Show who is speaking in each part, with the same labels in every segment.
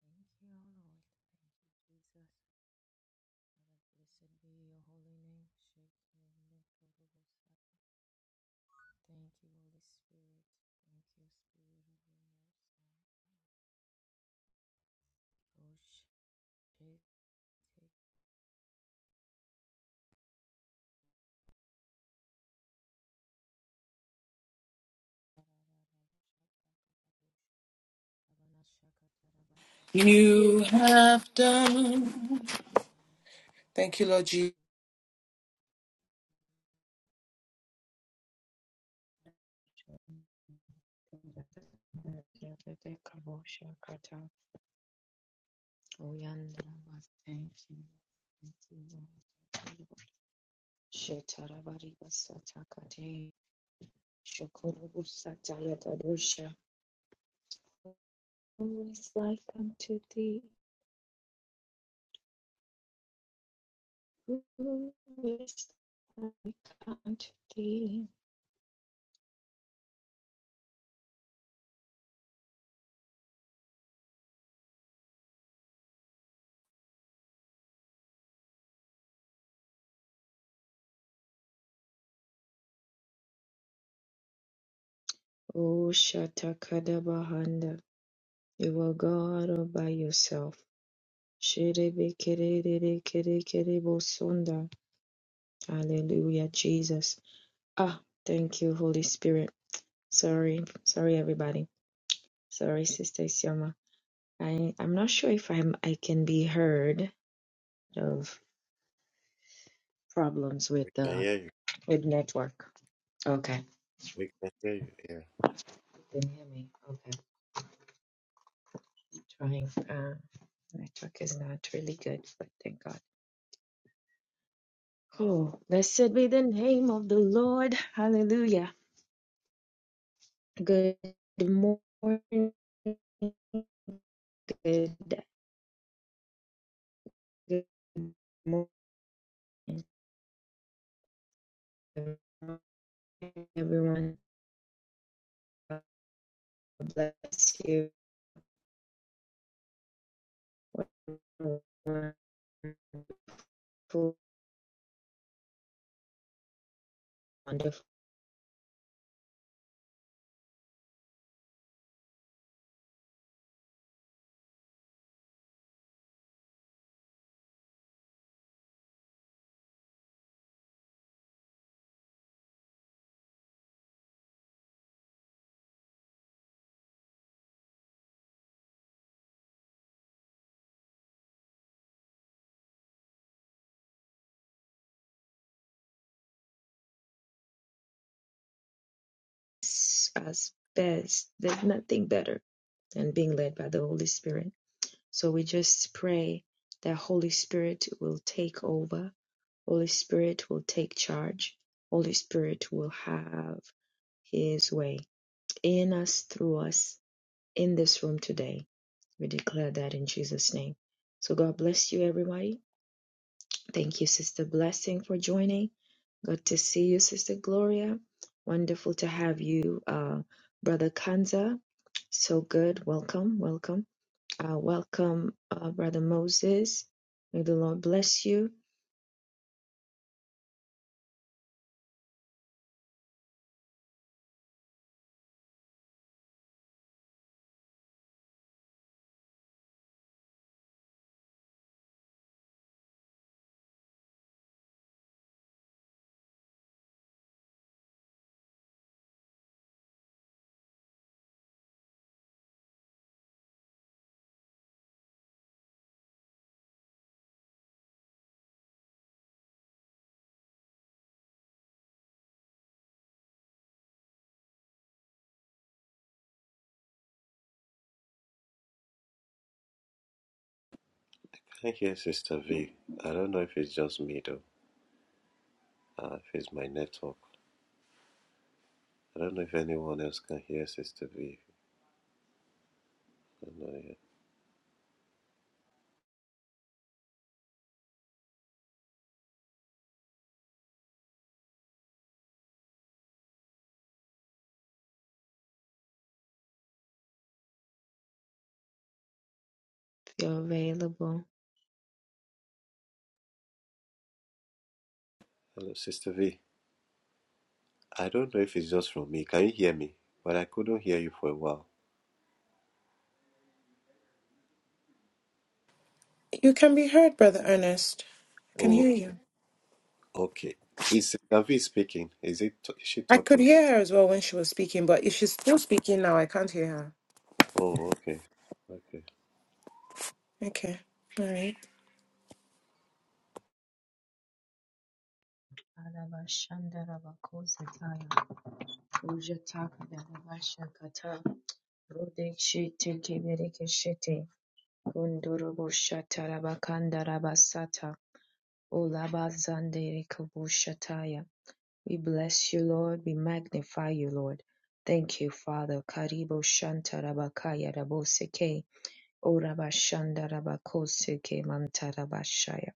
Speaker 1: Thank you, Lord. Thank you, Jesus. Father, blessed be your holy name. shekinah Thank you, Holy Spirit. Thank you, Spirit of the Most High. Rosh-
Speaker 2: You have done. Thank you, Lord Jesus.
Speaker 1: Thank you. Thank you, Lord. Shetaravari Vasatakare Shokuru Satalatadusha. Who is like unto thee? Who is like unto thee? O Shatakada Bahanda, you are God all by yourself. Sherebe kerere kere kere bosonda. Hallelujah, Jesus. Ah, thank you, Holy Spirit. Sorry, sorry, everybody. Sorry, Sister Isioma. I I'm not sure if I'm I can be heard of problems with
Speaker 3: We can
Speaker 1: uh
Speaker 3: hear you.
Speaker 1: with network. Okay.
Speaker 3: We can hear you. Yeah.
Speaker 1: You can hear me. Okay. Trying uh network is not really good, but thank God. Oh, blessed be the name of the Lord. Hallelujah. Good morning. Good, good morning, everyone. God bless you. Wonderful, wonderful, as best. There's nothing better than being led by the Holy Spirit. So we just pray that Holy Spirit will take over. Holy Spirit will take charge. Holy Spirit will have his way in us, through us, in this room today. We declare that in Jesus' name. So God bless you, everybody. Thank you, Sister Blessing, for joining. Good to see you, Sister Gloria. Wonderful to have you, uh, Brother Kanza. So good. Welcome, welcome. Uh, welcome, uh, Brother Moses. May the Lord bless you
Speaker 3: Thank you, Sister V. I don't know if it's just me though. Uh, if it's my network. I don't know if anyone else can hear Sister V. I don't know, yeah.
Speaker 1: if you're available.
Speaker 3: Hello, Sister V. I don't know if it's just from me. Can you hear me? But I couldn't hear you for a while.
Speaker 2: You can be heard, Brother Ernest. I can
Speaker 3: Oh,
Speaker 2: hear you.
Speaker 3: okay. Okay. Is Sister V speaking? Is it? Is she
Speaker 2: I could
Speaker 3: talking?
Speaker 2: hear her as well when she was speaking, but if she's still speaking now, I can't hear her.
Speaker 3: Oh, okay. Okay.
Speaker 2: Okay. All right.
Speaker 1: Olabazanderikabushataya. We bless you, Lord. We magnify you, Lord. Thank you, Father. Karibo Shanta Rabakaya raboseke. Orabashandarabakoseke mantarabashaya.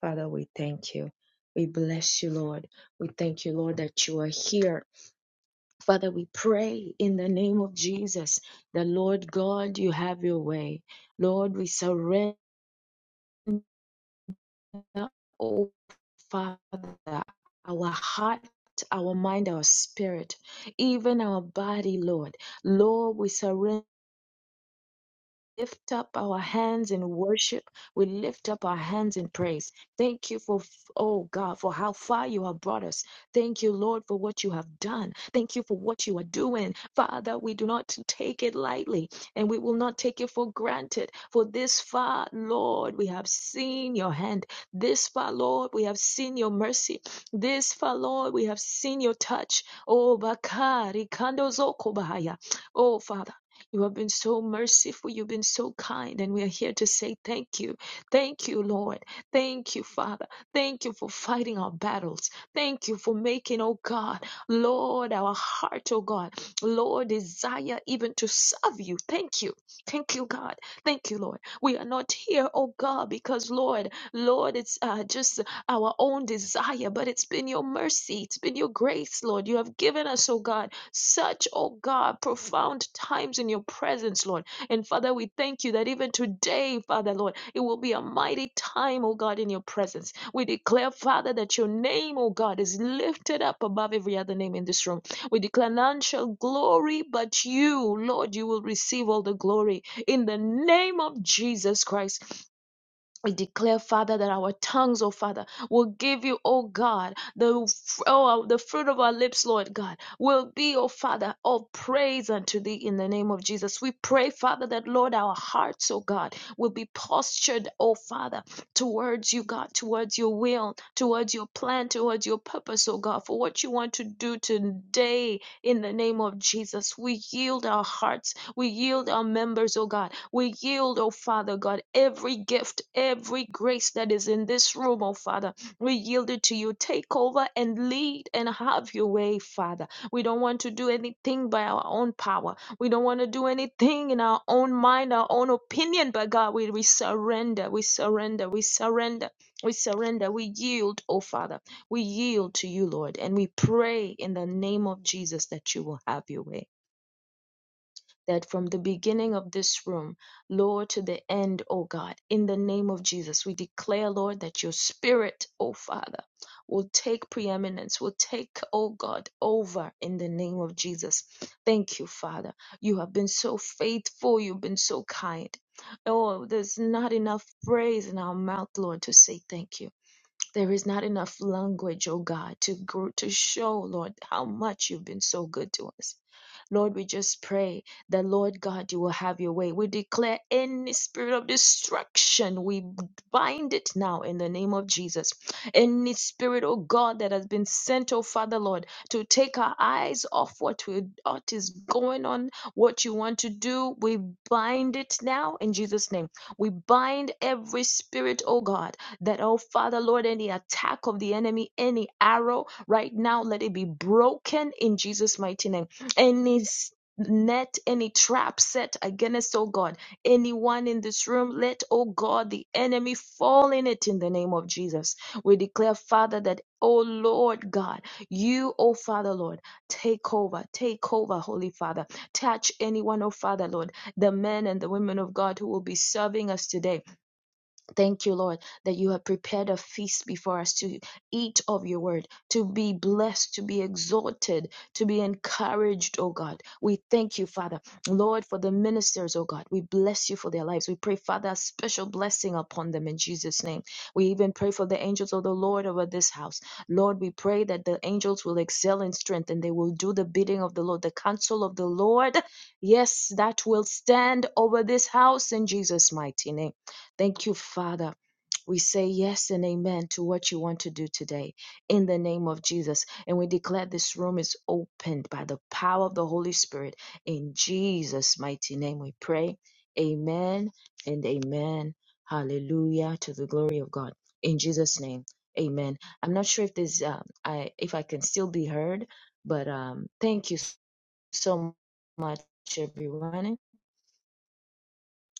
Speaker 1: Father, we thank you. We bless you, Lord. We thank you, Lord, that you are here. Father, we pray in the name of Jesus The Lord God, you have your way. Lord, we surrender. oh Father, our heart, our mind, our spirit, even our body, Lord. Lord, we surrender lift up our hands in worship. We lift up our hands in praise. Thank you for, oh God, for how far you have brought us. Thank you, Lord, for what you have done. Thank you for what you are doing. Father, we do not take it lightly and we will not take it for granted. For this far, Lord, we have seen your hand. This far, Lord, we have seen your mercy. This far, Lord, we have seen your touch. Oh, Bakari Kando Zoko Bahaya. Oh, Father. You have been so merciful. You've been so kind. And we are here to say thank you. Thank you, Lord. Thank you, Father. Thank you for fighting our battles. Thank you for making, oh God, Lord, our heart, oh God, Lord, desire even to serve you. Thank you. Thank you, God. Thank you, Lord. We are not here, oh God, because Lord, Lord, it's uh, just our own desire, but it's been your mercy. It's been your grace, Lord. You have given us, oh God such, oh God, profound times in your presence, Lord. And Father, we thank you that even today, Father, Lord, it will be a mighty time, oh God, in your presence. We declare, Father, that your name, oh God, is lifted up above every other name in this room. We declare none shall glory but you, Lord. You will receive all the glory in the name of Jesus Christ. We declare, Father, that our tongues, oh Father, will give you, oh God, the f- oh, the fruit of our lips, Lord God, will be, oh Father, all praise unto thee in the name of Jesus. We pray, Father, that Lord, our hearts, oh God, will be postured, oh Father, towards you, God, towards your will, towards your plan, towards your purpose, oh God, for what you want to do today in the name of Jesus. We yield our hearts we yield our members, oh God. We yield, oh Father God, every gift, every grace that is in this room, oh Father. We yield it to you. Take over and lead and have your way, Father. We don't want to do anything by our own power. We don't want to do anything in our own mind, our own opinion, but God, we, we surrender, we surrender, we surrender. We surrender, we yield, oh Father. We yield to you, Lord, and we pray in the name of Jesus that you will have your way that from the beginning of this room, Lord, to the end, oh God, in the name of Jesus, we declare, Lord, that your spirit, oh Father, will take preeminence, will take, oh God, over in the name of Jesus. Thank you, Father. You have been so faithful, you've been so kind. Oh, there's not enough praise in our mouth, Lord, to say thank you. There is not enough language, oh God, to grow, to show, Lord, how much you've been so good to us. Lord, we just pray that, Lord God, you will have your way. We declare any spirit of destruction, we bind it now in the name of Jesus. Any spirit, oh God, that has been sent, oh Father, Lord, to take our eyes off what, we, what is going on, what you want to do, we bind it now in Jesus' name. We bind every spirit, oh God that, oh Father, Lord, any attack of the enemy, any arrow right now, let it be broken in Jesus' mighty name. Any net, any trap set against, oh God, anyone in this room, let, oh God, the enemy fall in it in the name of Jesus. We declare, Father, that, oh Lord God, you, oh Father, Lord, take over, take over, Holy Father. Touch anyone, oh Father, Lord, the men and the women of God who will be serving us today Thank you, Lord, that you have prepared a feast before us to eat of your word, to be blessed, to be exhorted, to be encouraged, oh God. We thank you, Father. Lord, for the ministers, oh God, we bless you for their lives. We pray, Father, a special blessing upon them in Jesus' name. We even pray for the angels of the Lord over this house. Lord, we pray that the angels will excel in strength and they will do the bidding of the Lord, the counsel of the Lord. Yes, that will stand over this house in Jesus' mighty name. Thank you, Father. We say yes and amen to what you want to do today in the name of Jesus. And we declare this room is opened by the power of the Holy Spirit. In Jesus' mighty name we pray. Amen and amen. Hallelujah to the glory of God. In Jesus' name. Amen. I'm not sure if this um, I if I can still be heard, but um thank you so much everyone.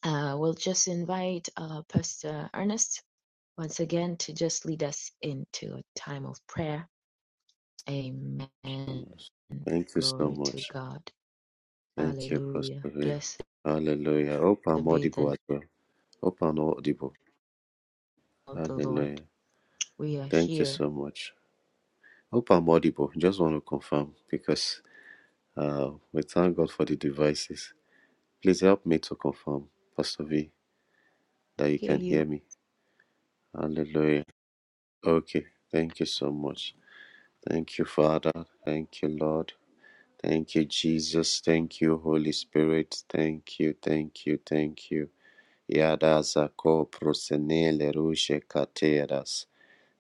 Speaker 1: Uh, we'll just invite uh, Pastor Ernest once again to just lead us into a time of prayer. Amen.
Speaker 3: Thank you so
Speaker 1: Glory to
Speaker 3: much.
Speaker 1: God.
Speaker 3: Thank you, Pastor
Speaker 1: Hallelujah.
Speaker 3: V.
Speaker 1: Blessed
Speaker 3: Hallelujah. Hope I'm
Speaker 1: be the
Speaker 3: audible
Speaker 1: name
Speaker 3: as well. Hope I'm audible.
Speaker 1: of the Lord.
Speaker 3: Hallelujah.
Speaker 1: We are
Speaker 3: Thank you
Speaker 1: here.
Speaker 3: so much. Hope I'm audible. Just want to confirm because uh, we thank God for the devices. Please help me to confirm, Pastor V, that you
Speaker 1: Hear
Speaker 3: can hear
Speaker 1: you.
Speaker 3: me. Hallelujah. Okay. Thank you so much. Thank you, Father. Thank you, Lord. Thank you, Jesus. Thank you, Holy Spirit. Thank you, thank you, thank you. Yadazako prosenele ruje kateras.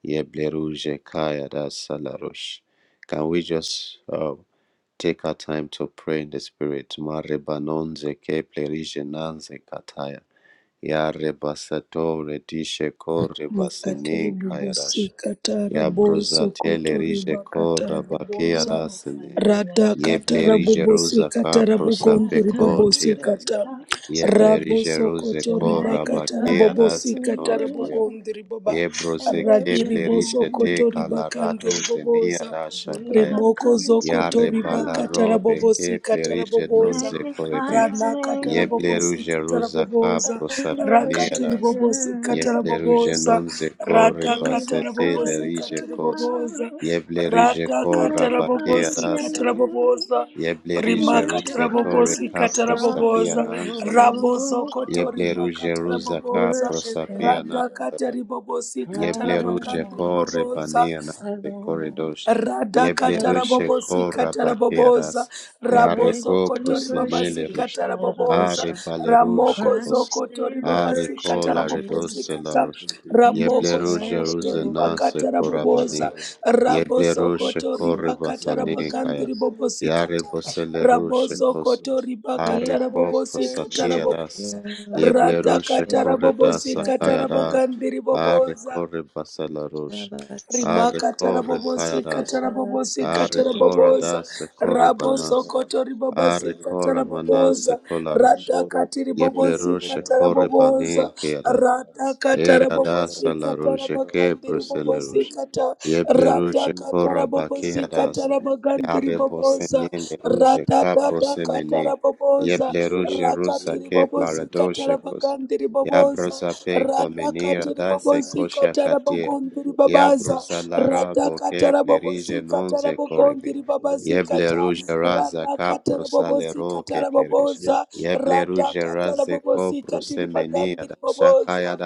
Speaker 3: Yeble ruje kayadas salarush. Can we just uh, Take our time to pray in the Spirit. Marebanonze ke plerigenanze kataya. Ya rebasato redishe ko
Speaker 4: Makatiri
Speaker 3: rebasenin
Speaker 4: bobosi
Speaker 3: kayadash.
Speaker 4: katara
Speaker 3: Ya
Speaker 4: bozo
Speaker 3: brozate
Speaker 4: kotori
Speaker 3: lerije ko
Speaker 4: bakatara
Speaker 3: rabake
Speaker 4: boboza
Speaker 1: Oh, hallelujah.
Speaker 4: rada
Speaker 3: Ye
Speaker 4: katara
Speaker 3: blerije
Speaker 4: bobosi
Speaker 3: roza ka
Speaker 4: katara
Speaker 1: We have
Speaker 3: prosape
Speaker 4: bokontiri
Speaker 3: ko
Speaker 1: come
Speaker 4: bobosi
Speaker 1: to
Speaker 3: tiras.
Speaker 1: this
Speaker 4: kata
Speaker 1: house
Speaker 3: Ye blerije
Speaker 4: raboso
Speaker 3: roze
Speaker 1: to
Speaker 4: kotori
Speaker 3: ko
Speaker 4: bakatara
Speaker 3: rabake
Speaker 1: magnify
Speaker 4: bobosi
Speaker 1: his
Speaker 4: katara
Speaker 1: name
Speaker 3: reboya.
Speaker 4: bogondiri baba
Speaker 3: Ye broze
Speaker 1: and
Speaker 3: plerige
Speaker 4: radiri
Speaker 1: worship
Speaker 4: boso
Speaker 1: him.
Speaker 3: te
Speaker 4: kotori bakandiri
Speaker 3: kalarado zenia
Speaker 4: boboza
Speaker 1: We
Speaker 3: rashakaya.
Speaker 1: have
Speaker 4: Rimoko
Speaker 1: come
Speaker 4: zoko
Speaker 1: into this
Speaker 3: Yare
Speaker 4: toriba
Speaker 3: balaro
Speaker 1: house
Speaker 4: katarabobosi
Speaker 3: beke plerishe
Speaker 1: to
Speaker 3: non
Speaker 4: kataraboboza.
Speaker 3: ze korebi.
Speaker 1: magnify his
Speaker 4: Rana
Speaker 3: Ye
Speaker 1: name
Speaker 4: katarabobosi
Speaker 3: pleruje ruzaka
Speaker 4: kataraboboza.
Speaker 1: and
Speaker 4: Rakati
Speaker 1: worship
Speaker 3: prosapineras.
Speaker 4: ribobosi
Speaker 3: Ye
Speaker 1: him.
Speaker 3: pleruje
Speaker 4: kataraboboza.
Speaker 3: non ze kore
Speaker 4: Rada
Speaker 1: We have
Speaker 3: basete
Speaker 1: come
Speaker 4: katarabobosi
Speaker 1: into
Speaker 3: lerije
Speaker 1: the
Speaker 3: kos.
Speaker 4: kataraboboza.
Speaker 1: house
Speaker 3: Ye plerije
Speaker 4: Rada
Speaker 1: to
Speaker 3: kora bake
Speaker 1: magnify his
Speaker 4: katarabobosi
Speaker 3: rasler.
Speaker 1: name
Speaker 4: kataraboboza.
Speaker 3: Ye
Speaker 1: and
Speaker 3: plerije
Speaker 4: Rima
Speaker 1: worship
Speaker 3: ruze tore
Speaker 4: katarabobosi
Speaker 3: ka
Speaker 1: Christ our
Speaker 3: prosapia
Speaker 4: kataraboboza. Rabo
Speaker 3: nanzolarush.
Speaker 1: Lord.
Speaker 4: zoko
Speaker 3: Ye
Speaker 4: toriba
Speaker 3: pleruje ruzaka
Speaker 4: kataraboboza.
Speaker 1: Worship him,
Speaker 3: prosapia
Speaker 4: Rada katarabobosi
Speaker 1: Christ
Speaker 3: Yebleruje
Speaker 4: katarabakandi
Speaker 3: corre
Speaker 4: riboboza
Speaker 3: baneana
Speaker 1: our
Speaker 3: de
Speaker 1: Lord.
Speaker 3: corridos.
Speaker 1: Father, we
Speaker 3: Yebleruje
Speaker 1: worship
Speaker 4: radakatarabobosi
Speaker 1: you,
Speaker 3: corra
Speaker 4: kataraboboza
Speaker 3: bateras.
Speaker 1: Christ,
Speaker 3: Yareco
Speaker 1: we worship
Speaker 4: rabosokotoribabasi
Speaker 3: prusenele
Speaker 1: you.
Speaker 3: rush.
Speaker 4: kataraboboza
Speaker 3: Are
Speaker 1: Hallelujah.
Speaker 3: baleruje cos.
Speaker 1: Christ, we
Speaker 3: Are
Speaker 4: ramokozokotoribabasi
Speaker 1: worship you,
Speaker 3: cola
Speaker 4: katarabobosi
Speaker 3: redose la
Speaker 1: Jesus.
Speaker 4: kata
Speaker 3: rush.
Speaker 5: Thank you, Jesus.
Speaker 1: Jesus
Speaker 3: Yebleruje
Speaker 1: Christ, we worship
Speaker 3: rusenase
Speaker 5: Thank you,
Speaker 3: corabani.
Speaker 4: ramokozokotoribakataraboboza
Speaker 5: Lord.
Speaker 1: you,
Speaker 3: Yebleruje corre
Speaker 5: Thank you,
Speaker 3: basane
Speaker 5: Holy
Speaker 3: kaya.
Speaker 5: Spirit.
Speaker 1: Lord.
Speaker 4: rabosokotoribakatarabagandiribobosi
Speaker 3: Yare
Speaker 4: kata
Speaker 5: We give you
Speaker 3: boseleruje
Speaker 5: praise.
Speaker 4: kotori
Speaker 5: We give
Speaker 1: We
Speaker 5: you
Speaker 4: bakatarabagandri
Speaker 3: Ariko
Speaker 5: praise. We
Speaker 4: bobosi kata, raboso rabosokotoribakatarabobosi
Speaker 5: give you
Speaker 1: worship
Speaker 5: praise.
Speaker 3: prosatiras,
Speaker 4: kataraboboza
Speaker 5: We give you
Speaker 1: you,
Speaker 5: praise,
Speaker 1: Lord.
Speaker 5: Lord.
Speaker 3: Yeblerushe
Speaker 4: radakatarabobosi
Speaker 3: corredasa cayadas,
Speaker 5: Thank you, thank
Speaker 4: katarabagandiriboboza
Speaker 3: Arrecorre
Speaker 5: you, Jesus.
Speaker 3: basalarus, Arrecorre
Speaker 4: rimakatarabobosi
Speaker 5: Hallelujah.
Speaker 3: cayadas,
Speaker 4: katarabobosi katarabobosa
Speaker 3: Arrecoradas correbanas,
Speaker 4: rabosokoto
Speaker 5: Hallelujah.
Speaker 4: ribabasi
Speaker 5: Glory, glory,
Speaker 3: Arrecora manas
Speaker 4: katarabobosa
Speaker 3: colaras,
Speaker 4: ratakati ribobosi
Speaker 3: Yeblerushe
Speaker 4: katarabobosa
Speaker 3: correbanen Era
Speaker 4: ratakatarabobosi
Speaker 3: dasa la roja que
Speaker 4: katarabagandi
Speaker 3: prosele
Speaker 4: ribobosi
Speaker 3: roja.
Speaker 4: kata
Speaker 3: Yeble roja cora
Speaker 4: ratakatarabobosi
Speaker 3: baquea das.
Speaker 4: katarabagandi
Speaker 3: Yare
Speaker 5: glory,
Speaker 4: ribobosa
Speaker 3: bosene le
Speaker 5: glory.
Speaker 3: roja ca
Speaker 5: Jesus,
Speaker 4: Rada rada rada
Speaker 3: prosemene.
Speaker 4: rada katara
Speaker 3: Yeble
Speaker 5: Glory,
Speaker 3: roja
Speaker 4: katara katara
Speaker 3: rosa
Speaker 5: glory,
Speaker 4: katara
Speaker 3: que
Speaker 5: glory to the
Speaker 3: plaradoshe
Speaker 5: Lamb of
Speaker 3: cos.
Speaker 5: God.
Speaker 4: bagandiri boboza,
Speaker 3: Yabrosa pe
Speaker 4: rada
Speaker 3: comenera
Speaker 5: Glory
Speaker 4: katiri
Speaker 5: glory, glory to
Speaker 3: dase
Speaker 4: bobosi
Speaker 3: coxa
Speaker 4: katara
Speaker 3: catea.
Speaker 5: the
Speaker 4: bagondiri
Speaker 5: Lamb of God.
Speaker 4: babaza,
Speaker 3: Yabrosa la
Speaker 4: rada
Speaker 3: rabo que
Speaker 4: katara
Speaker 5: Glory
Speaker 3: plerige
Speaker 4: bobosi
Speaker 3: non
Speaker 4: katara
Speaker 3: se corribe.
Speaker 4: bagondiri
Speaker 5: glory, glory
Speaker 4: bagondiri
Speaker 5: to
Speaker 3: Yeble
Speaker 4: kata
Speaker 3: roja raza
Speaker 4: rada
Speaker 3: ca
Speaker 4: katara
Speaker 5: the Lamb
Speaker 3: prosalero que plerige.
Speaker 5: Yes,
Speaker 4: radakatiribobosikatarabogondiribabaza
Speaker 5: we
Speaker 4: katiri
Speaker 5: come,
Speaker 3: Yeble
Speaker 5: Lamb of
Speaker 3: ruje
Speaker 5: God. Shoro, shoro, boko, dini, maka, mpe, mba. Yesu, kama, mako,
Speaker 3: raze
Speaker 5: mko,
Speaker 4: radakatarabobosikatarabobooza
Speaker 3: ko
Speaker 5: mko, mko,
Speaker 3: prosemenia
Speaker 5: kaka,
Speaker 3: da shakaya
Speaker 4: radakatarabobosikatiribagandiriboboza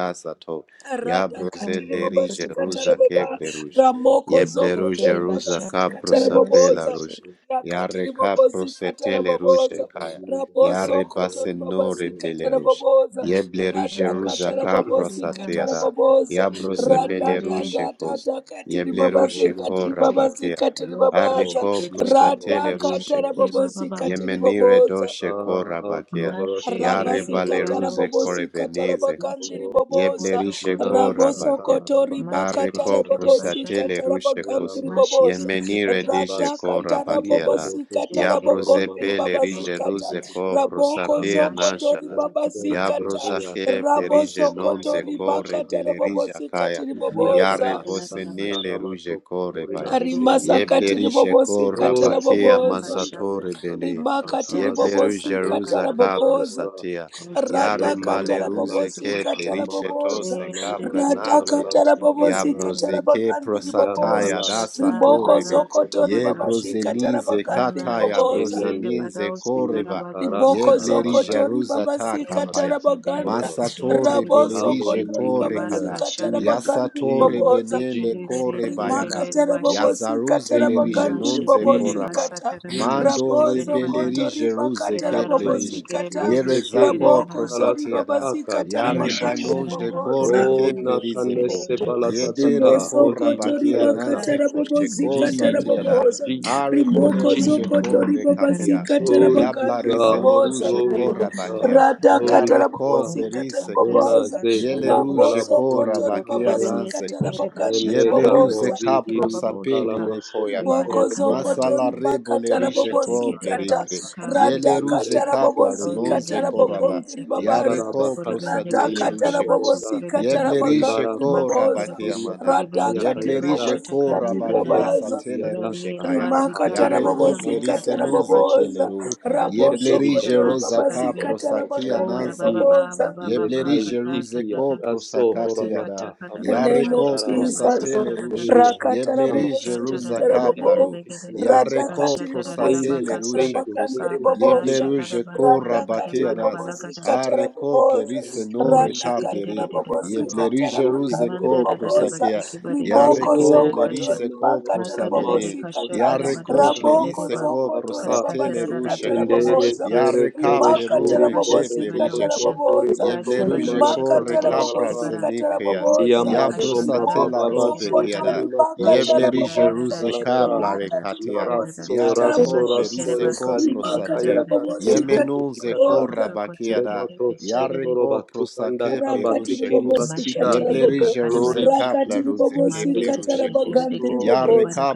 Speaker 3: Ya
Speaker 4: Rada
Speaker 3: broze
Speaker 4: katiri
Speaker 3: le
Speaker 4: baba
Speaker 3: rije
Speaker 5: Glory,
Speaker 4: sikatara
Speaker 3: ruza
Speaker 5: glory,
Speaker 4: baba
Speaker 3: keble ruj.
Speaker 5: glory. Let the
Speaker 4: ramoko
Speaker 3: Yeble
Speaker 4: zoko
Speaker 5: Holy
Speaker 3: ruje
Speaker 4: tori baba
Speaker 5: Spirit flow.
Speaker 4: sikatara
Speaker 5: Let the
Speaker 3: prosapela
Speaker 5: Holy
Speaker 4: baboza
Speaker 3: ruj.
Speaker 5: Spirit flow.
Speaker 3: Ya
Speaker 4: rakatiri
Speaker 3: reka
Speaker 4: baba sikatara
Speaker 3: prosetele
Speaker 5: Yes,
Speaker 3: ruje
Speaker 4: baboza
Speaker 5: let the
Speaker 3: kaya.
Speaker 5: wind of
Speaker 3: Ya
Speaker 5: God
Speaker 4: raboso
Speaker 3: rebase
Speaker 4: kotori
Speaker 5: blow. The
Speaker 4: baba
Speaker 3: no
Speaker 5: wind
Speaker 3: rebele
Speaker 5: from
Speaker 4: sikatara
Speaker 3: ruj.
Speaker 5: above,
Speaker 4: baboza
Speaker 5: the wind
Speaker 3: Yeble
Speaker 5: from
Speaker 3: ruje
Speaker 4: rada
Speaker 3: ruza
Speaker 4: katara
Speaker 3: ka
Speaker 5: heaven.
Speaker 4: baba
Speaker 3: prosatea
Speaker 4: sikatara baboza
Speaker 3: Ya
Speaker 5: in the name
Speaker 4: rada
Speaker 5: of
Speaker 3: brosebele
Speaker 4: da
Speaker 1: Mandere
Speaker 3: ruje
Speaker 5: Jesus
Speaker 4: da da
Speaker 5: and
Speaker 3: kos.
Speaker 4: da katiri
Speaker 3: Yeble
Speaker 5: filling the
Speaker 4: baba
Speaker 5: whole
Speaker 3: ruje
Speaker 5: room.
Speaker 3: ko
Speaker 4: sikatiri
Speaker 1: kete
Speaker 4: baba
Speaker 3: rabakia.
Speaker 4: sikatiri
Speaker 5: Yes,
Speaker 1: robo
Speaker 5: Lord.
Speaker 4: babaza
Speaker 3: Ariko
Speaker 1: shekete
Speaker 5: Yes,
Speaker 1: kete
Speaker 5: Lord.
Speaker 4: rada
Speaker 3: prosatele
Speaker 1: kete
Speaker 5: Yes,
Speaker 3: ruje
Speaker 4: katara
Speaker 1: kete
Speaker 5: Lord.
Speaker 3: kos.
Speaker 4: baba
Speaker 5: Yes,
Speaker 1: baba
Speaker 5: Lord.
Speaker 1: baba
Speaker 4: sikatiri
Speaker 3: Yemenire
Speaker 4: baboza
Speaker 3: doshe
Speaker 5: Ah,
Speaker 3: korabakia.
Speaker 5: cover us, Lord.
Speaker 3: Yare
Speaker 1: mashekere
Speaker 5: Cover us.
Speaker 4: Rabasikata
Speaker 1: ribado
Speaker 3: baleruze
Speaker 5: Cover us.
Speaker 4: rabobosikata
Speaker 5: Cover us,
Speaker 3: korebenize.
Speaker 4: rabagandhi
Speaker 5: Lord.
Speaker 1: Mashekete
Speaker 4: riboboza
Speaker 1: boso
Speaker 3: Yeblerishe
Speaker 1: kore
Speaker 5: Inara
Speaker 1: masete.
Speaker 3: korabakia.
Speaker 5: saka
Speaker 4: rabosokoto
Speaker 3: Are
Speaker 5: rabataka
Speaker 4: ribakata
Speaker 1: Masekete
Speaker 3: ko
Speaker 1: kete
Speaker 5: kakakaka
Speaker 1: bashata.
Speaker 4: rabobosikata
Speaker 3: prosatele
Speaker 5: shataka
Speaker 3: rushe
Speaker 4: rabagandhi
Speaker 3: kos.
Speaker 5: yalama
Speaker 4: riboboza
Speaker 1: Mashekete kete
Speaker 3: Yemenire
Speaker 1: kete
Speaker 3: dishe
Speaker 1: kete kete
Speaker 5: edibasi
Speaker 4: radhakata
Speaker 1: kata.
Speaker 5: kiri
Speaker 3: korabakiara.
Speaker 5: boboto
Speaker 4: rabobosikata
Speaker 5: sokoro
Speaker 3: Yabroze
Speaker 1: Shekete
Speaker 4: rabogondhi
Speaker 5: mama
Speaker 3: pele
Speaker 1: kete kete
Speaker 3: rije
Speaker 5: makalati
Speaker 4: ribabasikata
Speaker 3: ruze
Speaker 1: shekete.
Speaker 5: kutuke
Speaker 3: ko
Speaker 5: babasha
Speaker 3: prosapia
Speaker 1: Mashete
Speaker 4: rabokozokoto
Speaker 3: nashara.
Speaker 1: kete kete
Speaker 5: letse
Speaker 1: barakosh.
Speaker 4: ribabasikata
Speaker 5: tekeya
Speaker 3: Yabrozake
Speaker 5: takaka
Speaker 3: perije
Speaker 1: Useke
Speaker 5: soko
Speaker 4: rabosokoto
Speaker 3: nonze
Speaker 1: barabara
Speaker 5: koko
Speaker 1: bash.
Speaker 3: kore
Speaker 4: ribakata
Speaker 5: bagataka
Speaker 3: belerija
Speaker 4: rabobosikati
Speaker 3: kaya.
Speaker 5: Biblia
Speaker 3: Yare
Speaker 4: riboboza
Speaker 1: Mashekete la barabash.
Speaker 3: bosenile ruje
Speaker 5: Kabasandaramatok
Speaker 3: kore
Speaker 1: Kere
Speaker 3: baya.
Speaker 5: Morina
Speaker 1: kere kere
Speaker 5: Seria
Speaker 1: kere
Speaker 4: rimasakati
Speaker 1: bash.
Speaker 3: Yeblerishe ko
Speaker 4: ribobosikata
Speaker 1: Koseke
Speaker 3: rabakea
Speaker 5: Glosiki
Speaker 4: raboboza
Speaker 5: Banda
Speaker 1: barabashata.
Speaker 3: masatore bene.
Speaker 5: Yantanta
Speaker 4: rimakati
Speaker 5: Tantala
Speaker 1: Rasata tata
Speaker 3: Yebleruja
Speaker 5: Sekere
Speaker 1: taka
Speaker 4: ribobosikata
Speaker 3: ruza ka
Speaker 1: tabasha.
Speaker 4: raboboza
Speaker 5: Garabura
Speaker 3: prosatea.
Speaker 1: Koso
Speaker 3: Yare
Speaker 1: kodo do
Speaker 5: Yamama
Speaker 1: do do
Speaker 4: Radakatara
Speaker 1: do
Speaker 5: Mala
Speaker 3: baleruze
Speaker 1: do do
Speaker 4: bobosi
Speaker 3: ke
Speaker 1: bosh.
Speaker 5: Santa
Speaker 4: katara
Speaker 3: plerishe
Speaker 5: Lamama
Speaker 3: to
Speaker 4: bobosa.
Speaker 5: Santa
Speaker 3: se ka
Speaker 1: Shekere
Speaker 5: Lamama
Speaker 1: kete kete
Speaker 5: Santa La
Speaker 1: kete
Speaker 3: pranankia.
Speaker 5: Lava
Speaker 4: Radakatara
Speaker 1: kete
Speaker 3: Ya
Speaker 1: kete
Speaker 4: bobosi
Speaker 1: kete
Speaker 5: Purida
Speaker 4: katara
Speaker 3: broze
Speaker 1: kete
Speaker 3: ke
Speaker 4: bagandi
Speaker 5: Bia
Speaker 4: ribobosa.
Speaker 3: prosataya
Speaker 5: Kala
Speaker 3: da
Speaker 1: Mashatara
Speaker 5: Sokobo
Speaker 4: Riboko
Speaker 3: satorebe.
Speaker 1: Badal
Speaker 5: Sokobo
Speaker 4: zokoto
Speaker 3: Ye
Speaker 1: Sakabadash
Speaker 4: ribabasi
Speaker 5: Sekeri
Speaker 4: katara
Speaker 5: Mata
Speaker 3: brozenize
Speaker 4: bagandi
Speaker 3: kataya
Speaker 4: ribobosa.
Speaker 1: Mashekere
Speaker 5: Meriande
Speaker 3: brozenize
Speaker 1: Badal
Speaker 5: Kasuru
Speaker 3: koreba.
Speaker 1: Sakarabadul
Speaker 5: Dikaras
Speaker 3: Ye
Speaker 4: Riboko
Speaker 1: Sakarabashi
Speaker 3: blerija
Speaker 4: zokoto
Speaker 5: Sarabakai
Speaker 3: ruza
Speaker 5: Vita
Speaker 3: ta
Speaker 4: ribabasi
Speaker 5: Kamato
Speaker 1: Ente
Speaker 4: katara
Speaker 3: kapaya.
Speaker 1: Kedente
Speaker 4: baganda.
Speaker 5: Sokoro
Speaker 1: Kedente
Speaker 3: Masatore
Speaker 4: Raboso
Speaker 1: Ribose
Speaker 3: belerije
Speaker 4: koto
Speaker 1: Kente
Speaker 3: kore
Speaker 5: Hallelujah.
Speaker 4: ribabasi
Speaker 3: kada.
Speaker 1: Kebaraka
Speaker 4: katara
Speaker 1: Shanda
Speaker 5: Jesus,
Speaker 4: bagandi
Speaker 3: Yasatore
Speaker 5: Jesus,
Speaker 4: ribobosa
Speaker 1: Ribose
Speaker 3: benele
Speaker 5: Jesus,
Speaker 3: kore bayada.
Speaker 5: Jesus,
Speaker 1: Kerere
Speaker 4: rimakatara
Speaker 1: Bashi
Speaker 3: Yazaruze
Speaker 4: bobosikatara
Speaker 3: le rije
Speaker 5: Jesus,
Speaker 4: bagandiri
Speaker 3: nonze
Speaker 1: Mashetere
Speaker 5: Jesus,
Speaker 3: koraba.
Speaker 4: bobosikata
Speaker 1: Basatara Badash
Speaker 3: Mando
Speaker 5: Jesus,
Speaker 1: Kere
Speaker 4: rabozo
Speaker 3: rebele
Speaker 1: Badash
Speaker 4: koto
Speaker 5: Jesus,
Speaker 3: rije ruze
Speaker 1: Kere
Speaker 4: ribakatara
Speaker 1: Rabasi
Speaker 3: keplerish.
Speaker 5: Jesus.
Speaker 1: Kere
Speaker 4: bobosikata
Speaker 1: Bibi
Speaker 3: Yere
Speaker 5: Resekeri,
Speaker 1: Shekere
Speaker 3: zako
Speaker 4: raboko
Speaker 1: Raba
Speaker 4: zori
Speaker 5: karasa,
Speaker 3: prosatiada.
Speaker 4: babasi
Speaker 5: taka,
Speaker 4: katara
Speaker 3: Yare
Speaker 5: Jesus.
Speaker 4: bagandiri
Speaker 1: Mashatara
Speaker 3: kore
Speaker 1: Rabakara
Speaker 4: bobosa
Speaker 5: Oh,
Speaker 3: keplerizeko.
Speaker 1: Shekere
Speaker 5: nakanese
Speaker 1: Shekere
Speaker 3: Yedere
Speaker 1: Shekere
Speaker 5: balatata,
Speaker 4: riboso
Speaker 5: holy
Speaker 4: koto
Speaker 3: korabakia
Speaker 4: riba
Speaker 5: hikayaza.
Speaker 3: nanze
Speaker 4: katara ribakatara
Speaker 3: ko sheko
Speaker 4: bobosikatara
Speaker 1: Sakakara
Speaker 3: satiada.
Speaker 5: Jesus,
Speaker 4: bobosa
Speaker 5: Jesus,
Speaker 3: Are
Speaker 1: Guru
Speaker 3: bole
Speaker 4: rimoko
Speaker 1: shata
Speaker 5: Jesus.
Speaker 4: zokoto
Speaker 3: kore
Speaker 1: Sakara
Speaker 3: kapia.
Speaker 4: katara
Speaker 1: Bashata.
Speaker 5: Glory to
Speaker 3: Yabla
Speaker 4: bagandiri
Speaker 1: Guru
Speaker 5: God,
Speaker 3: rezele
Speaker 4: bobosa
Speaker 3: ruje
Speaker 1: Sakara
Speaker 5: glory to
Speaker 1: Bayanta
Speaker 5: God,
Speaker 3: korabakia.
Speaker 4: rata
Speaker 1: Barabakasha.
Speaker 5: glory
Speaker 3: Yare
Speaker 4: katara
Speaker 5: to
Speaker 3: ko
Speaker 5: God.
Speaker 4: bobozi
Speaker 1: Guru
Speaker 4: katara
Speaker 3: plerise
Speaker 1: Basantara
Speaker 3: kos.
Speaker 4: bobosa
Speaker 5: Onaze,
Speaker 1: Barakara
Speaker 3: Yele
Speaker 1: Bako.
Speaker 3: ruje
Speaker 5: onazala
Speaker 4: rabozo
Speaker 5: buhori
Speaker 4: koto riba
Speaker 3: korabakia
Speaker 1: Yokuri
Speaker 5: atakaya.
Speaker 4: basi
Speaker 1: Bene
Speaker 4: katara
Speaker 1: Sekere
Speaker 4: bagandiri
Speaker 1: Bashata.
Speaker 5: Lendeta
Speaker 3: Yebleruze
Speaker 4: bobosa
Speaker 1: Karaboshiki
Speaker 3: capro
Speaker 5: mozihiri
Speaker 1: Baba
Speaker 3: sapene
Speaker 1: Boshika.
Speaker 5: makalama soto
Speaker 3: recoyaba.
Speaker 4: Riboko
Speaker 1: Ribada
Speaker 5: kororo
Speaker 4: zoko
Speaker 1: Kadara
Speaker 3: Masala
Speaker 1: Basi.
Speaker 3: rebo
Speaker 4: toribaka
Speaker 3: le rige
Speaker 5: daya
Speaker 1: Eshete Kere
Speaker 4: tarabobozikata
Speaker 1: Bada
Speaker 3: coplerike.
Speaker 5: danta
Speaker 1: Sakari
Speaker 5: shiki
Speaker 1: Bene
Speaker 4: radhaka
Speaker 3: Yeleruze
Speaker 1: Kashi.
Speaker 5: meretibo
Speaker 3: capla
Speaker 4: tarabobozikata
Speaker 3: runonze
Speaker 1: Ozeden
Speaker 5: toyosho
Speaker 1: Gere
Speaker 3: coraba.
Speaker 4: rabogondiri
Speaker 1: Sekere
Speaker 5: lotsara
Speaker 4: babaza
Speaker 1: Basu
Speaker 3: Yareko
Speaker 1: Kuri
Speaker 5: bakati
Speaker 1: Bende
Speaker 5: tiri
Speaker 3: prosatele
Speaker 4: radhaka
Speaker 1: Kashan
Speaker 5: mato
Speaker 1: Karabatsu
Speaker 3: rushekos.
Speaker 5: komoda
Speaker 1: Kuri
Speaker 4: tarabobozikata
Speaker 1: Bene.
Speaker 3: Yeblerishe
Speaker 5: lembara
Speaker 4: rabagandiri
Speaker 1: Masa Kere
Speaker 4: baboza
Speaker 3: corabake
Speaker 5: fakiri
Speaker 1: Bosu
Speaker 3: amana.
Speaker 1: Kuri
Speaker 5: hata
Speaker 1: Bende
Speaker 4: radhaka
Speaker 5: hayaka
Speaker 1: Kere
Speaker 5: yaza
Speaker 3: Yeblerige
Speaker 1: Bashata
Speaker 4: tiribobozikata
Speaker 1: Kari
Speaker 3: corabake
Speaker 1: Dada.
Speaker 5: leheti
Speaker 4: ribabaza
Speaker 3: asatele
Speaker 1: Radi
Speaker 5: hiatata
Speaker 3: rushekaya.
Speaker 5: lata
Speaker 1: Rabazi
Speaker 4: rimaka
Speaker 1: Kari
Speaker 5: hatoko ya
Speaker 3: Yareko
Speaker 1: Bazanda
Speaker 4: tarabobozikata
Speaker 3: plerise
Speaker 5: makati
Speaker 1: Katara
Speaker 3: nunze
Speaker 1: Bashi.
Speaker 4: raboboza
Speaker 3: keleru.
Speaker 5: sekete
Speaker 1: Rabado
Speaker 5: sekete
Speaker 4: rabosoko
Speaker 3: Yeblerige
Speaker 5: likoto
Speaker 1: Shekeraba
Speaker 3: rosa
Speaker 5: sokoto
Speaker 3: capro
Speaker 1: Sakarebe
Speaker 4: toribabazikata
Speaker 5: toto
Speaker 3: sakia
Speaker 4: rabagandiri
Speaker 1: Ola
Speaker 3: nanze
Speaker 5: kayakabi
Speaker 1: Baba
Speaker 3: kosh.
Speaker 1: Baba
Speaker 4: baboza
Speaker 1: Baba Baba
Speaker 5: ndetai
Speaker 3: Yeblerige
Speaker 1: Kata
Speaker 3: ruze
Speaker 5: tiki ya
Speaker 1: Katata
Speaker 3: copro
Speaker 1: Osa
Speaker 5: horamata
Speaker 1: Kata
Speaker 4: In
Speaker 1: Kata
Speaker 4: the
Speaker 5: amara
Speaker 1: Bata
Speaker 4: name of
Speaker 3: Yareko
Speaker 1: Basha
Speaker 5: hashatarava
Speaker 1: Kata Basa
Speaker 4: Jesus.
Speaker 3: prosatele
Speaker 1: Kata Bata
Speaker 3: rush.
Speaker 5: Leria
Speaker 1: Kash-
Speaker 5: hata kama
Speaker 3: Yeblerije
Speaker 4: Rakatarabobosi
Speaker 1: Kashata
Speaker 3: ruza
Speaker 1: Rada
Speaker 5: sombra
Speaker 1: Rada Rada
Speaker 5: tiki
Speaker 4: katarabobo.
Speaker 3: kaplado.
Speaker 5: tiki
Speaker 1: Begede
Speaker 5: na bosa.
Speaker 3: Yareko
Speaker 1: Kashata Rada Rada
Speaker 4: Radakatiribobosi
Speaker 5: Thank you,
Speaker 3: prosakele
Speaker 1: Bakasa
Speaker 5: thank
Speaker 3: rushe
Speaker 5: you,
Speaker 3: kos.
Speaker 5: thank you, thank
Speaker 1: Kapata
Speaker 5: you,
Speaker 4: katarabakandiribobosa.
Speaker 1: Shakata
Speaker 3: Yebleruje
Speaker 1: Bala
Speaker 3: kora
Speaker 1: Bala Gada
Speaker 5: thank
Speaker 1: Bala
Speaker 5: you,
Speaker 3: bakeras.
Speaker 1: Bala
Speaker 5: thank
Speaker 4: Radakatiribobosi
Speaker 1: Gada
Speaker 5: you,
Speaker 3: Areko
Speaker 4: katarabobosa.
Speaker 3: plerise no
Speaker 5: thank
Speaker 1: Mashikede
Speaker 3: rekaplere.
Speaker 5: you, thank you, glory be to
Speaker 4: Radakatarabobosi
Speaker 1: Bakata
Speaker 5: God,
Speaker 3: Yeblerije
Speaker 5: glory,
Speaker 3: ruze
Speaker 1: Manda
Speaker 3: ko
Speaker 5: glory,
Speaker 1: Rada Rada
Speaker 5: glory.
Speaker 4: katarabakandiribobosa.
Speaker 3: prosakea.
Speaker 1: Basaki Barike
Speaker 4: Riboko
Speaker 1: Siki
Speaker 3: Yareko
Speaker 5: Oh,
Speaker 1: Barakasha
Speaker 4: zokoto
Speaker 3: plerise ko
Speaker 5: Yamazoko,
Speaker 4: makata
Speaker 1: Makadere de
Speaker 3: prosamene.
Speaker 5: Yamazoko,
Speaker 4: rababosikata
Speaker 1: karabado
Speaker 3: Yareko
Speaker 5: Yamazika, la
Speaker 4: raboko
Speaker 3: plerise
Speaker 5: la la
Speaker 1: Shikedeba
Speaker 3: ko
Speaker 5: la la
Speaker 4: sokoto
Speaker 5: la.
Speaker 3: prosatele
Speaker 1: Kastatera
Speaker 3: rushe
Speaker 4: ribabasikata
Speaker 3: kos.
Speaker 5: Endere
Speaker 4: rababoza
Speaker 1: Bashika
Speaker 5: zere
Speaker 3: Yareka
Speaker 5: tere
Speaker 4: rimakata
Speaker 1: Etata
Speaker 3: plerume
Speaker 5: sheri
Speaker 1: Pasha
Speaker 3: ke
Speaker 5: koto toto
Speaker 4: rababosikata
Speaker 3: plerije
Speaker 1: Kabadosha
Speaker 3: kos.
Speaker 5: sokori
Speaker 4: rababoza
Speaker 5: bato
Speaker 3: Yebleruje
Speaker 5: komala
Speaker 1: Katabadosha
Speaker 3: ko
Speaker 4: rimakata
Speaker 5: santa la
Speaker 1: Kabadeshi
Speaker 5: la
Speaker 3: rekapral
Speaker 5: la.
Speaker 1: Kibara
Speaker 4: rababosikata
Speaker 3: senekea.
Speaker 1: Kisekere
Speaker 4: rababoza
Speaker 5: Ndiamba
Speaker 3: Ya
Speaker 1: Kasha
Speaker 5: tomba
Speaker 3: brosate la
Speaker 5: baba
Speaker 4: rimoko
Speaker 3: robe
Speaker 5: base
Speaker 4: sokoto
Speaker 1: Karabasekira
Speaker 3: kiada.
Speaker 5: helima
Speaker 4: ribakata
Speaker 1: Masha
Speaker 5: toromandi
Speaker 1: de
Speaker 3: Yebleri
Speaker 1: rara
Speaker 5: kiki
Speaker 4: raboboza
Speaker 3: jeruze ka
Speaker 5: baladara.
Speaker 1: kashakara badoshikeredeba
Speaker 3: plare
Speaker 4: rimakata
Speaker 1: kastaterarabadabashika
Speaker 3: katia.
Speaker 5: Lara
Speaker 1: yatatatapashakebadosha katabadoshekabadeshikibara kesekere kashakara basekerarara mashaderararashikerararashikerara
Speaker 4: rababoza
Speaker 5: so
Speaker 3: Ya
Speaker 4: rimakati ribabosikata
Speaker 5: raso
Speaker 3: reko
Speaker 1: mashikere
Speaker 4: rababoza
Speaker 3: plerise
Speaker 5: rasori
Speaker 3: ko
Speaker 5: kali
Speaker 1: bakosekere
Speaker 4: rimakata
Speaker 5: kakaya
Speaker 3: prosate. Ye
Speaker 1: badandatikita
Speaker 5: tasekete
Speaker 4: rababosikata
Speaker 5: keti
Speaker 3: ze
Speaker 5: kata.
Speaker 3: ko
Speaker 4: rababoza
Speaker 3: rabakiada.
Speaker 5: Ndemato
Speaker 3: Ya
Speaker 1: koshokotokoseketekechebere
Speaker 5: sotoroba
Speaker 3: reko
Speaker 5: tukanda
Speaker 3: prosake
Speaker 5: kamba
Speaker 4: rakati
Speaker 5: tikiri
Speaker 3: plerushekos.
Speaker 5: basida.
Speaker 4: ribobosikata
Speaker 1: masherere
Speaker 3: Yebleri
Speaker 4: rabobo
Speaker 5: Glory
Speaker 3: jeruze
Speaker 1: bakarabadosh
Speaker 5: to
Speaker 3: ka
Speaker 4: rakati
Speaker 5: Jesus.
Speaker 3: plaruze
Speaker 5: We
Speaker 3: ke
Speaker 5: thank you.
Speaker 4: ribobosikata
Speaker 1: mandekete
Speaker 5: We thank
Speaker 3: plerushekos.
Speaker 1: keshebede
Speaker 5: you,
Speaker 4: rabagandhi
Speaker 5: Lord.
Speaker 3: Ya
Speaker 4: riboboza
Speaker 3: reka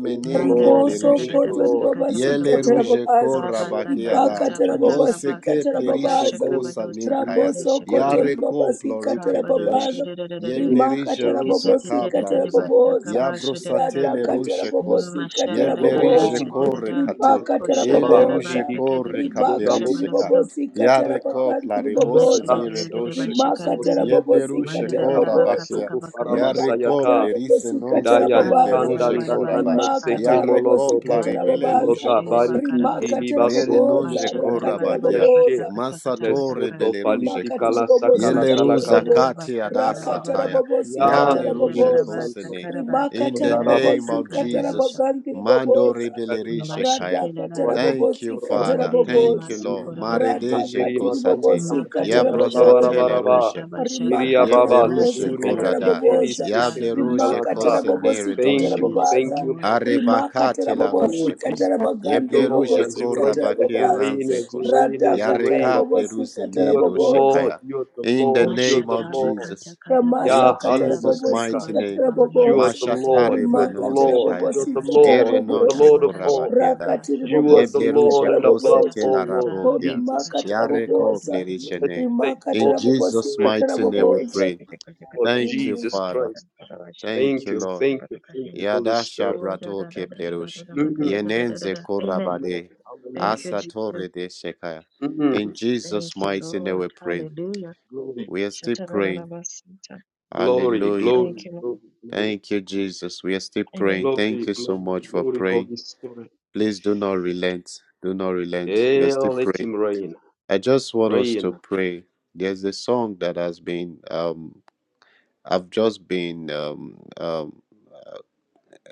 Speaker 5: Thank you,
Speaker 1: Manda
Speaker 3: ke
Speaker 1: da
Speaker 5: Lord.
Speaker 1: da
Speaker 4: Rimoso
Speaker 1: da da
Speaker 5: Thank
Speaker 1: da da
Speaker 5: you,
Speaker 4: koto
Speaker 3: plerushekos.
Speaker 1: bata
Speaker 5: Lord.
Speaker 1: kata
Speaker 5: Thank
Speaker 1: bata
Speaker 5: you,
Speaker 4: ribabasika
Speaker 3: Yele
Speaker 1: bas
Speaker 5: Lord.
Speaker 3: ruje ko
Speaker 4: tarababaza.
Speaker 5: Thank
Speaker 1: ka
Speaker 5: you, Lord.
Speaker 1: bata da
Speaker 5: Thank
Speaker 1: da
Speaker 3: rabakiada.
Speaker 4: Ribaka
Speaker 5: you,
Speaker 1: da bata
Speaker 3: O
Speaker 5: Jesus.
Speaker 1: ka
Speaker 4: tarababasika
Speaker 1: bata
Speaker 3: seke
Speaker 1: ka bata
Speaker 3: plerishe
Speaker 4: tarababaza.
Speaker 1: shaka
Speaker 3: ko
Speaker 5: Thank
Speaker 1: bata
Speaker 5: you,
Speaker 1: saka
Speaker 3: saninkaya.
Speaker 1: bata
Speaker 5: Jesus.
Speaker 4: Raboso
Speaker 1: shaka
Speaker 5: Thank
Speaker 4: koto
Speaker 1: bata
Speaker 3: Yare
Speaker 5: you,
Speaker 3: ko
Speaker 5: Holy
Speaker 4: ribabasika
Speaker 1: ka
Speaker 3: ploruke
Speaker 5: Spirit.
Speaker 1: bata
Speaker 4: tarababaza.
Speaker 1: shida da da da
Speaker 5: Thank
Speaker 1: da
Speaker 5: you,
Speaker 3: Yebleri
Speaker 4: Rimaka
Speaker 5: Holy
Speaker 1: shake te
Speaker 3: jeruza
Speaker 1: te te
Speaker 5: Spirit.
Speaker 4: tarababosika
Speaker 1: te te te
Speaker 3: kaplaruza.
Speaker 5: Thank
Speaker 1: bata
Speaker 5: you,
Speaker 1: ka
Speaker 5: Holy
Speaker 4: tarababosa.
Speaker 1: ba
Speaker 5: Spirit.
Speaker 1: shida da
Speaker 5: Thank
Speaker 3: Yabrosate
Speaker 1: da
Speaker 5: you,
Speaker 3: le
Speaker 4: Radaka
Speaker 5: Holy Spirit.
Speaker 3: rushekos.
Speaker 4: tarababosika
Speaker 1: masha da da da
Speaker 3: Yebleri
Speaker 1: da
Speaker 5: Oh,
Speaker 4: tarababosa.
Speaker 1: shida da
Speaker 3: jekore
Speaker 1: da
Speaker 5: Mazika
Speaker 3: kate.
Speaker 4: Ribaka tara
Speaker 5: Makondo
Speaker 1: kosha da
Speaker 3: Ele
Speaker 1: da da
Speaker 5: Mahali
Speaker 4: babosa.
Speaker 1: bata
Speaker 5: Diki
Speaker 1: ke te
Speaker 3: rujekore
Speaker 1: ke
Speaker 5: Diki
Speaker 1: te ke
Speaker 4: Ribaka
Speaker 3: kapleri
Speaker 5: Begabo
Speaker 1: shaba da
Speaker 3: shekat.
Speaker 1: budo
Speaker 5: Siki
Speaker 4: tiribabosika
Speaker 3: Yare
Speaker 5: Yakaya.
Speaker 4: tarabakanti
Speaker 3: kopla rebose
Speaker 1: masha da
Speaker 4: ribabosa.
Speaker 5: Ndara
Speaker 1: da
Speaker 3: nire
Speaker 1: da da da
Speaker 5: Soko
Speaker 1: basha
Speaker 3: doshekos.
Speaker 1: ka
Speaker 4: Rimaka
Speaker 1: da
Speaker 5: Koro
Speaker 1: bide
Speaker 5: Sekete
Speaker 3: Yebleru
Speaker 4: tarababosika
Speaker 1: manda da
Speaker 5: Eli
Speaker 1: da da
Speaker 3: shekora
Speaker 5: Abara
Speaker 1: baka
Speaker 4: tarababosa.
Speaker 3: bakia.
Speaker 1: baka
Speaker 5: Soko
Speaker 1: baka basha
Speaker 3: Yare
Speaker 4: Ribaka
Speaker 5: Parabasayata.
Speaker 3: kople rise
Speaker 4: tarababosika
Speaker 3: non se
Speaker 5: Ndayan
Speaker 1: ala
Speaker 3: keple
Speaker 1: bara
Speaker 4: tarababaza
Speaker 1: bara
Speaker 3: ruje
Speaker 5: tandan
Speaker 1: bara
Speaker 5: dan
Speaker 1: bara
Speaker 5: dan
Speaker 3: koraba.
Speaker 5: da
Speaker 1: basha karaba
Speaker 5: seke
Speaker 3: Yare
Speaker 4: rimakatarabobosi
Speaker 3: kopla
Speaker 5: molotobo
Speaker 1: manda
Speaker 3: rebele
Speaker 1: riba
Speaker 4: katarababaza
Speaker 5: ndota
Speaker 1: koshe
Speaker 3: rujekos.
Speaker 1: riba
Speaker 5: bariki
Speaker 1: karaba
Speaker 5: kiliba
Speaker 3: Mere
Speaker 5: soto
Speaker 4: rimakataraboboza
Speaker 3: nonje
Speaker 1: Masha bara
Speaker 5: kukuye
Speaker 1: bala
Speaker 3: korabakia.
Speaker 1: bata
Speaker 5: kiriashe
Speaker 4: rakataraboboza
Speaker 1: kata kata bata
Speaker 3: Masatore
Speaker 1: ka.
Speaker 5: lesoto
Speaker 3: beleruje
Speaker 5: palitika
Speaker 3: kos.
Speaker 5: la
Speaker 4: rimakatiribobosi
Speaker 5: sakala talaka
Speaker 3: Yeleruza
Speaker 1: Mashakele
Speaker 4: katarabobo
Speaker 1: rara
Speaker 5: bota
Speaker 3: kati
Speaker 1: bata kara
Speaker 5: kayandara
Speaker 1: baba ba.
Speaker 3: adasataya.
Speaker 4: rakatarabobosi
Speaker 1: Raba
Speaker 5: yanto
Speaker 1: jara
Speaker 3: Yaleruje
Speaker 4: kataraboboza
Speaker 1: raba ta
Speaker 5: ndosanto
Speaker 3: kosene.
Speaker 1: kara bata
Speaker 5: ndosanto
Speaker 3: In the
Speaker 1: kere
Speaker 5: ndara
Speaker 1: raba
Speaker 3: name
Speaker 5: bato
Speaker 4: rimakatarabobosi
Speaker 1: ta
Speaker 3: of
Speaker 1: kara
Speaker 5: kete
Speaker 1: badosha.
Speaker 3: Jesus.
Speaker 5: kete kiri
Speaker 3: Mando
Speaker 4: katarabagandiriboboza
Speaker 5: takari kala
Speaker 3: rebelerishe kaya.
Speaker 1: Mashakele rara ba.
Speaker 3: Thank you,
Speaker 4: radakatarabobosi
Speaker 5: kutoro
Speaker 3: Father.
Speaker 1: Mandere re
Speaker 3: Thank you,
Speaker 4: kataraboboza
Speaker 1: masu
Speaker 3: Lord.
Speaker 1: koraba.
Speaker 3: Maredeje
Speaker 5: Handiri Matandi
Speaker 3: kosate.
Speaker 4: radakatiribobosi
Speaker 1: Makara
Speaker 5: Amatinda
Speaker 4: kataraboboza
Speaker 1: bashakara
Speaker 3: Yabrasatele
Speaker 5: Rabarabaraba.
Speaker 3: rushe
Speaker 1: bakata
Speaker 3: kos.
Speaker 1: bashaka.
Speaker 5: Iria
Speaker 4: rimakatara
Speaker 5: Baba
Speaker 1: La
Speaker 3: Yebleruje
Speaker 4: bobosi
Speaker 1: da
Speaker 5: Suri
Speaker 1: da
Speaker 4: katara
Speaker 1: da
Speaker 3: korada.
Speaker 1: ta
Speaker 5: Atikili
Speaker 4: bobosa
Speaker 1: shatara
Speaker 5: Seketi
Speaker 1: basa
Speaker 3: Yableruje
Speaker 5: Kalata.
Speaker 4: rimakatara
Speaker 1: kabaka.
Speaker 3: kosene
Speaker 4: bobosi katara
Speaker 1: Oh
Speaker 5: Thank
Speaker 3: redoshe
Speaker 5: you,
Speaker 1: yes,
Speaker 3: kos.
Speaker 5: thank
Speaker 4: babaza
Speaker 5: you,
Speaker 1: Lord.
Speaker 5: Lord.
Speaker 4: rimakatara
Speaker 3: Arebakate la
Speaker 5: Oh
Speaker 4: bobosi
Speaker 3: rushe kos.
Speaker 4: katara
Speaker 5: Jesus, thank you,
Speaker 4: bagandiri
Speaker 5: Lord,
Speaker 3: Yebleruje
Speaker 5: as
Speaker 4: bobosi
Speaker 5: you reign,
Speaker 4: katara
Speaker 5: as
Speaker 3: korabake
Speaker 5: you
Speaker 4: babaza
Speaker 5: reign,
Speaker 3: ananze
Speaker 5: as you reign,
Speaker 4: rada
Speaker 5: as you
Speaker 4: katara
Speaker 5: reign.
Speaker 3: Yareka
Speaker 4: bobosi
Speaker 3: pleruze
Speaker 4: katara
Speaker 3: ne
Speaker 5: You are the
Speaker 4: bobosa
Speaker 5: Lord, you are the
Speaker 3: In the
Speaker 5: Lord, you are
Speaker 3: name
Speaker 5: the
Speaker 3: of
Speaker 1: Mashata
Speaker 5: Lord.
Speaker 1: bakata
Speaker 3: Jesus.
Speaker 1: kada
Speaker 4: ramasa
Speaker 3: In
Speaker 1: bashaka
Speaker 4: katara
Speaker 1: da
Speaker 3: Jesus'
Speaker 1: bakata
Speaker 4: bobosi
Speaker 3: mighty
Speaker 5: Yahalimasikaya.
Speaker 3: name.
Speaker 4: katara
Speaker 1: bashaka
Speaker 5: You
Speaker 1: manako
Speaker 5: are
Speaker 4: bobosa
Speaker 5: the
Speaker 1: shake
Speaker 5: Lord.
Speaker 3: Mashatare
Speaker 1: manda
Speaker 5: You are the
Speaker 1: kata
Speaker 3: banose
Speaker 4: rimakatara
Speaker 5: Lord.
Speaker 3: kaya.
Speaker 5: You are
Speaker 4: bobosi
Speaker 5: the
Speaker 1: bashaka
Speaker 4: katara
Speaker 5: Lord.
Speaker 3: Ere
Speaker 5: You are the
Speaker 3: nonche
Speaker 4: bobosa
Speaker 5: Lord of
Speaker 1: Dabada
Speaker 5: all.
Speaker 3: korabake adas.
Speaker 1: shakabada
Speaker 4: rakatiri
Speaker 5: You
Speaker 1: kata
Speaker 5: are the
Speaker 4: bobosi
Speaker 3: Yebleruje
Speaker 5: Lord
Speaker 4: katara
Speaker 5: and
Speaker 1: shata ta
Speaker 5: above
Speaker 1: ta
Speaker 4: bobosa
Speaker 1: ta
Speaker 3: kosetela
Speaker 5: all,
Speaker 1: ta
Speaker 5: Lord
Speaker 1: ta
Speaker 3: rabokia.
Speaker 5: Jesus
Speaker 1: kasha
Speaker 4: rimakatara
Speaker 1: ta ta
Speaker 5: Christ.
Speaker 1: ta ta ta
Speaker 3: Yareko
Speaker 1: ta
Speaker 4: bobosa
Speaker 1: ta
Speaker 5: Let's
Speaker 3: plerishene.
Speaker 5: take
Speaker 3: In
Speaker 4: rimakatara
Speaker 5: all your
Speaker 4: bobosi
Speaker 3: Jesus'
Speaker 5: glory and
Speaker 4: katara
Speaker 3: mighty
Speaker 5: honor.
Speaker 3: name we
Speaker 4: bobosa
Speaker 3: pray.
Speaker 5: Receive, Lord
Speaker 3: Thank you,
Speaker 5: Jesus
Speaker 3: Father.
Speaker 5: Christ.
Speaker 3: Thank
Speaker 5: Thank
Speaker 3: you,
Speaker 5: you.
Speaker 3: Lord.
Speaker 5: Thank you. Thank you, Holy
Speaker 3: Yada
Speaker 5: Spirit.
Speaker 3: shabrato
Speaker 1: ta
Speaker 3: keplerush.
Speaker 5: Mm,
Speaker 1: ta
Speaker 3: Yenenze
Speaker 1: ta. Amen.
Speaker 5: Lord,
Speaker 3: korabade.
Speaker 1: Thank
Speaker 5: Hallelujah.
Speaker 1: you, Jesus.
Speaker 3: Asatore de shekaya. In
Speaker 5: Mm,
Speaker 1: Thank
Speaker 3: Jesus'
Speaker 1: you,
Speaker 3: mighty name
Speaker 1: Lord.
Speaker 3: we pray.
Speaker 1: Hallelujah.
Speaker 5: Glory.
Speaker 3: We are still
Speaker 1: Shata ta ta ta
Speaker 3: praying.
Speaker 1: ta si ta.
Speaker 5: Glory.
Speaker 3: Hallelujah.
Speaker 5: Glory.
Speaker 1: Thank you, Lord.
Speaker 5: Glory. Glory.
Speaker 3: Thank you, Jesus. We are still
Speaker 1: Amen.
Speaker 3: praying. Thank
Speaker 5: Glory.
Speaker 3: you so
Speaker 5: Glory.
Speaker 3: much for
Speaker 5: Glory.
Speaker 3: praying.
Speaker 5: Holy Spirit.
Speaker 3: Please do not relent. Do not relent. We are
Speaker 5: Yeah,
Speaker 3: still
Speaker 5: let
Speaker 3: praying.
Speaker 5: him reign.
Speaker 3: I just want us to
Speaker 5: Reign.
Speaker 3: pray. There's a song that has been um I've just been um, um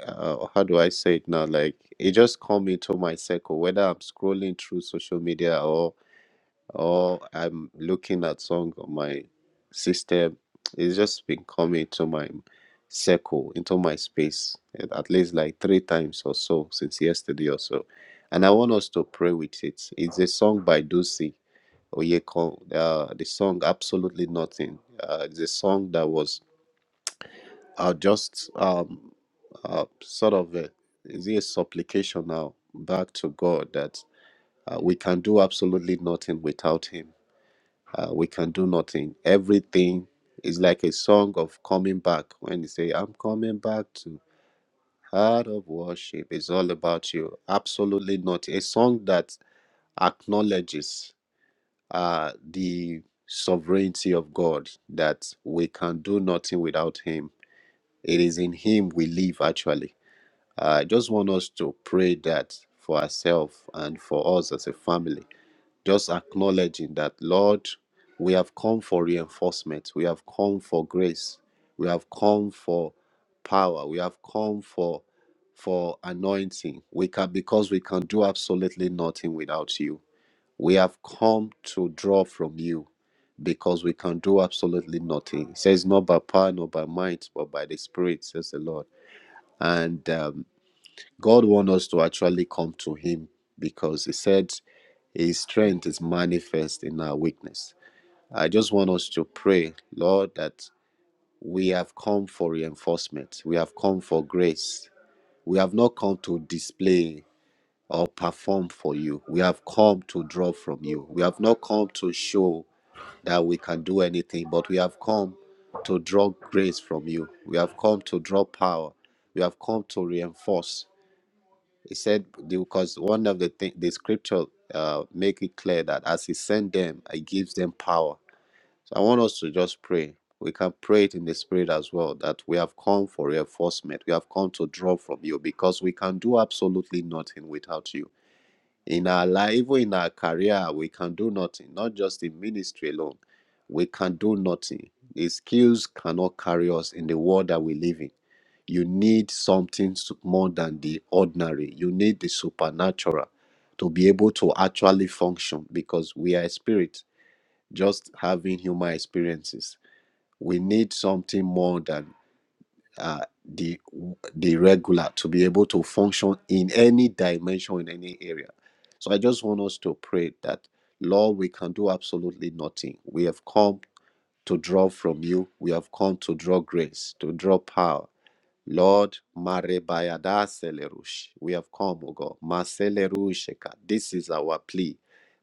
Speaker 3: uh, how do I say it now? Like it just come into my circle, whether I'm scrolling through social media or or I'm looking at song on my system. It's just been coming to my circle, into my space, at at least like three times or so since yesterday or so. And I want us to pray with it. It's a song by Ducey Oyeko. Uh, the song Absolutely Nothing. Uh, it's a song that was I'll just um uh, sort of a, is it a supplication now back to God that uh, we can do absolutely nothing without Him. Uh, we can do nothing. Everything is like a song of coming back. When you say, "I'm coming back to heart of worship," it's all about you. Absolutely not a song that acknowledges uh, the sovereignty of God that we can do nothing without Him. It is in Him we live actually I just want us to pray that for ourselves and for us as a family, just acknowledging that, Lord, we have come for reinforcement, we have come for grace, we have come for power, we have come for for anointing. We can because we can do absolutely nothing without you. We have come to draw from you because we can do absolutely nothing. It says not by power, not by might, but by the Spirit, says the Lord. And um, God wants us to actually come to Him because He said His strength is manifest in our weakness. I just want us to pray, Lord, that we have come for reinforcement, we have come for grace, we have not come to display or perform for you, we have come to draw from you, we have not come to show that we can do anything, but we have come to draw grace from you. We have come to draw power. We have come to reinforce. He said, because one of the thing, the scripture uh, make it clear that as he sent them, I gives them power. So I want us to just pray. We can pray it in the spirit as well that we have come for reinforcement. We have come to draw from you because we can do absolutely nothing without you in our life, even in our career, we can do nothing, not just in ministry alone. We can do nothing. The skills cannot carry us in the world that we live in. You need something su- more than the ordinary, you need the supernatural to be able to actually function because we are a spirit, just having human experiences. We need something more than uh, the the regular to be able to function in any dimension in any area so i just want us to pray that lord we can do absolutely nothing we have come to draw from you we have come to draw grace to draw power Lord, Marebayada Selerush, we have come, O God. Maselerusheka. This is our plea.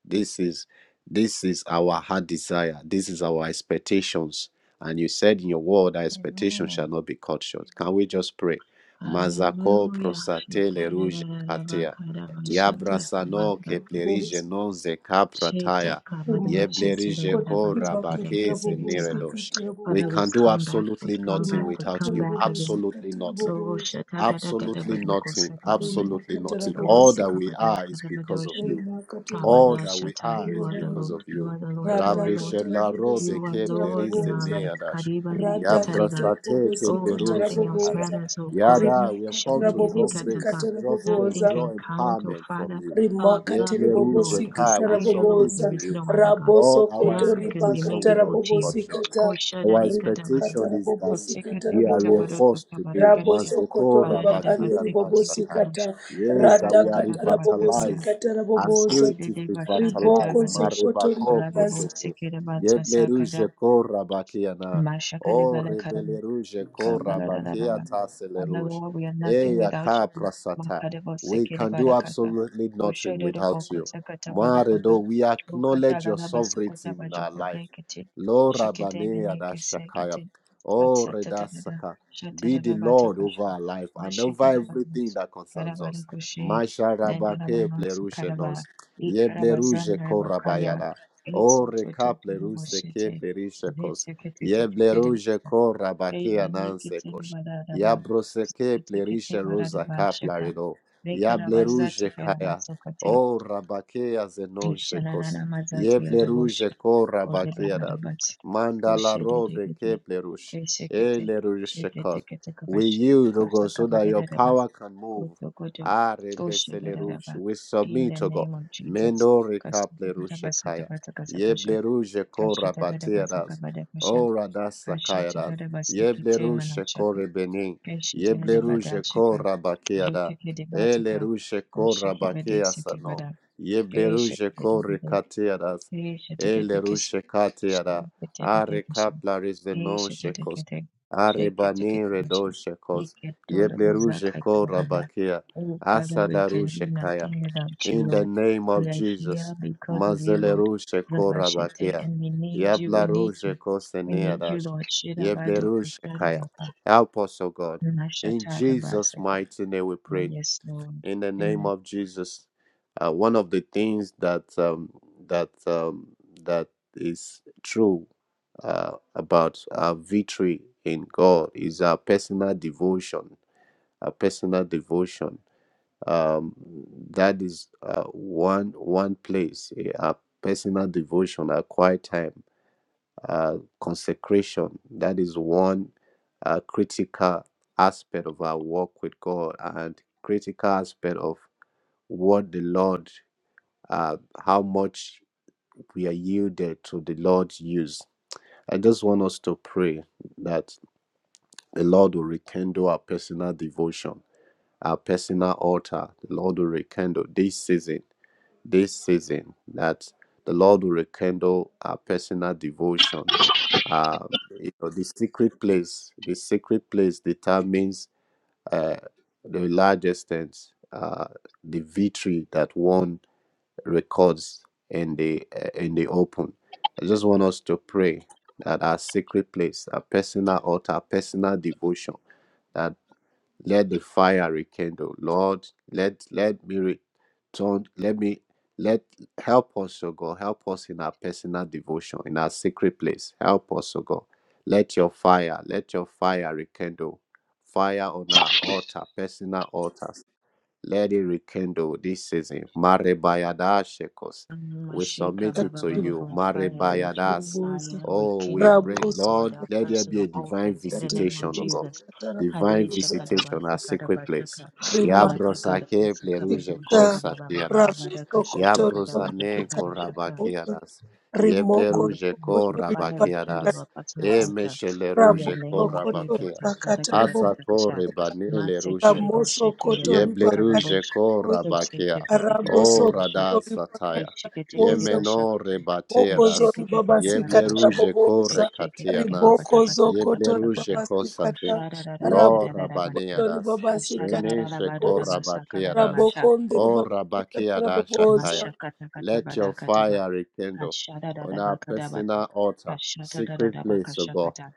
Speaker 3: This is this is our heart desire. This is our expectations. And you said in your word, our expectations
Speaker 1: Amen.
Speaker 3: shall not be cut short. Can we just pray? Mazako
Speaker 1: Hallelujah. Shata
Speaker 3: prosate
Speaker 1: ta ta
Speaker 3: leruje
Speaker 1: ta ta ta
Speaker 3: katea.
Speaker 1: ta da ta
Speaker 4: Katila bobosi
Speaker 1: ta ta
Speaker 3: Yabrasano
Speaker 1: ta ta
Speaker 4: katila
Speaker 1: ka.
Speaker 3: keplerije
Speaker 4: bobosi
Speaker 3: non zeka
Speaker 1: Sheta
Speaker 3: prataya.
Speaker 1: kabado
Speaker 4: rimokozo
Speaker 1: shekere
Speaker 3: Yeblerije
Speaker 1: rarava
Speaker 3: ko
Speaker 4: kotiri
Speaker 1: sekere
Speaker 4: bakatira
Speaker 3: rabake
Speaker 1: kete
Speaker 4: bobosi
Speaker 1: giteva.
Speaker 3: seneredosh.
Speaker 4: katira
Speaker 3: We
Speaker 1: Father, we
Speaker 3: can
Speaker 4: bobosi
Speaker 3: do
Speaker 1: come back, we
Speaker 3: absolutely
Speaker 1: come
Speaker 3: nothing
Speaker 1: back, we
Speaker 3: without
Speaker 1: come
Speaker 4: rimakatira
Speaker 3: you.
Speaker 1: back
Speaker 4: bobosi
Speaker 1: again.
Speaker 3: Absolutely
Speaker 4: katira
Speaker 3: nothing.
Speaker 1: Oh,
Speaker 4: bobosi
Speaker 1: sheta gada gada
Speaker 3: Absolutely
Speaker 1: badnako
Speaker 3: nothing.
Speaker 1: sekada.
Speaker 3: Absolutely
Speaker 4: rimakatira
Speaker 3: nothing.
Speaker 1: Oh,
Speaker 3: All
Speaker 4: bobosi
Speaker 3: that we
Speaker 1: sekabada
Speaker 3: are is because of
Speaker 1: kadabadosha.
Speaker 3: you.
Speaker 4: rimakatira
Speaker 3: All
Speaker 1: Kabada
Speaker 4: bobosi
Speaker 3: that we
Speaker 1: sheta.
Speaker 3: are
Speaker 1: You
Speaker 3: is
Speaker 1: are the
Speaker 3: because
Speaker 4: ribobazo
Speaker 3: of
Speaker 1: Lord. You
Speaker 3: you.
Speaker 1: are the Lord. You
Speaker 4: rada
Speaker 1: are
Speaker 3: Rabbi
Speaker 1: Lord.
Speaker 4: katira
Speaker 3: Shela Robe
Speaker 4: bobosi
Speaker 1: You are
Speaker 4: katira
Speaker 3: Kepler
Speaker 1: Lord
Speaker 3: is
Speaker 1: in
Speaker 3: the
Speaker 1: our
Speaker 4: bobosa
Speaker 1: life.
Speaker 3: nearest.
Speaker 1: Kadibari
Speaker 4: rada katira
Speaker 3: Yabrasate
Speaker 4: bobosi
Speaker 1: Oh,
Speaker 4: katira
Speaker 3: Keplerun
Speaker 1: nothing else
Speaker 3: Shekaya.
Speaker 4: bobosa
Speaker 1: matters, oh God.
Speaker 3: Yada, we have come
Speaker 4: rimakatira
Speaker 3: to draw
Speaker 4: bobosi
Speaker 1: Shadagirikataka.
Speaker 3: grace,
Speaker 4: katira
Speaker 3: draw strength,
Speaker 1: Nothing
Speaker 4: bobosa
Speaker 1: can
Speaker 3: draw
Speaker 1: count, oh
Speaker 3: empowerment from
Speaker 1: Father,
Speaker 3: you.
Speaker 4: rimakati
Speaker 1: above you,
Speaker 3: Yebleru
Speaker 1: Lord.
Speaker 3: Jekai,
Speaker 4: ribobosikata
Speaker 3: we
Speaker 1: Beside you, Lord,
Speaker 3: submit
Speaker 1: there
Speaker 3: to
Speaker 4: raboboza
Speaker 1: is
Speaker 3: you.
Speaker 1: no other God.
Speaker 3: Lord, our
Speaker 4: rabosokoto
Speaker 1: None can be
Speaker 3: expectation
Speaker 1: made
Speaker 4: ribakata
Speaker 3: will
Speaker 1: equal
Speaker 3: not be
Speaker 1: to you.
Speaker 3: cut short.
Speaker 4: rabobosikata
Speaker 3: Our
Speaker 1: Koshadadikatabari.
Speaker 4: rimakata
Speaker 3: expectation is that
Speaker 4: rabobosikata
Speaker 3: we are
Speaker 4: raboboza
Speaker 3: reinforced today.
Speaker 1: Kosekatekatabadotakabarikashi.
Speaker 4: rabosokoto
Speaker 3: Mazeko,
Speaker 4: ribakandi
Speaker 3: Rabake, and Satire.
Speaker 1: Baradadabastekitikobosh.
Speaker 4: ribobosikata
Speaker 3: Yes, that we are
Speaker 4: radhakata
Speaker 1: Asakadadabasakada.
Speaker 3: revitalized.
Speaker 4: rabobosikata
Speaker 3: Our
Speaker 4: raboboza
Speaker 3: spirit is
Speaker 4: riboko
Speaker 3: revitalized.
Speaker 1: Kosekedebashakadabadosh.
Speaker 4: zokoto
Speaker 3: Marebako
Speaker 4: ribabaza
Speaker 3: prosede.
Speaker 1: Rababosekedebatasakada.
Speaker 3: Yeblerujeko Rabake and A. O
Speaker 1: Mashakalebalakara.
Speaker 3: Rebelerujeko Rabake
Speaker 1: Kaparadadadaba. Father
Speaker 3: Ataceleruj.
Speaker 1: Lord, we are nothing without
Speaker 3: Eyaka
Speaker 1: you.
Speaker 3: Prasata.
Speaker 1: Makadebo
Speaker 3: We can do
Speaker 1: sekerebadakata.
Speaker 3: absolutely nothing
Speaker 1: Koshododobo
Speaker 3: without you.
Speaker 1: kosakatabadobodo.
Speaker 3: Maredo, we acknowledge your sovereignty in our life.
Speaker 1: Ukatalalabasukotabajobodekete.
Speaker 3: Lo Rabane Shakaya,
Speaker 1: Shiketebenekesekete.
Speaker 3: Oh
Speaker 1: Latsatadadada.
Speaker 3: Redasaka. Be the Lord over
Speaker 1: Shatadadabatakasha.
Speaker 3: our life and over everything
Speaker 1: Mashikedabadus.
Speaker 3: that concerns us.
Speaker 1: Karabadakushe.
Speaker 3: Masha Rabake
Speaker 1: Nendarabanotsi karaba.
Speaker 3: Plerushenos. Ye Bleruje
Speaker 1: Ikarabazandarabakaya.
Speaker 3: Korabayada. Oh Reka Pleruse
Speaker 1: Etsotototorobosete.
Speaker 3: Ke Plerishekos. Ye Bleruje
Speaker 1: Zeteketeketekerebasa.
Speaker 3: Korabake
Speaker 1: Kayilekete
Speaker 3: Anansekos.
Speaker 1: Badadaba
Speaker 3: Ya Broseke
Speaker 1: Sikete
Speaker 3: Plerishe Rosa
Speaker 1: Badadaba Shaka
Speaker 3: Kaplarido. Ya
Speaker 1: Vekerabazati
Speaker 3: Bleruje Kaya.
Speaker 1: Kerabasokate
Speaker 3: Oh Rabake Azenon Shekos.
Speaker 1: Shanana Mazati Adabosh
Speaker 3: Yebleruje ko
Speaker 1: Kode
Speaker 3: rabakia
Speaker 1: Badadabat
Speaker 3: Mandala robe
Speaker 1: Koshedegeti
Speaker 3: keplerush.
Speaker 1: Kesekete Shekete
Speaker 3: Elerushekot. We
Speaker 1: Ketekabash
Speaker 3: yield, O God, so
Speaker 1: Kosaka
Speaker 3: that your
Speaker 1: Badadabas
Speaker 3: power can move.
Speaker 1: Kotokoto
Speaker 3: Are beselerush.
Speaker 1: Koshedadaba
Speaker 3: We
Speaker 1: In the
Speaker 3: submit, O God.
Speaker 1: name of Jesus
Speaker 3: Mendo rekaplerushekaya.
Speaker 1: Kastabadabasatabasakasapasha
Speaker 3: Yebleruje kora bateras.
Speaker 1: Kashadadabasakabadabasha
Speaker 3: Ora dasakayara.
Speaker 1: Kashadadabasikete
Speaker 3: Yebleruje
Speaker 1: Manachaka
Speaker 3: kore benin.
Speaker 1: Keshete de
Speaker 3: Yebleruje
Speaker 1: Badashika,
Speaker 3: kora bakeada.
Speaker 1: Jutiki de Bataka,
Speaker 3: Eleruje kora
Speaker 1: Oshiki Bede
Speaker 3: bakea sano.
Speaker 1: Sikibada, Keshete
Speaker 3: Yebleruje
Speaker 1: de
Speaker 3: kore
Speaker 1: bede.
Speaker 3: kateras.
Speaker 1: Keshete de Kiss,
Speaker 3: Eleruje kateada.
Speaker 1: Shake it de
Speaker 3: Are
Speaker 1: Kishin,
Speaker 3: kapla rezeno
Speaker 1: Keshete de
Speaker 3: shekos.
Speaker 1: Kete,
Speaker 3: Are
Speaker 1: Shake it to
Speaker 3: bani redo
Speaker 1: Kitchen,
Speaker 3: shekos.
Speaker 1: Iketola
Speaker 3: Yebleru
Speaker 1: Bozaka
Speaker 3: sheko
Speaker 1: Baba.
Speaker 3: rabakia.
Speaker 1: Oh, Father, we
Speaker 3: Asadaru
Speaker 1: can do
Speaker 3: shekaya.
Speaker 1: nothing without you,
Speaker 3: In the
Speaker 1: Lord.
Speaker 3: name of
Speaker 1: We are
Speaker 3: Jesus.
Speaker 1: here because of you, Lord.
Speaker 3: Mazeleru sheko
Speaker 1: Rabashete,
Speaker 3: rabakia.
Speaker 1: and we need you, we
Speaker 3: Yablaru
Speaker 1: need you.
Speaker 3: sheko
Speaker 1: We need you,
Speaker 3: seniadash.
Speaker 1: Lord. Shirabado
Speaker 3: Yebleru shekaya.
Speaker 1: Kusarabaka,
Speaker 3: Help us, O God. In Jesus'
Speaker 1: Nashatara
Speaker 3: mighty name we
Speaker 1: Oh,
Speaker 3: pray
Speaker 1: yes, Lord.
Speaker 3: in the name
Speaker 1: Amen.
Speaker 3: of Jesus. Uh, one of the things that um, that um, that is true uh, about our victory in God is our personal devotion. Our personal devotion. Um, that is uh, one one place. eh, Our personal devotion, our quiet time, uh, consecration. That is one uh, critical aspect of our walk with God and critical aspect of what the Lord, uh, how much we are yielded to the Lord's use. I just want us to pray that the Lord will rekindle our personal devotion, our personal altar. The Lord will rekindle this season, this season, that the Lord will rekindle our personal devotion. Uh, you know, the secret place, the secret place determines uh, the large extent uh, the victory that won records in the uh, in the open. I just want us to pray that our secret place, our personal altar, personal devotion, that let the fire rekindle. Lord, let let me return. Let me let help us, O God. Help us in our personal devotion, in our secret place. Help us, O God. Let your fire, let your fire rekindle. Fire on our altar, personal altars. Let it rekindle this season. Marebayada Shekos. We
Speaker 1: Mashika
Speaker 3: submit it
Speaker 1: Baba
Speaker 3: to
Speaker 4: kata
Speaker 1: Baba
Speaker 3: you.
Speaker 1: Bo, Fire, let your
Speaker 3: Marebayadas.
Speaker 4: raboboza
Speaker 1: fire
Speaker 3: Oh, we
Speaker 1: rekindle,
Speaker 3: pray,
Speaker 1: oh God,
Speaker 3: Lord,
Speaker 4: rabosokoto
Speaker 1: our
Speaker 3: let there be
Speaker 1: personal
Speaker 3: a divine
Speaker 1: altars in the name
Speaker 3: visitation,
Speaker 1: of
Speaker 3: O God.
Speaker 1: Jesus.
Speaker 4: ribobosikata
Speaker 3: Divine
Speaker 1: Hade Shaka
Speaker 4: raboboza
Speaker 1: Daba
Speaker 3: visitation, our
Speaker 1: matakara Daba
Speaker 3: secret place.
Speaker 1: Shaka Mataka Daba
Speaker 3: Yabrosake
Speaker 1: Shaka
Speaker 3: pleruge
Speaker 1: Bado
Speaker 4: Sikata
Speaker 1: Shaka Baba Baba
Speaker 4: rabo
Speaker 3: kosatiadas.
Speaker 1: Daba
Speaker 4: sokoto
Speaker 1: Shaka Daba Daka
Speaker 3: Yabrosane
Speaker 4: ribabasikata raboso
Speaker 3: korabakiadas.
Speaker 1: Oh
Speaker 4: rimoko
Speaker 1: Lord,
Speaker 3: Yebleruge
Speaker 1: let
Speaker 4: sokoto
Speaker 1: your fire rekindle
Speaker 3: korabakiadas.
Speaker 4: ribabasikata
Speaker 1: our personal
Speaker 4: raboso
Speaker 1: altar in
Speaker 4: rabo
Speaker 1: the
Speaker 3: Emesheleruge
Speaker 1: name of
Speaker 4: sokoto
Speaker 1: Jesus.
Speaker 3: korabakia.
Speaker 1: Hapata
Speaker 4: ribakata
Speaker 1: Gada
Speaker 3: Asako
Speaker 1: Katakasha
Speaker 4: rabobosikata
Speaker 3: rebanele
Speaker 1: Masete
Speaker 3: ruje
Speaker 4: ramo
Speaker 1: Debo
Speaker 3: kos.
Speaker 1: Shete
Speaker 4: sokoto
Speaker 1: Deba Shaka
Speaker 4: ribakata
Speaker 1: Babo
Speaker 3: Yebleruje kora
Speaker 4: rabobosa
Speaker 1: Shaka
Speaker 3: bakia.
Speaker 4: rabo
Speaker 3: O
Speaker 4: sokoto
Speaker 3: rada
Speaker 4: riba
Speaker 3: sataya.
Speaker 4: ribakata rabobosa
Speaker 1: Keshekete-kete-basha.
Speaker 3: Yemenore
Speaker 4: Boko
Speaker 3: bateras.
Speaker 4: zori babasika
Speaker 1: Keshekete-kete-barabasha.
Speaker 3: Yebleruje
Speaker 4: taraboboza.
Speaker 3: kore katianas.
Speaker 4: Riboko zokoto
Speaker 3: Yebleruje
Speaker 1: Keshekete-kete-kata-kata-kata-kata-kata.
Speaker 4: ribabasika ta.
Speaker 3: kosate.
Speaker 4: Rabo
Speaker 3: Lora
Speaker 1: Koshara-ra-ra-ra-ra-ra-ra-basha.
Speaker 4: kotori
Speaker 3: baneras.
Speaker 4: babasika
Speaker 3: Reneshe
Speaker 4: taraboboza.
Speaker 3: kora
Speaker 1: Ashara-ra-ra-ra-ra-ra-basha.
Speaker 3: bateras.
Speaker 1: Kara-ra-basha.
Speaker 4: Raboko ndiri
Speaker 3: O
Speaker 4: babasika
Speaker 3: rabakia da
Speaker 1: Masha-kata-kata-bara-kata-ba.
Speaker 4: taraboboza.
Speaker 3: shakaya. Let your fire rekindle on our
Speaker 1: Ashara-ra-ra-ra-kata-ba.
Speaker 3: personal altar,
Speaker 1: Ashara-ra-ra-ra-ra-bakasha-kata. Masha-ra-ra-ra-ra-ra-bakoshekere-ba-ba-ba. Mashetere-re-re-ra-ra-kata-bara. ra kata Katabada Kataba. Ashara Rabakadaba. Kashata
Speaker 3: secret
Speaker 1: Rabba
Speaker 3: place, O God.
Speaker 1: Kashakata.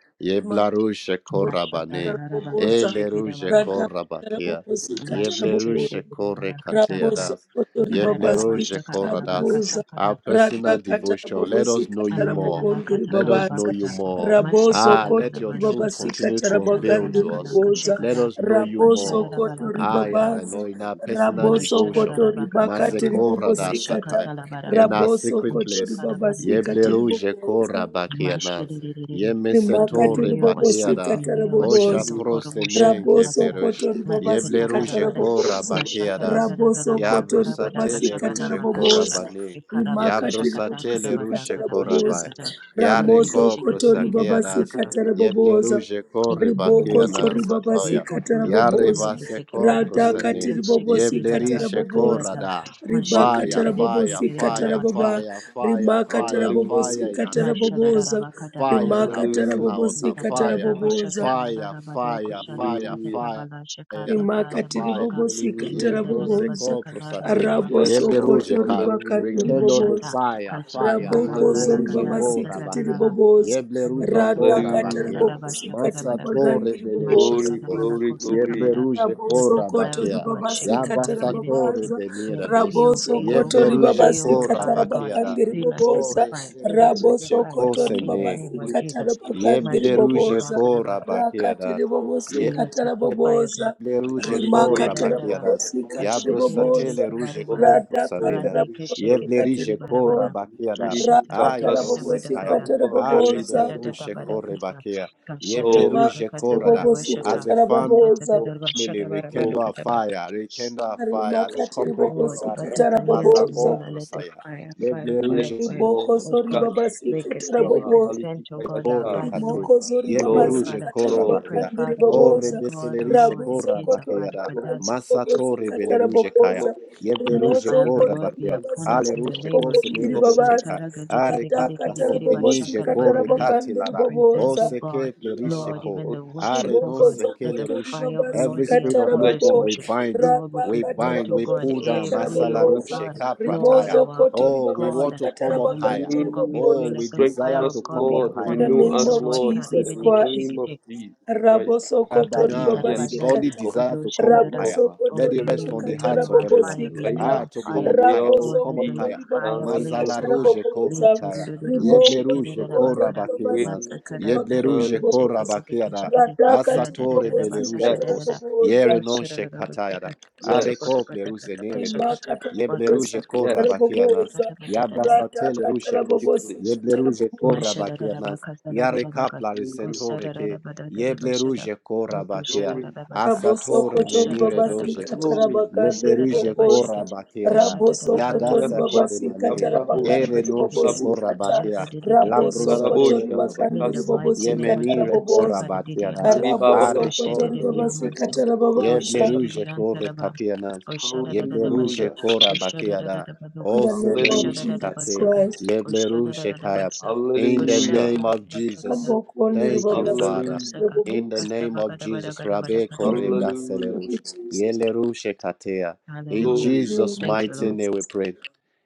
Speaker 4: Ma
Speaker 3: Yeblaruje Korabane.
Speaker 4: babosika
Speaker 1: Mashata
Speaker 3: bane.
Speaker 1: Rabba
Speaker 4: taraboboza.
Speaker 1: Koshekida
Speaker 3: Eleruje
Speaker 1: Baba.
Speaker 4: Rada
Speaker 3: kora bakia.
Speaker 4: tarabobosika taraboboza.
Speaker 1: Mashitiri
Speaker 3: Yeblerushe kore
Speaker 1: Katabada.
Speaker 4: Raboso
Speaker 3: kateadas.
Speaker 4: kotori babasi
Speaker 1: Kararabasha
Speaker 3: Yeblerushe
Speaker 5: Yes, Lord.
Speaker 3: koradas.
Speaker 4: katarabobosa.
Speaker 3: Our
Speaker 1: Karabaka
Speaker 4: Rada
Speaker 3: personal devotion. Let
Speaker 4: katarabobosi
Speaker 3: us know you
Speaker 1: Amana
Speaker 3: more.
Speaker 1: lala
Speaker 4: katarabogondiri
Speaker 1: kata
Speaker 3: Let
Speaker 1: kala
Speaker 3: us know
Speaker 4: babasa.
Speaker 5: Yes,
Speaker 3: you
Speaker 1: bakata.
Speaker 5: Lord.
Speaker 3: more.
Speaker 1: Masha
Speaker 4: Raboso
Speaker 3: Ah,
Speaker 1: kada
Speaker 3: let
Speaker 1: gala
Speaker 3: your
Speaker 4: kotori
Speaker 1: bala
Speaker 3: truth
Speaker 4: babasi
Speaker 1: kusa.
Speaker 3: continue to
Speaker 1: Kata la
Speaker 3: unveil
Speaker 5: Yes,
Speaker 1: bala
Speaker 3: to
Speaker 4: katarabogandiri
Speaker 1: gala
Speaker 3: us.
Speaker 5: Lord.
Speaker 1: kasha
Speaker 4: babosa.
Speaker 3: Let
Speaker 1: kada.
Speaker 3: us know you
Speaker 1: Asha
Speaker 4: Raboso
Speaker 3: more.
Speaker 1: gada bala
Speaker 4: kotori
Speaker 1: kada
Speaker 3: Ah,
Speaker 1: bada.
Speaker 5: Yes,
Speaker 4: babaza.
Speaker 3: Yareno, in our
Speaker 5: Holy
Speaker 3: personal
Speaker 5: Spirit.
Speaker 4: Raboso
Speaker 1: Masha da
Speaker 3: devotion.
Speaker 1: da da
Speaker 4: kotori
Speaker 1: bakata lava.
Speaker 4: bakatiri bobosi
Speaker 1: Masha
Speaker 4: kata.
Speaker 3: Mazekoradasakaya.
Speaker 1: kata la
Speaker 5: Yes,
Speaker 1: bara
Speaker 3: In
Speaker 5: Lord.
Speaker 3: our
Speaker 1: gada.
Speaker 4: Raboso
Speaker 3: secret
Speaker 1: Masha
Speaker 4: kotori
Speaker 3: place.
Speaker 1: kada bala
Speaker 4: babasi
Speaker 1: gada
Speaker 4: katiri
Speaker 3: Yeblerushe
Speaker 4: babosa
Speaker 5: Yes,
Speaker 3: korabakianas.
Speaker 5: Lord.
Speaker 1: Mashadadadadada. Father,
Speaker 4: rimakati
Speaker 3: Yemesetore
Speaker 1: renew our
Speaker 4: ribobosi
Speaker 1: strength,
Speaker 3: bakiada.
Speaker 4: ribobosikata
Speaker 1: renew our
Speaker 3: Osha
Speaker 1: strength.
Speaker 4: raboboza
Speaker 5: Hallelujah.
Speaker 1: Okorobo shaka
Speaker 3: prosenenke
Speaker 1: babada,
Speaker 3: plerush.
Speaker 4: rabosokoto
Speaker 1: marika
Speaker 3: Yeble
Speaker 4: ribabasikata
Speaker 3: ruje
Speaker 1: takarabada,
Speaker 3: kora
Speaker 4: raboboza
Speaker 1: mashaka
Speaker 3: bakeadas.
Speaker 5: Hallelujah.
Speaker 1: dagadagada
Speaker 4: rabosokoto
Speaker 1: karabada
Speaker 3: Yabrosatele
Speaker 1: kashaka
Speaker 4: ribabasikata
Speaker 3: ruje
Speaker 1: dabada kasha,
Speaker 4: raboboza
Speaker 3: korabane.
Speaker 1: ikaraba
Speaker 5: Amen.
Speaker 4: rimakati
Speaker 1: kashaka
Speaker 4: ribobosi
Speaker 3: Yabrosatele
Speaker 1: takarabada
Speaker 4: ribobosikata
Speaker 3: ruje
Speaker 4: raboboza
Speaker 3: korabai.
Speaker 1: karabashaka da,
Speaker 3: Yare
Speaker 1: radeke
Speaker 5: Hallelujah.
Speaker 4: ramosokoto
Speaker 1: shikite kere bakata
Speaker 3: koprosakeadas.
Speaker 1: kata.
Speaker 4: ribabasikata
Speaker 3: Yeble
Speaker 4: raboboza
Speaker 3: ruje
Speaker 1: In
Speaker 3: kore
Speaker 4: Riboko
Speaker 1: the name of
Speaker 4: ribokoso
Speaker 5: Hallelujah.
Speaker 3: bakeanan
Speaker 1: Jesus,
Speaker 3: satoya.
Speaker 1: leko
Speaker 4: ribabasikata
Speaker 1: toro
Speaker 3: Yare
Speaker 1: basande
Speaker 4: rabobosa
Speaker 3: base
Speaker 1: kete ke paraga,
Speaker 4: radhakati
Speaker 1: kete
Speaker 5: Hallelujah.
Speaker 1: shikite
Speaker 3: Yeble
Speaker 4: ribobosikata
Speaker 3: rishe
Speaker 1: barabata
Speaker 4: rabobosa
Speaker 1: kariata,
Speaker 3: korada.
Speaker 1: mashikite
Speaker 4: ribakata
Speaker 3: Fire,
Speaker 5: Hallelujah.
Speaker 1: kete kete
Speaker 3: fire,
Speaker 1: kere
Speaker 4: rabobosikata
Speaker 3: fire,
Speaker 4: rababa
Speaker 3: fire, fire,
Speaker 4: rimakata
Speaker 3: fire, fire
Speaker 5: Hallelujah.
Speaker 3: in our
Speaker 4: rabobosikata
Speaker 3: secret place.
Speaker 4: rabobosa
Speaker 3: Fire in
Speaker 1: Mashadadadabakadadadada.
Speaker 3: our
Speaker 4: rimakata
Speaker 3: personal
Speaker 5: Hallelujah.
Speaker 3: altar.
Speaker 4: rabobosikata
Speaker 3: Fire,
Speaker 4: rabobosa
Speaker 3: fire, fire, fire,
Speaker 5: Hallelujah.
Speaker 3: fire fire, a
Speaker 4: rimakati
Speaker 3: fire.
Speaker 1: Kutatadadabashakadadadabadakashakatatabalashakadakadabashaka.
Speaker 4: ribobosikata
Speaker 3: Ye
Speaker 5: Hallelujah.
Speaker 4: rabobosa
Speaker 3: brozeko prostate. Ye
Speaker 1: Yadadadadabasakadadadabakasha.
Speaker 5: Yes, Lord.
Speaker 4: rabosokoto
Speaker 3: berujeka.
Speaker 4: ribakati
Speaker 5: Hallelujah.
Speaker 3: Rekendo the
Speaker 1: Mashata.
Speaker 4: ribobosa
Speaker 3: fire, fire.
Speaker 4: rabokoso
Speaker 5: Hallelujah.
Speaker 3: Mazerujeko
Speaker 4: ribabasikati
Speaker 3: rabakia.
Speaker 1: Kasatalalalalagadakasadalalala.
Speaker 3: Ye
Speaker 4: ribobosa
Speaker 1: With the
Speaker 3: blerujeko
Speaker 4: radhakata
Speaker 3: rabakia.
Speaker 5: Hallelujah.
Speaker 4: rabobosikati ribagandi
Speaker 3: Masatore
Speaker 4: ribobosa
Speaker 5: Glory,
Speaker 3: belerijeko.
Speaker 5: glory,
Speaker 3: Ye
Speaker 5: glory.
Speaker 3: blerujeko
Speaker 4: Raboso koto
Speaker 1: fire of the
Speaker 3: rabakia.
Speaker 1: Lord, shake
Speaker 4: ribabasi
Speaker 3: Ya
Speaker 1: it,
Speaker 5: Hallelujah.
Speaker 3: basatore
Speaker 4: katarababaza.
Speaker 1: let
Speaker 3: benira
Speaker 1: it
Speaker 3: dos.
Speaker 1: feel,
Speaker 4: Raboso
Speaker 5: Yes,
Speaker 1: feel,
Speaker 3: Ye
Speaker 1: oh
Speaker 4: koto
Speaker 1: God,
Speaker 5: yes,
Speaker 4: ribabasi
Speaker 1: feel,
Speaker 3: blerujeko
Speaker 1: oh
Speaker 5: Jesus,
Speaker 1: Father
Speaker 5: yes,
Speaker 1: God,
Speaker 3: rabakia da.
Speaker 4: katarabagandi
Speaker 5: Jesus,
Speaker 1: fill us with
Speaker 5: yes,
Speaker 1: your
Speaker 4: riboboza.
Speaker 3: Ore
Speaker 1: fire,
Speaker 3: ke
Speaker 5: Jesus.
Speaker 1: fill us with your
Speaker 4: Raboso
Speaker 1: fire,
Speaker 3: blerujeko
Speaker 4: koto
Speaker 1: God, in the
Speaker 3: sene.
Speaker 4: ribabasi
Speaker 1: name of
Speaker 5: Holy
Speaker 1: Jesus.
Speaker 5: Spirit,
Speaker 3: Ye
Speaker 4: katarabagandi
Speaker 5: flow, flow,
Speaker 4: riboboza.
Speaker 3: blerujeko
Speaker 5: flow,
Speaker 3: rabakia
Speaker 4: Rakati
Speaker 5: flow,
Speaker 4: ribobosi
Speaker 3: da.
Speaker 1: Fill
Speaker 5: flow.
Speaker 1: us with your fire,
Speaker 4: katarababoza.
Speaker 1: God.
Speaker 3: Le
Speaker 5: The
Speaker 3: ruje
Speaker 5: mighty
Speaker 4: Rima
Speaker 3: ko
Speaker 5: wave, the
Speaker 1: Ashadadadadadaba.
Speaker 5: mighty
Speaker 3: rabakiadas.
Speaker 4: katarababosi
Speaker 5: wave of
Speaker 3: Ya
Speaker 5: the Holy
Speaker 4: katarababoza.
Speaker 3: brosatele
Speaker 5: Spirit,
Speaker 3: ruje
Speaker 5: flow,
Speaker 3: ko
Speaker 1: Asheterererekebaribada.
Speaker 4: Rada
Speaker 5: flow,
Speaker 3: prosamina.
Speaker 5: Holy
Speaker 4: katarababosi
Speaker 5: Spirit.
Speaker 3: Yeble rije ko
Speaker 4: katarababoza.
Speaker 1: Radekesheketekeribarabada.
Speaker 3: rabakiada. Aya
Speaker 5: Kadasi
Speaker 3: dose
Speaker 4: Rakatarababosi
Speaker 3: kaya.
Speaker 1: Ashatadadakatabadakata.
Speaker 5: Karababa,
Speaker 3: Are
Speaker 5: Holy
Speaker 4: katarababoza.
Speaker 3: bele
Speaker 5: Spirit,
Speaker 3: ruje ko
Speaker 5: flow,
Speaker 1: Kashatadadadabadakata.
Speaker 3: rebakia. Yeble
Speaker 5: flow,
Speaker 4: Rima
Speaker 3: ruje ko
Speaker 5: flow,
Speaker 3: rada.
Speaker 4: katarababosi
Speaker 3: As
Speaker 5: flow,
Speaker 1: Kashatatatakatabarabashata.
Speaker 5: flow,
Speaker 3: a family,
Speaker 4: katarababoza.
Speaker 5: flow, flow.
Speaker 3: rekendo
Speaker 5: flow.
Speaker 3: a
Speaker 1: Katatadadabashadabarabarakataba.
Speaker 3: fire, rekendo
Speaker 5: Speak
Speaker 3: a
Speaker 5: it
Speaker 3: fire. As
Speaker 5: out,
Speaker 3: a
Speaker 4: Rimakati
Speaker 5: speak
Speaker 1: Oh
Speaker 3: corporate
Speaker 5: it
Speaker 1: God, the
Speaker 5: out,
Speaker 3: gathering,
Speaker 4: ribobosikata
Speaker 5: speak it
Speaker 1: Batakanias
Speaker 5: out,
Speaker 1: of
Speaker 4: raboboza.
Speaker 5: Holy
Speaker 3: mazako
Speaker 1: Nola, let
Speaker 5: Spirit.
Speaker 1: the
Speaker 3: brosaya.
Speaker 1: fire, fire,
Speaker 3: Yeble
Speaker 1: fire,
Speaker 3: ruje
Speaker 5: Yes,
Speaker 1: fire.
Speaker 5: Lord.
Speaker 4: Ribokozo
Speaker 1: Oh God,
Speaker 5: Ikala
Speaker 1: break
Speaker 5: sekere
Speaker 4: ribabasikata
Speaker 1: us every
Speaker 5: baba
Speaker 4: raboboza.
Speaker 1: present, oh
Speaker 5: halitika
Speaker 1: God, our
Speaker 3: corre
Speaker 5: yasha.
Speaker 1: body, Lord.
Speaker 3: cate,
Speaker 4: Rimokozo
Speaker 3: ye
Speaker 1: Oh,
Speaker 5: Flow,
Speaker 3: beruge
Speaker 1: Father,
Speaker 4: ribabasikata
Speaker 3: corra
Speaker 1: we
Speaker 5: flow,
Speaker 1: pray,
Speaker 3: batea,
Speaker 4: rabakandi
Speaker 1: Father, Lord
Speaker 5: flow,
Speaker 3: o
Speaker 4: riboboza.
Speaker 1: God, oh
Speaker 3: rebeselerisce
Speaker 1: Lord, the
Speaker 4: Raboso
Speaker 3: corra
Speaker 1: kids are
Speaker 4: koto
Speaker 3: bateara,
Speaker 5: flow,
Speaker 4: ribakandi
Speaker 1: Kadaz,
Speaker 3: massatore
Speaker 4: ribobosikata
Speaker 5: flow,
Speaker 3: beleruge caia,
Speaker 4: raboboza.
Speaker 5: flow, flow.
Speaker 3: ye
Speaker 1: that the
Speaker 3: beruge
Speaker 1: fire of the
Speaker 3: corra
Speaker 4: Rimosokoto
Speaker 1: Lord be
Speaker 3: batea,
Speaker 5: Yes,
Speaker 1: upon us
Speaker 3: ale
Speaker 5: Flow,
Speaker 1: in
Speaker 4: ribabasikata
Speaker 1: the
Speaker 3: ruge
Speaker 1: name of
Speaker 3: cose
Speaker 4: rabokondi
Speaker 3: nere
Speaker 5: flow,
Speaker 1: Jesus.
Speaker 3: doce
Speaker 4: ribabaza.
Speaker 3: caia, are capra
Speaker 4: Radakata
Speaker 3: se
Speaker 5: flow, Holy
Speaker 3: venige
Speaker 5: Spirit,
Speaker 4: rabobosikata
Speaker 3: corre
Speaker 1: Sataragadegedegedegedegedebashakarabaragadeg.
Speaker 5: flow.
Speaker 4: rabagandi
Speaker 1: We
Speaker 3: catilara, o
Speaker 1: present,
Speaker 4: riboboza.
Speaker 1: oh
Speaker 3: se
Speaker 1: God,
Speaker 3: che plerisce
Speaker 1: Lord,
Speaker 5: Yeah,
Speaker 3: co,
Speaker 1: even the
Speaker 5: Holy
Speaker 1: worship,
Speaker 3: are
Speaker 5: Spirit,
Speaker 1: oh
Speaker 3: non
Speaker 4: riboko
Speaker 1: God,
Speaker 3: se
Speaker 5: flow.
Speaker 3: che
Speaker 1: let
Speaker 3: le
Speaker 1: the
Speaker 4: zokoto
Speaker 3: rush,
Speaker 1: fire of the
Speaker 3: every
Speaker 1: Lord be
Speaker 3: spirit of
Speaker 1: upon
Speaker 5: Touch
Speaker 1: this
Speaker 4: ribabasikatarabobo
Speaker 3: lukewarm
Speaker 5: you
Speaker 3: we
Speaker 1: worship.
Speaker 5: people, Lord.
Speaker 3: bind,
Speaker 1: Lord, we
Speaker 3: we
Speaker 5: touch your
Speaker 1: present,
Speaker 3: bind,
Speaker 1: oh
Speaker 3: we
Speaker 5: lives, oh
Speaker 1: God,
Speaker 3: pull
Speaker 5: God.
Speaker 3: down,
Speaker 5: Touch
Speaker 1: every,
Speaker 5: your
Speaker 1: oh
Speaker 5: lives,
Speaker 4: radakatarabobosikatarabobooza
Speaker 5: oh
Speaker 3: masalaruche
Speaker 1: God,
Speaker 5: God.
Speaker 3: capra
Speaker 5: Refresh
Speaker 1: Lord,
Speaker 5: us,
Speaker 4: rimozo
Speaker 3: tire,
Speaker 1: our,
Speaker 4: koto
Speaker 5: Lord.
Speaker 1: oh
Speaker 3: oh, we want
Speaker 1: God,
Speaker 3: to come up
Speaker 1: our
Speaker 3: higher.
Speaker 1: lips, oh God, before you
Speaker 3: Oh,
Speaker 4: ribabasikatarabagandereboboza
Speaker 5: Mm,
Speaker 1: let
Speaker 3: we
Speaker 1: the
Speaker 5: strengthen
Speaker 3: desire
Speaker 1: fire of
Speaker 3: to
Speaker 5: us,
Speaker 1: God
Speaker 3: come
Speaker 1: be
Speaker 3: up
Speaker 5: Lord.
Speaker 4: in
Speaker 3: higher.
Speaker 1: upon
Speaker 4: the
Speaker 1: our
Speaker 5: Renew
Speaker 4: name
Speaker 1: lips, oh
Speaker 5: us,
Speaker 4: of
Speaker 1: Lord.
Speaker 5: Lord, in
Speaker 4: jesus
Speaker 5: the
Speaker 4: christ
Speaker 5: name of
Speaker 1: Karibidikishikite.
Speaker 5: Jesus Christ.
Speaker 4: Rabosokoto
Speaker 3: Abana, the
Speaker 5: Yes,
Speaker 1: Mkaditarabadai,
Speaker 5: take
Speaker 3: burning
Speaker 4: ribabasikata.
Speaker 5: over,
Speaker 3: desire to come up
Speaker 5: take
Speaker 1: Kodoshadada.
Speaker 3: higher.
Speaker 5: over,
Speaker 1: Oh,
Speaker 4: Rabosokoto
Speaker 3: Let
Speaker 5: take
Speaker 3: it rest
Speaker 5: over.
Speaker 1: renew,
Speaker 3: on the
Speaker 4: ribakata
Speaker 3: hearts
Speaker 1: renew
Speaker 3: of
Speaker 1: our
Speaker 3: everyone.
Speaker 1: fire,
Speaker 5: And let
Speaker 1: renew
Speaker 4: rabobosikata.
Speaker 3: Ah,
Speaker 1: our
Speaker 3: to come
Speaker 5: your
Speaker 1: fire.
Speaker 3: up higher, to
Speaker 1: Oh,
Speaker 5: will
Speaker 3: come
Speaker 1: let
Speaker 3: up
Speaker 1: the
Speaker 4: Rabosokoto
Speaker 5: be
Speaker 3: higher.
Speaker 1: fire
Speaker 5: done, O
Speaker 1: blaze,
Speaker 4: ribabasikata
Speaker 3: Mazala
Speaker 1: oh God.
Speaker 5: God.
Speaker 3: roje ko
Speaker 1: Let
Speaker 4: rabobosa.
Speaker 3: prataya. Yeble
Speaker 4: Rimoko
Speaker 3: roje
Speaker 5: Let
Speaker 3: ko
Speaker 4: sokoto
Speaker 1: Lentururururubushikidirabakada.
Speaker 5: your
Speaker 3: rabakenas.
Speaker 5: will
Speaker 4: ribabasikata
Speaker 5: be
Speaker 3: Yeble
Speaker 4: ribagandi
Speaker 5: done,
Speaker 3: roje
Speaker 5: O
Speaker 3: ko
Speaker 5: God.
Speaker 4: ribobosa.
Speaker 3: rabakeada.
Speaker 1: Masakadatarabashikikidikishikidi.
Speaker 4: Radakati
Speaker 3: Asatore bele roje
Speaker 4: ribobosikata
Speaker 3: kos.
Speaker 1: Radadadadabasakadadada.
Speaker 5: Yes,
Speaker 3: Yere
Speaker 4: rabobosa.
Speaker 3: non she
Speaker 1: Yoshadadadabasaka.
Speaker 3: Are ko
Speaker 5: yes,
Speaker 3: ple nere dos.
Speaker 1: Sotsakotopatatatapashakata.
Speaker 4: Rimakata
Speaker 3: Yeble roje ko
Speaker 4: rabobosikata
Speaker 5: yes.
Speaker 3: rabakenas.
Speaker 4: rabobosa.
Speaker 1: Wakasakadabakatakatatabatatatata.
Speaker 3: Yabrasatele
Speaker 4: Radakata
Speaker 3: roje
Speaker 5: Thank
Speaker 3: kos.
Speaker 5: you, Holy
Speaker 3: Yeble
Speaker 4: rabobosikata
Speaker 3: roje ko
Speaker 4: rabobosa.
Speaker 3: rabakenas. Yare
Speaker 1: Mashadadadabakasadadadabaka.
Speaker 3: kapla
Speaker 5: Spirit.
Speaker 3: resetore ke.
Speaker 1: Kosadadadabadadadabashada.
Speaker 3: Yebleruje korabatea.
Speaker 5: Glory,
Speaker 1: Koshadadadabasa.
Speaker 3: Asatore
Speaker 4: Rabosokotori
Speaker 3: menire doje
Speaker 4: babasikata
Speaker 3: kos.
Speaker 1: Koshadadadabatokosh.
Speaker 5: glory.
Speaker 4: rabagandiri
Speaker 3: Yebleruje
Speaker 1: Kasadadadabashakit.
Speaker 4: bobosa.
Speaker 3: korabatea da.
Speaker 4: Rabosokotori
Speaker 3: Yadasa
Speaker 1: Kashadadadabadadabosh.
Speaker 5: Uyakala
Speaker 4: babasikata
Speaker 3: koremane.
Speaker 5: sekabarabosh,
Speaker 3: Ere
Speaker 4: rabagandiri
Speaker 3: nonche
Speaker 1: Yotadadabasekete.
Speaker 5: alabosha,
Speaker 4: bobosikata.
Speaker 3: korabatea. Labrosa
Speaker 1: Jadadadiketebedekash.
Speaker 4: Rabosokotori
Speaker 5: larabosha,
Speaker 3: peleruje
Speaker 1: In
Speaker 4: bagandiri
Speaker 1: the
Speaker 3: kos.
Speaker 5: rabakasa,
Speaker 1: mighty name
Speaker 5: takaya.
Speaker 1: of
Speaker 4: bobosikata
Speaker 3: Yemenire
Speaker 1: Jesus,
Speaker 4: rabobosa.
Speaker 1: Sapa the
Speaker 3: korabatea da.
Speaker 1: Didianta.
Speaker 3: Are
Speaker 5: Iribabausi,
Speaker 4: Rabosokotori
Speaker 1: Koshedede
Speaker 3: koplerije
Speaker 4: babasikata
Speaker 1: Amanso,
Speaker 3: kos.
Speaker 5: kalamamasuki,
Speaker 4: rababasa.
Speaker 1: Koshedede
Speaker 5: kalamamashata.
Speaker 3: Yebleruje kore
Speaker 1: Antaraba,
Speaker 3: kapiana.
Speaker 1: Koshadada Basha,
Speaker 3: Yebleruje
Speaker 5: Hallelujah,
Speaker 1: Koshada
Speaker 3: korabatea
Speaker 1: da da
Speaker 3: da.
Speaker 1: Baduk,
Speaker 4: In
Speaker 3: O
Speaker 4: the name of
Speaker 1: Koshada
Speaker 3: seleruje
Speaker 1: da
Speaker 5: hallelujah,
Speaker 1: da
Speaker 4: Jesus
Speaker 3: kate.
Speaker 1: Basaka,
Speaker 4: Christ.
Speaker 1: Koshadada
Speaker 3: Yebleruje kaya.
Speaker 1: Basa,
Speaker 3: In the
Speaker 5: Hallelujah.
Speaker 1: Koshadada
Speaker 3: name of Jesus.
Speaker 1: Basakada,
Speaker 4: Rambokondiri
Speaker 3: Thank you,
Speaker 1: Basada Baba
Speaker 3: Father.
Speaker 4: babasikata
Speaker 5: Hallelujah.
Speaker 1: Basaka,
Speaker 3: In the
Speaker 4: rabobosa.
Speaker 3: name of
Speaker 1: Kastabakada
Speaker 3: Jesus,
Speaker 1: Badakada
Speaker 3: Rabbe
Speaker 1: Badakada Badaba.
Speaker 4: Mhm.
Speaker 3: Koreda
Speaker 5: Hallelujah.
Speaker 4: Thank you,
Speaker 3: Selerush,
Speaker 4: Jesus.
Speaker 3: Yelerushe Katea. In
Speaker 1: Hallelujah.
Speaker 4: In the
Speaker 5: Glory.
Speaker 3: Jesus'
Speaker 4: name of
Speaker 1: Thank you,
Speaker 3: mighty
Speaker 1: Lord.
Speaker 3: name we
Speaker 4: Jesus.
Speaker 3: pray.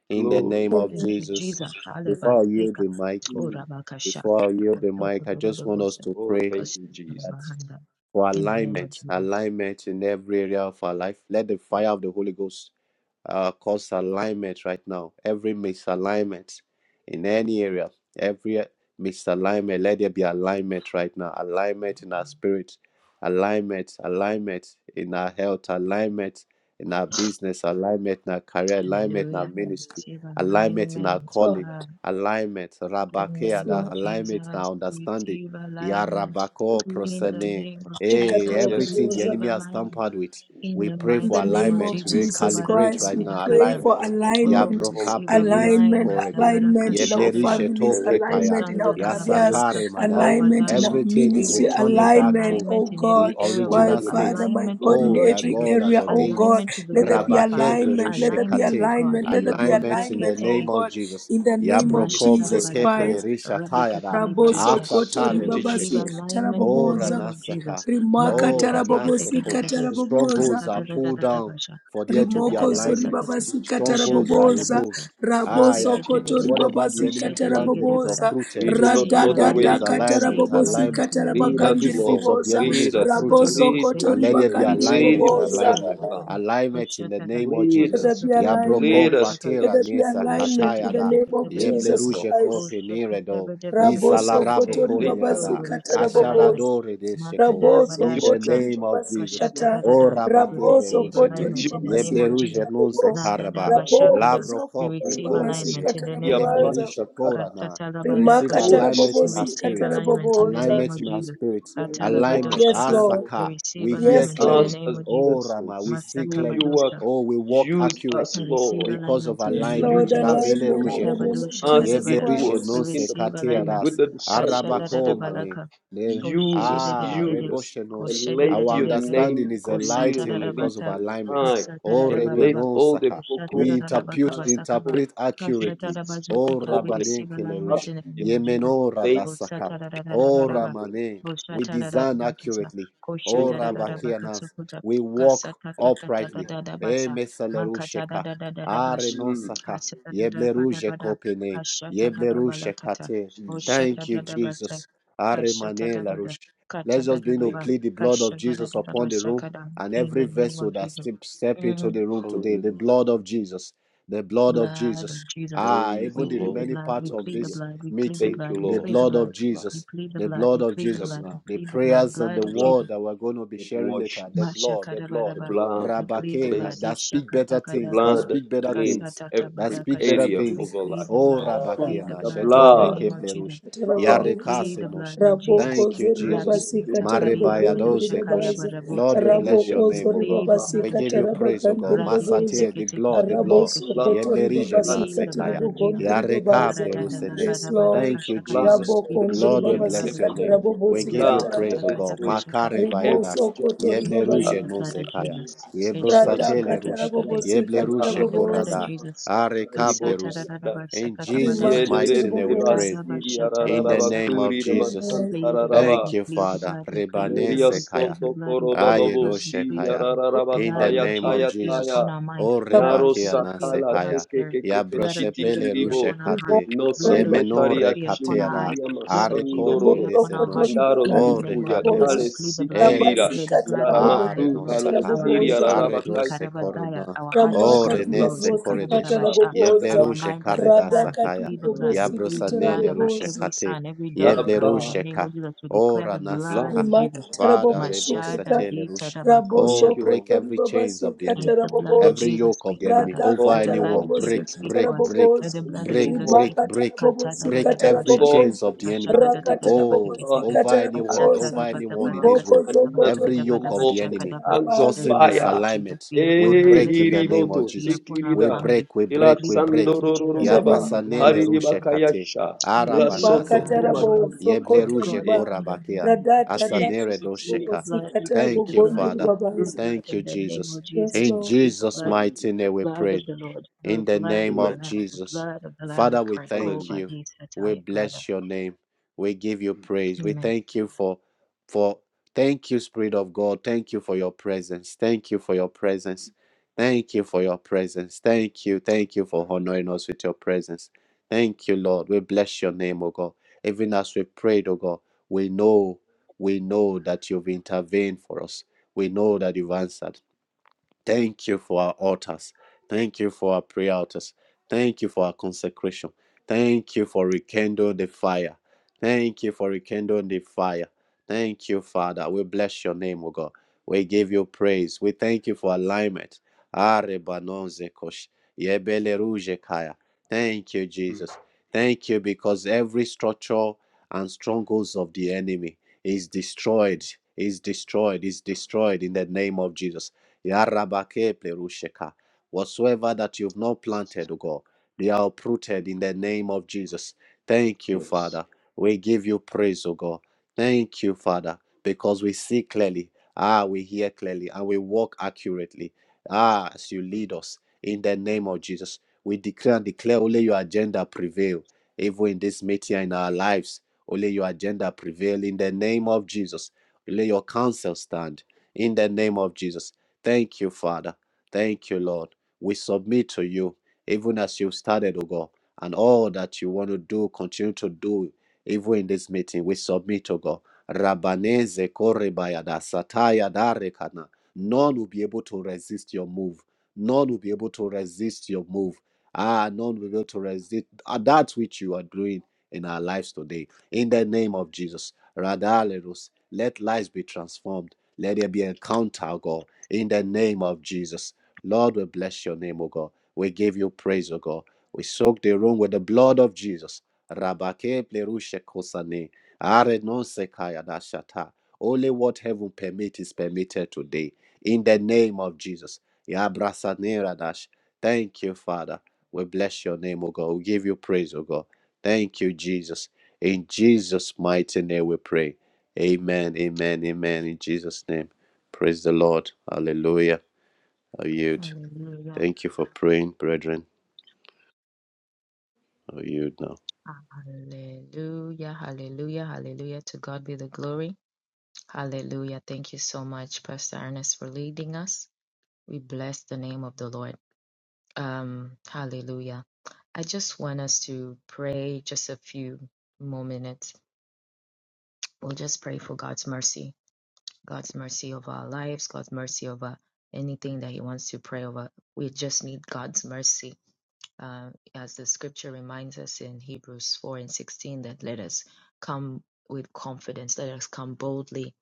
Speaker 3: In the
Speaker 1: Mm.
Speaker 3: name
Speaker 5: Glory.
Speaker 3: of
Speaker 1: Thank
Speaker 4: Amen.
Speaker 1: you,
Speaker 3: Jesus.
Speaker 1: Jesus. Hallelujah.
Speaker 3: Before I yield
Speaker 1: Seka,
Speaker 3: the mic,
Speaker 1: O
Speaker 5: Mm.
Speaker 1: Rabakasha,
Speaker 3: before I yield the mic,
Speaker 1: Kotoko
Speaker 3: I just
Speaker 1: Dodo
Speaker 3: want us
Speaker 1: Bosa,
Speaker 3: to
Speaker 5: Oh,
Speaker 3: pray
Speaker 5: thank you,
Speaker 1: Koshadada
Speaker 5: Jesus.
Speaker 3: that
Speaker 1: Bahanda.
Speaker 3: for
Speaker 1: In the name of
Speaker 3: alignment,
Speaker 1: Jesus.
Speaker 3: alignment in every area of our life. Let the fire of the Holy Ghost uh, cause alignment right now. Every misalignment in any area, every misalignment, let there be alignment right now. Alignment in our spirit, alignment, alignment in our health, alignment in our business, alignment in our career, alignment in our
Speaker 1: Hallelujah. We
Speaker 3: ministry,
Speaker 1: receive
Speaker 3: alignment in our
Speaker 1: alignment.
Speaker 4: Oh,
Speaker 3: calling,
Speaker 1: Ah,
Speaker 3: alignment,
Speaker 1: in the
Speaker 4: yes,
Speaker 3: rabakea,
Speaker 1: name of
Speaker 3: that
Speaker 4: Lord.
Speaker 3: alignment in
Speaker 1: Jesus,
Speaker 3: our
Speaker 1: we
Speaker 3: understanding.
Speaker 1: receive
Speaker 3: Ya
Speaker 1: alignment.
Speaker 3: rabako
Speaker 1: In the
Speaker 4: Makati
Speaker 3: prosene.
Speaker 1: name of
Speaker 3: Hey,
Speaker 4: sikata
Speaker 1: Jesus,
Speaker 5: Yes,
Speaker 1: we
Speaker 3: everything the
Speaker 5: Lord.
Speaker 4: rabobosa.
Speaker 1: receive
Speaker 3: enemy
Speaker 5: Give
Speaker 3: has
Speaker 5: us
Speaker 1: alignment.
Speaker 3: tampered with,
Speaker 5: solutions, oh
Speaker 1: In
Speaker 3: we
Speaker 1: the
Speaker 5: God.
Speaker 3: pray
Speaker 4: In
Speaker 3: for
Speaker 4: the
Speaker 1: mighty name
Speaker 4: name
Speaker 1: of
Speaker 3: alignment,
Speaker 4: of
Speaker 1: Jesus,
Speaker 4: Jesus
Speaker 5: You
Speaker 3: recalibrate
Speaker 4: Christ, we
Speaker 3: right
Speaker 5: lead,
Speaker 3: now,
Speaker 5: oh
Speaker 4: pray
Speaker 1: Kabarabakada.
Speaker 4: for
Speaker 3: alignment.
Speaker 5: God, as we
Speaker 1: Oh, we
Speaker 4: alignment,
Speaker 5: follow,
Speaker 3: Yabroka
Speaker 1: receive
Speaker 5: oh God.
Speaker 3: penize
Speaker 4: alignment,
Speaker 1: alignment.
Speaker 3: korebe,
Speaker 4: alignment in our
Speaker 1: Tabarakashadada.
Speaker 3: yeblerishe
Speaker 4: families,
Speaker 3: toke
Speaker 5: Direct
Speaker 1: The
Speaker 3: paya,
Speaker 5: us,
Speaker 4: alignment in our
Speaker 1: standard
Speaker 5: direct
Speaker 1: of
Speaker 5: us,
Speaker 4: careers,
Speaker 5: direct
Speaker 3: yasatare
Speaker 5: us.
Speaker 3: mana.
Speaker 5: How to
Speaker 4: alignment in
Speaker 5: do
Speaker 1: Abalakasakabadasha.
Speaker 4: our
Speaker 5: it,
Speaker 3: Everything
Speaker 5: oh
Speaker 1: We
Speaker 3: is
Speaker 4: ministry,
Speaker 5: Lord, our
Speaker 3: returning
Speaker 1: receive
Speaker 5: God.
Speaker 3: back
Speaker 4: alignment,
Speaker 3: to
Speaker 4: oh
Speaker 1: alignment in
Speaker 3: the
Speaker 1: every
Speaker 4: God,
Speaker 1: area of
Speaker 5: For
Speaker 1: our
Speaker 5: we
Speaker 4: my
Speaker 1: life.
Speaker 3: original
Speaker 5: do not
Speaker 3: state.
Speaker 4: Father, my
Speaker 5: know
Speaker 1: Alignment to
Speaker 5: by
Speaker 4: God,
Speaker 1: the
Speaker 4: in
Speaker 3: Oh,
Speaker 5: our
Speaker 1: Lord
Speaker 3: that
Speaker 4: every
Speaker 5: own.
Speaker 1: Jesus.
Speaker 3: God has
Speaker 4: area, oh
Speaker 3: ordained it.
Speaker 4: God,
Speaker 1: Alignment to the
Speaker 4: let
Speaker 1: will
Speaker 4: there
Speaker 1: of
Speaker 5: By
Speaker 4: be
Speaker 1: the
Speaker 5: your
Speaker 3: Rabake
Speaker 1: Father.
Speaker 5: leadership,
Speaker 4: alignment, let there
Speaker 5: Lord,
Speaker 4: be
Speaker 5: by
Speaker 1: Alignment to
Speaker 5: the
Speaker 3: plerushekate.
Speaker 1: God.
Speaker 5: Holy
Speaker 4: alignment, let there be
Speaker 3: Alignment in the
Speaker 4: alignment, oh
Speaker 1: Irabozekete
Speaker 3: name of
Speaker 4: God,
Speaker 3: Jesus.
Speaker 4: in the name of
Speaker 3: Yabroko
Speaker 4: Jesus
Speaker 5: Spirit,
Speaker 3: pleke
Speaker 1: Mashatarabaraka,
Speaker 5: Lord.
Speaker 4: Christ.
Speaker 1: Rabbi
Speaker 3: pelerishata
Speaker 1: Kateli
Speaker 5: Teach
Speaker 4: Raboso
Speaker 1: Barosa.
Speaker 5: us.
Speaker 4: koto
Speaker 1: We
Speaker 3: Asatale
Speaker 5: Teach
Speaker 1: receive
Speaker 4: ribabasi
Speaker 5: us.
Speaker 3: rushekos.
Speaker 1: alignment in
Speaker 3: Oh,
Speaker 1: the
Speaker 4: kataraboboza.
Speaker 1: name of
Speaker 5: Teach us.
Speaker 3: ranasaka.
Speaker 1: Jesus.
Speaker 4: Rimaka
Speaker 1: Mande
Speaker 3: Oh,
Speaker 1: kete kete kete
Speaker 4: tarabobosika
Speaker 3: ranaseko.
Speaker 1: kete.
Speaker 5: Yes,
Speaker 4: taraboboza.
Speaker 3: Strongholds
Speaker 1: Kata
Speaker 3: are
Speaker 1: da
Speaker 5: Teach
Speaker 1: da da
Speaker 5: us,
Speaker 3: pulled
Speaker 1: da da
Speaker 5: Lord.
Speaker 3: down
Speaker 1: basha.
Speaker 3: for there
Speaker 1: Kata
Speaker 3: to be
Speaker 1: da da
Speaker 4: Rimoko
Speaker 1: da
Speaker 4: zori
Speaker 1: basa
Speaker 3: alignment.
Speaker 1: kata.
Speaker 4: babasi
Speaker 5: Teach us, Lord.
Speaker 3: Strongholds
Speaker 1: Kashanda da
Speaker 3: are
Speaker 1: da
Speaker 4: kataraboboza,
Speaker 1: basa.
Speaker 3: removed. Ah,
Speaker 1: Oste
Speaker 4: raboso
Speaker 3: yeah.
Speaker 1: kete
Speaker 5: Teach
Speaker 4: kotori
Speaker 5: us,
Speaker 1: bede.
Speaker 3: Whatever
Speaker 5: Lord.
Speaker 3: the
Speaker 4: babasi
Speaker 3: enemy
Speaker 1: Oshe de de
Speaker 3: planted
Speaker 1: gede
Speaker 3: is
Speaker 1: bara.
Speaker 4: kataraboboza,
Speaker 1: We
Speaker 5: We
Speaker 3: uprooted
Speaker 5: do not
Speaker 1: receive
Speaker 3: so
Speaker 5: know the
Speaker 3: that there
Speaker 4: radadada
Speaker 3: is
Speaker 1: alignment.
Speaker 5: way.
Speaker 1: We
Speaker 3: alignment,
Speaker 1: receive
Speaker 4: katarabobosi
Speaker 1: alignment
Speaker 3: alignment.
Speaker 1: in the
Speaker 5: Lead
Speaker 1: name of
Speaker 5: us,
Speaker 3: Every
Speaker 4: katarabagandiri
Speaker 1: Jesus.
Speaker 3: seeds
Speaker 5: Lord.
Speaker 3: of the
Speaker 4: boboza,
Speaker 3: enemy is
Speaker 5: Lead
Speaker 1: Osto to
Speaker 5: us.
Speaker 1: do do do
Speaker 3: uprooted
Speaker 4: raboso
Speaker 5: Lead your
Speaker 3: and
Speaker 4: kotori
Speaker 1: bosete.
Speaker 3: let there be
Speaker 5: children.
Speaker 4: bakandiri
Speaker 1: Keshete
Speaker 5: Lead
Speaker 3: alignment,
Speaker 5: your
Speaker 1: de.
Speaker 4: boboza.
Speaker 5: servants of
Speaker 3: alignment,
Speaker 1: Kashata
Speaker 5: God.
Speaker 1: ba.
Speaker 3: alignment in the
Speaker 1: Oshata da.
Speaker 3: name of
Speaker 5: Lead
Speaker 4: Let
Speaker 3: Jesus.
Speaker 1: Osto
Speaker 4: there
Speaker 5: us,
Speaker 4: be
Speaker 1: to do
Speaker 5: Lord.
Speaker 1: do do do do
Speaker 3: Yabroko
Speaker 4: alignment.
Speaker 5: Lead
Speaker 1: basa
Speaker 5: us,
Speaker 4: Let
Speaker 5: Holy
Speaker 3: pratera
Speaker 4: there be
Speaker 5: Spirit.
Speaker 3: nisa
Speaker 1: Yes,
Speaker 4: alignment in the
Speaker 3: katayada,
Speaker 4: name of
Speaker 5: Yes,
Speaker 4: Jesus
Speaker 3: yebleruje
Speaker 5: Lord.
Speaker 3: ko
Speaker 4: Christ.
Speaker 3: peniredo,
Speaker 5: For Jesus
Speaker 4: Raboso
Speaker 3: isalarabo
Speaker 5: could
Speaker 4: kotori
Speaker 5: say,
Speaker 4: babasi
Speaker 1: Lord,
Speaker 3: konirada,
Speaker 1: we
Speaker 5: He
Speaker 1: receive
Speaker 5: is your
Speaker 4: kataraboboza.
Speaker 1: alignment.
Speaker 5: help.
Speaker 3: asharadore desheko,
Speaker 1: Makada
Speaker 5: He
Speaker 4: Raboso
Speaker 5: is
Speaker 3: in
Speaker 5: your
Speaker 3: the
Speaker 4: koto
Speaker 1: Badashaka
Speaker 3: name
Speaker 5: teacher.
Speaker 3: of
Speaker 5: He is
Speaker 3: Jesus.
Speaker 5: your
Speaker 1: Pashata
Speaker 4: ribabasikata.
Speaker 1: da da
Speaker 3: O
Speaker 1: da.
Speaker 5: guide.
Speaker 1: We
Speaker 3: rabate
Speaker 4: Raboso
Speaker 1: receive
Speaker 5: He
Speaker 4: koto
Speaker 3: berushene,
Speaker 5: is
Speaker 1: alignment
Speaker 5: your
Speaker 1: in the name of
Speaker 4: ribabasikata
Speaker 5: reminder.
Speaker 3: yebleruje
Speaker 1: Jesus.
Speaker 3: nunse
Speaker 4: rabobo.
Speaker 1: La da da
Speaker 3: karaba,
Speaker 1: bashaka
Speaker 5: Nasakaramoti.
Speaker 4: Raboko
Speaker 1: da. We
Speaker 3: labroko
Speaker 4: zokoto
Speaker 1: receive
Speaker 5: Leberesi.
Speaker 3: prekopene,
Speaker 1: alignment in
Speaker 4: ribabasikata
Speaker 1: the name of
Speaker 5: Diababa
Speaker 4: rababaza.
Speaker 1: Jesus.
Speaker 3: yeblerishe
Speaker 5: Shakata.
Speaker 3: korana.
Speaker 1: Katata la
Speaker 3: We
Speaker 1: bada
Speaker 3: receive
Speaker 4: Rimakata
Speaker 1: kosha.
Speaker 5: Holy
Speaker 3: alignment
Speaker 1: We
Speaker 3: in our
Speaker 5: Spirit,
Speaker 1: receive
Speaker 4: rabobosikata
Speaker 3: spirit,
Speaker 5: Lord.
Speaker 1: alignment in the
Speaker 4: raboboza.
Speaker 1: name
Speaker 3: alignment
Speaker 1: of
Speaker 3: in our
Speaker 5: Do
Speaker 1: Jesus.
Speaker 3: spirit,
Speaker 5: your
Speaker 1: Katala
Speaker 3: alignment,
Speaker 5: work,
Speaker 4: Yes,
Speaker 5: O
Speaker 1: badoshaka.
Speaker 4: Lord.
Speaker 1: We
Speaker 3: asaka.
Speaker 5: Lord,
Speaker 1: receive
Speaker 3: We
Speaker 5: in
Speaker 3: hear
Speaker 4: Yes,
Speaker 1: alignment in the
Speaker 4: Lord.
Speaker 3: clearly.
Speaker 5: us
Speaker 1: name
Speaker 5: as
Speaker 1: of Jesus.
Speaker 3: Oh, Rama,
Speaker 5: vessels.
Speaker 3: we see
Speaker 5: Do your
Speaker 3: clearly.
Speaker 1: Masaka
Speaker 5: work.
Speaker 3: Oh, we walk
Speaker 5: Use us,
Speaker 1: we
Speaker 3: accurately
Speaker 1: receive
Speaker 5: Lord.
Speaker 3: because of
Speaker 1: alignment in the
Speaker 4: Yes,
Speaker 1: name of
Speaker 3: alignment.
Speaker 4: Lord.
Speaker 5: Use
Speaker 1: Jesus.
Speaker 5: us,
Speaker 3: Rabele
Speaker 4: Alignment in
Speaker 5: Lord,
Speaker 4: the name
Speaker 3: rujekos,
Speaker 4: of
Speaker 1: Katabadosha
Speaker 5: as
Speaker 4: Jesus
Speaker 3: yeble
Speaker 5: it
Speaker 1: kadabada.
Speaker 3: rishe
Speaker 4: Christ.
Speaker 1: We
Speaker 5: was
Speaker 3: non
Speaker 5: in
Speaker 3: se
Speaker 5: the
Speaker 1: receive
Speaker 5: beginning
Speaker 1: alignment.
Speaker 5: with
Speaker 3: kateras,
Speaker 5: the disciples, O
Speaker 3: arabako
Speaker 5: God.
Speaker 3: mane,
Speaker 1: Kashadadabalaka.
Speaker 3: ne-
Speaker 5: Use us,
Speaker 3: ah,
Speaker 5: use
Speaker 1: Koshededededede.
Speaker 5: us,
Speaker 3: reboshenos.
Speaker 5: and let
Speaker 3: Our
Speaker 5: your
Speaker 1: Koshededededede.
Speaker 3: understanding
Speaker 5: name
Speaker 3: is
Speaker 5: be
Speaker 3: enlightened because of
Speaker 1: Kosatarabata.
Speaker 5: lifted
Speaker 3: alignment.
Speaker 5: high,
Speaker 3: Oh,
Speaker 5: and let
Speaker 1: Kosatarabababa.
Speaker 3: rebenon
Speaker 5: all the
Speaker 3: saka.
Speaker 5: corners
Speaker 3: We
Speaker 5: of the
Speaker 3: interpret,
Speaker 5: earth
Speaker 1: Koshatarabakabasakaba.
Speaker 5: know
Speaker 3: interpret accurately.
Speaker 5: Jesus is
Speaker 3: Oh,
Speaker 1: Kasatarabazukuta. We
Speaker 5: Lord and
Speaker 3: rabanen
Speaker 1: receive
Speaker 5: Savior.
Speaker 1: alignment
Speaker 3: kelerush,
Speaker 1: in the name
Speaker 5: Hallelujah.
Speaker 1: of Jesus.
Speaker 3: yemeno
Speaker 5: Thank you,
Speaker 3: radasaka.
Speaker 5: Lord.
Speaker 3: Oh
Speaker 5: Thank
Speaker 1: Kosatarababa.
Speaker 5: you, Lord.
Speaker 3: Ramane, we design
Speaker 1: Koshatarabakasa.
Speaker 3: accurately.
Speaker 5: Thank
Speaker 3: Oh
Speaker 5: you, Lord.
Speaker 3: Rabakianas,
Speaker 1: Koshatarabakasukuta.
Speaker 3: we walk
Speaker 5: Thank you,
Speaker 3: uprightly.
Speaker 5: Lord.
Speaker 3: Eh
Speaker 1: Kasatatatatatabasa.
Speaker 3: Mesaleru Sheka,
Speaker 1: Makatadadadadabash.
Speaker 3: Are no
Speaker 5: Mm.
Speaker 3: Saka, Yebleru
Speaker 1: Kasatadadadabada.
Speaker 3: Jekopene, Yebleru
Speaker 1: Kashatadadabalakata.
Speaker 3: Shekate.
Speaker 5: Jesus, thank
Speaker 3: Thank you,
Speaker 5: you, Lord.
Speaker 1: Koshatadadabasa.
Speaker 3: Jesus. Are Mane
Speaker 1: Ashadadadada,
Speaker 3: Larush. Let's just begin to
Speaker 5: Thank
Speaker 1: katadadadaba,
Speaker 5: you,
Speaker 3: plead the
Speaker 5: Lord.
Speaker 3: blood of Jesus
Speaker 1: kashadadadadaba,
Speaker 3: upon the room
Speaker 1: shakada,
Speaker 3: and
Speaker 1: In
Speaker 3: every
Speaker 1: the name
Speaker 3: vessel
Speaker 1: of
Speaker 3: that
Speaker 1: Jesus.
Speaker 3: step, step into
Speaker 1: Mm,
Speaker 3: the room today. The
Speaker 5: Hallelujah.
Speaker 3: blood of Jesus, the blood of
Speaker 1: Blood
Speaker 3: Jesus.
Speaker 1: of Jesus.
Speaker 3: Ah,
Speaker 5: Praise the
Speaker 3: even
Speaker 1: We
Speaker 3: the
Speaker 1: plead the
Speaker 5: Lord.
Speaker 3: remaining
Speaker 1: blood, we
Speaker 3: part of
Speaker 1: plead the
Speaker 5: Hallelujah.
Speaker 3: this
Speaker 1: blood, we plead the
Speaker 3: meeting,
Speaker 5: Thank
Speaker 1: blood,
Speaker 5: you,
Speaker 1: we
Speaker 3: the
Speaker 5: Lord,
Speaker 1: plead the
Speaker 3: blood
Speaker 5: for
Speaker 1: blood,
Speaker 3: of
Speaker 5: that blood,
Speaker 1: we
Speaker 3: Jesus,
Speaker 1: plead the
Speaker 3: the
Speaker 1: blood,
Speaker 3: blood
Speaker 1: we
Speaker 3: of
Speaker 1: plead the
Speaker 5: the
Speaker 3: Jesus,
Speaker 1: blood, we
Speaker 5: blood,
Speaker 3: the
Speaker 1: plead the blood,
Speaker 3: prayers and the
Speaker 1: blood
Speaker 5: the
Speaker 1: of
Speaker 5: blood
Speaker 3: word
Speaker 1: Jesus.
Speaker 3: that we're going to be
Speaker 5: that
Speaker 3: sharing later, the
Speaker 5: washes,
Speaker 3: blood, the blood,
Speaker 5: the
Speaker 1: Mashakadabadaba.
Speaker 5: blood
Speaker 1: We
Speaker 5: that
Speaker 1: plead the
Speaker 3: Rabakena,
Speaker 1: blood.
Speaker 3: that
Speaker 5: cleanses,
Speaker 3: speak better
Speaker 5: the
Speaker 3: things, that
Speaker 1: Yeshakatakadakada,
Speaker 5: blood that
Speaker 3: speak better
Speaker 5: cleans
Speaker 3: things, that
Speaker 5: every
Speaker 3: speak
Speaker 1: kasatatamadakasha.
Speaker 3: better
Speaker 5: area
Speaker 1: We
Speaker 5: of
Speaker 3: things.
Speaker 5: our life.
Speaker 1: plead the
Speaker 3: Oh,
Speaker 1: blood, we plead the
Speaker 3: Rabakena,
Speaker 5: The
Speaker 1: blood in the
Speaker 3: Shetore
Speaker 5: blood,
Speaker 1: name of Jesus.
Speaker 3: Keplerush,
Speaker 5: the blood,
Speaker 1: We
Speaker 5: the
Speaker 4: tarabobosa
Speaker 1: plead the
Speaker 5: blood.
Speaker 3: Yarekasenosh.
Speaker 1: blood of Jesus.
Speaker 4: raboko
Speaker 3: Thank you,
Speaker 4: zori
Speaker 1: Rabbi
Speaker 5: Thank
Speaker 3: Jesus.
Speaker 5: you,
Speaker 4: babasika
Speaker 5: Lord.
Speaker 1: Zakaria
Speaker 4: tarabogondiri
Speaker 3: Marebayadoze
Speaker 1: Bodoshakaya
Speaker 3: Kosh.
Speaker 4: babaza
Speaker 5: Oh,
Speaker 3: Lord, we
Speaker 1: Baraboteke.
Speaker 3: bless your
Speaker 5: hallelujah.
Speaker 4: raboko
Speaker 1: We
Speaker 3: name, O
Speaker 4: zori
Speaker 5: The
Speaker 3: God.
Speaker 1: plead the
Speaker 5: blood,
Speaker 1: blood
Speaker 3: We
Speaker 4: babasika
Speaker 1: of
Speaker 3: give you
Speaker 5: the
Speaker 1: Jesus.
Speaker 5: blood,
Speaker 3: praise, O
Speaker 5: the
Speaker 4: tarabagandiri
Speaker 3: God.
Speaker 1: Rabbi
Speaker 5: blood.
Speaker 4: boboza
Speaker 3: Masate, the
Speaker 1: Keteketeke
Speaker 3: blood, the blood.
Speaker 5: The
Speaker 4: rabosokotori
Speaker 1: We
Speaker 3: Yeblerije
Speaker 5: blood,
Speaker 3: na
Speaker 1: plead
Speaker 4: babasika
Speaker 1: the
Speaker 3: sekaya.
Speaker 1: blood of Jesus.
Speaker 4: tiribogondiri
Speaker 3: Yareka
Speaker 4: babaza
Speaker 1: Baradadada
Speaker 3: plerusene.
Speaker 4: yes lord
Speaker 3: Thank
Speaker 5: the
Speaker 3: you,
Speaker 1: Badabadakashakata.
Speaker 5: blood
Speaker 3: Jesus.
Speaker 5: that
Speaker 1: We
Speaker 4: rabokondiri
Speaker 3: Lord,
Speaker 1: plead
Speaker 3: we
Speaker 1: the
Speaker 5: destroys
Speaker 1: blood
Speaker 3: bless
Speaker 1: of
Speaker 4: babasika
Speaker 3: your
Speaker 5: every
Speaker 3: name.
Speaker 1: Jesus.
Speaker 5: bacteria, the
Speaker 3: We give
Speaker 4: tarabobosika
Speaker 3: you
Speaker 5: blood
Speaker 3: praise,
Speaker 5: that
Speaker 3: O
Speaker 4: tarababaza
Speaker 3: God.
Speaker 5: destroys
Speaker 1: Zatakatakadakashaka.
Speaker 3: Makare
Speaker 5: every plague, the blood that destroys every
Speaker 3: bayadas.
Speaker 5: germ,
Speaker 4: rimosokotori
Speaker 1: We
Speaker 5: the
Speaker 1: plead
Speaker 5: blood
Speaker 3: Yebleruje
Speaker 1: the
Speaker 3: no
Speaker 4: babasika
Speaker 1: blood
Speaker 5: of
Speaker 1: of
Speaker 3: sekaya.
Speaker 1: Jesus.
Speaker 5: Jesus Christ,
Speaker 4: radaka
Speaker 3: Yebrosatele rush.
Speaker 1: Kesheteketeketeke.
Speaker 5: that
Speaker 4: tarabobosika
Speaker 1: We
Speaker 3: Yebleruje
Speaker 1: plead
Speaker 5: blood.
Speaker 1: the blood of
Speaker 4: taraboboza
Speaker 3: korada.
Speaker 5: Amma
Speaker 1: Jesus.
Speaker 3: Areka
Speaker 5: Sakaribo
Speaker 1: Rasata da
Speaker 3: plerus.
Speaker 1: da da
Speaker 5: Tayada.
Speaker 1: ba
Speaker 3: In
Speaker 1: sakata ba da
Speaker 3: Jesus'
Speaker 1: ba
Speaker 4: rimaka
Speaker 1: sha.
Speaker 3: mighty name we
Speaker 5: Yedereba
Speaker 4: tiriboboza
Speaker 3: pray
Speaker 1: Kada ba
Speaker 5: Siri
Speaker 1: shata da
Speaker 3: in
Speaker 1: ba
Speaker 3: the
Speaker 5: Arararaba
Speaker 1: saka.
Speaker 3: name of
Speaker 5: Kuri
Speaker 1: We
Speaker 3: Jesus.
Speaker 4: amen
Speaker 5: Damasanta
Speaker 1: plead the blood,
Speaker 5: Raraba.
Speaker 3: Thank
Speaker 1: we
Speaker 3: you,
Speaker 1: plead the
Speaker 3: Father.
Speaker 1: blood, we plead the
Speaker 3: Rebane
Speaker 1: blood,
Speaker 5: Gloria
Speaker 1: we
Speaker 3: Sekaya.
Speaker 1: plead the
Speaker 5: soto
Speaker 1: blood, we
Speaker 5: koro
Speaker 1: plead the
Speaker 5: bababo
Speaker 1: blood,
Speaker 3: Ayedo
Speaker 1: we
Speaker 5: si
Speaker 1: plead the
Speaker 3: Shekaya.
Speaker 1: blood.
Speaker 3: In the
Speaker 1: Blood
Speaker 5: yarararabataya
Speaker 1: of
Speaker 3: name of
Speaker 1: Jesus
Speaker 5: taya
Speaker 1: be
Speaker 5: taya.
Speaker 3: Jesus.
Speaker 1: upon our mind.
Speaker 3: O
Speaker 1: Blood
Speaker 5: Naro
Speaker 1: of
Speaker 3: Rebakia
Speaker 1: Jesus be
Speaker 5: sakala
Speaker 1: upon our
Speaker 3: Nasekaya.
Speaker 5: teke
Speaker 1: spirit.
Speaker 5: keke
Speaker 3: Ya
Speaker 5: ke
Speaker 1: Blood of
Speaker 5: shiti
Speaker 1: Jesus
Speaker 3: brosepele
Speaker 1: be
Speaker 3: rushe
Speaker 5: kiribo.
Speaker 1: upon our heart.
Speaker 3: kate.
Speaker 4: riboso
Speaker 5: Nosa
Speaker 1: Blood of
Speaker 3: Yemeno
Speaker 1: Jesus
Speaker 5: lotari
Speaker 1: be upon
Speaker 5: ashindi
Speaker 1: our
Speaker 3: rekateada.
Speaker 1: eyes.
Speaker 5: riama
Speaker 1: Blood of
Speaker 3: Areko
Speaker 1: Jesus be
Speaker 5: sandororo.
Speaker 4: ribaboso
Speaker 1: upon our
Speaker 4: koto
Speaker 1: heart.
Speaker 3: predesenosh.
Speaker 5: Ndaro
Speaker 1: In the
Speaker 4: ribakande
Speaker 3: O
Speaker 5: tuku
Speaker 1: name of
Speaker 5: ya
Speaker 1: Jesus,
Speaker 4: boza
Speaker 1: we
Speaker 5: tale
Speaker 3: rekaperus.
Speaker 1: plead the blood. We
Speaker 5: sikirira.
Speaker 4: rabasi
Speaker 1: plead
Speaker 3: Elerush.
Speaker 1: the
Speaker 4: kata
Speaker 1: blood on our
Speaker 4: rabobozo
Speaker 1: eyes,
Speaker 3: Are
Speaker 1: O
Speaker 5: Laramatu
Speaker 1: Lord.
Speaker 4: kata
Speaker 3: nosaka.
Speaker 1: Our
Speaker 5: halobosiri
Speaker 1: eyes
Speaker 4: raboboza
Speaker 1: see.
Speaker 3: Are
Speaker 5: yararabakaya.
Speaker 3: dose
Speaker 1: Ikarabazaya.
Speaker 3: corrida.
Speaker 1: Our heart, O
Speaker 3: O
Speaker 5: Yes,
Speaker 4: ramaka
Speaker 5: the
Speaker 1: God,
Speaker 5: blood,
Speaker 1: knows.
Speaker 3: renese
Speaker 4: tiribobosi
Speaker 5: the
Speaker 4: kata
Speaker 3: corridesh.
Speaker 5: blood,
Speaker 1: Ikalabarabash
Speaker 5: the
Speaker 4: raboboza
Speaker 1: our
Speaker 3: Yeblerushe
Speaker 1: mind
Speaker 3: kareda
Speaker 4: rada
Speaker 1: understands. We
Speaker 4: kati
Speaker 3: sakaya.
Speaker 1: plead the
Speaker 5: blood,
Speaker 1: blood. We
Speaker 4: ribobosi
Speaker 1: plead the
Speaker 4: kata
Speaker 1: blood
Speaker 3: Yabrosanele
Speaker 1: over
Speaker 4: raboboza
Speaker 1: every
Speaker 3: rushekate.
Speaker 1: son, every
Speaker 5: the blood, the
Speaker 1: daughter, God. In the
Speaker 5: blood
Speaker 1: name
Speaker 3: Yeblerusheka.
Speaker 1: of Jesus, we declare
Speaker 3: Ora
Speaker 1: the
Speaker 5: the
Speaker 1: blood
Speaker 5: blood
Speaker 3: nasaka.
Speaker 1: of
Speaker 5: of
Speaker 1: Jesus.
Speaker 4: rimakatara
Speaker 3: Father,
Speaker 5: Jesus.
Speaker 1: Mashada
Speaker 4: bobosikata
Speaker 3: rebosatele
Speaker 1: di
Speaker 3: rush. Oh,
Speaker 5: Thank you, Lord.
Speaker 3: break
Speaker 4: rabosokotori
Speaker 3: every chains of the enemy.
Speaker 1: let
Speaker 4: babasikatara
Speaker 1: the blood of
Speaker 3: Every
Speaker 4: boboza
Speaker 1: Jesus
Speaker 3: yoke of
Speaker 1: speak,
Speaker 3: the
Speaker 5: Thank
Speaker 3: enemy
Speaker 1: Father.
Speaker 5: you,
Speaker 3: over
Speaker 1: Let
Speaker 5: Lord.
Speaker 1: the
Speaker 4: radhakatara
Speaker 1: blood
Speaker 3: anyone.
Speaker 1: of
Speaker 3: Break,
Speaker 1: Jesus speak
Speaker 4: bobosikatara
Speaker 3: break,
Speaker 1: for us.
Speaker 3: break,
Speaker 1: Let
Speaker 4: boboza
Speaker 1: the blood
Speaker 5: Thank
Speaker 1: of
Speaker 5: you,
Speaker 3: break,
Speaker 1: Jesus
Speaker 5: Lord.
Speaker 1: speak.
Speaker 3: break, break,
Speaker 4: rimakatara
Speaker 3: break
Speaker 5: Thank
Speaker 4: bobosikatara
Speaker 5: you,
Speaker 3: every
Speaker 1: Katadadadabashaka.
Speaker 5: Lord,
Speaker 3: chains
Speaker 4: boboza
Speaker 5: for
Speaker 3: of
Speaker 5: the
Speaker 3: the enemy.
Speaker 5: hands
Speaker 4: rakatara
Speaker 5: of
Speaker 3: Oh,
Speaker 5: God
Speaker 1: Kashadadadadadapadikitiki.
Speaker 3: over
Speaker 4: bobosikatara
Speaker 5: that are
Speaker 3: anyone, over
Speaker 4: boboza
Speaker 5: catching
Speaker 3: anyone in
Speaker 5: one
Speaker 3: this
Speaker 5: to
Speaker 3: room.
Speaker 5: another.
Speaker 4: ribokozokotori
Speaker 3: Every yoke
Speaker 5: Oh,
Speaker 3: of the
Speaker 5: Lord, the
Speaker 3: enemy
Speaker 4: babasikatara
Speaker 1: Pasatadabadabadakasakatabashakadabadabashakadaba.
Speaker 5: tongues of
Speaker 4: bobazo
Speaker 1: Let
Speaker 3: causing
Speaker 1: the blood
Speaker 5: fire.
Speaker 1: of Jesus
Speaker 3: misalignment.
Speaker 1: be
Speaker 3: We
Speaker 1: upon us.
Speaker 5: Eh,
Speaker 1: Let
Speaker 3: break
Speaker 1: the
Speaker 3: in the
Speaker 1: blood of
Speaker 3: name
Speaker 1: Jesus
Speaker 3: of
Speaker 5: hiriboto,
Speaker 1: be
Speaker 3: Jesus.
Speaker 1: upon our
Speaker 3: We
Speaker 5: sikirida,
Speaker 1: family.
Speaker 3: break, we
Speaker 1: We
Speaker 5: ila
Speaker 3: break,
Speaker 1: plead
Speaker 3: we
Speaker 1: the
Speaker 3: break.
Speaker 1: blood of
Speaker 5: sandororo
Speaker 4: in
Speaker 1: Jesus.
Speaker 4: the
Speaker 1: We plead
Speaker 4: name
Speaker 5: baba,
Speaker 1: the
Speaker 4: of
Speaker 1: blood of
Speaker 3: Yabasanele
Speaker 4: jesus
Speaker 3: rushe
Speaker 1: Jesus.
Speaker 3: kate.
Speaker 5: haribakayasha,
Speaker 1: We
Speaker 5: la
Speaker 1: plead the
Speaker 5: soto
Speaker 3: Arabanasele
Speaker 1: blood
Speaker 4: ribakatara
Speaker 1: of the
Speaker 5: koma
Speaker 3: rush.
Speaker 1: Lord
Speaker 3: Yeble
Speaker 1: of
Speaker 4: bosokotori
Speaker 3: ruje
Speaker 1: God
Speaker 5: kayiribakate.
Speaker 4: ba
Speaker 1: in the
Speaker 3: korabakia.
Speaker 1: name of Jesus.
Speaker 3: Asanere
Speaker 1: We
Speaker 4: radhadhadhakatiri
Speaker 5: Jesus'
Speaker 1: plead
Speaker 5: name.
Speaker 1: the
Speaker 3: dosheka.
Speaker 1: blood, we
Speaker 4: bobosikatara
Speaker 1: plead
Speaker 3: Thank
Speaker 1: the
Speaker 3: you,
Speaker 1: blood,
Speaker 4: bogondiri
Speaker 3: Father.
Speaker 1: we plead the
Speaker 5: Mm,
Speaker 4: babaza
Speaker 1: blood
Speaker 3: Thank
Speaker 1: in
Speaker 3: you,
Speaker 1: the name
Speaker 3: Jesus.
Speaker 1: of
Speaker 4: yes
Speaker 1: Jesus.
Speaker 3: In
Speaker 1: We
Speaker 4: lord
Speaker 1: plead the
Speaker 3: Jesus'
Speaker 1: blood,
Speaker 5: Hallelujah.
Speaker 3: mighty
Speaker 1: the
Speaker 3: name we
Speaker 1: blood of
Speaker 3: pray.
Speaker 1: the Lord,
Speaker 3: In
Speaker 1: the
Speaker 3: the
Speaker 1: blood
Speaker 3: name
Speaker 1: of the
Speaker 3: of
Speaker 5: Amen.
Speaker 1: Lamb, the
Speaker 3: Jesus.
Speaker 1: blood of the Lamb
Speaker 3: Father,
Speaker 1: of
Speaker 3: we
Speaker 1: Christ. Oh,
Speaker 3: thank
Speaker 5: Hallelujah.
Speaker 1: by
Speaker 3: you.
Speaker 1: these
Speaker 3: We
Speaker 1: satire, brother.
Speaker 3: bless your name. We give you
Speaker 5: Mm,
Speaker 3: praise. We
Speaker 1: Amen.
Speaker 3: thank you for for thank you spirit of God. Thank you for your presence. Thank you for your presence. Thank you for your presence. Thank you. Thank you for honoring us with your presence. Thank you, Lord. We bless your name, O God. Even as we prayed, O God, we know, we know that you've intervened for us. We know that you've answered. Thank you for our altars. Thank you for our prayer altars. Thank you for our consecration. Thank you for rekindle the fire. Thank you for rekindle the fire. Thank you, Father. We bless your name, O God. We give you praise. We thank you for alignment. Are banonze kosh. Yebele ruje kaya. Thank you,
Speaker 5: mm.
Speaker 3: Jesus. Thank you because every structure and strongholds of the enemy is destroyed, is destroyed, is destroyed in the name of Jesus. Yarabake plerusheka. Whatsoever that you've not planted, O God, they are uprooted in the name of Jesus. Thank you,
Speaker 5: Yes.
Speaker 3: Father. We give you praise, O God. Thank you, Father, because we see clearly. Ah, we hear clearly and we walk accurately. Ah, as you
Speaker 5: Mm.
Speaker 3: lead us in the name of Jesus. We declare and declare only your agenda prevail, even in this meeting and in our lives. Only your agenda prevail in the name of Jesus. Only your counsel stand in the name of Jesus. Thank you, Father. Thank you, Lord. We submit to you, even as you've started, O God, and all that you want to do, continue to do, even in this meeting. We submit, O God. Rabaneze korebayada sataya darekana. None will be able to resist your move. None will be able to resist your move. Ah, none will be able to resist ah, that which you are doing in our lives today. In the name of Jesus, Radalerus, let lives be transformed. Let there be encounter, God in the name of Jesus. Lord, we bless your name, O God. We give you praise, O God. We soak the room with the blood of Jesus. Rabake plerushe kosane. Are non sekaya da shata. Only what heaven permit is permitted today. In the name of Jesus. Ya brasane radash. Thank you, Father. We bless your name, O God. We give you praise, O God. Thank you, Jesus. In Jesus' mighty name we pray. Amen, amen, amen. In Jesus' name. Praise the Lord. Hallelujah. I yield.
Speaker 1: Hallelujah.
Speaker 3: Thank you for praying, brethren. I yield now.
Speaker 1: Hallelujah. Hallelujah. Hallelujah. To God be the glory. Hallelujah. Thank you so much, Pastor Ernest, for leading us. We bless the name of the Lord. Um, hallelujah. I just want us to pray just a few moments We'll just pray for God's mercy, God's mercy over our lives, God's mercy over anything that He wants to pray over. We just need God's mercy. Uh, as the scripture reminds us in Hebrews 4 and 16, that let us come with confidence, let us come boldly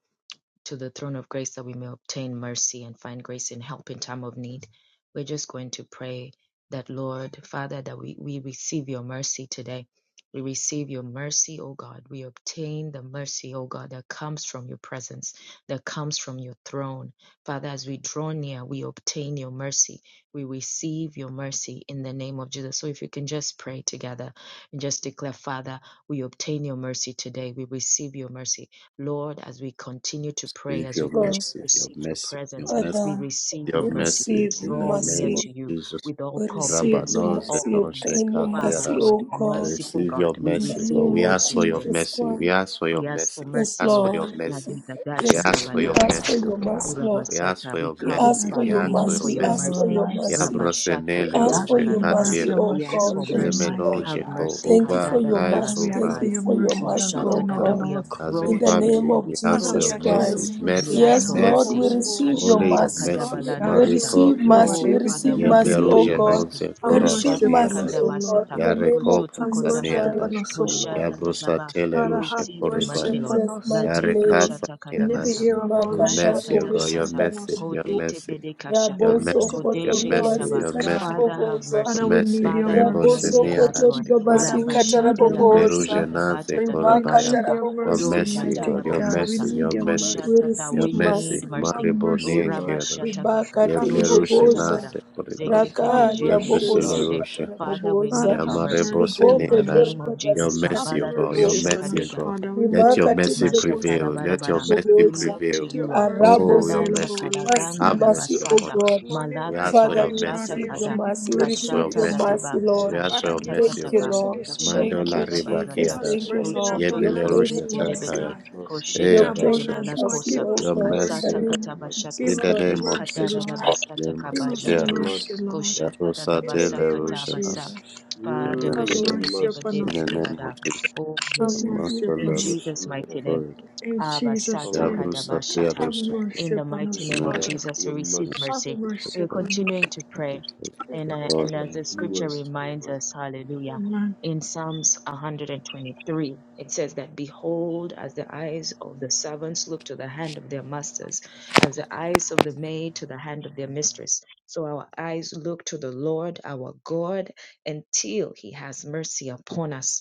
Speaker 1: to the throne of grace that we may obtain mercy and find grace and help in time of need. We're just going to pray that, Lord, Father, that we, we receive your mercy today. We receive your mercy, O God. We obtain the mercy, O God, that comes from your presence, that comes from your throne. Father, as we draw near, we obtain your mercy. We receive your mercy in the name of Jesus. So if you can just pray together and just declare, Father, we obtain your mercy today. We receive your mercy. Lord, as we continue to pray,
Speaker 3: Receive
Speaker 1: as we
Speaker 3: your
Speaker 4: Yes, Lord.
Speaker 1: continue
Speaker 3: mercy,
Speaker 1: to
Speaker 3: your
Speaker 1: seek your
Speaker 3: mercy, your
Speaker 1: presence,
Speaker 3: mercy,
Speaker 1: we
Speaker 4: Father,
Speaker 1: receive
Speaker 3: your
Speaker 1: your
Speaker 4: we
Speaker 1: mercy. We
Speaker 3: mercy
Speaker 4: receive your
Speaker 3: in the
Speaker 1: draw near
Speaker 3: name of
Speaker 4: mercy.
Speaker 1: to you
Speaker 3: Jesus.
Speaker 1: with all
Speaker 4: We receive
Speaker 1: confidence,
Speaker 4: your
Speaker 1: with
Speaker 3: Rabbanoze
Speaker 1: all
Speaker 4: mercy.
Speaker 3: no
Speaker 1: grace.
Speaker 4: Obtain your
Speaker 1: Father
Speaker 4: mercy,
Speaker 3: shekateras.
Speaker 4: O
Speaker 1: God,
Speaker 3: I
Speaker 4: God,
Speaker 1: merciful
Speaker 3: Receive your
Speaker 1: God, we
Speaker 4: in the
Speaker 3: mercy, God.
Speaker 1: receive your
Speaker 4: name
Speaker 3: We
Speaker 4: of
Speaker 3: ask
Speaker 1: mercy
Speaker 3: for your
Speaker 1: today.
Speaker 4: Jesus
Speaker 3: mercy. We
Speaker 4: Christ.
Speaker 3: ask for
Speaker 1: Oh,
Speaker 3: your
Speaker 1: yes,
Speaker 3: mercy.
Speaker 1: the
Speaker 3: We
Speaker 4: Yes,
Speaker 1: mercy,
Speaker 3: ask for
Speaker 1: Lord.
Speaker 3: your
Speaker 4: Lord.
Speaker 3: mercy.
Speaker 1: Nadika
Speaker 3: We
Speaker 1: dasha
Speaker 4: Yes, Lord.
Speaker 3: ask for
Speaker 4: We
Speaker 3: your
Speaker 4: ask
Speaker 1: tabadakata.
Speaker 4: for
Speaker 3: mercy,
Speaker 6: Yes,
Speaker 3: O
Speaker 4: your
Speaker 3: God.
Speaker 1: Oh,
Speaker 4: mercy, Lord.
Speaker 3: We ask
Speaker 1: Rabasata,
Speaker 3: for
Speaker 1: we
Speaker 3: your
Speaker 4: We
Speaker 6: We
Speaker 1: come, O
Speaker 4: ask
Speaker 3: mercy.
Speaker 6: ask
Speaker 4: for
Speaker 3: We
Speaker 6: for
Speaker 1: Father,
Speaker 4: your
Speaker 6: your
Speaker 1: we
Speaker 3: ask
Speaker 1: ask
Speaker 3: for
Speaker 4: mercy.
Speaker 3: your
Speaker 1: for
Speaker 4: We
Speaker 6: mercy
Speaker 1: your
Speaker 4: ask
Speaker 3: mercy.
Speaker 6: over
Speaker 4: for
Speaker 6: our
Speaker 1: mercy.
Speaker 4: your
Speaker 6: lives.
Speaker 4: mercy.
Speaker 1: Rabashata
Speaker 4: We
Speaker 6: We
Speaker 4: ask
Speaker 6: ask
Speaker 4: for
Speaker 6: for
Speaker 4: your
Speaker 6: your
Speaker 1: katabalarada.
Speaker 3: Yabrosenele
Speaker 4: mercy,
Speaker 6: mercy over
Speaker 4: oh
Speaker 6: our
Speaker 1: We ask
Speaker 4: God.
Speaker 1: for
Speaker 6: children,
Speaker 4: Thank
Speaker 1: mercy.
Speaker 4: you,
Speaker 3: Yemenon
Speaker 6: mighty
Speaker 4: Lord.
Speaker 1: Have
Speaker 6: God.
Speaker 3: Jeko
Speaker 1: mercy.
Speaker 4: Thank
Speaker 3: over
Speaker 4: you for
Speaker 3: our
Speaker 1: Kadada
Speaker 4: your
Speaker 6: Father,
Speaker 3: lives,
Speaker 4: mercy.
Speaker 6: we
Speaker 3: over
Speaker 6: ask
Speaker 4: Thank
Speaker 3: our-
Speaker 6: for
Speaker 4: you
Speaker 1: dabasakai.
Speaker 6: your
Speaker 4: for your
Speaker 6: mercy
Speaker 1: Oh,
Speaker 6: that are
Speaker 4: mercy,
Speaker 3: as,
Speaker 1: Shata
Speaker 4: oh
Speaker 6: going out
Speaker 3: as,
Speaker 1: dada.
Speaker 6: and
Speaker 1: We
Speaker 4: God.
Speaker 6: our
Speaker 3: as a
Speaker 6: coming
Speaker 4: In the
Speaker 6: in.
Speaker 1: approach
Speaker 4: name
Speaker 3: family.
Speaker 1: before
Speaker 4: of
Speaker 3: We
Speaker 1: we
Speaker 3: ask
Speaker 6: Father,
Speaker 3: for
Speaker 1: approach
Speaker 6: we
Speaker 3: your
Speaker 4: Jesus
Speaker 1: your
Speaker 6: ask for
Speaker 1: throne
Speaker 6: your
Speaker 3: mercy,
Speaker 4: Christ.
Speaker 1: and
Speaker 6: mercy
Speaker 1: we
Speaker 3: mercy,
Speaker 6: upon
Speaker 1: ask
Speaker 4: Yes,
Speaker 1: for
Speaker 6: our
Speaker 4: Lord,
Speaker 3: mercy.
Speaker 1: mercy.
Speaker 4: we
Speaker 6: household.
Speaker 4: receive your
Speaker 3: Only
Speaker 1: Kashata
Speaker 3: your
Speaker 4: mercy.
Speaker 6: Lord,
Speaker 3: mercy.
Speaker 6: we
Speaker 4: We
Speaker 6: ask your
Speaker 1: kadabaladabata.
Speaker 3: Mareko
Speaker 4: receive
Speaker 6: mercy over
Speaker 4: mercy.
Speaker 3: plerish.
Speaker 1: Oh,
Speaker 4: We
Speaker 1: Father,
Speaker 4: receive
Speaker 6: everything
Speaker 1: we
Speaker 6: that we
Speaker 4: mercy,
Speaker 1: need
Speaker 4: oh
Speaker 6: do.
Speaker 1: your
Speaker 3: Yebleruje
Speaker 4: God.
Speaker 1: mercy.
Speaker 3: nonze
Speaker 6: Have
Speaker 4: We receive
Speaker 6: mercy
Speaker 1: Kashata
Speaker 6: upon
Speaker 4: mercy,
Speaker 6: us,
Speaker 3: korabaneanas.
Speaker 6: O
Speaker 4: oh God.
Speaker 6: Lord.
Speaker 1: kadabasata.
Speaker 4: In the name of
Speaker 3: Yareko
Speaker 1: Kosoto
Speaker 6: Have
Speaker 4: Jesus
Speaker 6: mercy
Speaker 1: kozabara.
Speaker 4: Christ.
Speaker 6: upon
Speaker 3: protaneanas.
Speaker 6: us, O Lord.
Speaker 1: Koshata
Speaker 3: Yabrusatele
Speaker 1: we
Speaker 6: Father,
Speaker 3: rushe
Speaker 6: have
Speaker 1: receive your
Speaker 4: In
Speaker 6: mercy
Speaker 1: mercy,
Speaker 3: koribaya.
Speaker 1: Lord.
Speaker 6: upon
Speaker 4: Jesus'
Speaker 6: us.
Speaker 4: mighty
Speaker 1: Ladeke
Speaker 4: name.
Speaker 3: Yarekasa
Speaker 1: shata
Speaker 6: In every
Speaker 1: kadabasa.
Speaker 3: neanas.
Speaker 6: area of our
Speaker 1: O
Speaker 3: Your
Speaker 6: life,
Speaker 4: Imakatara
Speaker 6: have
Speaker 1: shata
Speaker 3: mercy, O God,
Speaker 4: bobosi
Speaker 6: mercy
Speaker 3: your
Speaker 1: tadabasa.
Speaker 6: upon
Speaker 3: mercy,
Speaker 6: us.
Speaker 3: your
Speaker 4: katara
Speaker 1: Kodete
Speaker 3: mercy,
Speaker 1: bedeka
Speaker 3: your
Speaker 6: Have
Speaker 1: shata.
Speaker 3: mercy,
Speaker 4: Raboso
Speaker 6: mercy upon
Speaker 3: your
Speaker 6: our
Speaker 4: kotori
Speaker 1: Kodeshe
Speaker 3: mercy,
Speaker 1: ketaba.
Speaker 6: families,
Speaker 3: your
Speaker 4: babasika
Speaker 6: God.
Speaker 3: mercy,
Speaker 1: Father, have
Speaker 4: kataraboboza.
Speaker 3: your
Speaker 6: Father,
Speaker 1: mercy.
Speaker 6: we need
Speaker 3: mercy.
Speaker 6: your
Speaker 1: Father, have
Speaker 3: Rebose
Speaker 6: mercy.
Speaker 4: Raboso
Speaker 1: mercy on us,
Speaker 3: neanas
Speaker 4: kotori
Speaker 1: Lord.
Speaker 6: Father, we
Speaker 4: babasika
Speaker 6: need
Speaker 1: Rabashata
Speaker 6: your
Speaker 1: dabasa
Speaker 6: mercy.
Speaker 4: taraboboza.
Speaker 3: Yeblerujanaze
Speaker 1: kadabata
Speaker 6: We
Speaker 4: Rimaka
Speaker 3: Korabaya.
Speaker 6: need
Speaker 1: tatapashaka.
Speaker 6: your
Speaker 3: Your
Speaker 6: mercy,
Speaker 4: tarabobosika
Speaker 1: Doja
Speaker 3: mercy,
Speaker 6: mighty
Speaker 3: God, your
Speaker 6: God. We
Speaker 3: mercy,
Speaker 1: tadabasata.
Speaker 4: kataraboboza.
Speaker 6: need
Speaker 3: your
Speaker 6: your
Speaker 3: mercy,
Speaker 6: mercy.
Speaker 4: We
Speaker 1: Koshatata.
Speaker 3: your
Speaker 4: receive
Speaker 1: We
Speaker 3: mercy.
Speaker 1: need
Speaker 4: mercy.
Speaker 6: Have
Speaker 1: mercy.
Speaker 3: Maribo
Speaker 1: O
Speaker 6: mercy, Lord.
Speaker 3: Nienkeros.
Speaker 1: rabashataka.
Speaker 4: Ribaka
Speaker 6: Have
Speaker 1: Dosha
Speaker 6: mercy,
Speaker 4: tiriboboza.
Speaker 1: katabara.
Speaker 6: Lord.
Speaker 3: Yeblerujanaze Korinos.
Speaker 1: Zekete
Speaker 6: Have
Speaker 4: Rakata
Speaker 1: bejende
Speaker 6: mercy, Lord.
Speaker 4: bobosika
Speaker 1: ketekete.
Speaker 3: Yebleruselerushekos.
Speaker 1: Father, we
Speaker 4: kataraboboza.
Speaker 6: Father,
Speaker 1: need your
Speaker 6: have
Speaker 1: mercy
Speaker 3: Yamarebo
Speaker 6: mercy
Speaker 1: in the
Speaker 4: Riboko
Speaker 6: upon
Speaker 3: Seneadas.
Speaker 6: us.
Speaker 4: tori
Speaker 1: name of
Speaker 3: Your
Speaker 1: Jesus.
Speaker 4: babasi
Speaker 6: Have
Speaker 3: mercy, O God,
Speaker 1: Kabalarado
Speaker 6: mercy
Speaker 3: your
Speaker 4: kataraboboza
Speaker 6: upon
Speaker 3: mercy, O
Speaker 6: us,
Speaker 1: shakadega,
Speaker 3: God.
Speaker 6: Father, we
Speaker 3: Let
Speaker 6: pray.
Speaker 3: your
Speaker 4: rimakatiri
Speaker 3: mercy
Speaker 1: mashata
Speaker 3: prevail. Let your
Speaker 1: labarabara.
Speaker 3: mercy
Speaker 1: We
Speaker 4: bobosikatarabobosa
Speaker 1: look to
Speaker 6: Let
Speaker 3: prevail.
Speaker 1: you,
Speaker 6: your
Speaker 1: Lord.
Speaker 6: mercy
Speaker 4: arabo
Speaker 3: Oh, your
Speaker 6: prevail
Speaker 1: Labanza
Speaker 4: sokoto
Speaker 6: over
Speaker 3: mercy.
Speaker 6: our
Speaker 4: mercy
Speaker 6: lives,
Speaker 1: kalaganda
Speaker 3: Have
Speaker 6: God.
Speaker 4: mercy
Speaker 3: mercy
Speaker 4: oh
Speaker 3: upon
Speaker 1: labasata,
Speaker 3: us.
Speaker 4: god
Speaker 6: Morning
Speaker 3: We
Speaker 6: by
Speaker 1: malaka
Speaker 3: ask for
Speaker 4: father
Speaker 3: your
Speaker 4: we
Speaker 6: morning,
Speaker 3: mercy,
Speaker 1: tabashata
Speaker 6: Father,
Speaker 3: O
Speaker 4: receive
Speaker 6: you
Speaker 3: God.
Speaker 4: your
Speaker 1: kada,
Speaker 6: said your
Speaker 4: mercy
Speaker 3: We
Speaker 4: we
Speaker 6: mercy
Speaker 3: ask for
Speaker 4: receive
Speaker 3: your
Speaker 6: we
Speaker 1: kashata
Speaker 4: your
Speaker 3: mercy.
Speaker 6: see.
Speaker 4: mercy
Speaker 1: dadaba,
Speaker 4: lord
Speaker 3: We ask for
Speaker 6: Father,
Speaker 3: your
Speaker 1: kashata
Speaker 6: give
Speaker 3: mercy,
Speaker 6: us
Speaker 3: O
Speaker 4: thank you
Speaker 3: God.
Speaker 1: tataba,
Speaker 6: mercy
Speaker 4: lord
Speaker 6: this
Speaker 1: kashata
Speaker 6: morning.
Speaker 4: thank you
Speaker 3: Mandola
Speaker 5: Mercy,
Speaker 3: Rebaki
Speaker 6: Give
Speaker 4: jesus
Speaker 1: tatabazata,
Speaker 6: us
Speaker 3: Adash.
Speaker 4: thank you
Speaker 6: mercy in
Speaker 4: lord
Speaker 1: koshoto
Speaker 4: we
Speaker 3: Yebele
Speaker 6: abundance
Speaker 4: obtain
Speaker 6: this
Speaker 3: Rusha
Speaker 4: your
Speaker 1: dobozete
Speaker 6: morning,
Speaker 4: mercy
Speaker 3: Takaya.
Speaker 1: debeze,
Speaker 6: God.
Speaker 5: mercy
Speaker 4: we
Speaker 3: Hey
Speaker 5: of
Speaker 6: in
Speaker 1: koshete
Speaker 4: obtain
Speaker 1: kete
Speaker 3: Adash.
Speaker 4: your
Speaker 6: abundance, Lord.
Speaker 4: mercy
Speaker 1: balakosa,
Speaker 6: Give
Speaker 4: oh
Speaker 6: us
Speaker 3: Your
Speaker 6: some
Speaker 4: god in the
Speaker 3: mercy,
Speaker 1: kasata
Speaker 3: O
Speaker 6: mercy.
Speaker 3: God.
Speaker 4: name of
Speaker 5: God.
Speaker 1: katabashata,
Speaker 3: In
Speaker 6: Give
Speaker 4: jesus
Speaker 3: the
Speaker 6: us some
Speaker 1: e
Speaker 3: name
Speaker 4: christ
Speaker 3: of
Speaker 6: mercy,
Speaker 3: Jesus.
Speaker 6: Lord.
Speaker 1: kadarabasata
Speaker 6: Give us
Speaker 4: thank
Speaker 3: Yemasate
Speaker 6: some
Speaker 4: you
Speaker 1: kabajataka,
Speaker 3: Arush.
Speaker 6: mercy,
Speaker 5: Mercy
Speaker 6: Lord.
Speaker 5: of God.
Speaker 1: koshata
Speaker 6: In the
Speaker 3: Yarosate
Speaker 1: dadabasa
Speaker 6: name of
Speaker 3: Lerusha
Speaker 1: katabasa.
Speaker 3: Nas.
Speaker 6: Jesus,
Speaker 3: Your
Speaker 1: Father,
Speaker 6: have
Speaker 3: mercy, O
Speaker 5: Mm, the
Speaker 4: lord
Speaker 3: God.
Speaker 1: Basheke,
Speaker 6: mercy
Speaker 1: Teba,
Speaker 6: upon
Speaker 5: mercies
Speaker 3: In
Speaker 6: us,
Speaker 1: Dese,
Speaker 3: the
Speaker 6: Lord.
Speaker 3: name of
Speaker 1: Kebada.
Speaker 3: Jesus.
Speaker 1: Oh,
Speaker 6: Have
Speaker 4: thank
Speaker 1: yes, Lord.
Speaker 3: Master
Speaker 4: you
Speaker 6: mercy
Speaker 1: In
Speaker 6: upon
Speaker 3: Lerusha
Speaker 4: jesus
Speaker 5: of
Speaker 6: us.
Speaker 1: Jesus'
Speaker 5: God.
Speaker 1: mighty
Speaker 5: Amen.
Speaker 1: name.
Speaker 3: Koya.
Speaker 6: In Jesus'
Speaker 1: Abasata
Speaker 6: name,
Speaker 5: Hallelujah.
Speaker 3: Yabrusate
Speaker 1: kadabashata.
Speaker 6: have
Speaker 3: Arush.
Speaker 1: In
Speaker 6: mercy
Speaker 1: the
Speaker 6: upon
Speaker 1: mighty
Speaker 5: Thank
Speaker 6: us,
Speaker 1: name
Speaker 5: you,
Speaker 1: of
Speaker 3: Amen.
Speaker 6: Father.
Speaker 5: God, for
Speaker 1: Jesus, we
Speaker 5: your
Speaker 1: receive
Speaker 3: Mercy,
Speaker 6: Have
Speaker 5: mercies
Speaker 1: mercy.
Speaker 3: Rusha
Speaker 1: We
Speaker 6: mercy
Speaker 1: are
Speaker 6: upon us.
Speaker 1: continuing to pray.
Speaker 3: Mercy,
Speaker 1: And, uh,
Speaker 5: that
Speaker 1: and
Speaker 3: Koya.
Speaker 1: as the scripture
Speaker 5: endures
Speaker 1: reminds
Speaker 5: forever.
Speaker 1: us, hallelujah,
Speaker 6: Amen.
Speaker 1: in Psalms 123, it says that, Behold, as the eyes of the servants look to the hand of their masters, as the eyes of the maid to the hand of their mistress. So our eyes look to the Lord, our God, until he has mercy upon us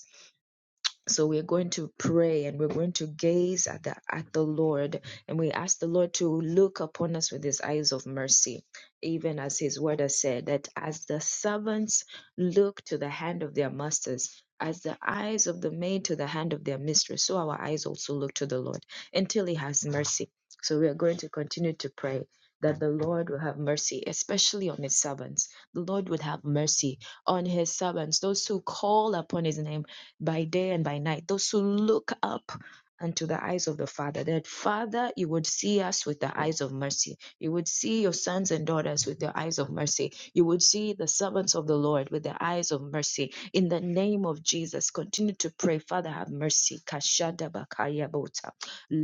Speaker 1: so we're going to pray and we're going to gaze at the at the Lord and we ask the Lord to look upon us with his eyes of mercy even as his word has said that as the servants look to the hand of their masters as the eyes of the maid to the hand of their mistress so our eyes also look to the Lord until he has mercy so we are going to continue to pray that the Lord will have mercy, especially on his servants. The Lord would have mercy on his servants, those who call upon his name by day and by night. Those who look up unto the eyes of the Father, that Father, you would see us with the eyes of mercy. You would see your sons and daughters with the eyes of mercy. You would see the servants of the Lord with the eyes of mercy. In the name of Jesus, continue to pray. Father, have mercy. Kashada bakaya bota.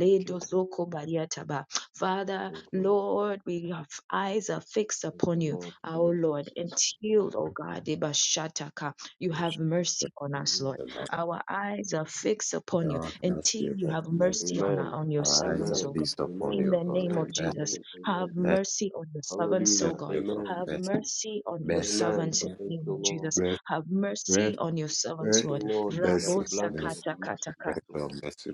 Speaker 5: Thank you, Lord.
Speaker 1: zoko bariataba. Father,
Speaker 5: Thank you, Lord.
Speaker 1: Lord, we have eyes are fixed
Speaker 5: Thank
Speaker 1: upon
Speaker 5: you,
Speaker 1: you,
Speaker 5: Lord, for your
Speaker 1: our Lord, and
Speaker 5: mercies.
Speaker 1: healed, O God. Deba shataka. You
Speaker 3: Rusha
Speaker 1: have mercy on us,
Speaker 5: Mm.
Speaker 1: Lord.
Speaker 3: Koya.
Speaker 1: Our eyes are fixed upon you
Speaker 3: Your
Speaker 1: until
Speaker 3: mercy, O
Speaker 1: you
Speaker 3: God.
Speaker 1: have
Speaker 3: Mercy.
Speaker 1: mercy on, our,
Speaker 5: Amen.
Speaker 1: on your
Speaker 3: Our eyes are
Speaker 1: servants, O
Speaker 5: Amen.
Speaker 1: God.
Speaker 3: feast upon
Speaker 1: In
Speaker 5: Amen.
Speaker 3: you,
Speaker 1: the
Speaker 3: O
Speaker 1: name of
Speaker 5: Amen.
Speaker 3: God.
Speaker 1: Jesus,
Speaker 5: Amen.
Speaker 1: have
Speaker 5: Amen.
Speaker 3: Mercy.
Speaker 1: mercy on your servants,
Speaker 3: I
Speaker 5: Hallelujah.
Speaker 1: O God.
Speaker 3: still go for
Speaker 5: Amen.
Speaker 1: Have
Speaker 3: Bessie.
Speaker 1: mercy on your
Speaker 3: Bessie.
Speaker 5: Amen.
Speaker 1: servants in
Speaker 5: Thank
Speaker 1: the name
Speaker 5: you,
Speaker 1: of
Speaker 5: Lord.
Speaker 1: Jesus. Have
Speaker 3: Bessie.
Speaker 1: mercy on your
Speaker 5: Thank
Speaker 1: servants,
Speaker 5: you,
Speaker 1: Lord.
Speaker 3: Bessie.
Speaker 5: Lord, for that
Speaker 1: Rabo
Speaker 3: Bessie.
Speaker 5: blanket of
Speaker 3: Bessie.
Speaker 1: sakata
Speaker 3: Pray
Speaker 1: kataka.
Speaker 5: mercies, the
Speaker 3: for
Speaker 5: Lord.
Speaker 3: Bessie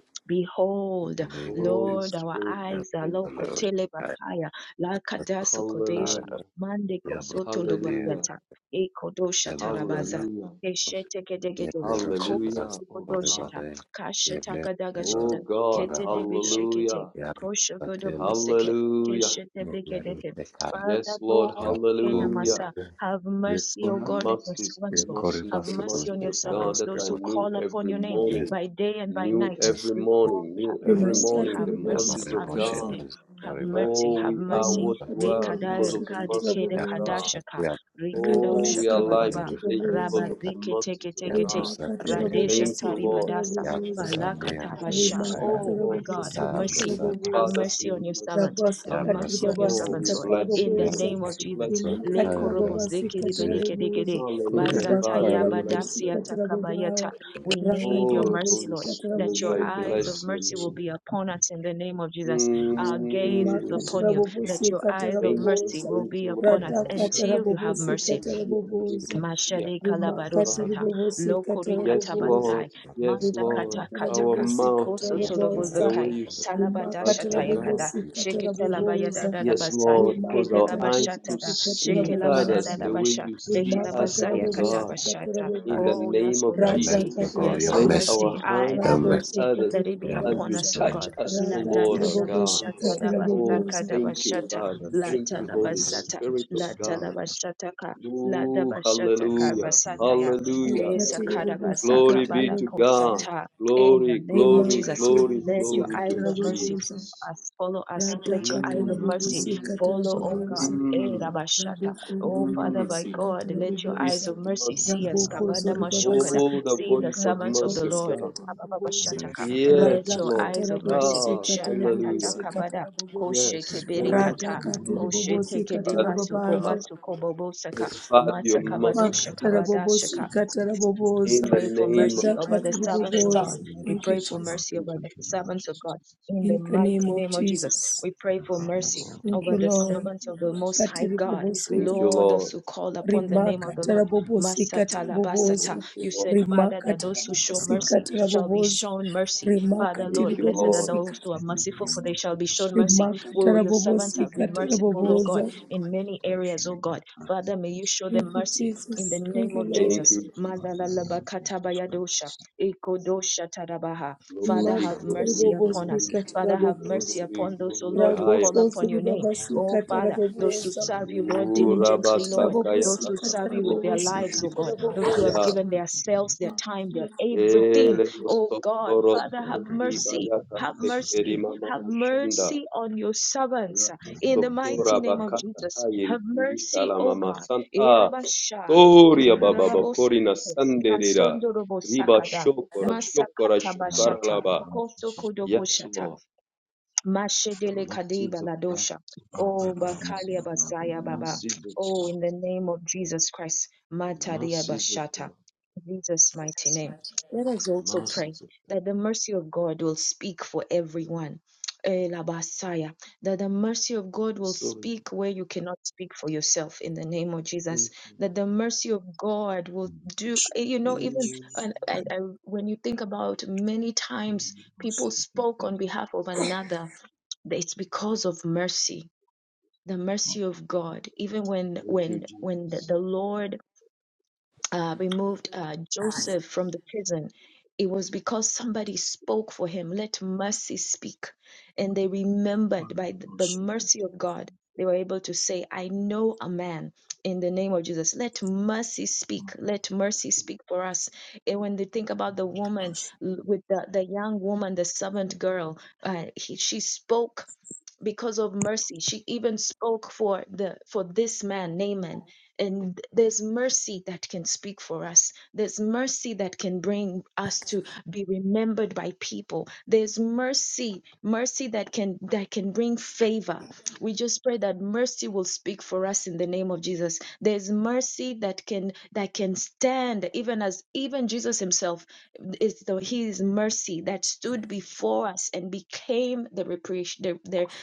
Speaker 3: in
Speaker 1: Behold,
Speaker 3: the name of
Speaker 5: Holy
Speaker 1: Lord,
Speaker 3: Jesus.
Speaker 1: our
Speaker 5: Spirit, I
Speaker 3: And
Speaker 1: eyes are
Speaker 5: thank
Speaker 3: the
Speaker 5: you,
Speaker 3: Lord.
Speaker 5: Lord.
Speaker 1: lokotele
Speaker 3: I pray
Speaker 1: bakaya, lakadasu kodesha,
Speaker 5: Hallelujah.
Speaker 3: that
Speaker 1: mande
Speaker 3: Yabro
Speaker 1: kosoto
Speaker 3: Daniel.
Speaker 5: Hallelujah.
Speaker 1: lobayata, ekodosha
Speaker 3: Emma
Speaker 1: tarabaza.
Speaker 3: Salatos.
Speaker 5: Hallelujah.
Speaker 1: Keshete kedegede,
Speaker 3: Yeble
Speaker 1: kozo
Speaker 3: Roshanas.
Speaker 5: Hallelujah. Oh
Speaker 3: Forever
Speaker 5: God.
Speaker 1: tukodoshata,
Speaker 3: day.
Speaker 1: kashata
Speaker 3: Yeble Roshanas.
Speaker 5: Oh
Speaker 1: kadagashata,
Speaker 5: God.
Speaker 1: kete
Speaker 3: Forever
Speaker 1: debe
Speaker 3: day.
Speaker 1: shekete,
Speaker 5: Hallelujah.
Speaker 3: Yabro
Speaker 1: kosho
Speaker 3: Satel.
Speaker 1: godoboseke,
Speaker 5: Hallelujah.
Speaker 1: keshete
Speaker 3: Yeble
Speaker 1: begedeke.
Speaker 3: Roshakai.
Speaker 5: Yes,
Speaker 1: Father,
Speaker 5: Lord.
Speaker 1: Lord,
Speaker 3: Yakobo.
Speaker 5: Hallelujah.
Speaker 1: Kenamasa, have mercy, O
Speaker 5: The
Speaker 3: Yekora.
Speaker 1: God, on your
Speaker 5: mercies, the
Speaker 1: servants, Lord.
Speaker 3: Yekore
Speaker 5: mercies,
Speaker 1: Have
Speaker 5: the
Speaker 3: Basino
Speaker 1: mercy on
Speaker 5: mercies
Speaker 1: your
Speaker 5: of God
Speaker 1: servants,
Speaker 5: that
Speaker 1: those
Speaker 5: I
Speaker 1: who
Speaker 3: Shekaro.
Speaker 5: knew
Speaker 1: call upon
Speaker 5: every
Speaker 1: your name
Speaker 5: morning.
Speaker 1: by day and by
Speaker 5: Knew
Speaker 1: night.
Speaker 3: Yes,
Speaker 5: every
Speaker 1: Lord,
Speaker 3: yes,
Speaker 5: morning.
Speaker 1: have
Speaker 5: Knew
Speaker 3: yes.
Speaker 5: every
Speaker 1: mercy,
Speaker 5: morning.
Speaker 1: have
Speaker 5: The
Speaker 4: rimakatiri
Speaker 3: Yeah,
Speaker 1: mercy,
Speaker 5: mercies
Speaker 3: Mary
Speaker 1: have
Speaker 5: of
Speaker 3: Boshe
Speaker 4: bobosikasa
Speaker 5: God.
Speaker 1: mercy.
Speaker 3: knows the
Speaker 1: Have
Speaker 3: story by
Speaker 1: mercy,
Speaker 5: Oh,
Speaker 1: have
Speaker 5: we
Speaker 3: yeah,
Speaker 5: are
Speaker 1: mercy.
Speaker 5: what
Speaker 3: but
Speaker 5: we
Speaker 3: they
Speaker 1: De
Speaker 4: rimakatiri
Speaker 5: are
Speaker 3: could have,
Speaker 1: kada
Speaker 5: because
Speaker 3: uh,
Speaker 5: of the
Speaker 1: kadi
Speaker 5: mercies
Speaker 1: kede
Speaker 5: of
Speaker 3: yeah,
Speaker 4: bobosikatarabobosa
Speaker 5: God.
Speaker 3: Rosati,
Speaker 1: kadashaka,
Speaker 3: yeah, they could, uh,
Speaker 5: Oh, we are
Speaker 4: ribasa
Speaker 1: rikadoshaka
Speaker 3: they
Speaker 5: alive
Speaker 3: play
Speaker 1: bababa,
Speaker 3: Rush-
Speaker 5: today
Speaker 3: they
Speaker 5: because
Speaker 4: katiribobosa
Speaker 1: raba
Speaker 3: play
Speaker 5: of
Speaker 3: Ka-
Speaker 5: the
Speaker 1: zeke teke
Speaker 5: mercies of
Speaker 3: yeah,
Speaker 1: teke te,
Speaker 5: God.
Speaker 3: Rosati, they Rush-
Speaker 1: radesha
Speaker 5: Thank
Speaker 4: rimakatarabobosi
Speaker 5: you, Lord.
Speaker 1: taribadasa,
Speaker 5: Thank
Speaker 3: yeah,
Speaker 4: katarabobosa
Speaker 3: Rosati,
Speaker 1: balaka
Speaker 3: yeah,
Speaker 5: you, Lord.
Speaker 1: tabasha.
Speaker 5: Thank you, Lord. Thank
Speaker 3: Sekaya,
Speaker 5: you,
Speaker 1: Oh my
Speaker 5: Lord.
Speaker 1: God,
Speaker 4: rimakatarabobosi
Speaker 1: have
Speaker 3: yeah,
Speaker 1: mercy.
Speaker 5: Thank
Speaker 3: Rosati,
Speaker 5: you,
Speaker 1: Have
Speaker 4: katarabobosa
Speaker 5: Father, for
Speaker 1: mercy
Speaker 5: your
Speaker 1: on your
Speaker 5: mercies.
Speaker 1: servant.
Speaker 4: rabasa
Speaker 1: Have
Speaker 3: yeah,
Speaker 1: mercy
Speaker 3: Rosati,
Speaker 1: on your
Speaker 4: katiribabasi
Speaker 5: Oh,
Speaker 1: servant,
Speaker 5: we
Speaker 1: Lord.
Speaker 5: bless
Speaker 1: In
Speaker 5: your
Speaker 3: yeah,
Speaker 1: the
Speaker 4: katarabobosa
Speaker 5: name.
Speaker 1: name of
Speaker 5: We
Speaker 1: Jesus.
Speaker 5: bless
Speaker 3: yeah,
Speaker 5: your name,
Speaker 1: Le
Speaker 5: Lord.
Speaker 1: korobos
Speaker 4: rimakatarabobosi
Speaker 3: yeah, yeah,
Speaker 4: katarabobosa
Speaker 1: zekeribedekedekede,
Speaker 5: Hallelujah, Father.
Speaker 1: bazataya
Speaker 5: I
Speaker 3: Kaya,
Speaker 5: bless
Speaker 4: ribakatarabobosi
Speaker 5: your name.
Speaker 1: badasiata
Speaker 4: katarabobawa
Speaker 1: kabayata.
Speaker 3: yeah,
Speaker 1: We
Speaker 3: Rush-
Speaker 1: need your
Speaker 5: Oh,
Speaker 4: rakatarabobosi
Speaker 1: mercy,
Speaker 5: Holy
Speaker 1: Lord that
Speaker 5: Spirit,
Speaker 1: your
Speaker 5: I
Speaker 4: katarabobosa
Speaker 3: yeah,
Speaker 1: eyes
Speaker 3: Rush-
Speaker 1: of
Speaker 5: bless your
Speaker 1: mercy will
Speaker 5: name.
Speaker 1: be upon us in the name of Jesus.
Speaker 3: yeah, Rush-
Speaker 1: Our gaze is
Speaker 5: Mm.
Speaker 4: makatara
Speaker 1: upon you,
Speaker 4: bobosi
Speaker 1: that your
Speaker 4: katara
Speaker 1: eyes of
Speaker 5: Thank you,
Speaker 1: mercy
Speaker 4: bobosa
Speaker 1: will
Speaker 5: thank
Speaker 1: be
Speaker 5: you, Lord.
Speaker 3: yeah, Rush- yeah, yeah, yeah,
Speaker 1: upon
Speaker 3: yeah,
Speaker 4: rada
Speaker 1: us
Speaker 5: Cause
Speaker 3: Rosati,
Speaker 4: katara
Speaker 5: our
Speaker 1: until you have
Speaker 5: ears
Speaker 4: bobosi
Speaker 1: mercy.
Speaker 5: to
Speaker 4: katara
Speaker 5: hear the way
Speaker 4: bobosa
Speaker 5: you hear
Speaker 1: Mashade
Speaker 5: us, oh God.
Speaker 4: rimakatiri
Speaker 1: kalabarosata,
Speaker 4: bobosi
Speaker 1: lokori
Speaker 4: katara
Speaker 5: Yes,
Speaker 4: bobosa
Speaker 5: Lord.
Speaker 1: katabasai,
Speaker 5: Yes,
Speaker 1: master
Speaker 5: Lord.
Speaker 1: kata
Speaker 4: rimakatara
Speaker 5: Our
Speaker 1: kataka,
Speaker 4: bobosi
Speaker 5: mouth
Speaker 4: katara
Speaker 1: koso
Speaker 5: to speak
Speaker 4: bobosa
Speaker 5: the way
Speaker 1: tolobozakai,
Speaker 5: you speak to
Speaker 3: yeah,
Speaker 5: us,
Speaker 1: talabadasha
Speaker 4: rimakatara
Speaker 5: oh
Speaker 3: Rosati, yeah,
Speaker 5: God.
Speaker 1: tayakada,
Speaker 4: bobosi katara
Speaker 1: sheke
Speaker 4: bobosa
Speaker 5: Yes,
Speaker 1: talabayadadabasai,
Speaker 5: Lord, cause our
Speaker 3: Rosati,
Speaker 4: rimakatara
Speaker 3: yeah,
Speaker 5: eyes to
Speaker 4: bobosi
Speaker 1: kedelabashatada,
Speaker 4: katara
Speaker 3: Your
Speaker 1: sheke
Speaker 5: see
Speaker 1: labadadabasha,
Speaker 3: mercy,
Speaker 1: sheke
Speaker 4: bobosa
Speaker 1: labada
Speaker 5: others
Speaker 1: da
Speaker 3: your
Speaker 5: the way
Speaker 1: basha,
Speaker 5: you
Speaker 1: teke
Speaker 5: see us,
Speaker 4: rimakatara
Speaker 5: O
Speaker 1: labazaya
Speaker 3: goodness,
Speaker 4: bobosi
Speaker 5: God.
Speaker 3: your mercy,
Speaker 4: katara
Speaker 1: katabashata.
Speaker 5: In
Speaker 3: God.
Speaker 5: the
Speaker 4: bobosa
Speaker 1: Oh, we
Speaker 5: name
Speaker 1: ask for
Speaker 5: of
Speaker 3: your mercy,
Speaker 1: mercy,
Speaker 3: your
Speaker 5: Jesus,
Speaker 1: we
Speaker 3: God,
Speaker 1: ask
Speaker 3: your
Speaker 1: for
Speaker 5: let
Speaker 3: mercy,
Speaker 4: Ratakatarabobosa,
Speaker 5: our
Speaker 1: mercy, eyes
Speaker 3: your
Speaker 5: hands
Speaker 1: of
Speaker 5: touch
Speaker 3: mercy,
Speaker 1: mercy,
Speaker 5: others
Speaker 1: let it be
Speaker 3: your
Speaker 5: as
Speaker 3: mercy,
Speaker 1: upon
Speaker 5: you
Speaker 4: rabosokotoribobaza,
Speaker 1: us, O
Speaker 5: touch
Speaker 3: Lord.
Speaker 1: God.
Speaker 5: us, O
Speaker 1: La da
Speaker 5: Lord,
Speaker 1: da
Speaker 5: our
Speaker 1: da
Speaker 5: God.
Speaker 1: bashata da
Speaker 5: Oh,
Speaker 4: rakatiribobosikatarabobosa,
Speaker 1: basaka da
Speaker 5: thank you,
Speaker 1: bashata,
Speaker 5: Father.
Speaker 1: la
Speaker 5: Thank you, Holy
Speaker 1: talabasata,
Speaker 5: Spirit of
Speaker 1: la
Speaker 5: God.
Speaker 1: talabashataka.
Speaker 5: Ooh,
Speaker 1: Ladabashata
Speaker 5: hallelujah.
Speaker 1: Karvasataya.
Speaker 5: Hallelujah.
Speaker 1: Esa Karabasa
Speaker 5: Glory be
Speaker 1: Kabala
Speaker 5: to
Speaker 4: ikatiribobosikatarabobosa,
Speaker 5: God.
Speaker 1: Kosata. In the
Speaker 5: Glory,
Speaker 1: name of
Speaker 5: glory,
Speaker 1: Jesus,
Speaker 5: glory,
Speaker 1: let your
Speaker 5: glory
Speaker 1: eyes
Speaker 5: to
Speaker 1: of mercy
Speaker 4: rimakatiribobosikatarabobosa,
Speaker 5: Jesus.
Speaker 1: us follow us. Let your eyes of
Speaker 5: Mm,
Speaker 1: mercy follow, oh God.
Speaker 4: ratakatarabobosikatarabobosa,
Speaker 1: Eh
Speaker 5: mm,
Speaker 1: Rabashata. Oh
Speaker 4: rabokondiri
Speaker 1: Father
Speaker 5: mm.
Speaker 1: by God,
Speaker 4: babasikatela
Speaker 5: The
Speaker 1: let your
Speaker 5: voice
Speaker 1: eyes
Speaker 4: bobosa
Speaker 1: of
Speaker 5: of
Speaker 1: mercy
Speaker 5: mercy.
Speaker 1: see us. Kabanda
Speaker 4: rabokozori
Speaker 1: Mashokada.
Speaker 5: Oh, the
Speaker 4: babasikatela
Speaker 1: See the
Speaker 5: voice of
Speaker 4: bakandiri
Speaker 1: servants of the
Speaker 5: mercy of
Speaker 1: Lord. Eh,
Speaker 5: God.
Speaker 4: babasikatela bobosa
Speaker 1: Kabababashataka. Let
Speaker 5: Yes,
Speaker 1: your
Speaker 5: Lord.
Speaker 1: eyes
Speaker 4: radakatela
Speaker 1: of mercy.
Speaker 5: Ah,
Speaker 4: bobosikatela
Speaker 1: Shata tata
Speaker 5: hallelujah.
Speaker 1: kabada.
Speaker 4: bobosikatela bobosa
Speaker 5: Yes, may
Speaker 1: Koshekebere
Speaker 5: we also
Speaker 1: kata.
Speaker 5: be
Speaker 4: radakatiri
Speaker 5: merciful
Speaker 1: Koshete
Speaker 5: to
Speaker 4: bobosikatela
Speaker 5: others,
Speaker 1: kedemasu
Speaker 5: O
Speaker 4: babaza
Speaker 5: God.
Speaker 1: komasu kobobosaka.
Speaker 5: As Father, you're merciful
Speaker 1: Matsakabadosha
Speaker 5: to
Speaker 4: makatela
Speaker 5: us as
Speaker 1: kabadashaka.
Speaker 5: well.
Speaker 4: bobosikatela
Speaker 1: We
Speaker 4: bobosa
Speaker 5: In the
Speaker 1: pray for
Speaker 5: name of
Speaker 1: mercy over the
Speaker 4: radakatiri
Speaker 5: Jesus.
Speaker 1: servants
Speaker 5: In
Speaker 1: of
Speaker 4: bobosa
Speaker 5: the
Speaker 1: God.
Speaker 5: name of
Speaker 1: We
Speaker 4: thank you
Speaker 1: pray for
Speaker 5: Jesus.
Speaker 4: jesus
Speaker 1: mercy
Speaker 5: In the
Speaker 1: over the
Speaker 5: name of
Speaker 1: servants of God.
Speaker 5: Jesus.
Speaker 1: In
Speaker 4: in
Speaker 1: the
Speaker 4: the name
Speaker 1: mighty
Speaker 4: of
Speaker 1: name of Jesus,
Speaker 4: jesus
Speaker 1: we pray for mercy
Speaker 4: thank
Speaker 1: over
Speaker 4: you
Speaker 1: the
Speaker 4: lord
Speaker 1: servants of the Most High
Speaker 4: rakatiri
Speaker 1: God.
Speaker 5: Thank you,
Speaker 1: Lord,
Speaker 4: bobosikatela
Speaker 1: those
Speaker 5: Lord.
Speaker 1: who call upon the name of
Speaker 4: rimaka
Speaker 1: the Lord.
Speaker 4: tarabobosika
Speaker 1: Masatalabasata.
Speaker 4: tarabobosa
Speaker 5: Thank you,
Speaker 1: You said,
Speaker 5: Lord.
Speaker 1: Father,
Speaker 4: rimaka
Speaker 1: that those who show
Speaker 4: tarabobosika
Speaker 1: mercy shall be
Speaker 4: tarabobosa
Speaker 1: shown mercy.
Speaker 4: rimaka
Speaker 1: Father, Lord,
Speaker 5: Thank you,
Speaker 1: blessed are
Speaker 5: Lord.
Speaker 4: tiribobosika
Speaker 1: those who are merciful, for they shall be shown mercy.
Speaker 4: rimaka
Speaker 1: Well, your servants have
Speaker 4: tarabobosika
Speaker 1: been
Speaker 5: Thank
Speaker 1: merciful,
Speaker 5: you,
Speaker 1: O God,
Speaker 4: tarabobosa
Speaker 5: Lord.
Speaker 1: in many areas, O God. Father, may you show them
Speaker 4: thank you
Speaker 1: mercy in the
Speaker 4: jesus
Speaker 1: name
Speaker 4: thank you
Speaker 1: of
Speaker 4: lord
Speaker 5: Thank you, Lord. Thank
Speaker 1: Jesus.
Speaker 5: you, Jesus.
Speaker 1: Malalalabakatabayadosha, Ikodosha Tarabaha. Father,
Speaker 5: Glory,
Speaker 4: rimaka
Speaker 1: have
Speaker 5: glory,
Speaker 1: mercy upon us.
Speaker 5: glory,
Speaker 4: tarabobosika
Speaker 1: Father,
Speaker 5: glory,
Speaker 1: have mercy
Speaker 4: tarabobosa
Speaker 5: glory,
Speaker 1: upon those, O
Speaker 5: glory in the
Speaker 1: Lord, who call
Speaker 5: highest.
Speaker 4: rabokosi
Speaker 1: upon your name. Oh,
Speaker 4: ribabasika
Speaker 1: Father, those who
Speaker 4: tarabobosa
Speaker 1: serve you, Lord,
Speaker 5: O
Speaker 4: rimaka
Speaker 1: diligently, Lord,
Speaker 5: Rabasakaya
Speaker 1: those who
Speaker 4: tarabobosika
Speaker 1: serve you
Speaker 5: Takababu
Speaker 1: with their
Speaker 4: tarabobosika
Speaker 1: lives, oh
Speaker 5: Shindi
Speaker 1: God, those
Speaker 4: tarabobosika
Speaker 1: who have
Speaker 5: Bakaya.
Speaker 1: given their selves, their time, their everything.
Speaker 5: Ele
Speaker 1: Oh God,
Speaker 5: Sokoro
Speaker 1: Father, have
Speaker 5: Moteti
Speaker 1: mercy.
Speaker 5: Bayaka
Speaker 1: Have
Speaker 5: Sekeri
Speaker 1: mercy,
Speaker 5: Mama
Speaker 1: have
Speaker 5: Mashanda.
Speaker 1: mercy on your servants
Speaker 5: Latu
Speaker 1: in the mighty
Speaker 5: Sokora
Speaker 1: name of
Speaker 5: Bakata
Speaker 1: Jesus. Have
Speaker 5: Kairi Kirisa
Speaker 1: mercy,
Speaker 5: la
Speaker 1: O
Speaker 5: Mama
Speaker 1: God.
Speaker 5: Santa. Toria Baba
Speaker 1: Ekarababos
Speaker 5: Bakorina Sanderira.
Speaker 1: kasondo Robo
Speaker 5: Riba
Speaker 1: sakada Ekarababosite, kasondorobosakada,
Speaker 5: Shokora Shokora Shokara
Speaker 1: masakatabashata,
Speaker 5: Laba. Yes,
Speaker 1: kosokodokoshata.
Speaker 5: Lord. The
Speaker 1: Mashedele Kadeba
Speaker 5: mercies of God.
Speaker 1: Ladosha. Oh, Bakalia
Speaker 5: The
Speaker 1: Basaya Baba.
Speaker 5: Mercies of
Speaker 1: Oh,
Speaker 5: God.
Speaker 1: in the name of Jesus Christ.
Speaker 5: the
Speaker 1: Mataria
Speaker 5: Mercies of
Speaker 1: Bashata.
Speaker 5: God.
Speaker 1: Jesus' mighty name. Let us
Speaker 5: the
Speaker 1: also pray
Speaker 5: Mercies of
Speaker 1: that the mercy of God will speak for everyone. Eh, Labasaya. That the mercy of God
Speaker 5: the
Speaker 1: will
Speaker 5: authority.
Speaker 1: speak where you cannot speak for yourself in the name of Jesus.
Speaker 5: Thank you,
Speaker 1: That the
Speaker 5: Lord.
Speaker 1: mercy of God will do, you know, even
Speaker 5: Mm.
Speaker 1: and, and, and when you think about many times people spoke on behalf of another it's because of mercy the mercy of god even when
Speaker 5: Thank you,
Speaker 1: when when the,
Speaker 5: Jesus.
Speaker 1: the lord uh, removed uh, joseph from the prison it was because somebody spoke for him let mercy speak and they remembered by the, the
Speaker 7: Thank
Speaker 1: mercy of god they were able to say i know a man in the name of jesus let mercy speak let mercy speak for us and when they think about the woman l- with the, the young woman the servant girl uh, he, she spoke because of mercy she even spoke for the for this man naaman and there's mercy that can speak for us there's mercy that can bring us to be remembered by people there's mercy mercy that can that can bring favor we just pray that mercy will speak for us in the name of jesus there's mercy that can that can stand even as even jesus himself is the his mercy that stood before us and became the reparation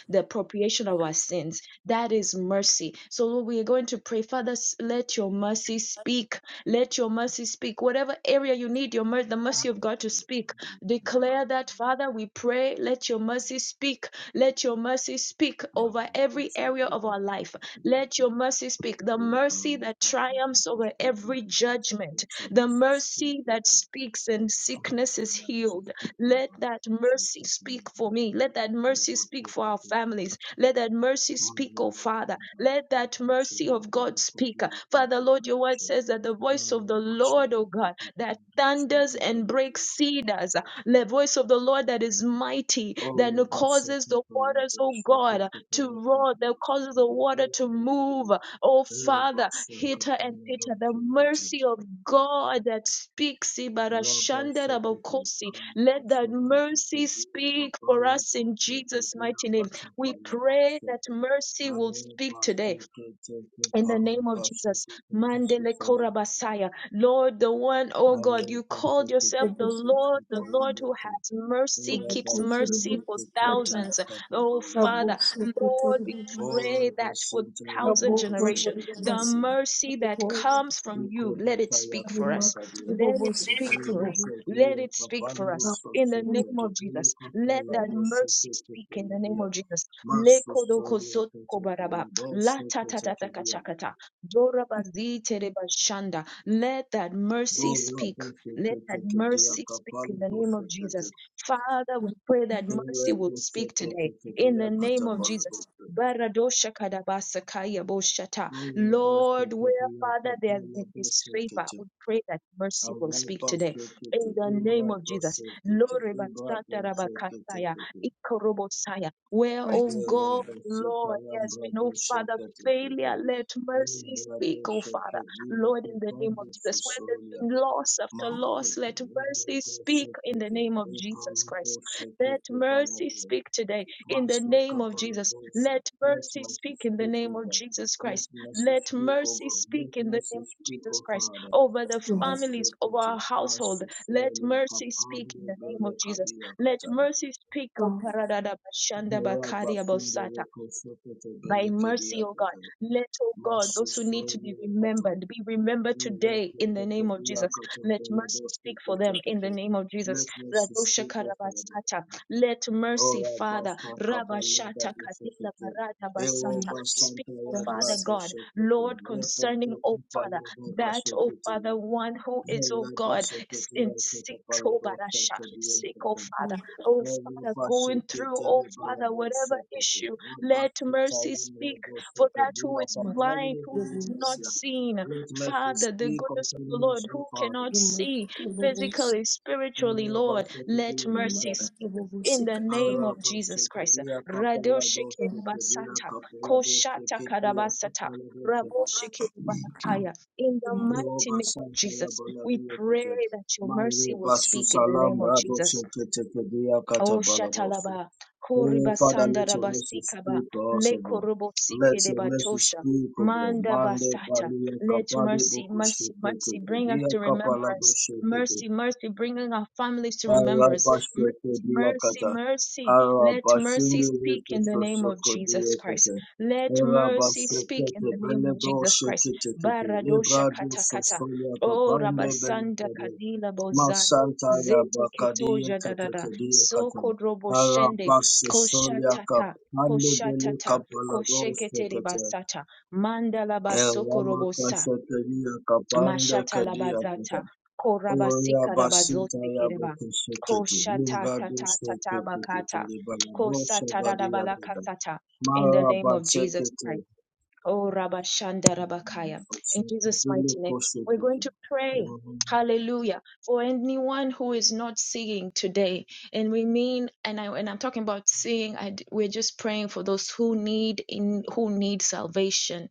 Speaker 1: the appropriation of our sins. That is mercy. So, Lord, we are going to pray, Father, s- let your mercy speak. Let your mercy speak. Whatever area you need your mercy, the mercy of God to speak. Declare that, Father, we pray, let your mercy speak. Let your mercy speak over every area of our life. Let your mercy speak. The mercy that triumphs over every judgment. The mercy that speaks and sickness is healed let that mercy speak for me. Let that mercy speak for our families. Let that mercy speak, oh Father. Let that mercy of God speak. Father, Lord, your word says that the voice of the Lord, oh God, that thunders and breaks cedars,
Speaker 7: you.
Speaker 1: the voice of the Lord that is mighty, that
Speaker 7: Oh, but
Speaker 1: causes
Speaker 7: second
Speaker 1: the
Speaker 7: for
Speaker 1: waters,
Speaker 7: level,
Speaker 1: oh
Speaker 7: second
Speaker 1: God,
Speaker 7: for the
Speaker 1: to
Speaker 7: level,
Speaker 1: roar, that
Speaker 7: second
Speaker 1: causes
Speaker 7: for
Speaker 1: the water
Speaker 7: the
Speaker 1: to move.
Speaker 7: level,
Speaker 1: Oh
Speaker 7: Rabba
Speaker 1: Father,
Speaker 7: second
Speaker 1: hitter
Speaker 7: for
Speaker 1: and hitter,
Speaker 7: level,
Speaker 1: the
Speaker 7: second to
Speaker 1: mercy of God that speaks.
Speaker 7: Rabba second for
Speaker 1: Ibarashandarabokosi.
Speaker 7: Rabba
Speaker 1: Let that
Speaker 7: second to the
Speaker 1: mercy
Speaker 7: dear
Speaker 1: speak
Speaker 7: Papa
Speaker 1: for us
Speaker 7: level,
Speaker 1: in
Speaker 7: second
Speaker 1: Jesus'
Speaker 7: dear
Speaker 1: mighty name.
Speaker 7: Pato
Speaker 1: We
Speaker 7: Palago,
Speaker 1: pray
Speaker 7: second.
Speaker 1: that mercy will speak
Speaker 7: Rabba
Speaker 1: today
Speaker 7: second to the
Speaker 1: in the
Speaker 7: Pana
Speaker 1: name of
Speaker 7: Basso
Speaker 1: Jesus,
Speaker 7: to the
Speaker 1: Mandele
Speaker 7: Casus Falero.
Speaker 1: Korabasaya, Lord, the one, oh God, you
Speaker 7: Rabba
Speaker 1: called
Speaker 7: second to
Speaker 1: yourself the
Speaker 7: the dear
Speaker 1: Lord, the
Speaker 7: Papa
Speaker 1: Lord
Speaker 7: level,
Speaker 1: who
Speaker 7: second.
Speaker 1: has mercy,
Speaker 7: Hare
Speaker 1: keeps
Speaker 4: rabokosi
Speaker 7: Basu
Speaker 1: mercy
Speaker 7: ke
Speaker 1: for
Speaker 7: te ke pana basu ke te kasu sali hare. Hare Basu ke te ke diya kapala basu. Hare Basu ke te
Speaker 4: ribobosika
Speaker 1: thousands.
Speaker 7: ke
Speaker 1: Oh
Speaker 7: diya
Speaker 1: Father,
Speaker 4: Raboso
Speaker 1: Lord, we
Speaker 4: Kotoribos,
Speaker 7: All
Speaker 1: pray
Speaker 7: the
Speaker 1: that for
Speaker 7: saints are able
Speaker 1: thousand
Speaker 7: to
Speaker 4: Rabokos
Speaker 7: shake
Speaker 1: generation,
Speaker 7: it
Speaker 1: the
Speaker 4: Ribas,
Speaker 7: together.
Speaker 1: mercy that
Speaker 4: Ribos,
Speaker 1: comes from
Speaker 7: We call
Speaker 1: you, let
Speaker 7: that
Speaker 1: it
Speaker 7: I have
Speaker 1: speak
Speaker 7: to
Speaker 1: for us.
Speaker 7: take a
Speaker 4: Remark,
Speaker 7: deal.
Speaker 1: Let it
Speaker 4: Ribobos,
Speaker 1: speak for
Speaker 4: Ribobos,
Speaker 1: us.
Speaker 7: Elekediya
Speaker 1: Let it speak for
Speaker 7: kapando
Speaker 1: us. In the
Speaker 7: sosete
Speaker 1: name of
Speaker 7: topele
Speaker 1: Jesus, let
Speaker 7: kapela
Speaker 1: that
Speaker 7: doshe
Speaker 1: mercy
Speaker 7: teke
Speaker 1: speak in the name
Speaker 7: pelediya.
Speaker 1: of Jesus.
Speaker 7: Masto solien teke
Speaker 1: Lekodokozotokobaraba.
Speaker 7: pela
Speaker 1: La
Speaker 7: doshe
Speaker 1: ta ta
Speaker 7: teke
Speaker 1: ta ta ka
Speaker 7: kediya.
Speaker 1: cha ka ta. Dora ba zi te re ba shanda. Let that mercy
Speaker 7: Dora
Speaker 1: speak.
Speaker 7: doshe
Speaker 1: Let that
Speaker 7: teke kediya
Speaker 1: mercy speak in
Speaker 7: kapala
Speaker 1: the name
Speaker 7: doshe
Speaker 1: of Jesus.
Speaker 7: teke.
Speaker 1: Father, we pray that mercy
Speaker 7: Ele
Speaker 1: will
Speaker 7: doshe
Speaker 1: speak today
Speaker 7: teke
Speaker 1: in
Speaker 7: kediya
Speaker 1: the name
Speaker 7: kata
Speaker 1: of
Speaker 7: pala
Speaker 1: Jesus.
Speaker 7: doshe.
Speaker 1: Baradosha kadabasa kaya boshata.
Speaker 7: Ele doshe
Speaker 1: Lord, where
Speaker 7: kediya
Speaker 1: Father there has
Speaker 7: kapala
Speaker 1: been
Speaker 7: doshe
Speaker 1: disfavor,
Speaker 7: teke.
Speaker 1: we pray that mercy will speak today
Speaker 7: Arabashekete,
Speaker 1: in the name of Jesus.
Speaker 7: Imbradoshekete,
Speaker 1: Lord,
Speaker 7: Imbradoshekete,
Speaker 1: where,
Speaker 4: Right,
Speaker 1: oh
Speaker 7: Yerabasita,
Speaker 1: Lord, yes, we know, Father,
Speaker 7: Ambradoshekete,
Speaker 1: failure, let mercy speak, oh Father.
Speaker 7: Imbradoshekete,
Speaker 1: Lord, in the name
Speaker 7: Yekepande
Speaker 1: of Jesus, where there's
Speaker 7: Fusolia,
Speaker 1: been loss after loss,
Speaker 7: Masteke,
Speaker 1: let mercy speak in the
Speaker 7: Imbradoshekete,
Speaker 1: name of Jesus Christ. Let
Speaker 7: Imbradoshekete,
Speaker 1: mercy
Speaker 7: Paladia,
Speaker 1: speak today in the
Speaker 7: Master
Speaker 1: name of Jesus.
Speaker 7: Kapaladosa,
Speaker 1: Let
Speaker 7: let
Speaker 1: mercy
Speaker 7: mercy
Speaker 1: speak in the
Speaker 7: speak
Speaker 1: name of
Speaker 7: over,
Speaker 1: Jesus
Speaker 7: let
Speaker 1: Christ.
Speaker 7: mercy
Speaker 1: Let
Speaker 7: speak
Speaker 1: mercy
Speaker 7: over,
Speaker 1: speak
Speaker 7: let
Speaker 1: in the
Speaker 7: mercy
Speaker 1: name of
Speaker 7: speak
Speaker 1: Jesus
Speaker 7: over,
Speaker 1: Christ
Speaker 7: Father.
Speaker 1: over the
Speaker 4: Remark,
Speaker 1: families
Speaker 7: Master
Speaker 1: of
Speaker 7: Peter,
Speaker 1: our household.
Speaker 7: Master
Speaker 1: Let
Speaker 7: Fele,
Speaker 1: mercy speak in
Speaker 7: Capando,
Speaker 1: the name
Speaker 7: Bele,
Speaker 1: of Jesus.
Speaker 7: Cabia,
Speaker 1: Let
Speaker 7: Catano,
Speaker 1: mercy speak, O
Speaker 4: Rock,
Speaker 1: Paradada Bashanda
Speaker 7: Vera,
Speaker 1: Bakaria
Speaker 7: Bafundo,
Speaker 1: Bosata
Speaker 7: Reco, Sopete,
Speaker 1: by
Speaker 7: Bele, Cadia,
Speaker 1: mercy, O God.
Speaker 7: Catano,
Speaker 1: Let, O God,
Speaker 7: Master
Speaker 1: those who need to be
Speaker 7: Fele, Catan,
Speaker 1: remembered be remembered today
Speaker 7: Erecto,
Speaker 1: in the name of
Speaker 7: Catabia,
Speaker 1: Jesus.
Speaker 7: Catan,
Speaker 1: Let
Speaker 7: Bele,
Speaker 1: mercy
Speaker 7: Dosto,
Speaker 1: speak for them in the
Speaker 7: Catate,
Speaker 1: name of
Speaker 7: let
Speaker 1: Jesus.
Speaker 7: us
Speaker 1: Radosha
Speaker 7: speak of him.
Speaker 1: karabasata. Let mercy,
Speaker 7: Ora,
Speaker 1: Father,
Speaker 7: Basta, Capello,
Speaker 1: Rabashata
Speaker 7: Dablo,
Speaker 1: Kadila
Speaker 7: Sopete,
Speaker 1: Barada
Speaker 7: Ero,
Speaker 1: Basata,
Speaker 4: Remark,
Speaker 1: speak,
Speaker 7: Bastanta,
Speaker 1: O Father
Speaker 4: Bass,
Speaker 7: Brato,
Speaker 1: God,
Speaker 7: Sopete,
Speaker 1: Lord,
Speaker 7: Repo,
Speaker 1: concerning, O Father,
Speaker 7: Cupalo, Baba,
Speaker 1: that, O
Speaker 7: Secretary,
Speaker 1: Father, one who is, O
Speaker 7: Let
Speaker 1: God,
Speaker 7: mercy speak
Speaker 1: in sick, oh Barasha, sick, O Father, O Father, going through, O Father, whatever issue. Let mercy speak for that who is
Speaker 4: Remark,
Speaker 1: blind, who has
Speaker 4: Ribobos,
Speaker 1: not seen. Father, the goodness of the
Speaker 7: concerning us,
Speaker 1: Lord,
Speaker 7: O
Speaker 1: who
Speaker 7: Father.
Speaker 1: cannot
Speaker 4: Remark,
Speaker 1: see
Speaker 4: Ribobos,
Speaker 1: physically, spiritually, Lord, let
Speaker 4: Remark,
Speaker 1: mercy speak.
Speaker 4: Ribobos,
Speaker 1: In the
Speaker 4: Sikat,
Speaker 1: name of
Speaker 4: Ribobos,
Speaker 1: Jesus Christ.
Speaker 7: Arabashokadia Kapalados, Kadia
Speaker 1: Radoshikiribasata,
Speaker 7: Kapalados, Kadia
Speaker 1: koshatakadarabasata,
Speaker 7: Kapalados,
Speaker 1: raboshikiribanakaya. In the
Speaker 4: Remark,
Speaker 1: mighty
Speaker 7: Jehovah
Speaker 1: name of
Speaker 7: Santa
Speaker 1: Jesus,
Speaker 7: Yabola
Speaker 1: we
Speaker 7: Dia
Speaker 1: pray
Speaker 7: Teke.
Speaker 1: that your
Speaker 7: Mali
Speaker 1: mercy will
Speaker 7: Basu
Speaker 1: speak in the
Speaker 7: Salam
Speaker 1: name of
Speaker 7: Brado
Speaker 1: Jesus.
Speaker 7: Sheke Teke Dia Kata
Speaker 1: Oh
Speaker 7: Baladosu.
Speaker 1: Shatalaba,
Speaker 7: Oh,
Speaker 1: Koriba
Speaker 7: Father, let your
Speaker 1: Sandaraba
Speaker 7: mercy
Speaker 1: Sikaba,
Speaker 7: speak for us, O God.
Speaker 1: Lekorobo
Speaker 7: Let
Speaker 1: Sike de
Speaker 7: your mercy
Speaker 1: Batosha,
Speaker 7: speak, O God.
Speaker 1: Manda
Speaker 7: Mande
Speaker 1: Basata.
Speaker 7: Balia
Speaker 1: Let
Speaker 7: Kapali
Speaker 1: mercy,
Speaker 7: Boku
Speaker 1: mercy,
Speaker 7: Sheke
Speaker 1: mercy
Speaker 7: Teke
Speaker 1: bring us
Speaker 7: Dia
Speaker 1: to
Speaker 7: Kapala
Speaker 1: remembrance.
Speaker 7: Bosheke.
Speaker 1: Mercy, mercy, bringing our families to remembrance. Mercy, mercy,
Speaker 7: Arabashekediakata.
Speaker 1: mercy. Let mercy speak in the name of Jesus Christ.
Speaker 7: Arabashindilikisosokodiakata.
Speaker 1: Let mercy speak in
Speaker 7: Arabasekete
Speaker 1: the name of Jesus Christ.
Speaker 7: beledoshekete.
Speaker 1: Baradosha katakata. Oh
Speaker 7: Libradusosoyakabande
Speaker 1: Rabasanda
Speaker 7: belekede.
Speaker 1: Kadila Bozada.
Speaker 7: Masantaya
Speaker 1: Zete Ketoja da da da.
Speaker 7: bakadiakatediakata.
Speaker 1: Sokorobo shende koshatata
Speaker 7: Arabasosoyakabande
Speaker 1: koshatata kosheketere
Speaker 7: belekapaladoshekete.
Speaker 1: basata mandala basokorobosa
Speaker 7: Eramakashetediakabande
Speaker 1: mashata
Speaker 7: kediakata.
Speaker 1: labazata
Speaker 7: Oya
Speaker 1: korabasika
Speaker 7: basita
Speaker 1: labazote
Speaker 7: ya
Speaker 1: kereba
Speaker 7: boko shekete,
Speaker 1: koshata
Speaker 7: limba do
Speaker 1: tata tata
Speaker 7: shekete kete
Speaker 1: bakata
Speaker 7: de balado
Speaker 1: kosata
Speaker 7: shabadi ya gada.
Speaker 1: dadabalakasata in the
Speaker 7: Mara
Speaker 1: name of Jesus Christ.
Speaker 7: basekete,
Speaker 1: Oh, Rabba Shanda Rabakaya. In Jesus'
Speaker 7: basekete
Speaker 1: mighty name,
Speaker 7: leko
Speaker 1: we're going
Speaker 7: shekete.
Speaker 1: to pray. Hallelujah. For anyone who is not seeing today, and we mean, and I and I'm talking about seeing, I, d- we're just praying for those who need in who need salvation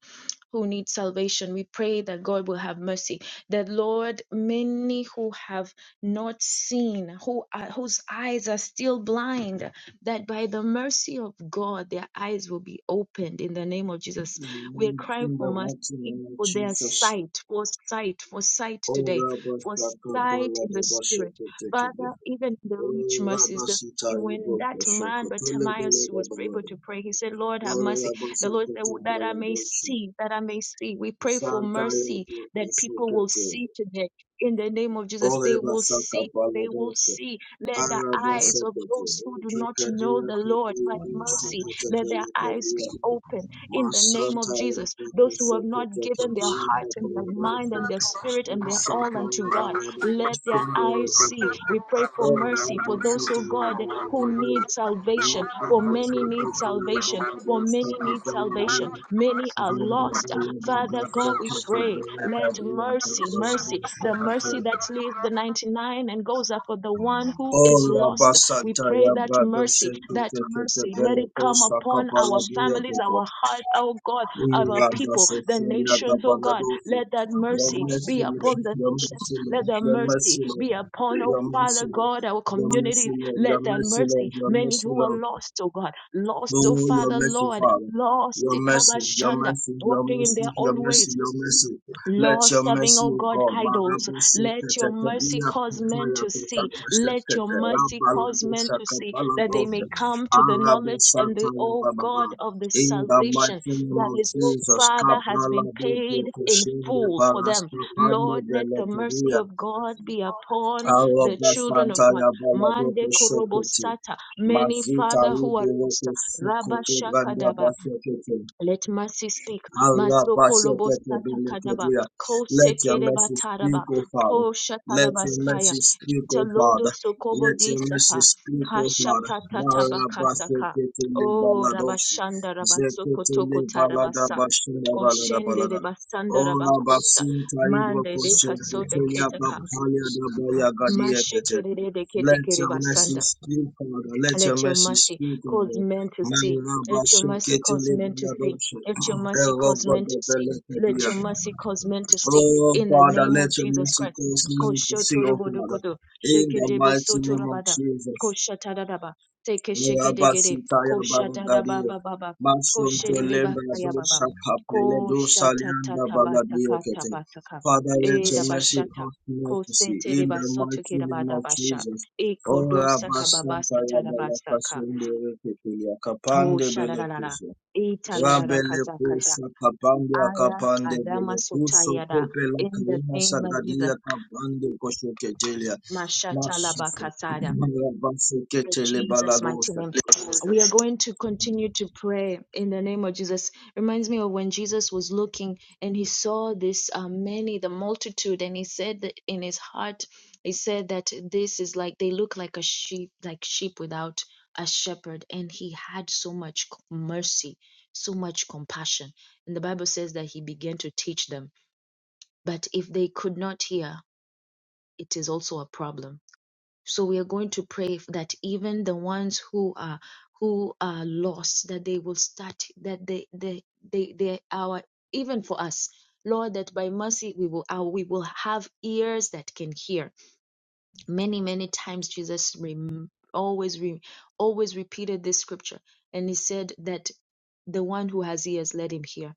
Speaker 1: who need salvation. We pray that God will have mercy. That Lord, many who have not seen, who are, whose eyes are still blind, that by the mercy of God, their eyes will be opened in the name of Jesus. We're
Speaker 7: In
Speaker 1: crying for
Speaker 7: the
Speaker 1: mercy.
Speaker 7: mighty name of
Speaker 1: For their
Speaker 7: Jesus,
Speaker 1: sight, for sight, for sight today,
Speaker 7: Oya
Speaker 1: for
Speaker 7: basaka
Speaker 1: sight in the
Speaker 7: balada
Speaker 1: spirit.
Speaker 7: basekete kete.
Speaker 1: Father, even the rich
Speaker 7: Oya
Speaker 1: mercies, the
Speaker 7: basita ya
Speaker 1: when
Speaker 7: boko
Speaker 1: that man but
Speaker 7: shekete, lebele
Speaker 1: Bartimaeus
Speaker 7: da
Speaker 1: was able
Speaker 7: balada.
Speaker 1: to pray, he said, Lord, have
Speaker 7: Oya
Speaker 1: mercy. The Lord said,
Speaker 7: basekete
Speaker 1: "Well, that I
Speaker 7: balado
Speaker 1: may
Speaker 7: shekete.
Speaker 1: see, that I may see. We pray for
Speaker 7: Santa ya
Speaker 1: mercy
Speaker 7: boko
Speaker 1: that people will
Speaker 7: shekete.
Speaker 1: see today. In the name of Jesus, they will
Speaker 7: Olebasaka
Speaker 1: see. They will
Speaker 7: Baladosha,
Speaker 1: see. Let the eyes of
Speaker 7: Arabasakata,
Speaker 1: those who do not know
Speaker 7: Pakadia
Speaker 1: the Lord by
Speaker 7: Kabia
Speaker 1: mercy,
Speaker 7: Sakata
Speaker 1: let their eyes
Speaker 7: Balakadia,
Speaker 1: be open in the name of
Speaker 7: Masanta
Speaker 1: Jesus.
Speaker 7: Yakata
Speaker 1: Those who have not
Speaker 7: Sakata
Speaker 1: given their
Speaker 7: Kabia
Speaker 1: hearts and their mind
Speaker 7: Baladosha,
Speaker 1: and their spirit and their all
Speaker 7: Masanta
Speaker 1: unto God,
Speaker 7: Baladosha,
Speaker 1: let their
Speaker 7: Sundara
Speaker 1: eyes see. We pray for mercy for those,
Speaker 7: Olabasita
Speaker 1: oh God, who
Speaker 7: Baladosha,
Speaker 1: need salvation. For
Speaker 7: Nabuko
Speaker 1: many need
Speaker 7: Sakata
Speaker 1: salvation. For
Speaker 7: Baladosha,
Speaker 1: many need salvation.
Speaker 7: Kapaladia,
Speaker 1: Many are
Speaker 7: Zanda
Speaker 1: lost. Father
Speaker 7: Baladosha,
Speaker 1: God, we
Speaker 7: Sakata
Speaker 1: pray, let
Speaker 7: Balakadia,
Speaker 1: mercy, mercy,
Speaker 7: Baladosha,
Speaker 1: the
Speaker 7: Sakata
Speaker 1: mercy that leaves the 99 and goes after the one who
Speaker 7: Oh,
Speaker 1: is
Speaker 7: Rabba
Speaker 1: lost. We
Speaker 7: Santa,
Speaker 1: pray that
Speaker 7: Rabba
Speaker 1: mercy,
Speaker 7: Doshet,
Speaker 1: that mercy, let
Speaker 7: Bele
Speaker 1: it come
Speaker 7: Kosa,
Speaker 1: upon
Speaker 7: Kapala,
Speaker 1: our families,
Speaker 7: Diatoko,
Speaker 1: our heart, oh God, our
Speaker 7: Rabba
Speaker 1: people, the
Speaker 7: Sophia,
Speaker 1: nations, oh God.
Speaker 7: Gabanadofi.
Speaker 1: Let that
Speaker 7: Your
Speaker 1: mercy be
Speaker 7: mercy, Lord,
Speaker 1: upon the
Speaker 7: your
Speaker 1: nations.
Speaker 7: mercy, Lord,
Speaker 1: Let the
Speaker 7: your
Speaker 1: mercy
Speaker 7: mercy, Lord,
Speaker 1: be upon, oh
Speaker 7: your
Speaker 1: Father
Speaker 7: mercy, Lord,
Speaker 1: God, our
Speaker 7: your mercy,
Speaker 1: communities.
Speaker 7: Lord, your
Speaker 1: Let that
Speaker 7: mercy,
Speaker 1: mercy,
Speaker 7: Lord, your
Speaker 1: many
Speaker 7: mercy,
Speaker 1: who are
Speaker 7: Lord,
Speaker 1: lost, oh God, lost, oh
Speaker 7: Oh, your
Speaker 1: Father,
Speaker 7: mercy,
Speaker 1: Lord,
Speaker 7: Father.
Speaker 1: lost,
Speaker 7: Your mercy, your
Speaker 1: Ikabashanda.
Speaker 7: mercy, your
Speaker 1: Walking in
Speaker 7: mercy,
Speaker 1: their
Speaker 7: your
Speaker 1: own ways,
Speaker 7: mercy, your mercy. Let
Speaker 1: Lord,
Speaker 7: your
Speaker 1: serving,
Speaker 7: mercy,
Speaker 1: oh
Speaker 7: O
Speaker 1: God,
Speaker 7: God,
Speaker 1: idols,
Speaker 7: Marabu
Speaker 1: let your
Speaker 7: Sekete,
Speaker 1: mercy
Speaker 7: Kabila
Speaker 1: cause men
Speaker 7: Pataya,
Speaker 1: to see. Let your
Speaker 7: Kutakashekete,
Speaker 1: mercy cause
Speaker 7: Rabalado
Speaker 1: men to see that they
Speaker 7: Shakabalado,
Speaker 1: may come to the
Speaker 7: Arabu
Speaker 1: knowledge and the,
Speaker 7: Sataya
Speaker 1: oh
Speaker 7: Baba.
Speaker 1: God, of the
Speaker 7: In the
Speaker 1: salvation
Speaker 7: mighty name
Speaker 1: that
Speaker 7: of
Speaker 1: His
Speaker 7: Jesus,
Speaker 1: Father has
Speaker 7: Kapala
Speaker 1: been paid
Speaker 7: de
Speaker 1: in
Speaker 7: Koshinde,
Speaker 1: full for them.
Speaker 7: Paraskapande,
Speaker 1: Lord, let the mercy
Speaker 7: Beleteria,
Speaker 1: of God be upon the children of God.
Speaker 7: Arabasantaya Baladoko
Speaker 1: Mande
Speaker 7: Shokete.
Speaker 1: korobosata, many
Speaker 7: Mazita
Speaker 1: Father who are
Speaker 7: Uboroko
Speaker 1: lost.
Speaker 7: Sukoto Branda
Speaker 1: Rabba
Speaker 7: Basekete.
Speaker 1: let mercy speak. Masokolobo satakadaba.
Speaker 7: Alabashaketebenekedia.
Speaker 1: Ko
Speaker 7: Let your
Speaker 1: sekereba
Speaker 7: mercy
Speaker 1: taraba.
Speaker 7: speak, O Father.
Speaker 1: Ko
Speaker 7: Let
Speaker 1: shataraba
Speaker 7: your
Speaker 1: saya.
Speaker 7: mercy speak, O Father.
Speaker 1: Talodo sokobo
Speaker 7: Let your mercy
Speaker 1: disapa.
Speaker 7: speak, O Father.
Speaker 1: Kashatatatataba kasaka. Oh,
Speaker 7: Marabashaketelebaladoshi.
Speaker 1: rabashanda rabasoko toko tarabasa. Koshende
Speaker 7: Zeketelebaladabashadabaladabalada.
Speaker 1: rebasanda
Speaker 7: Oh,
Speaker 1: rabakosa.
Speaker 7: Abasinta
Speaker 1: Mande de katsoda ketaka.
Speaker 7: Ibrokoshaketelebapaliadabayagadiekete.
Speaker 1: Mashekere
Speaker 7: Let your
Speaker 1: de
Speaker 7: mercy speak, Father. Let your
Speaker 1: let your
Speaker 7: mercy
Speaker 1: mercy
Speaker 7: speak, O
Speaker 1: cause
Speaker 7: God.
Speaker 1: men to see. Let your mercy cause men to see.
Speaker 7: Marabashaketelebaladoshi.
Speaker 1: Let your mercy
Speaker 7: Oh
Speaker 1: cause
Speaker 7: God,
Speaker 1: men to
Speaker 7: that the
Speaker 1: see.
Speaker 7: little
Speaker 1: Let
Speaker 7: dear.
Speaker 1: your mercy cause men to see.
Speaker 7: Oh
Speaker 1: In the
Speaker 7: Father,
Speaker 1: name
Speaker 7: let
Speaker 1: of
Speaker 7: your
Speaker 1: Jesus
Speaker 7: mercy
Speaker 1: Christ.
Speaker 7: cause me to see, oh Father,
Speaker 1: Koshotorobodokodo,
Speaker 7: in the mighty name of
Speaker 1: shekedebosotorobada,
Speaker 7: Jesus.
Speaker 1: koshatadadaba,
Speaker 7: Oh
Speaker 1: tekeshekedegede,
Speaker 7: Rabasitaya Babagadia,
Speaker 1: koshatadabababa,
Speaker 7: Masum Telemba
Speaker 1: koshedebakayababa,
Speaker 7: Dosa Kapele Dosa Lianda Bagadia Kete.
Speaker 1: koshatatatakatabakaka,
Speaker 7: Father, let your mercy
Speaker 1: edabashata,
Speaker 7: cause me to see, in the mighty name of
Speaker 1: koseterebasotokedabadabasha.
Speaker 7: Jesus. Oh
Speaker 1: Ekodosa kababasa
Speaker 7: Rabasantaya
Speaker 1: tarabasa ka.
Speaker 7: Balakasundi Reketulia
Speaker 1: Oh,
Speaker 7: Kapande
Speaker 1: shadarara.
Speaker 7: Belekusa.
Speaker 1: Italarara
Speaker 7: Rabele
Speaker 1: kata kata.
Speaker 7: kusa kapande
Speaker 1: Aya
Speaker 7: akapande vele
Speaker 1: adama
Speaker 7: kuso
Speaker 1: sotayada.
Speaker 7: kope la
Speaker 1: In the
Speaker 7: kalina
Speaker 1: name of Jesus.
Speaker 7: sagadia kapande kosho ketelia masuso
Speaker 1: Mashatalabakasada.
Speaker 7: rabasu
Speaker 1: In
Speaker 7: ketele
Speaker 1: Jesus' mighty
Speaker 7: baladosa
Speaker 1: name. We are going to continue to pray in the name of Jesus. Reminds me of when Jesus was looking and he saw this uh, many, the multitude, and he said that in his heart, he said that this is like they look like a sheep, like sheep without a shepherd. And he had so much c- mercy, so much compassion. And the Bible says that he began to teach them. But if they could not hear, it is also a problem so we are going to pray that even the ones who are who are lost, that they will start that they they they they are even for us. Lord, that by mercy we will uh, we will have ears that can hear. Many many times Jesus rem- always re- always repeated this scripture, and he said that the one who has ears let him hear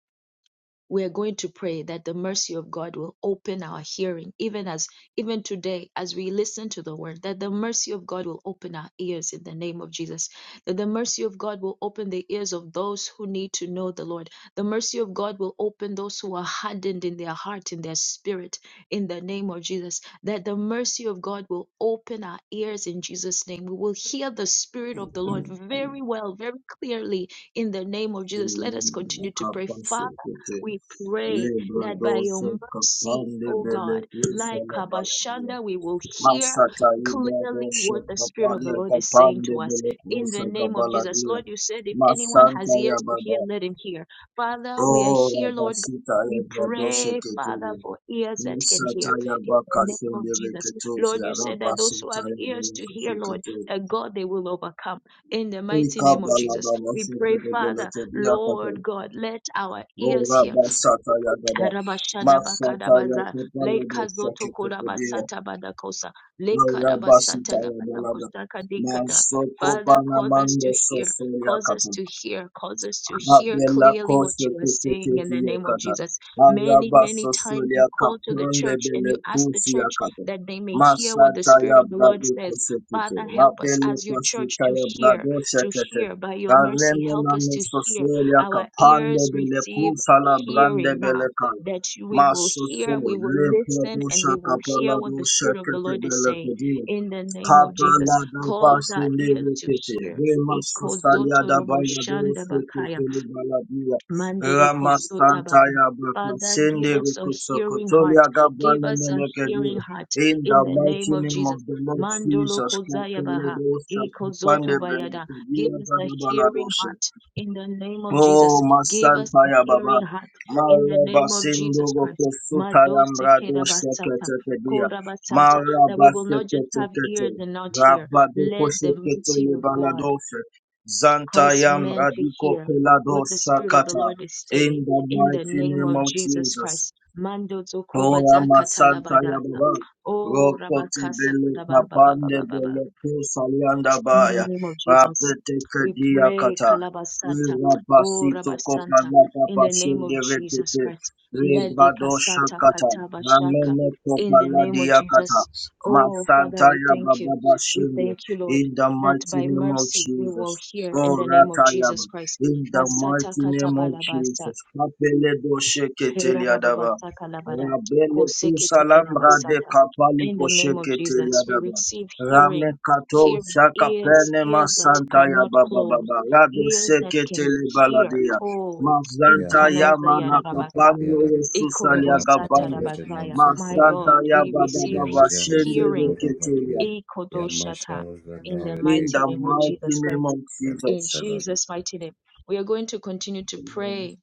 Speaker 1: we are going to pray that the mercy of God will open our hearing, even as even today, as we listen to the word, that the mercy of God will open our ears in the name of Jesus, that the mercy of God will open the ears of those who need to know the Lord. The mercy of God will open those who are hardened in their heart, in their spirit, in the name of Jesus, that the mercy of God will open our ears in Jesus' name. We will hear the Spirit of the Lord very well, very clearly in the name of Jesus. Let us continue to pray. Father,
Speaker 7: akabasu kete
Speaker 1: we pray that by your
Speaker 7: lebradosa
Speaker 1: mercy,
Speaker 7: kapande
Speaker 1: oh
Speaker 7: vele
Speaker 1: God,
Speaker 7: kusa
Speaker 1: like
Speaker 7: la baladia
Speaker 1: Kabashanda, we will hear
Speaker 7: masata
Speaker 1: clearly
Speaker 7: ibradosa
Speaker 1: what the Spirit of the
Speaker 7: kapalia
Speaker 1: Lord is saying
Speaker 7: kapande
Speaker 1: to us.
Speaker 7: vele
Speaker 1: In
Speaker 7: kusa
Speaker 1: the name of Jesus,
Speaker 7: kabaladia
Speaker 1: Lord, you said if anyone
Speaker 7: masanta
Speaker 1: has
Speaker 7: ya
Speaker 1: ears to hear,
Speaker 7: baba
Speaker 1: let him hear. Father, we are
Speaker 7: Oh,
Speaker 1: here, Lord God.
Speaker 7: Rabasita,
Speaker 1: We
Speaker 7: Rabadoshe,
Speaker 1: pray, Father,
Speaker 7: Ketele.
Speaker 1: for ears that can
Speaker 7: Musata,
Speaker 1: hear.
Speaker 7: Yabaka,
Speaker 1: In the name of
Speaker 7: Sendere,
Speaker 1: Jesus.
Speaker 7: Ketos,
Speaker 1: Lord, you said that those who
Speaker 7: Yarabasita,
Speaker 1: have ears to
Speaker 7: Yabaka,
Speaker 1: hear, Lord,
Speaker 7: Ketele.
Speaker 1: that God, they will overcome. In the mighty
Speaker 7: Eka,
Speaker 1: name of Jesus.
Speaker 7: Balaba,
Speaker 1: We
Speaker 7: Moshe,
Speaker 1: pray,
Speaker 7: Bedebele,
Speaker 1: Father.
Speaker 7: Tobia, Kotel.
Speaker 1: Lord God, let our
Speaker 7: Oh,
Speaker 1: ears hear
Speaker 7: Rabasata, Yagada.
Speaker 1: Rabashada
Speaker 7: Masata,
Speaker 1: Bakadabaza,
Speaker 7: Yakopala,
Speaker 1: Leka
Speaker 7: Doshe,
Speaker 1: Zoto
Speaker 7: Ketele.
Speaker 1: Kolabasata Badakosa,
Speaker 7: Oh,
Speaker 1: Leka
Speaker 7: Rabasita,
Speaker 1: Rabasata
Speaker 7: Yabalada.
Speaker 1: Labadakosa Kadikada.
Speaker 7: Masoko,
Speaker 1: Father, cause us
Speaker 7: Panamando,
Speaker 1: to hear,
Speaker 7: Soso,
Speaker 1: cause us
Speaker 7: Yakata.
Speaker 1: to hear, cause us to hear
Speaker 7: Abela
Speaker 1: clearly what
Speaker 7: koshe
Speaker 1: you are
Speaker 7: kete
Speaker 1: saying in
Speaker 7: kete
Speaker 1: the name of
Speaker 7: yakata.
Speaker 1: Jesus. Many,
Speaker 7: Araba
Speaker 1: many times
Speaker 7: sosolia
Speaker 1: you call to the
Speaker 7: kapronde
Speaker 1: church and
Speaker 7: bele
Speaker 1: you ask the
Speaker 7: kusi
Speaker 1: church
Speaker 7: yakata.
Speaker 1: that they may hear what the
Speaker 7: Masata
Speaker 1: Spirit
Speaker 7: ya
Speaker 1: of the Lord
Speaker 7: bradu
Speaker 1: says.
Speaker 7: koshe kete.
Speaker 1: Father, help us
Speaker 7: Rabele
Speaker 1: as your church
Speaker 7: pasika
Speaker 1: to
Speaker 7: ya
Speaker 1: hear,
Speaker 7: brado
Speaker 1: to
Speaker 7: shekete.
Speaker 1: hear by your mercy.
Speaker 7: Kareme
Speaker 1: Help
Speaker 7: na
Speaker 1: us to hear.
Speaker 7: mesosolia
Speaker 1: Our
Speaker 7: kapande
Speaker 1: ears
Speaker 7: bele
Speaker 1: receive
Speaker 7: kusa la brande
Speaker 1: hearing now
Speaker 7: bele kaya.
Speaker 1: that you- we will
Speaker 7: Masoso
Speaker 1: hear, we will
Speaker 7: le
Speaker 1: listen,
Speaker 7: brado
Speaker 1: and we will
Speaker 7: shakapala
Speaker 1: hear what
Speaker 7: do
Speaker 1: the Spirit of the
Speaker 7: shekete
Speaker 1: Lord is
Speaker 7: bele
Speaker 1: saying
Speaker 7: kudia.
Speaker 1: in the name
Speaker 7: Kapala
Speaker 1: of
Speaker 7: da
Speaker 1: Jesus.
Speaker 7: Kapalada
Speaker 1: Cause our
Speaker 7: basinde
Speaker 1: ears to
Speaker 7: rekete,
Speaker 1: hear.
Speaker 7: remas sustalia da
Speaker 1: Ikozotorobo
Speaker 7: balado sekete le baladia,
Speaker 1: Mandere
Speaker 7: ramas
Speaker 1: kostotaba.
Speaker 7: tanta ya baka
Speaker 1: Father,
Speaker 7: sende
Speaker 1: give us a
Speaker 7: rekutso
Speaker 1: hearing heart.
Speaker 7: kotolia
Speaker 1: Give
Speaker 7: gabane
Speaker 1: us a
Speaker 7: menekedi.
Speaker 1: hearing heart
Speaker 7: In the
Speaker 1: in the name
Speaker 7: mighty
Speaker 1: of
Speaker 7: name of
Speaker 1: Jesus.
Speaker 7: the Lord
Speaker 1: Mandolo
Speaker 7: Jesus,
Speaker 1: kozayabaha.
Speaker 7: kapeledo sakupande
Speaker 1: Ikozoto bayada.
Speaker 7: benekedi
Speaker 1: Give
Speaker 7: ya
Speaker 1: us a
Speaker 7: da balado
Speaker 1: hearing heart in the name of
Speaker 7: Oh,
Speaker 1: Jesus. Give us
Speaker 7: Masanta
Speaker 1: a
Speaker 7: ya Baba.
Speaker 1: hearing heart in the
Speaker 7: Maraba
Speaker 1: name of Jesus
Speaker 7: Sindogo
Speaker 1: Christ.
Speaker 7: Kosuta
Speaker 1: Madose
Speaker 7: Yambrado
Speaker 1: kerabasata.
Speaker 7: Shekete Kedia.
Speaker 1: Korabasata. That we
Speaker 7: Maraba
Speaker 1: will not just
Speaker 7: Shekete
Speaker 1: have ears
Speaker 7: Kete.
Speaker 1: and not hear.
Speaker 7: Rabado
Speaker 1: Let the
Speaker 7: Koshekete
Speaker 1: mercy of God
Speaker 7: Lebanadofe. Zanta
Speaker 1: cause men to
Speaker 7: Yamradiko
Speaker 1: hear
Speaker 7: Pelado
Speaker 1: what the Spirit of the
Speaker 7: Shakata.
Speaker 1: Lord is
Speaker 7: In
Speaker 1: saying
Speaker 7: the
Speaker 1: in the
Speaker 7: mighty
Speaker 1: name
Speaker 7: name
Speaker 1: of
Speaker 7: of
Speaker 1: Jesus
Speaker 7: Jesus.
Speaker 1: Christ. Mando zokoba
Speaker 7: Ora
Speaker 1: zakata
Speaker 7: masanta ya baba.
Speaker 1: Oh,
Speaker 7: Roko te
Speaker 1: rabakasa
Speaker 7: bele papande
Speaker 1: kadababababababa.
Speaker 7: bele kusa yanda
Speaker 1: In the
Speaker 7: baya.
Speaker 1: name of Jesus,
Speaker 7: Papete
Speaker 1: we
Speaker 7: kedia
Speaker 1: pray,
Speaker 7: kata.
Speaker 1: Kalabasata,
Speaker 7: Ira
Speaker 1: O
Speaker 7: basi toko
Speaker 1: Rabasanta,
Speaker 7: pana
Speaker 1: in
Speaker 7: papa
Speaker 1: the name
Speaker 7: shende
Speaker 1: of Jesus
Speaker 7: rekete.
Speaker 1: Christ, let the
Speaker 7: Rebado
Speaker 1: Kasata
Speaker 7: shakata.
Speaker 1: Katabashaka,
Speaker 7: Ramene kopa
Speaker 1: in the name of
Speaker 7: ladia kata.
Speaker 1: Jesus. Oh, Father,
Speaker 7: Masanta
Speaker 1: we
Speaker 7: ya
Speaker 1: thank you.
Speaker 7: baba
Speaker 1: We
Speaker 7: bashende.
Speaker 1: thank you, Lord,
Speaker 7: In the
Speaker 1: that
Speaker 7: mighty
Speaker 1: by
Speaker 7: name of
Speaker 1: mercy we will
Speaker 7: Jesus.
Speaker 1: hear in the
Speaker 7: Ora
Speaker 1: name of
Speaker 7: tayaba.
Speaker 1: Jesus Christ.
Speaker 7: In the
Speaker 1: Basata
Speaker 7: mighty name of
Speaker 1: Katabalabasa,
Speaker 7: Jesus. Kapele do shekete
Speaker 1: Kera baba
Speaker 7: liadaba.
Speaker 1: basa kalabada,
Speaker 7: Rabele
Speaker 1: koseke teke na
Speaker 7: kusalambra Rade
Speaker 1: basata.
Speaker 7: kapali
Speaker 1: In the name of
Speaker 7: koshekete
Speaker 1: Jesus, we
Speaker 7: yadaba.
Speaker 1: receive
Speaker 7: Rame
Speaker 1: hearing,
Speaker 7: kato
Speaker 1: hearing ears,
Speaker 7: shakapene
Speaker 1: ears that
Speaker 7: masanta
Speaker 1: are
Speaker 7: ya
Speaker 1: not
Speaker 7: baba
Speaker 1: closed,
Speaker 7: baba. Radu
Speaker 1: ears that
Speaker 7: sekete
Speaker 1: can
Speaker 7: le
Speaker 1: hear.
Speaker 7: baladia.
Speaker 1: Ko
Speaker 3: Yeah,
Speaker 7: Mazanta
Speaker 3: that- that-
Speaker 7: ya
Speaker 1: inkanoza
Speaker 7: mana
Speaker 3: that- that-
Speaker 1: yarabasa,
Speaker 3: yeah,
Speaker 7: kapamyo
Speaker 3: that- yeah,
Speaker 7: resusali ya
Speaker 3: ma- ta- la-
Speaker 1: ikorobosata
Speaker 3: ru-
Speaker 7: gabande.
Speaker 3: je- non-
Speaker 1: rabazaya.
Speaker 3: se- ko-
Speaker 1: My
Speaker 3: re-
Speaker 7: Masanta
Speaker 3: da.
Speaker 1: God,
Speaker 7: ya
Speaker 1: we
Speaker 3: Re-
Speaker 7: baba
Speaker 1: receive
Speaker 3: ble- ru-
Speaker 7: baba
Speaker 3: je- non-
Speaker 7: shende
Speaker 3: se- ko-
Speaker 1: hearing.
Speaker 3: ra- ba-
Speaker 7: rekete
Speaker 3: ki-
Speaker 7: ya.
Speaker 3: ya. Yeah, ma- sha-
Speaker 1: ikodoshata,
Speaker 3: ru- ze-
Speaker 1: In
Speaker 3: no-
Speaker 1: the
Speaker 3: re- de-
Speaker 7: In
Speaker 3: ke-
Speaker 1: mighty
Speaker 7: the
Speaker 3: ra-
Speaker 1: name of
Speaker 7: mighty
Speaker 1: Jesus
Speaker 7: name
Speaker 1: Christ.
Speaker 7: of
Speaker 3: ke-
Speaker 1: In
Speaker 7: Jesus.
Speaker 3: ra- la- ru.
Speaker 1: Jesus' mighty name. We are going to continue to
Speaker 7: Amen.
Speaker 1: pray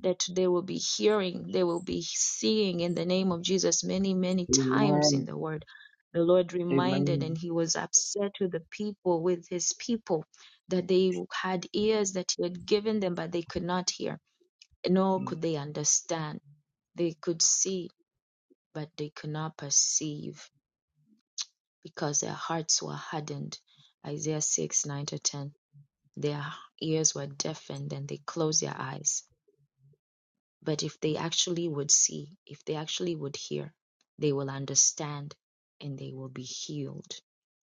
Speaker 1: that they will be hearing, they will be seeing in the name of Jesus many, many times in
Speaker 7: Amen.
Speaker 1: the word. The Lord reminded,
Speaker 7: Amen.
Speaker 1: and he was upset with the people, with his people, that they had ears that he had given them, but they could not hear, nor could they understand. They could see, but they could not perceive because their hearts were hardened. Isaiah 6 9 to 10. Their ears were deafened, and they closed their eyes But if they actually would see, if they actually would hear, they will understand and they will be healed.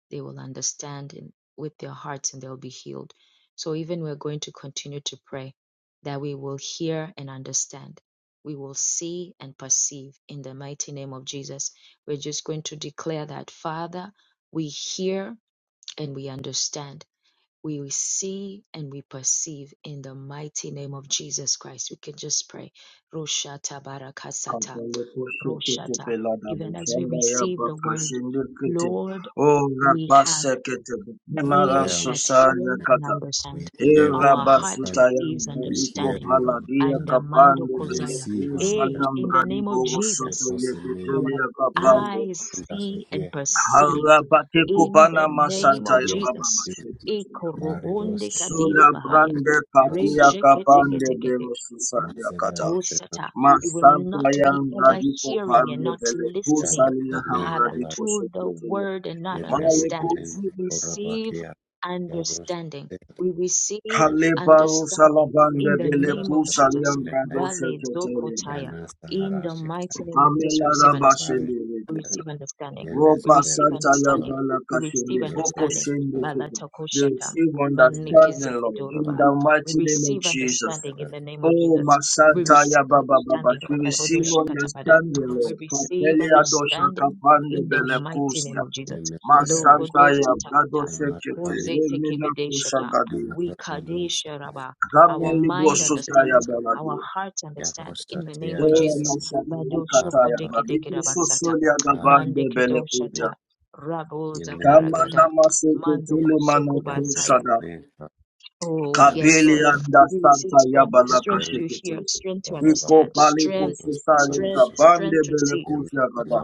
Speaker 1: They will understand in, with their hearts and they'll be healed. So even we're going to continue to pray that we will hear and understand. We will see and perceive in the mighty name of Jesus. We're just going to declare that, Father, we hear and we understand we see and we perceive in the mighty name of Jesus Christ. We can just pray. Roshata barakasata.
Speaker 7: Kapele kushe kete
Speaker 1: Roshata.
Speaker 7: pelada
Speaker 1: Even as we
Speaker 7: bushanda ya
Speaker 1: receive the word, Lord,
Speaker 7: Oh,
Speaker 1: we have
Speaker 7: Rapasekete,
Speaker 3: We
Speaker 7: Nemara
Speaker 1: ears
Speaker 3: hear,
Speaker 1: that hear
Speaker 7: Sosalia
Speaker 1: and
Speaker 7: Kata,
Speaker 3: we
Speaker 1: understand.
Speaker 3: hear with
Speaker 1: Our heart
Speaker 3: understanding,
Speaker 7: Irabasutayan,
Speaker 1: receives
Speaker 3: we
Speaker 7: Iko
Speaker 3: hear
Speaker 1: understanding.
Speaker 3: with
Speaker 7: Paladia
Speaker 1: And
Speaker 3: understanding,
Speaker 1: Amando
Speaker 7: Kapande,
Speaker 3: we
Speaker 1: Kozaya.
Speaker 3: receive our
Speaker 1: Eh,
Speaker 7: Belekusalam
Speaker 1: in
Speaker 3: perspective,
Speaker 1: the
Speaker 7: Radi
Speaker 1: name of
Speaker 7: Bogo
Speaker 3: we
Speaker 1: Jesus.
Speaker 7: Soto
Speaker 1: Our
Speaker 7: Yeketelia Kapande,
Speaker 1: eyes
Speaker 3: understand as we
Speaker 1: see and
Speaker 3: hear, in
Speaker 1: perceive.
Speaker 7: Harabate
Speaker 1: In
Speaker 7: Kupana
Speaker 1: the
Speaker 3: we
Speaker 1: name
Speaker 7: Masanta
Speaker 1: of
Speaker 3: see and
Speaker 7: Yababa
Speaker 1: Jesus.
Speaker 3: perceive.
Speaker 7: Mashekete,
Speaker 1: Ikorobonde
Speaker 3: Maridos,
Speaker 1: kadila
Speaker 7: Zula
Speaker 1: bahaya.
Speaker 7: Brande
Speaker 3: Rafitos,
Speaker 7: Katia Kapande, Belo
Speaker 3: Mazela
Speaker 7: Susalia
Speaker 3: Rushena,
Speaker 1: Osata. We will not be
Speaker 7: Masantayam
Speaker 1: ever
Speaker 7: Radiko
Speaker 1: hearing and
Speaker 7: Pande
Speaker 1: not listening,
Speaker 7: Pelekusalia Ham
Speaker 3: Yavrusanen,
Speaker 1: Father,
Speaker 3: Kolar,
Speaker 7: Radiko
Speaker 1: to the
Speaker 7: Sokutelia.
Speaker 1: word and not understanding.
Speaker 7: Malekus
Speaker 1: We
Speaker 3: Yevlerushanen,
Speaker 1: receive
Speaker 3: Korabakia, Yavrus,
Speaker 1: understanding. We receive
Speaker 3: Yevle,
Speaker 7: Kalebaru
Speaker 1: understanding in
Speaker 7: Salabande
Speaker 1: the
Speaker 3: Ursivulas,
Speaker 1: name of Jesus.
Speaker 7: Belekusaliam
Speaker 3: Inetai,
Speaker 7: Rado
Speaker 1: Vale
Speaker 7: Sheketelia.
Speaker 1: Zokotaya.
Speaker 3: Yana
Speaker 1: In the
Speaker 3: Saharashi,
Speaker 1: mighty name of Jesus,
Speaker 7: Pamela
Speaker 1: we
Speaker 3: Yama
Speaker 1: receive understanding.
Speaker 7: Rabashende
Speaker 3: Saharish,
Speaker 1: We
Speaker 7: Rekete.
Speaker 1: receive understanding. We
Speaker 7: Roba
Speaker 1: receive
Speaker 3: Yenezelerush,
Speaker 7: Santaya
Speaker 1: understanding.
Speaker 3: Korab,
Speaker 1: We receive
Speaker 7: Balakashende. Boko
Speaker 1: understanding.
Speaker 7: Shende
Speaker 3: Yevlerushan,
Speaker 7: Kete.
Speaker 1: Balatakoshata.
Speaker 7: Receive
Speaker 3: Inet,
Speaker 7: understanding, Lord, in
Speaker 1: Manikezekidoroba.
Speaker 7: the
Speaker 1: We
Speaker 7: mighty name of
Speaker 1: receive
Speaker 7: Jesus.
Speaker 1: understanding in
Speaker 3: Korab,
Speaker 1: the name of
Speaker 7: Oh,
Speaker 1: Jesus. We
Speaker 7: Masanta
Speaker 3: Yenes,
Speaker 1: receive
Speaker 7: Yababa Baba,
Speaker 1: understanding.
Speaker 7: she receive
Speaker 3: Korabakia,
Speaker 1: Kalabodoshi katabada.
Speaker 7: understanding,
Speaker 1: We
Speaker 7: Lord.
Speaker 1: receive
Speaker 3: Yamas,
Speaker 7: Kapelia dosha
Speaker 1: understanding
Speaker 7: kapande
Speaker 1: in the
Speaker 3: Yamasa,
Speaker 1: mighty
Speaker 7: bele
Speaker 1: name of Jesus.
Speaker 3: Yamasa,
Speaker 7: Masantaya
Speaker 1: Logodosa
Speaker 7: Brado
Speaker 1: takata.
Speaker 7: Sekete
Speaker 1: Kozete
Speaker 7: Remina
Speaker 1: kebedeshata.
Speaker 7: Kushagadia
Speaker 1: We kadesha raba. Our
Speaker 7: Gameli
Speaker 1: mind
Speaker 7: Bosutaya
Speaker 1: understands. Our
Speaker 7: Baladia
Speaker 1: hearts understand in the name of
Speaker 7: Ewa
Speaker 1: Jesus.
Speaker 7: Masataya
Speaker 1: Ladoshoko
Speaker 7: Kataya
Speaker 1: deke deke
Speaker 7: Badiku
Speaker 1: rabasata.
Speaker 7: Sosolia Gabande
Speaker 1: Mandeke
Speaker 7: Belekudia
Speaker 1: doshata. Raboza
Speaker 7: Kamana
Speaker 1: paragada.
Speaker 7: Masete
Speaker 1: Mando
Speaker 7: Tule Mana
Speaker 1: kosoko basaya.
Speaker 7: Kusada
Speaker 1: Oh, yes,
Speaker 7: Kabili
Speaker 1: Lord.
Speaker 7: Anda
Speaker 1: We receive
Speaker 7: Santa
Speaker 1: strength,
Speaker 7: Yabala
Speaker 1: strength to
Speaker 7: Kashekete
Speaker 1: hear, strength to
Speaker 7: Iko
Speaker 1: understand,
Speaker 7: Paliko
Speaker 1: strength,
Speaker 7: Susali
Speaker 1: strength,
Speaker 7: Gabande
Speaker 1: strength to see.
Speaker 7: Belekudia Gada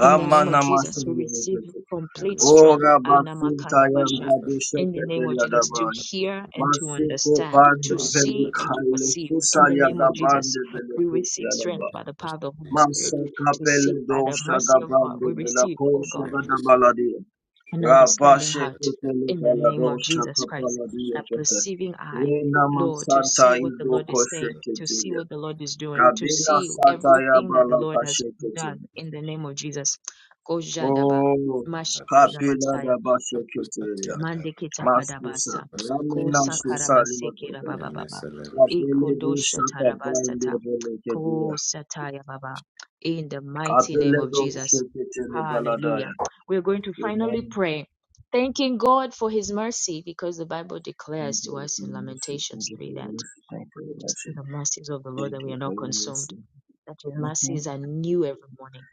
Speaker 1: In the name of Jesus, we receive
Speaker 7: Masete
Speaker 1: complete
Speaker 3: Yamasa,
Speaker 1: strength.
Speaker 7: Ora basinta
Speaker 1: Anamakadabasha.
Speaker 7: yandra
Speaker 1: In
Speaker 7: dushete
Speaker 1: the name of Jesus, to
Speaker 7: deliadabai.
Speaker 1: hear and to
Speaker 7: Masiko
Speaker 1: understand,
Speaker 7: pando
Speaker 1: to
Speaker 7: veli
Speaker 1: see and to
Speaker 7: kailo
Speaker 1: perceive. In the
Speaker 7: susalia
Speaker 1: name
Speaker 3: Yamasa,
Speaker 1: of Jesus,
Speaker 7: gabande vele
Speaker 1: we receive
Speaker 7: pusiadaba.
Speaker 1: strength by the power of the Holy Spirit,
Speaker 3: Yamasa,
Speaker 7: Masaka
Speaker 1: to see
Speaker 7: pele
Speaker 1: by the
Speaker 7: dosha
Speaker 1: mercy of God.
Speaker 7: gabande
Speaker 1: We
Speaker 7: vela
Speaker 1: receive, oh God.
Speaker 7: kosha
Speaker 3: Yes,
Speaker 7: gadabaladia.
Speaker 1: an understanding
Speaker 7: Rabashe
Speaker 1: heart
Speaker 7: kutele
Speaker 1: in the name of
Speaker 7: galadosha
Speaker 1: Jesus Christ,
Speaker 7: kapaladia
Speaker 1: a
Speaker 7: kete.
Speaker 1: perceiving eye,
Speaker 7: Rena
Speaker 1: Lord, to see
Speaker 7: masanta
Speaker 1: what the
Speaker 7: ido
Speaker 1: Lord is saying,
Speaker 7: koshe
Speaker 1: to see
Speaker 7: ketelia.
Speaker 1: what the Lord is doing, to
Speaker 7: Kabila
Speaker 1: see
Speaker 7: sata ya
Speaker 1: everything that the Lord
Speaker 7: balaka
Speaker 1: has
Speaker 7: sheketelia.
Speaker 1: done in the name of Jesus. Kojadaba,
Speaker 7: Oh, kapila
Speaker 1: mashkedabasaya.
Speaker 7: da bashe ketelia.
Speaker 1: Mandikita
Speaker 7: Masusa,
Speaker 1: Kadabasa,
Speaker 7: Ramena
Speaker 1: Kosa
Speaker 7: Susa
Speaker 1: Karabaseke
Speaker 7: Limatapa,
Speaker 1: Baba Baba,
Speaker 7: Kabele do
Speaker 1: Ikodosha
Speaker 7: Shaka Bande
Speaker 1: Tarabasata,
Speaker 7: Bele Kadia,
Speaker 1: Kosataya Baba, in the mighty name of
Speaker 7: do
Speaker 1: Jesus.
Speaker 7: Shakitele
Speaker 1: Hallelujah.
Speaker 7: Baladaya.
Speaker 1: We're going to finally
Speaker 7: Amen.
Speaker 1: pray, thanking God for his mercy, because the Bible
Speaker 7: Thank
Speaker 1: declares
Speaker 7: you
Speaker 1: to
Speaker 7: Lord,
Speaker 1: us
Speaker 7: for
Speaker 1: in
Speaker 7: your mercy. Thank
Speaker 1: Lamentations
Speaker 7: you for
Speaker 1: 3
Speaker 7: your
Speaker 1: that it is through
Speaker 7: mercy.
Speaker 1: the mercies of the Lord
Speaker 7: Thank
Speaker 1: that we
Speaker 7: you
Speaker 1: are
Speaker 7: for
Speaker 1: not
Speaker 7: your
Speaker 1: consumed,
Speaker 7: mercy.
Speaker 1: that his mercies are new every morning.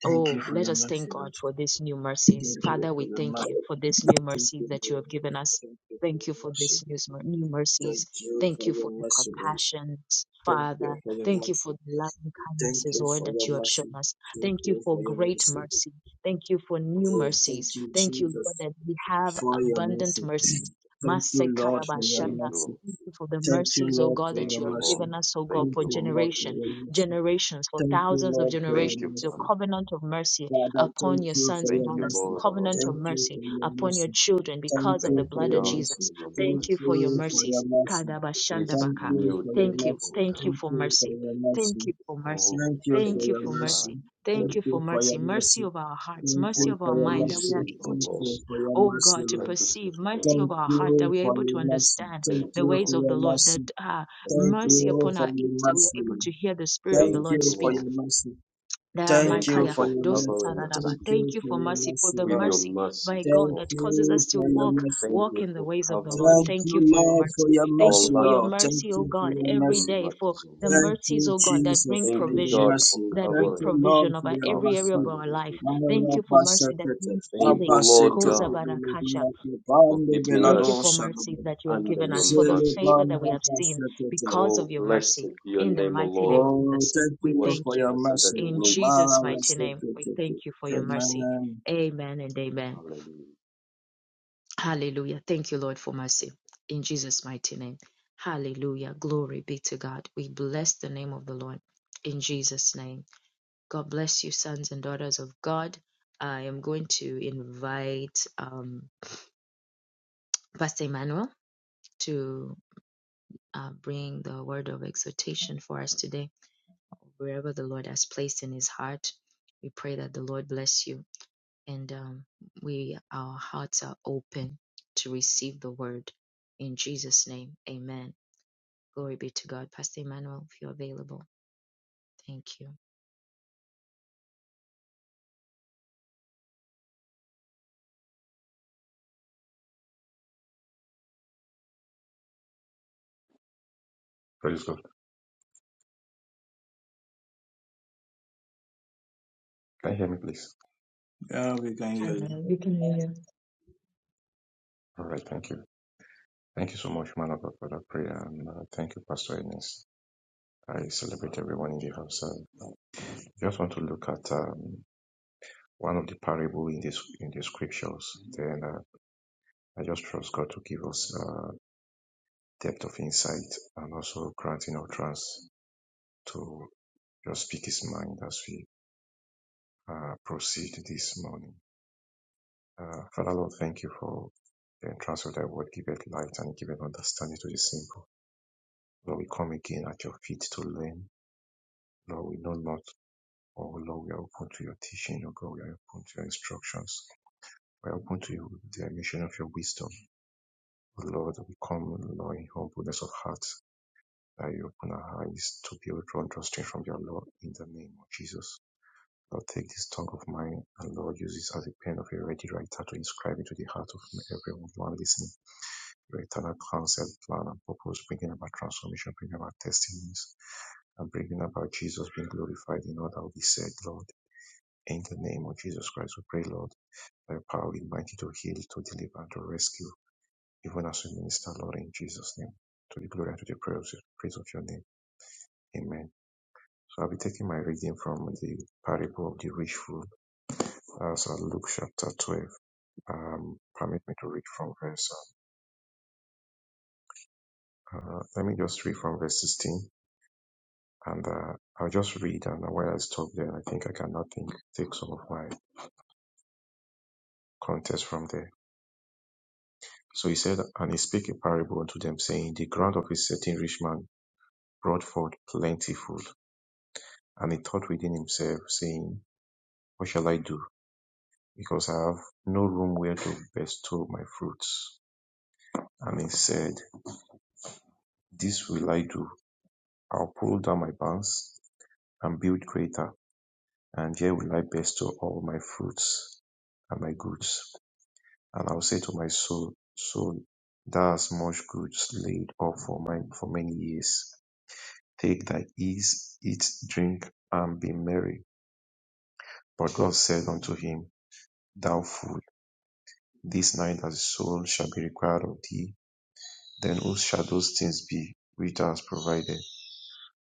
Speaker 7: Thank you for your mercy. Mhm. Thank you
Speaker 1: Oh,
Speaker 7: for
Speaker 1: let
Speaker 7: your
Speaker 1: us thank
Speaker 7: mercy,
Speaker 1: God
Speaker 7: Lord.
Speaker 1: for these new mercies.
Speaker 7: Thank you
Speaker 1: Father,
Speaker 7: for
Speaker 1: we
Speaker 7: your
Speaker 1: thank you
Speaker 7: mercy.
Speaker 1: for this new
Speaker 7: Thank
Speaker 1: mercies that you have given us.
Speaker 7: you for
Speaker 1: Thank
Speaker 7: your
Speaker 1: you for
Speaker 7: mercy.
Speaker 1: these new mer- new
Speaker 7: Thank
Speaker 1: mercies.
Speaker 7: you for your mercy. Thank you
Speaker 1: Thank
Speaker 7: for
Speaker 1: you
Speaker 7: your
Speaker 1: for the
Speaker 7: mercy, Lord.
Speaker 1: compassion,
Speaker 7: Thank you
Speaker 1: Father.
Speaker 7: for your
Speaker 1: Thank you for
Speaker 7: mercy.
Speaker 1: the loving
Speaker 7: Thank
Speaker 1: kindnesses,
Speaker 7: you
Speaker 1: Lord,
Speaker 7: for
Speaker 1: that
Speaker 7: your
Speaker 1: you have
Speaker 7: mercy.
Speaker 1: shown us.
Speaker 7: Thank
Speaker 1: Thank you
Speaker 7: you
Speaker 1: for
Speaker 7: for your
Speaker 1: great
Speaker 7: mercy.
Speaker 1: mercy. Thank you for new
Speaker 7: Oh, thank
Speaker 1: mercies.
Speaker 7: you,
Speaker 1: Thank you, Lord,
Speaker 7: Jesus,
Speaker 1: that we have
Speaker 7: for your
Speaker 1: abundant
Speaker 7: mercy.
Speaker 1: mercies.
Speaker 7: Thank you, Lord, for your
Speaker 5: Thank
Speaker 1: Masekarabashanda.
Speaker 5: you,
Speaker 7: mercy.
Speaker 5: Lord.
Speaker 1: Thank you for the
Speaker 7: Thank you,
Speaker 1: mercies, oh
Speaker 7: Lord,
Speaker 1: God,
Speaker 7: for
Speaker 1: that
Speaker 5: Thank
Speaker 7: your
Speaker 1: you
Speaker 5: you,
Speaker 1: have
Speaker 5: Lord.
Speaker 7: mercy.
Speaker 1: given us, oh God,
Speaker 7: Thank
Speaker 5: Thank
Speaker 1: for
Speaker 5: you,
Speaker 7: you,
Speaker 5: Lord.
Speaker 7: Lord, for
Speaker 1: generation
Speaker 7: your mercy.
Speaker 1: generations, for
Speaker 7: Thank you,
Speaker 1: thousands of
Speaker 7: Lord, for your
Speaker 1: generations,
Speaker 5: Thank you,
Speaker 1: your
Speaker 5: Father.
Speaker 7: mercy.
Speaker 1: covenant of mercy
Speaker 7: Father, thank
Speaker 1: upon your
Speaker 7: you
Speaker 1: sons
Speaker 7: for
Speaker 1: and
Speaker 5: Thank
Speaker 7: your
Speaker 5: you,
Speaker 1: daughters, your
Speaker 7: mercy.
Speaker 5: Lord, our
Speaker 1: covenant of
Speaker 7: Thank
Speaker 5: God.
Speaker 7: you
Speaker 1: mercy
Speaker 7: for your
Speaker 1: upon your
Speaker 7: mercy.
Speaker 1: children
Speaker 7: Thank
Speaker 1: because of the
Speaker 7: you
Speaker 5: Thank
Speaker 7: for
Speaker 5: you,
Speaker 1: blood of
Speaker 7: your
Speaker 5: God,
Speaker 7: mercy.
Speaker 1: Jesus.
Speaker 5: for your
Speaker 1: Thank
Speaker 7: Thank
Speaker 1: you for your
Speaker 7: you
Speaker 5: mercies.
Speaker 7: for your
Speaker 1: mercies.
Speaker 7: mercy.
Speaker 5: This
Speaker 7: Thank
Speaker 1: Kadabashandabaka.
Speaker 7: you
Speaker 5: new
Speaker 7: for your
Speaker 5: day,
Speaker 1: Thank you.
Speaker 7: mercy.
Speaker 5: oh
Speaker 1: Thank you
Speaker 5: God.
Speaker 7: Thank
Speaker 1: for
Speaker 7: you for
Speaker 1: mercy.
Speaker 7: your
Speaker 1: Thank
Speaker 7: mercy.
Speaker 1: you for
Speaker 5: Oh,
Speaker 1: mercy.
Speaker 7: Thank you for
Speaker 1: Thank
Speaker 5: thank
Speaker 1: you
Speaker 7: your
Speaker 5: you,
Speaker 1: for
Speaker 5: Father.
Speaker 7: mercy.
Speaker 1: mercy.
Speaker 5: Thank
Speaker 1: Thank
Speaker 7: Thank
Speaker 1: you for
Speaker 7: you
Speaker 5: you.
Speaker 7: for
Speaker 1: mercy.
Speaker 7: your
Speaker 1: Mercy
Speaker 7: mercy.
Speaker 1: of our hearts,
Speaker 7: Thank
Speaker 1: mercy
Speaker 5: What
Speaker 7: you
Speaker 1: of our
Speaker 7: for
Speaker 5: can
Speaker 7: your
Speaker 5: we
Speaker 1: mind, that we are
Speaker 5: say,
Speaker 7: mercy.
Speaker 1: able
Speaker 5: oh
Speaker 7: Thank
Speaker 1: to,
Speaker 5: Lord,
Speaker 7: you for your
Speaker 1: oh
Speaker 7: mercy,
Speaker 1: God, to
Speaker 7: Lord.
Speaker 5: but to say
Speaker 1: perceive, mercy
Speaker 5: thank
Speaker 7: Thank
Speaker 1: of
Speaker 5: you,
Speaker 1: our heart,
Speaker 5: Lord.
Speaker 1: that
Speaker 7: you
Speaker 1: we are
Speaker 7: for
Speaker 1: able to
Speaker 7: your mercy.
Speaker 1: understand
Speaker 5: Thank
Speaker 7: Thank
Speaker 5: you,
Speaker 1: the
Speaker 7: you for
Speaker 1: ways
Speaker 5: Lord.
Speaker 1: of
Speaker 7: your
Speaker 1: the Lord,
Speaker 7: mercy.
Speaker 1: that ah,
Speaker 5: Thank
Speaker 7: Thank
Speaker 5: you,
Speaker 1: mercy
Speaker 7: you
Speaker 5: Lord.
Speaker 1: upon
Speaker 7: for
Speaker 1: our
Speaker 7: your
Speaker 1: ears that we
Speaker 7: mercy.
Speaker 1: are able to hear the Spirit of the
Speaker 7: Thank
Speaker 5: Thank
Speaker 1: Lord
Speaker 7: you
Speaker 5: you,
Speaker 7: for
Speaker 1: speak.
Speaker 5: Lord.
Speaker 7: your mercy.
Speaker 1: Nah,
Speaker 7: Thank
Speaker 5: Thank you
Speaker 7: you
Speaker 1: Micaiah,
Speaker 7: for
Speaker 5: for
Speaker 7: your
Speaker 1: those that
Speaker 7: mercy.
Speaker 1: are
Speaker 5: covering
Speaker 1: that about.
Speaker 5: us
Speaker 7: Thank
Speaker 1: Thank
Speaker 7: you
Speaker 1: you
Speaker 7: for
Speaker 1: for
Speaker 7: your
Speaker 1: mercy, for
Speaker 7: mercy,
Speaker 1: the
Speaker 5: with
Speaker 7: Lord.
Speaker 5: your
Speaker 1: mercy, my
Speaker 5: mercies, O
Speaker 1: God,
Speaker 7: Thank
Speaker 1: that
Speaker 5: Lord.
Speaker 1: causes
Speaker 7: you
Speaker 1: us to
Speaker 7: for your
Speaker 1: walk,
Speaker 7: mercy.
Speaker 5: Thank
Speaker 1: walk
Speaker 5: you
Speaker 1: in the
Speaker 5: for
Speaker 1: ways of the Lord.
Speaker 5: covering
Speaker 7: Thank
Speaker 1: Thank you
Speaker 7: you,
Speaker 1: for your
Speaker 7: Lord,
Speaker 1: mercy.
Speaker 7: for your
Speaker 1: Thank
Speaker 5: our
Speaker 1: you
Speaker 7: mercy,
Speaker 1: for your
Speaker 7: Lord.
Speaker 5: land
Speaker 7: Thank
Speaker 1: mercy, O
Speaker 7: you for
Speaker 1: God,
Speaker 7: your
Speaker 5: with your
Speaker 1: every
Speaker 7: mercy.
Speaker 1: day, for
Speaker 5: mercies, O
Speaker 1: the
Speaker 5: Lord.
Speaker 7: Thank
Speaker 1: mercies,
Speaker 7: you,
Speaker 1: O God, that bring
Speaker 7: Jesus, for
Speaker 5: Thank you,
Speaker 7: your
Speaker 5: God,
Speaker 1: provision,
Speaker 5: for
Speaker 7: mercy.
Speaker 1: that
Speaker 7: Thank
Speaker 1: bring
Speaker 7: you,
Speaker 5: covering
Speaker 7: Lord,
Speaker 1: provision
Speaker 7: for
Speaker 1: over
Speaker 7: your
Speaker 5: our
Speaker 1: every area of
Speaker 7: mercy.
Speaker 1: our
Speaker 5: families
Speaker 1: life.
Speaker 5: with your
Speaker 1: Thank you for
Speaker 5: mercies.
Speaker 1: mercy that
Speaker 7: Marabasakete,
Speaker 1: brings
Speaker 5: Thank you,
Speaker 1: healing.
Speaker 5: Lord
Speaker 7: Mabaseto,
Speaker 1: Koza
Speaker 5: God,
Speaker 7: Kubele,
Speaker 1: Barakasha.
Speaker 7: Biyake,
Speaker 5: for
Speaker 7: Bande,
Speaker 5: keeping
Speaker 1: Thank you
Speaker 7: Belado,
Speaker 1: for
Speaker 5: us
Speaker 7: Shalom.
Speaker 1: mercy that you have
Speaker 5: under
Speaker 1: given
Speaker 5: your
Speaker 1: us, for the
Speaker 5: mercies, O
Speaker 1: favor that
Speaker 5: God.
Speaker 7: Zelebanda
Speaker 1: we have seen
Speaker 7: Bastakete.
Speaker 1: because of
Speaker 5: Oh,
Speaker 1: your
Speaker 5: blessed
Speaker 1: mercy.
Speaker 5: be your
Speaker 1: In the
Speaker 5: name, O
Speaker 1: mighty name
Speaker 5: Lord,
Speaker 1: of
Speaker 7: Oh,
Speaker 1: Jesus,
Speaker 7: thank
Speaker 1: we
Speaker 7: you,
Speaker 5: who
Speaker 7: Lord,
Speaker 5: has
Speaker 7: for
Speaker 1: thank
Speaker 5: put
Speaker 1: you.
Speaker 7: your
Speaker 5: us under
Speaker 7: mercy,
Speaker 5: the
Speaker 1: In
Speaker 7: Lord.
Speaker 5: wings of
Speaker 7: Mala
Speaker 1: Jesus'
Speaker 5: your
Speaker 1: mighty
Speaker 5: mercy.
Speaker 1: name, we
Speaker 7: Bastakete.
Speaker 1: thank you for
Speaker 5: Thank
Speaker 1: your
Speaker 5: you, Lord.
Speaker 1: mercy.
Speaker 7: Amen.
Speaker 1: Amen and amen.
Speaker 5: Hallelujah.
Speaker 1: Hallelujah. Thank you, Lord, for mercy. In Jesus' mighty name. Hallelujah. Glory be to God. We bless the name of the Lord. In Jesus' name. God bless you, sons and daughters of God. I am going to invite um, Pastor Emmanuel to. uh, bring the word of exhortation for us today. Wherever the Lord has placed in his heart, we pray that the Lord bless you and um, we our hearts are open to receive the word in Jesus' name. Amen. Glory be to God. Pastor Emmanuel, if you're available, thank you.
Speaker 8: Praise God. Can you hear me, please?
Speaker 7: Yeah, we can hear you.
Speaker 1: Amen. We can hear
Speaker 8: All right. Thank you. Thank you so much, man of God, for that prayer. And uh, thank you, Pastor Ennis. I celebrate everyone in the house. And I just want to look at um, one of the parable in this in the scriptures. Then uh, I just trust God to give us uh, depth of insight and also granting utterance to just speak His mind as we uh, proceed this morning. Uh, Father Lord, thank you for the entrance of thy word, give it light and give it understanding to the simple. Lord, we come again at your feet to learn. Lord, we know not Oh Lord, we are open to your teaching, oh God, we are open to your instructions. We are open to you, the emission of your wisdom. Oh Lord, we come, Lord, in humbleness of heart, that you open our eyes to be able to understand from your Lord in the name of Jesus. Lord, take this tongue of mine and Lord, use this as a pen of a ready writer to inscribe into the heart of everyone listening. Your eternal counsel, plan, and purpose, bringing about transformation, bringing about testimonies, and bringing about Jesus being glorified in all that will be said, Lord. In the name of Jesus Christ, we pray, Lord, by your power, we invite you to heal, to deliver, to rescue, even as we minister, Lord, in Jesus' name. To the glory and to the praise, praise of your name. Amen. So I'll be taking my reading from the parable of the rich fool, as uh, so Luke chapter 12. Um, permit me to read from verse, uh, uh, let me just read from verse 16. And uh, I'll just read, and while I stop there, I think I cannot think, take some of my context from there. So he said, And he spake a parable unto them, saying, The ground of a certain rich man brought forth plenty food. And he thought within himself, saying, What shall I do? Because I have no room where to bestow my fruits. And he said, This will I do. I'll pull down my barns and build greater, and here will I bestow all my fruits and my goods. And I'll say to my soul, Soul, thou hast much goods laid up for, my, for many years Take thy ease, eat, drink, and be merry. But God said unto him, Thou fool, this night thy soul shall be required of thee. Then whose shall those things be which thou hast provided?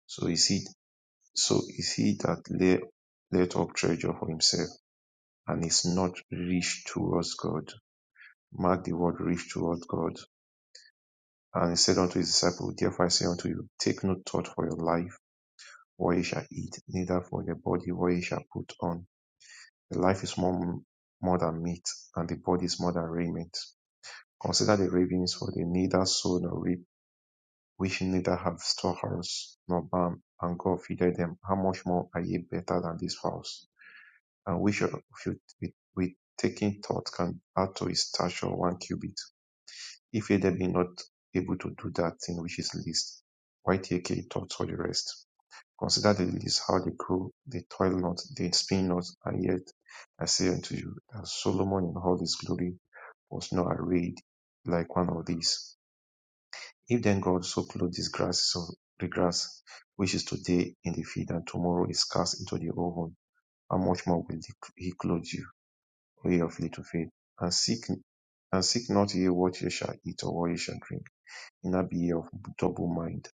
Speaker 8: So is he, so is he that lay, layeth up treasure for himself, and is not rich towards God. Mark the word rich towards God. And he said unto his disciples, Therefore I say unto you, take no thought for your life, what ye shall eat, neither for your body, what ye shall put on. The life is more, more than meat, and the body is more than raiment. Consider the ravens, for they neither sow nor reap, which neither have storehouse nor barn, and God feedeth them. How much more are ye better than these fowls? And which of you with, with taking thought can add to his stature one cubit? If ye then be not able to do that thing which is least, why take ye thought for the rest? Consider the list how they grow they toil not, they spin not, and yet I say unto you that Solomon in all his glory was not arrayed like one of these. If then God so clothed these grasses of the grass, which is today in the field and tomorrow is cast into the oven, how much more will he clothe you, O ye of little faith? And seek and seek not ye what ye shall eat or what ye shall drink, neither be ye of double mind.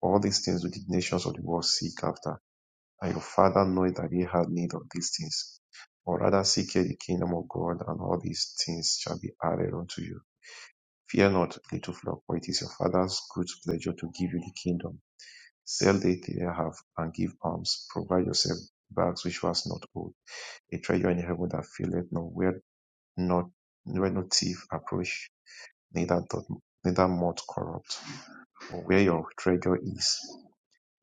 Speaker 8: All these things do the nations of the world seek after and your Father knoweth that ye have need of these things. or rather seek ye the kingdom of God, and all these things shall be added unto you. Fear not, little flock, for it is your Father's good pleasure to give you the kingdom. Sell that ye have, and give alms. Provide yourself bags which was not old, a treasure in heaven that filleth not, where not where no thief approach, neither doth neither moth corrupt. For where your treasure is,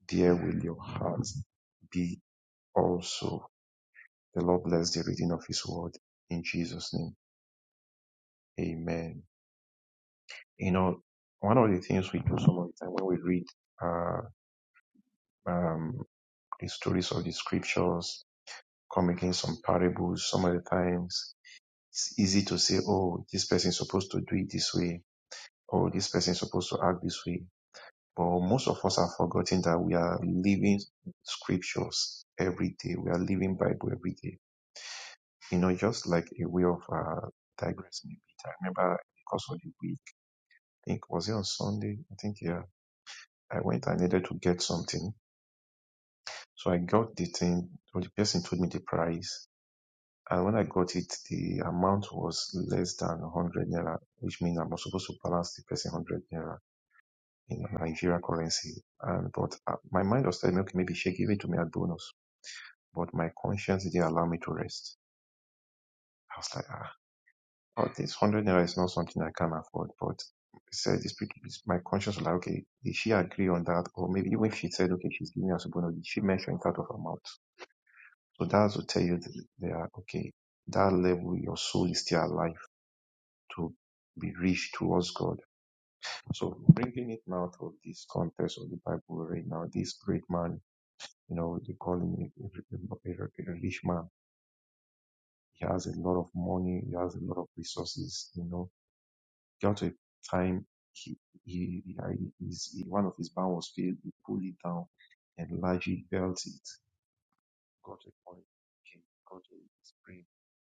Speaker 8: there will your heart be also. The Lord bless the reading of His word in Jesus' name. Amen. You know, one of the things we do some of the time when we read uh, um, the stories of the scriptures, come against some parables, some of the times it's easy to say, oh, this person is supposed to do it this way, or this person is supposed to act this way. But most of us have forgotten that we are living scriptures every day. We are living Bible every day. You know, just like a way of uh, digressing a bit. I remember because of the week. think was it on Sunday? I think yeah. I went. I needed to get something, so I got the thing. Well, the person told me the price, and when I got it, the amount was less than one hundred naira, which means I'm supposed to balance the person one hundred naira in Nigerian currency. And but uh, my mind was telling me, okay, maybe she gave it to me as bonus, but my conscience didn't allow me to rest. I was like, ah. Oh, this hundred naira is not something I can afford, but said this my conscience was like, okay, did she agree on that? Or maybe even if she said, okay, she's giving us a bonus, did she mention it out of her mouth? So that's to tell you that they are okay. That level, your soul is still alive to be rich towards God. So bringing it now to this context of the Bible right now, this great man, you know, they call him a, a, a a rich man. He has a lot of money. He has a lot of resources, you know got to a time he, he, he, I- his, he- one of his barn was filled, he pulled it down and largely built it. Got to a point, okay, got a spring.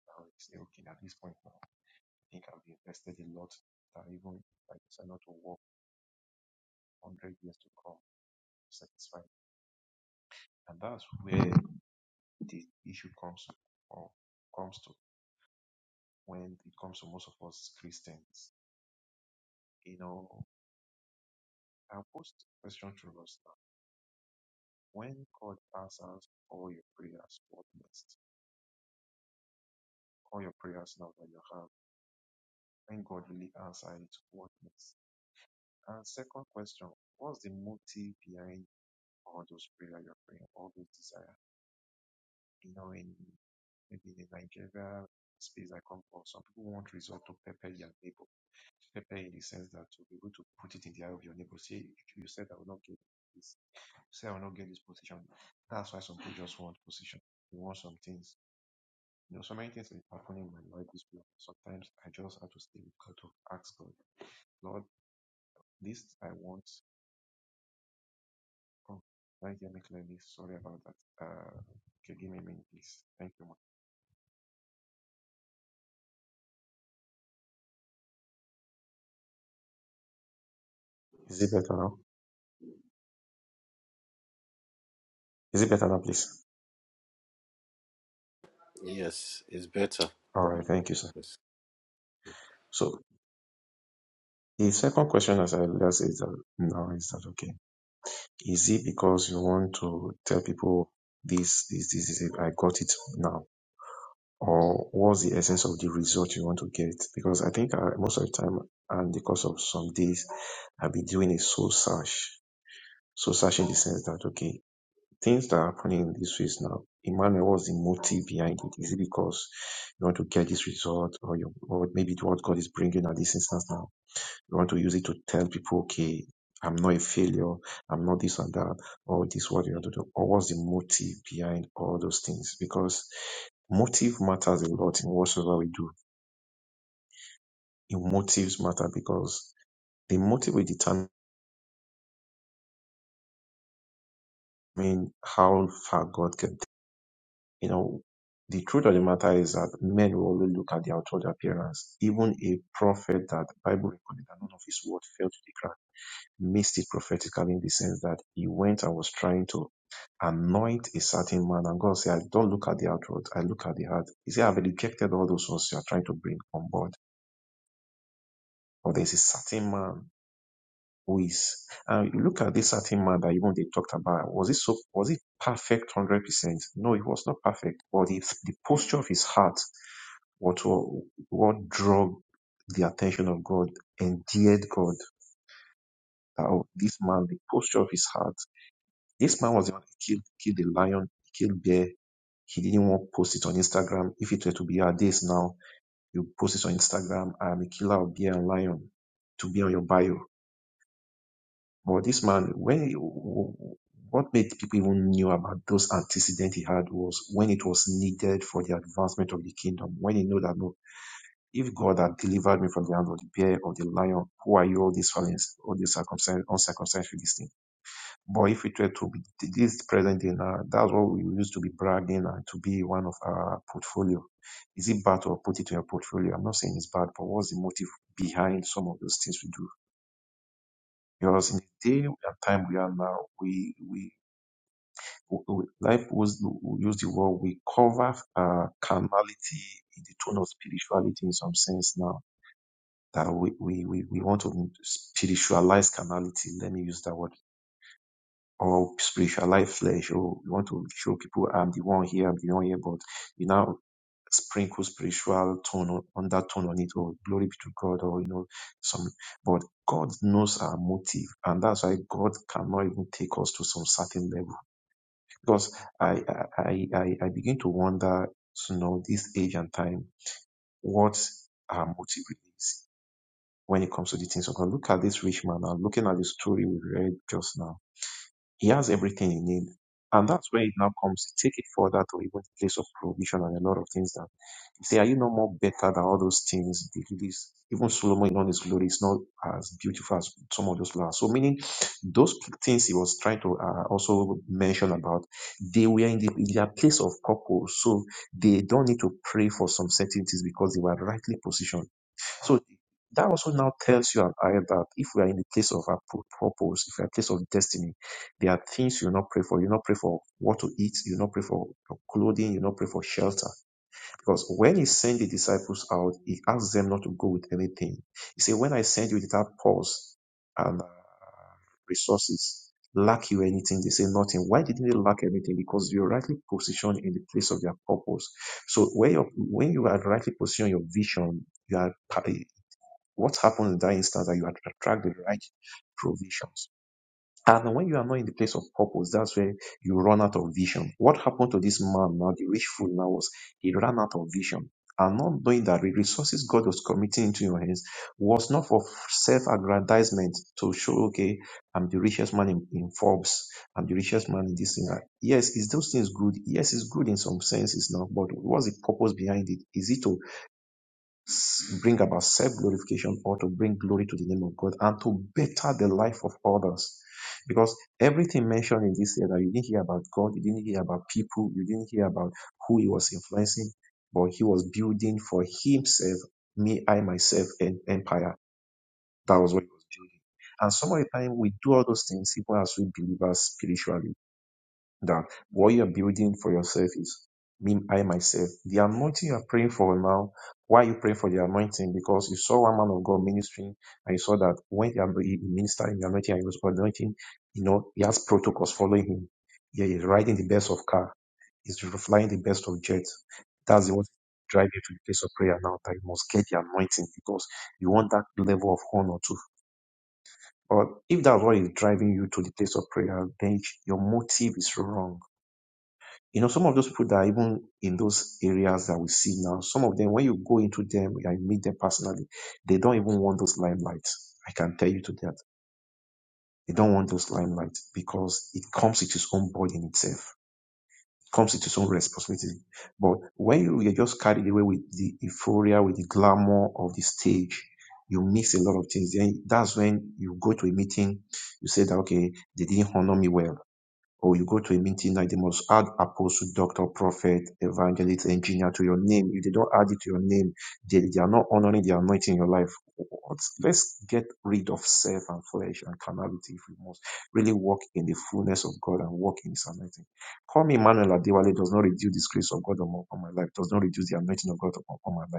Speaker 8: Now he say, okay, at this point now, I think I've invested a lot that even if I decide not to work 100 years to come, satisfied. And that's where the issue comes or comes to when it comes to most of us Christians. You know, I'll post a question to us now When God answers all your prayers, what next? All your prayers now that you have. When God really answers it, what next? And second question, what's the motive behind all those prayers you're praying, all those desires? You know, in maybe in Nigeria space I come from, some people want result to pepper their neighbor. Pepper in the sense that to be able to put it in the eye of your neighbor. Say, you said I will not get this. You said I will not get this position. That's why some people just want position. They want something. You know, so many things are happening in my life this period. Sometimes I just have to stay with God to ask God, Lord, this I want. Oh, can you hear me clearly? Sorry about that. Uh, okay, give me a minute, please. Thank you. ma'am. Is it better now? Is it better now, please?
Speaker 3: it's better.
Speaker 8: All right, thank you, sir.
Speaker 3: It's
Speaker 8: So the second question, as I just is that now, is that okay? Is it because you want to tell people this, this, this, this? I got it now? or what's the essence of the result you want to get? Because I think uh, most of the time, and because of some days, I've been doing a soul search. Soul search in the sense that, okay, things that are happening in this phase now, Emmanuel, what's the motive behind it? Is it because you want to get this result or, you, or maybe what God is bringing at this instance now? You want to use it to tell people, okay, I'm not a failure, I'm not this and that, or this is what you want to do, or what's the motive behind all those things? Because motive matters a lot in whatsoever we do. The motives matter because the motive will determine how far God can take. You know, the truth of the matter is that men will always look at the outward appearance. Even a prophet that the Bible recorded that none of his word failed to the ground missed it prophetically in the sense that he went and was trying to anoint a certain man. And God said, I don't look at the outward, I look at the heart. He said, I've rejected all those ones you are trying to bring on board. But there's a certain man who is. And you look at this certain man that even they talked about. Was it so was it perfect one hundred percent? No, it was not perfect. But the, the posture of his heart, what what drew the attention of God, endeared God. That, oh, this man, the posture of his heart This man was the one that killed, killed the lion, killed bear. He didn't want to post it on Instagram. If it were to be our days now, you post it on Instagram. I am a killer of bear and lion to be on your bio. But this man, when what made people even knew about those antecedents he had was when it was needed for the advancement of the kingdom. When he knew that no, if God had delivered me from the hand of the bear or the lion, who are you all these felons, all these circumcised, uncircumcised Philistines? But if it were to be this present in our, that's what we used to be bragging and to be one of our portfolio. Is it bad to put it in your portfolio? I'm not saying it's bad, but what's the motive behind some of those things we do? Because in the day and time we are now, we we, we life was we use the word we cover uh, carnality in the tone of spirituality in some sense now that we we we, we want to spiritualize carnality. Let me use that word or spiritualize flesh. Oh, you want to show people I'm the one here, I'm the one here, but you now sprinkle spiritual tone on, on that tone on it. Oh, glory be to God, or you know, some. But God knows our motive, and that's why God cannot even take us to some certain level. Because I I I, I I begin to wonder, you know, this age and time, what our motive is when it comes to the things of God. Look at this rich man. I'm looking at the story we read just now he has everything you need. And that's where it now comes. to Take it further to even the place of provision and a lot of things that you say, are you no more better than all those things? They do this. Even Solomon in all his glory is not as beautiful as some of those flowers. So meaning those things he was trying to uh, also mention about, they were in, the, in their place of purpose. So they don't need to pray for some certain things because they were rightly positioned so that also now tells you and I that if we are in the place of our pu- purpose, if we are in the place of destiny, there are things you will not pray for. You will not pray for what to eat. You will not pray for clothing. You will not pray for shelter. Because when he sent the disciples out, he asked them not to go with anything. He said, when I send you without pause and uh, resources, lack you anything? They say nothing. Why didn't they lack anything? Because you're rightly positioned in the place of their purpose. So when you when you are rightly positioned your vision, you are what happens in that instance that you att- attract the right provisions? And when you are not in the place of purpose, that's where you run out of vision. What happened to this man now, the rich fool now was he ran out of vision. And not knowing that the resources God was committing into your hands was not for self-aggrandizement to show, okay, I'm the richest man in, in Forbes, I'm the richest man in this thing. Yes, is those things good? Yes, it's good in some senses now, but what's the purpose behind it? Is it to bring about self glorification or to bring glory to the name of God and to better the life of others. Because everything mentioned in this letter, you didn't hear about God, you didn't hear about people, you didn't hear about who he was influencing, but he was building for himself, me, I, myself, an empire. That was what he was building. And some of the time we do all those things, even as we believers spiritually that what you're building for yourself is me, I myself. The anointing you're praying for now, why are you praying for the anointing? Because you saw one man of God ministering and you saw that when he anoint- he ministered in the anointing and he was anointing, you know, he has protocols following him. Yeah, he's riding the best of car. He's flying the best of jets. That's the one drive you to the place of prayer now that you must get the anointing because you want that level of honor too. But if that's what is driving you to the place of prayer, then your motive is wrong you know, some of those people that are even in those areas that we see now, some of them, when you go into them and meet them personally, they don't even want those limelights. I can tell you to that. They don't want those limelight because it comes with its own burden itself. It comes with its own responsibility. But when you, you're just carried away with the euphoria, with the glamour of the stage, you miss a lot of things. Then that's when you go to a meeting, you say that, okay, they didn't honor me well or you go to a meeting like they must add apostle, doctor, prophet, evangelist, engineer to your name. If they don't add it to your name, they, they are not honoring the anointing in your life. What? Let's get rid of self and flesh and carnality if we must really walk in the fullness of God and walk in his anointing. Call me Emmanuel Adewale does not reduce the grace of God upon my life, does not reduce the anointing of God upon upon my life.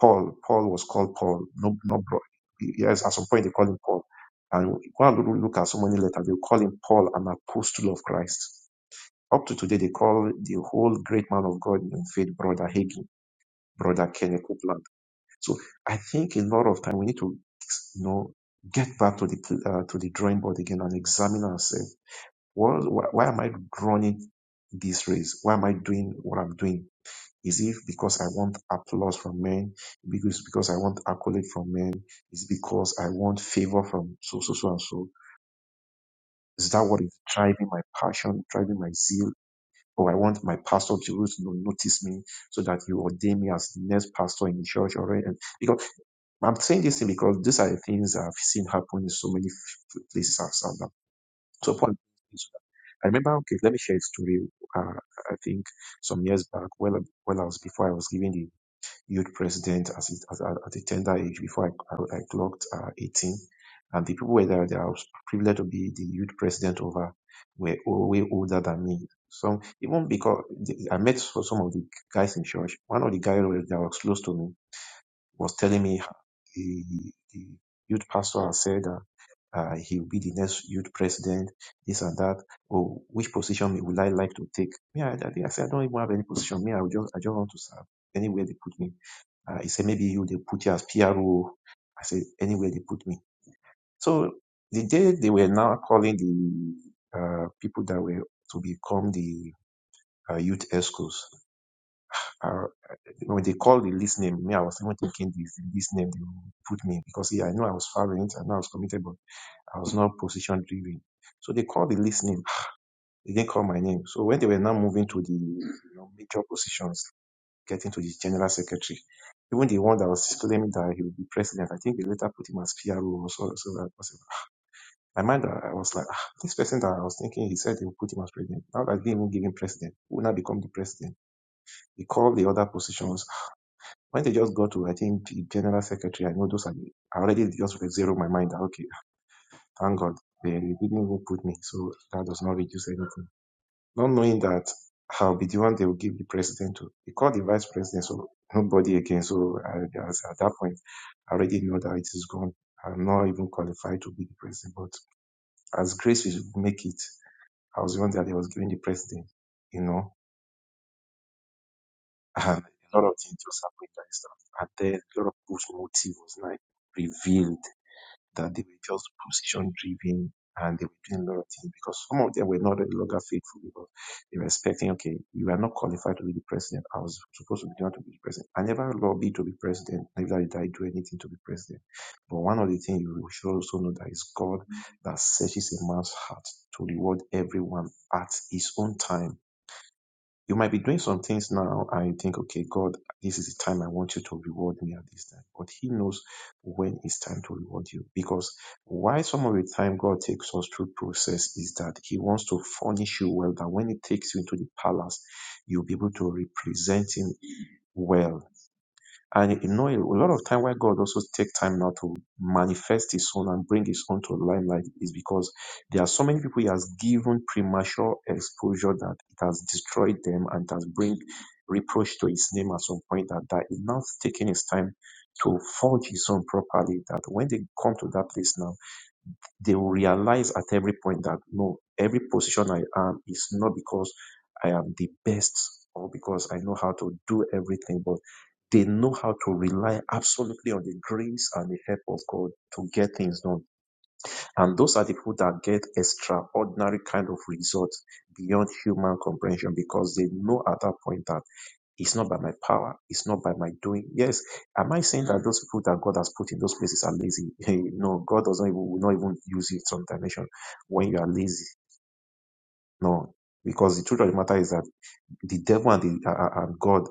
Speaker 8: Paul. Paul was called Paul, no, no bro. Yes, at some point they call him Paul. And go and loo- look at so many letters. They call him Paul, an apostle of Christ. Up to today, they call the whole great man of God in faith, Brother Hagin, Brother Kenneth Copeland. So I think a lot of time we need to, you know, get back to the pl- uh, to the drawing board again and examine ourselves. What, why, why am I running this race? Why am I doing what I'm doing? Is it because I want applause from men? Because because I want accolade from men? Is it because I want favor from so so so and so? Is that what is driving my passion, driving my zeal? Or I want my pastor to always no- notice me so that you ordain me as the next pastor in the church already. And because I'm saying this thing because these are the things I've seen happen in so many f- places outside. now. So point is, I remember, okay, let me share a story. Uh, I think some years back, well, well, I was before I was giving the youth president as it, as, at at a tender age before I, I, I clocked uh, 18. And the people were there that I was privileged to be the youth president over were o- way older than me. Some even because the- I met so- some of the guys in church. One of the guys that was that was close to me was telling me how the, the youth pastor had said that uh, he will be the next youth president, this and that. Or which position would I like to take? Me, I, I, think I said I don't even have any position. Me, I would just I just want to serve anywhere they put me. Uh, he said, maybe you they put you as PRO. I said, anywhere they put me. So the day they were now calling the uh, people that were to become the uh, youth escorts, uh, when they called the list name, me, I was even thinking this, this name they will put me because yeah, I know I was violent, I know I was committed, but I was not position driven. So they called the list name. They didn't call my name. So when they were now moving to the you know, major positions, getting to the general secretary. Even the one that was claiming that he would be president, I think they later put him as PRO or so, so that was it. I mind that I was like, ah, this person that I was thinking he said they would put him as president. Now that they didn't even give him president, who will now become the president? He called the other positions. When they just got to, I think, the general secretary, I know those are the, I already just zeroed my mind that, okay, thank God they didn't even put me. So that does not reduce anything. not knowing that I'll be the one they will give the president to. They call the vice president, so nobody again. So I, as- at that point, I already know that it is gone. I'm not even qualified to be the president. But as grace will make it, I was the one that they was giving the president, you know, and a lot of things just happened like that. And then a lot of good motive was like revealed that they were just position driven and they were doing a lot of things because some of them were not any longer faithful because they were expecting, okay, you are not qualified to be the president. I was supposed to be the one to be the president. I never lobbied to be president, neither did I do anything to be president. But one of the things you should also know that is God that searches a man's heart to reward everyone at his own time you might be doing some things now and you think, okay, God, this is the time I want you to reward me at this time. But He knows when it's time to reward you. Because why some of the time God takes us through process is that He wants to furnish you well, that when He takes you into the palace, you'll be able to represent Him well and you know, a lot of time why God also take time now to manifest His Son and bring His Son to limelight is because there are so many people He has given premature exposure that it has destroyed them and it has bring reproach to His name at some point. That that is now taking His time to forge His Son properly. That when they come to that place now they realize at every point that no, every position I am is not because I am the best or because I know how to do everything, but they know how to rely absolutely on the grace and the help of God to get things done. And those are the people that get extraordinary kind of results beyond human comprehension because they know at that point that it's not by my power. It's not by my doing. Yes, am I saying that those people that God has put in those places are lazy? Hey, no, God does not even will not even use you in some dimension when you are lazy. No, because the truth of the matter is that the devil and the uh, uh, and God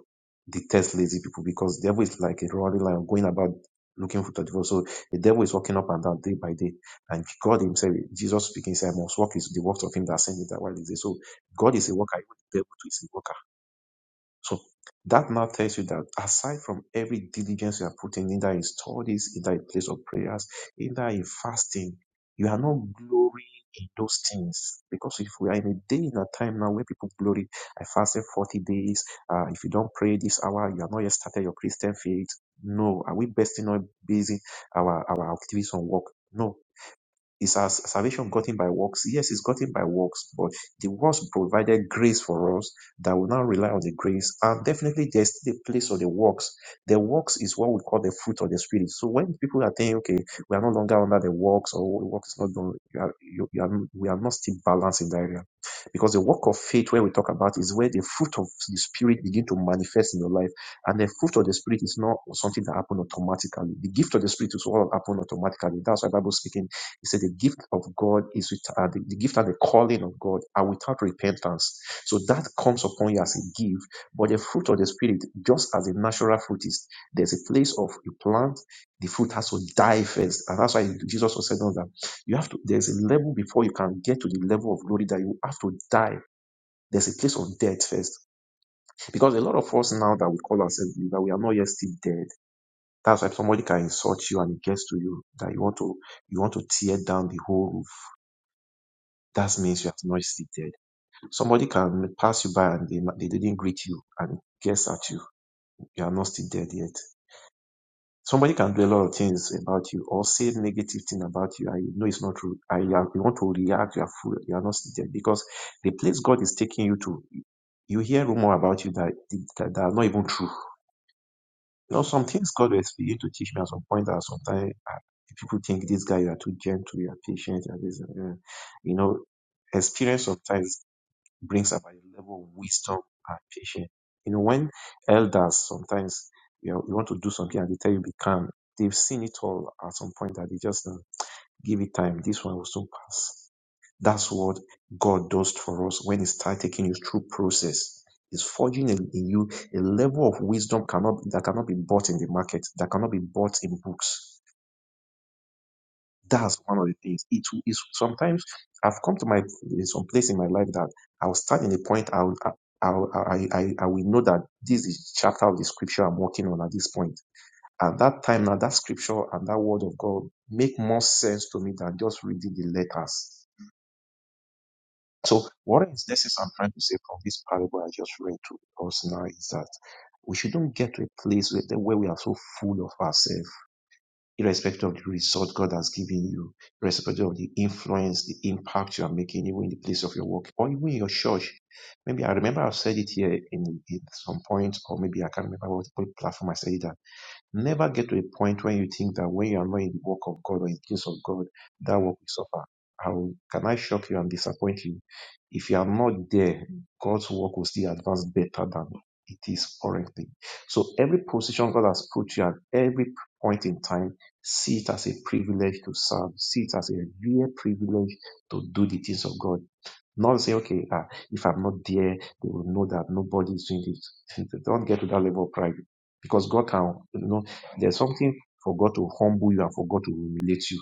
Speaker 8: detest lazy people because the devil is like a roaring lion going about looking for the devil. So the devil is walking up and down day by day, and God Himself, Jesus speaking, said, "I must walk is the works of Him that sent me that while is there. So God is a worker, even the devil too is a worker so that now tells you that aside from every diligence you are putting, either in studies, either in place of prayers, either in fasting, you are not glorying in those things. Because if we are in a day in a time now where people glory, I fasted 40 days, uh, if you don't pray this hour, you are not yet started your Christian faith. No, are we basing on basing our, our activities on work? No, is our salvation gotten by works? Yes, it's gotten by works, but the works provided grace for us that will now rely on the grace. And definitely, there's still the place of the works. The works is what we call the fruit of the spirit. So when people are saying, okay, we are no longer under the works, or works not done, you are, you, you are, we are not still balanced in that area, because the work of faith, where we talk about, is where the fruit of the spirit begin to manifest in your life. And the fruit of the spirit is not something that happens automatically. The gift of the spirit is what happen automatically. That's why Bible speaking. He said the gift of God is with uh, the, the gift and the calling of God are without repentance. So that comes upon you as a gift. But the fruit of the spirit, just as the natural fruit is, there's a place of you plant, the fruit has to die first. And that's why Jesus was saying that you have to there's a level before you can get to the level of glory that you have to die. There's a place of death first. Because a lot of us now that we call ourselves believer, we are not yet still dead. That's why somebody can insult you and it gets to you that you want to you want to tear down the whole roof that means you have not seated. Somebody can pass you by and they, they didn't greet you and guess at you. You are not still dead yet. Somebody can do a lot of things about you or say negative thing about you. I know it's not true. I you want to react. You are full. You are not seated because the place God is taking you to, you hear rumor about you that that, that are not even true. You know, some things God will begin to teach me at some point that sometimes uh, people think this guy you are too gentle, you are patient, you are this, uh, you know, experience sometimes brings about a level of wisdom and patience. You know, when elders sometimes you, know, you want to do something and they tell you be calm, they've seen it all at some point that they just uh, give it time. This one will soon pass. That's what God does for us when He starts taking you through process. He's forging in, in you a level of wisdom cannot that cannot be bought in the market, that cannot be bought in books. That's one of the things. It will- is sometimes I've come to my some place in my life that I'll start in a point I'll I'll, I, I, I will know that this is chapter of the scripture I'm working on at this point. At that time now, that scripture and that word of God make more sense to me than just reading the letters. So what is this is I'm trying to say from this parable I just read to us now is that we shouldn't get to a place where, where we are so full of ourselves irrespective of the result God has given you, irrespective of the influence, the impact you are making, even in the place of your work or even in your church. Maybe I remember I've said it here in, in some point, or maybe I can't remember what platform I said it at. Never get to a point when you think that when you are not in the work of God or in the things of God, that work will suffer. How can I shock you and disappoint you? If you are not there, God's work will still advance better than it is currently. So every position God has put you at every point in time, see it as a privilege to serve, see it as a real privilege to do the things of God not say, okay, ah, if I'm not there, they will know that nobody is doing this. Don't get to that level of pride. Because God can, you know, there's something for God to humble you and for God to humiliate you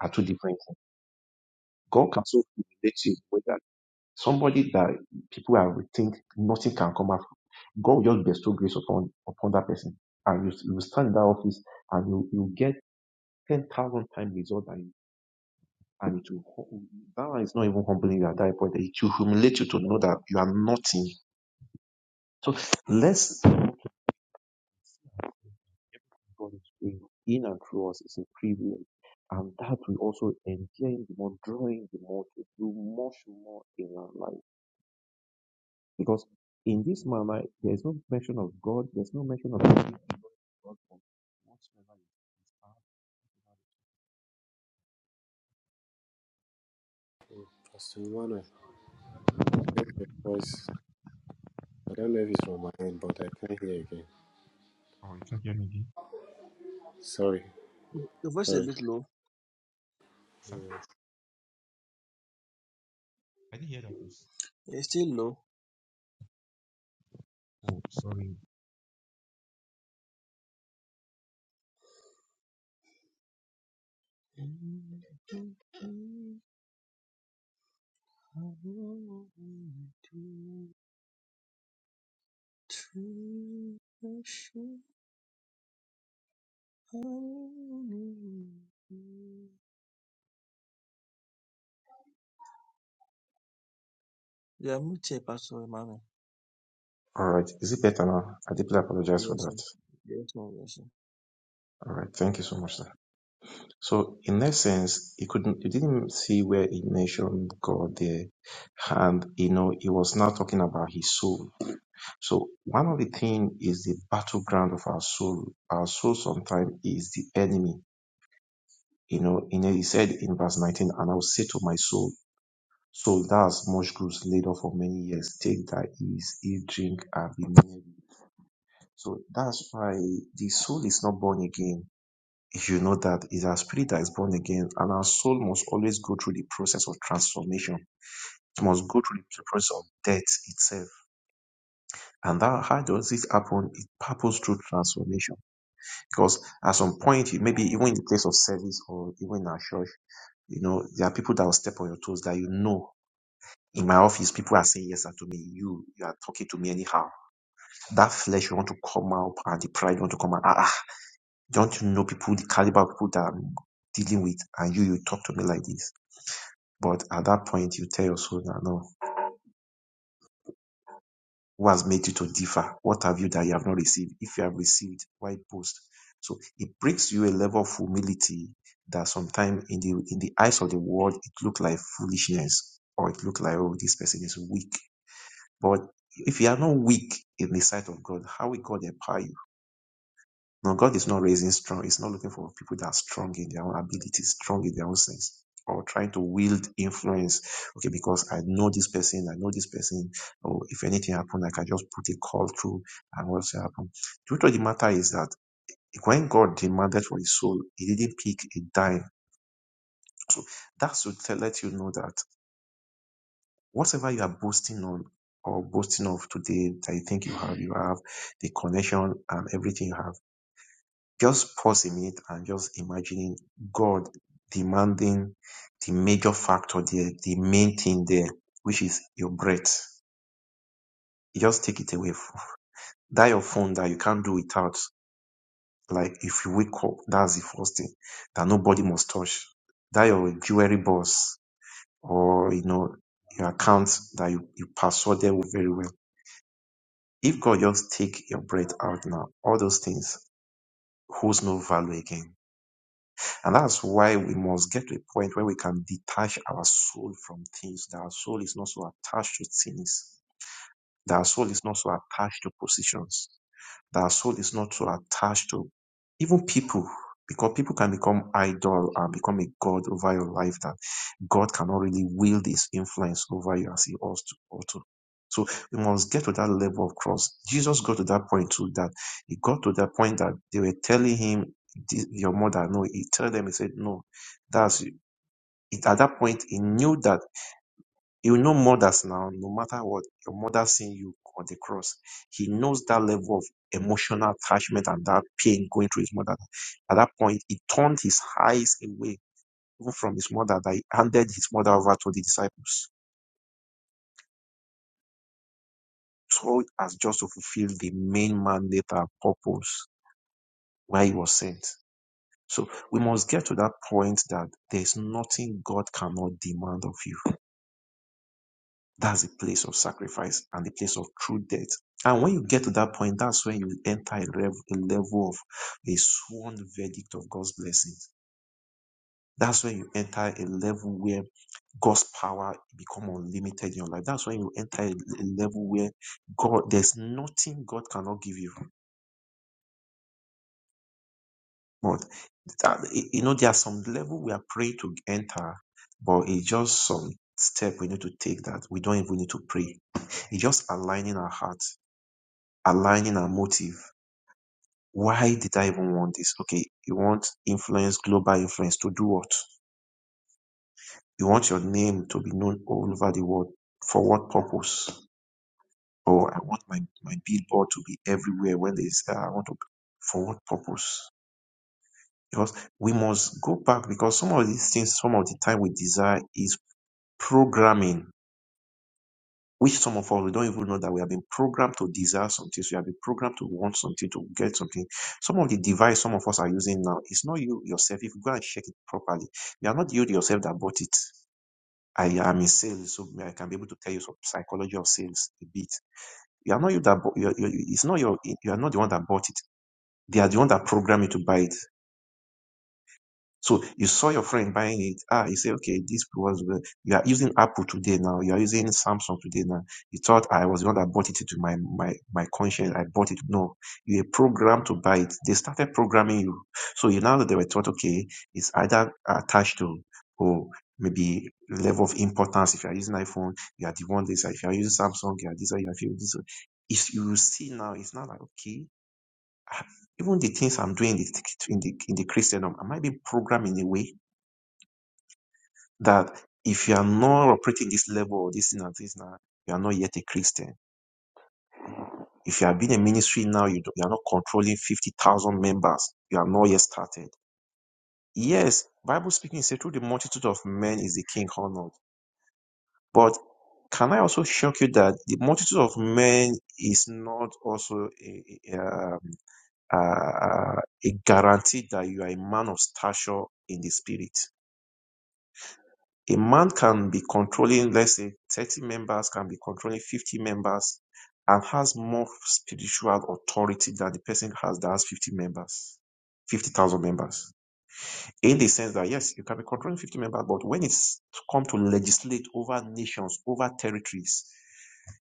Speaker 8: are two different things. God can so humiliate you with that somebody that people are think nothing can come out God will just bestow grace upon upon that person. And you, you will stand in that office and you, you get 10,000 times result than you. And it will, hum- that one is not even humbling you at that point. It will humiliate you to know that you are nothing So less God is doing in and through us is a privilege. And that will also endearing the more, drawing the more to do much more in our life. Because in this manner, there is no mention of God, there's no mention of anything but God from whatsoever is found.
Speaker 3: Pastor Emmanuel, I think your voice. I don't know if it's from my end, but I can't hear again. Sorry,
Speaker 7: The voice is a
Speaker 3: sorry.
Speaker 7: bit low. It's still low. Yeah, I'm with you, Pastor Emmanuel.
Speaker 8: All right. Is it better now? I deeply apologize for
Speaker 7: Yes, sir.
Speaker 8: that.
Speaker 7: Yes, sir. Yes, sir.
Speaker 8: All right. Thank you so much, sir. So in essence, he couldn't, you didn't see where he mentioned God there. And, you know, he was now talking about his soul. So one of the things is the battleground of our soul. Our soul sometimes is the enemy. You know, in he said in verse 19, and I will say to my soul, soul, thou hast much goods laid up for many years. Take thy ease, eat, drink, and be merry. So that's why the soul is not born again. If you know that it's our spirit that is born again, and our soul must always go through the process of transformation. It must go through the process of death itself. And that how does it happen? It happens through transformation Because at some point, you- maybe even in the place of service or even in our church, you know, there are people that will step on your toes that you know. In my office, people are saying yes sir, to me. You, you are talking to me anyhow. That flesh you want to come out and the pride you want to come out. Ah, ah. don't you know people, the caliber of people that I'm dealing with and you, you talk to me like this. But at that point, you tell your soul, that, no, Who has made you to differ? What have you that you have not received? If you have received, why boast? So it brings you a level of humility that sometimes in the in the eyes of the world it look like foolishness or it look like oh this person is weak. But if you are not weak in the sight of God, how will God empower you? Now God is not raising strong. He's not looking for people that are strong in their own abilities, strong in their own sense, or trying to wield influence. Okay, because I know this person, I know this person. Or if anything happened, I can just put a call through and what's happened. The truth of the matter is that when God demanded for his soul, he didn't pick a dime. So that's to let you know that whatever you are boasting on or boasting of today that you think you have, you have the connection and everything you have just pausing it and just imagining God demanding the major factor there, the main thing there, which is your breath. You just take it away. That your phone that you can't do without. Like if you wake up, that's the first thing that nobody must touch. That your jewelry box or you know your account that you, you passworded very well. If God just take your breath out now, all those things holds no value again And that's why we must get to a point where we can detach our soul from things, that our soul is not so attached to things, that our soul is not so attached to positions that our soul is not so attached to even people, because people can become idol and become a god over your life that God cannot really wield his influence over you as he ought to. ought to. So we must get to that level of cross. Jesus got to that point too, that he got to that point that they were telling him, your mother, no, he told them, he said, no, that's, it, at that point, he knew that you know mothers now, no matter what your mother seeing you on the cross, he knows that level of emotional attachment and that pain going through his mother. At that point, he turned his eyes away even from his mother that he handed his mother over to the disciples. So as just to fulfill the main mandate and purpose why he was sent. So we must get to that point that there is nothing God cannot demand of you. That's the place of sacrifice and the place of true death. And when you get to that point, that's when you enter a level, a level of a sworn verdict of God's blessings. That's when you enter a level where God's power become unlimited in your life. That's when you enter a, a level where God, there's nothing God cannot give you. But that, you know, there are some level we are praying to enter, but it's just some step we need to take that we don't even need to pray. It's just aligning our heart, aligning our motive why did I even want this? Okay, you want influence, global influence to do what? You want your name to be known all over the world. For what purpose? Or I want my, my billboard to be everywhere when they say I want to. For what purpose? Because we must go back because some of these things, some of the time we desire is programming which some of us we don't even know that we have been programmed to desire something. So we have been programmed to want something, to get something. Some of the device some of us are using now, it's not you yourself. If you go and check it properly, you are not you yourself that bought it. I am in sales, so I can be able to tell you some psychology of sales a bit. You are not you that bought. You, are- you, you- it's not your. You are not the one that bought it. They are the one that programmed you to buy it. So you saw your friend buying it. Ah, you say, okay, this was the, you are using Apple today now. You are using Samsung today now. You thought I was the one that bought it to my, my, my conscience. I bought it. No, you were programmed to buy it. They started programming you. So you now they were taught, okay, it's either attached to, or maybe level of importance. If you are using iPhone, you are the one this. If you are using Samsung, you are this, you are this. It's, you will see now, it's not like, okay, even the things I'm doing in the, in the, in the Christendom, am I being programmed in a way? that if you are not operating this level or this and this now, you are not yet a Christian. If you have been a ministry now, you, do you are not controlling 50,000 members. You are not yet started. Yes, Bible speaking says through the multitude of men is the king honored. But can I also shock you that the multitude of men is not also a, a, um, a a guarantee that you are a man of stature in the spirit? a man can be controlling, let's say 30 members, can be controlling 50 members, and has more spiritual authority than the person has that has 50 members, 50,000 members. In the sense that, yes, you can be controlling 50 members, but when it's come to legislate over nations, over territories,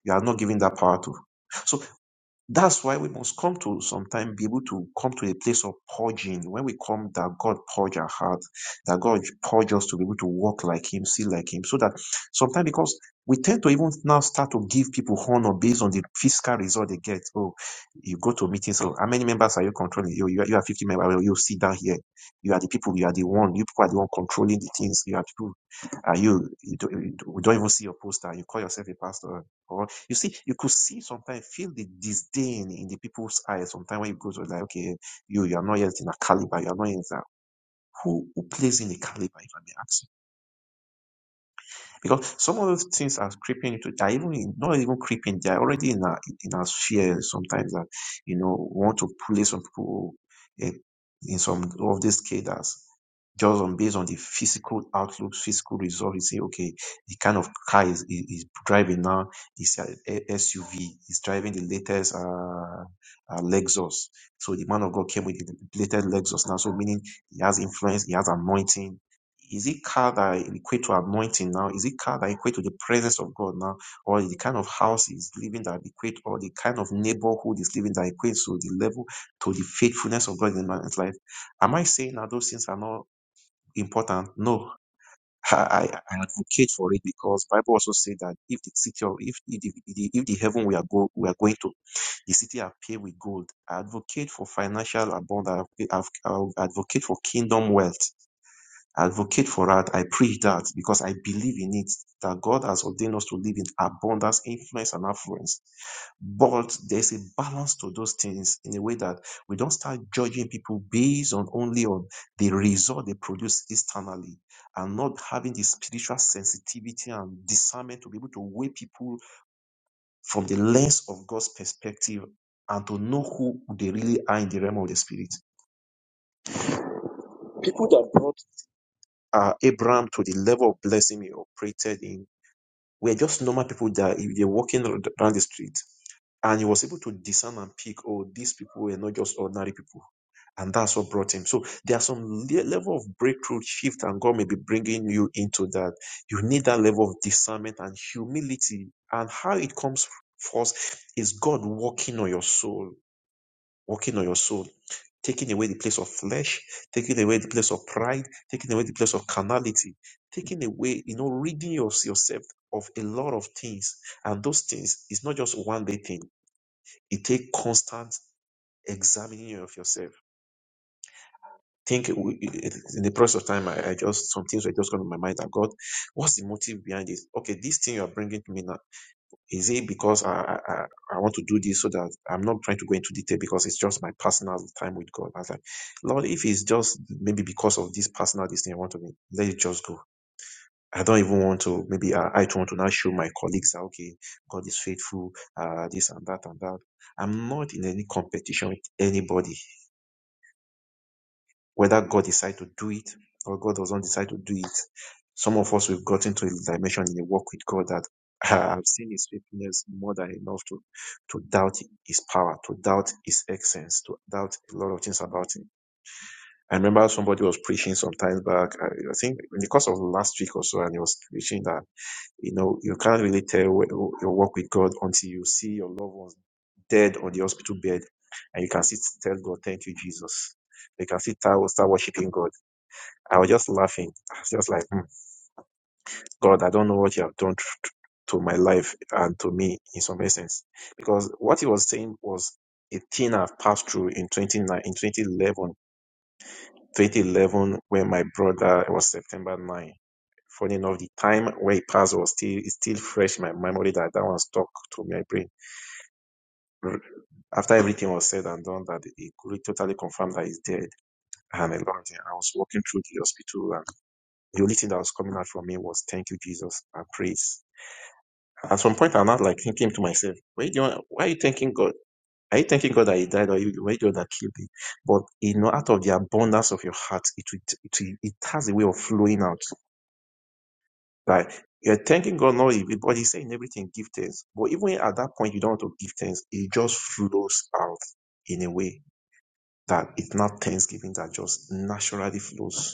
Speaker 8: you are not giving that power to. So that's why we must come to sometimes be able to come to a place of purging. When we come, that God purge our heart, that God purge us to be able to walk like Him, see like Him, so that sometimes because we tend to even now start to give people honor based on the fiscal result they get. Oh, you go to meetings. Oh, how many members are you controlling? You, you, are- you are 50 members. well, You sit down here. You are the people. You are the one. You people are the one controlling the things. You are people. Are you? You don't, you don't even see your poster. You call yourself a pastor. You see, you could see sometimes, feel the disdain in the people's eyes sometimes when you go to like, okay, you, you are not yet in a caliber, you are not yet in a, who, who plays in a caliber, if I may ask? Because some of those things are creeping into they are even in, not even creeping, they are already in our in our sphere sometimes that you know want to place some people eh, in some of these cadres just on based on the physical outlook, physical result, you say, okay, the kind of car is, is, is driving now is a SUV, is driving the latest uh, uh, Lexus. So the man of God came with the latest Lexus now. So meaning he has influence, he has anointing, is it car that equate to anointing now? Is it car that equate to the presence of God now? Or the kind of house is living that equate, or the kind of neighborhood is living that equates to the level, to the faithfulness of God in man's life? Am I saying that those things are not important? No. I, I I advocate for it because Bible also said that if the city of if if the, the- if the heaven we are go we are going to the city are paved with gold. I advocate for financial abundance. I adv- I advocate for kingdom wealth advocate for that. I preach that because I believe in it that God has ordained us to live in abundance, influence, and affluence. But there's a balance to those things in a way that we don't start judging people based on only on the result they produce externally and not having the spiritual sensitivity and discernment to be able to weigh people from the lens of God's perspective and to know who they really are in the realm of the spirit People that brought uh, Abraham to the level of blessing he operated in We're just normal people that if they're walking around the street. And he was able to discern and pick, oh, these people were not just ordinary people. And that's what brought him. So there are some le- level of breakthrough shift, and God may be bringing you into that. You need that level of discernment and humility. And how it comes first is God working on your soul working on your soul, taking away the place of flesh, taking away the place of pride, taking away the place of carnality, taking away, you know, ridding your- yourself of a lot of things. And those things is not just one day thing. It takes constant examining of yourself. Think we- in the process of time, I, I just some things were just coming to my mind. I got what's the motive behind this? Okay, this thing you are bringing to me now. Is it because I, I I want to do this so that I'm not trying to go into detail because it's just my personal time with God? I was like, Lord, if it's just maybe because of this personal this thing I want to be, let it just go. I don't even want to. Maybe I, I don't want to now show my colleagues that okay, God is faithful, uh, this and that and that. I'm not in any competition with anybody whether God decided to do it or God doesn't decide to do it. Some of us we've gotten to a dimension in the walk with God that uh, I've seen His faithfulness more than enough to to doubt His power, to doubt His essence, to doubt a lot of things about Him. I remember somebody was preaching some time back. I, I think in the course of last week or so, and he was preaching that you know you can't really tell your walk with God until you see your loved ones dead on the hospital bed, and you can sit tell God, "Thank you, Jesus." You can sit start start worshiping God I was just laughing. I was just like, "Hmm, God, I don't know what you have done to, to my life and to me in some essence. Because what he was saying was a thing I've passed through in 29, in 2011, 2011 when my brother it was September 9. Funny enough, the time where it passed was still, it's still fresh in my memory that that one stuck to my brain. R- After everything was said and done, that it could totally confirmed that he's dead. And a lot of things. I was walking through the hospital The only thing that was coming out from me was thank you, Jesus, and praise. At some point, I'm not like thinking to myself, why, do you, why are you thanking God? Are you thanking God that He died or you, why the one that killed Him? But you know, out of the abundance of your heart, it it, it has a way of flowing out. Like you're thanking God, not but He's saying everything, give thanks. But even at that point, you don't want to give thanks. It just flows out in a way that it's not thanksgiving that just naturally flows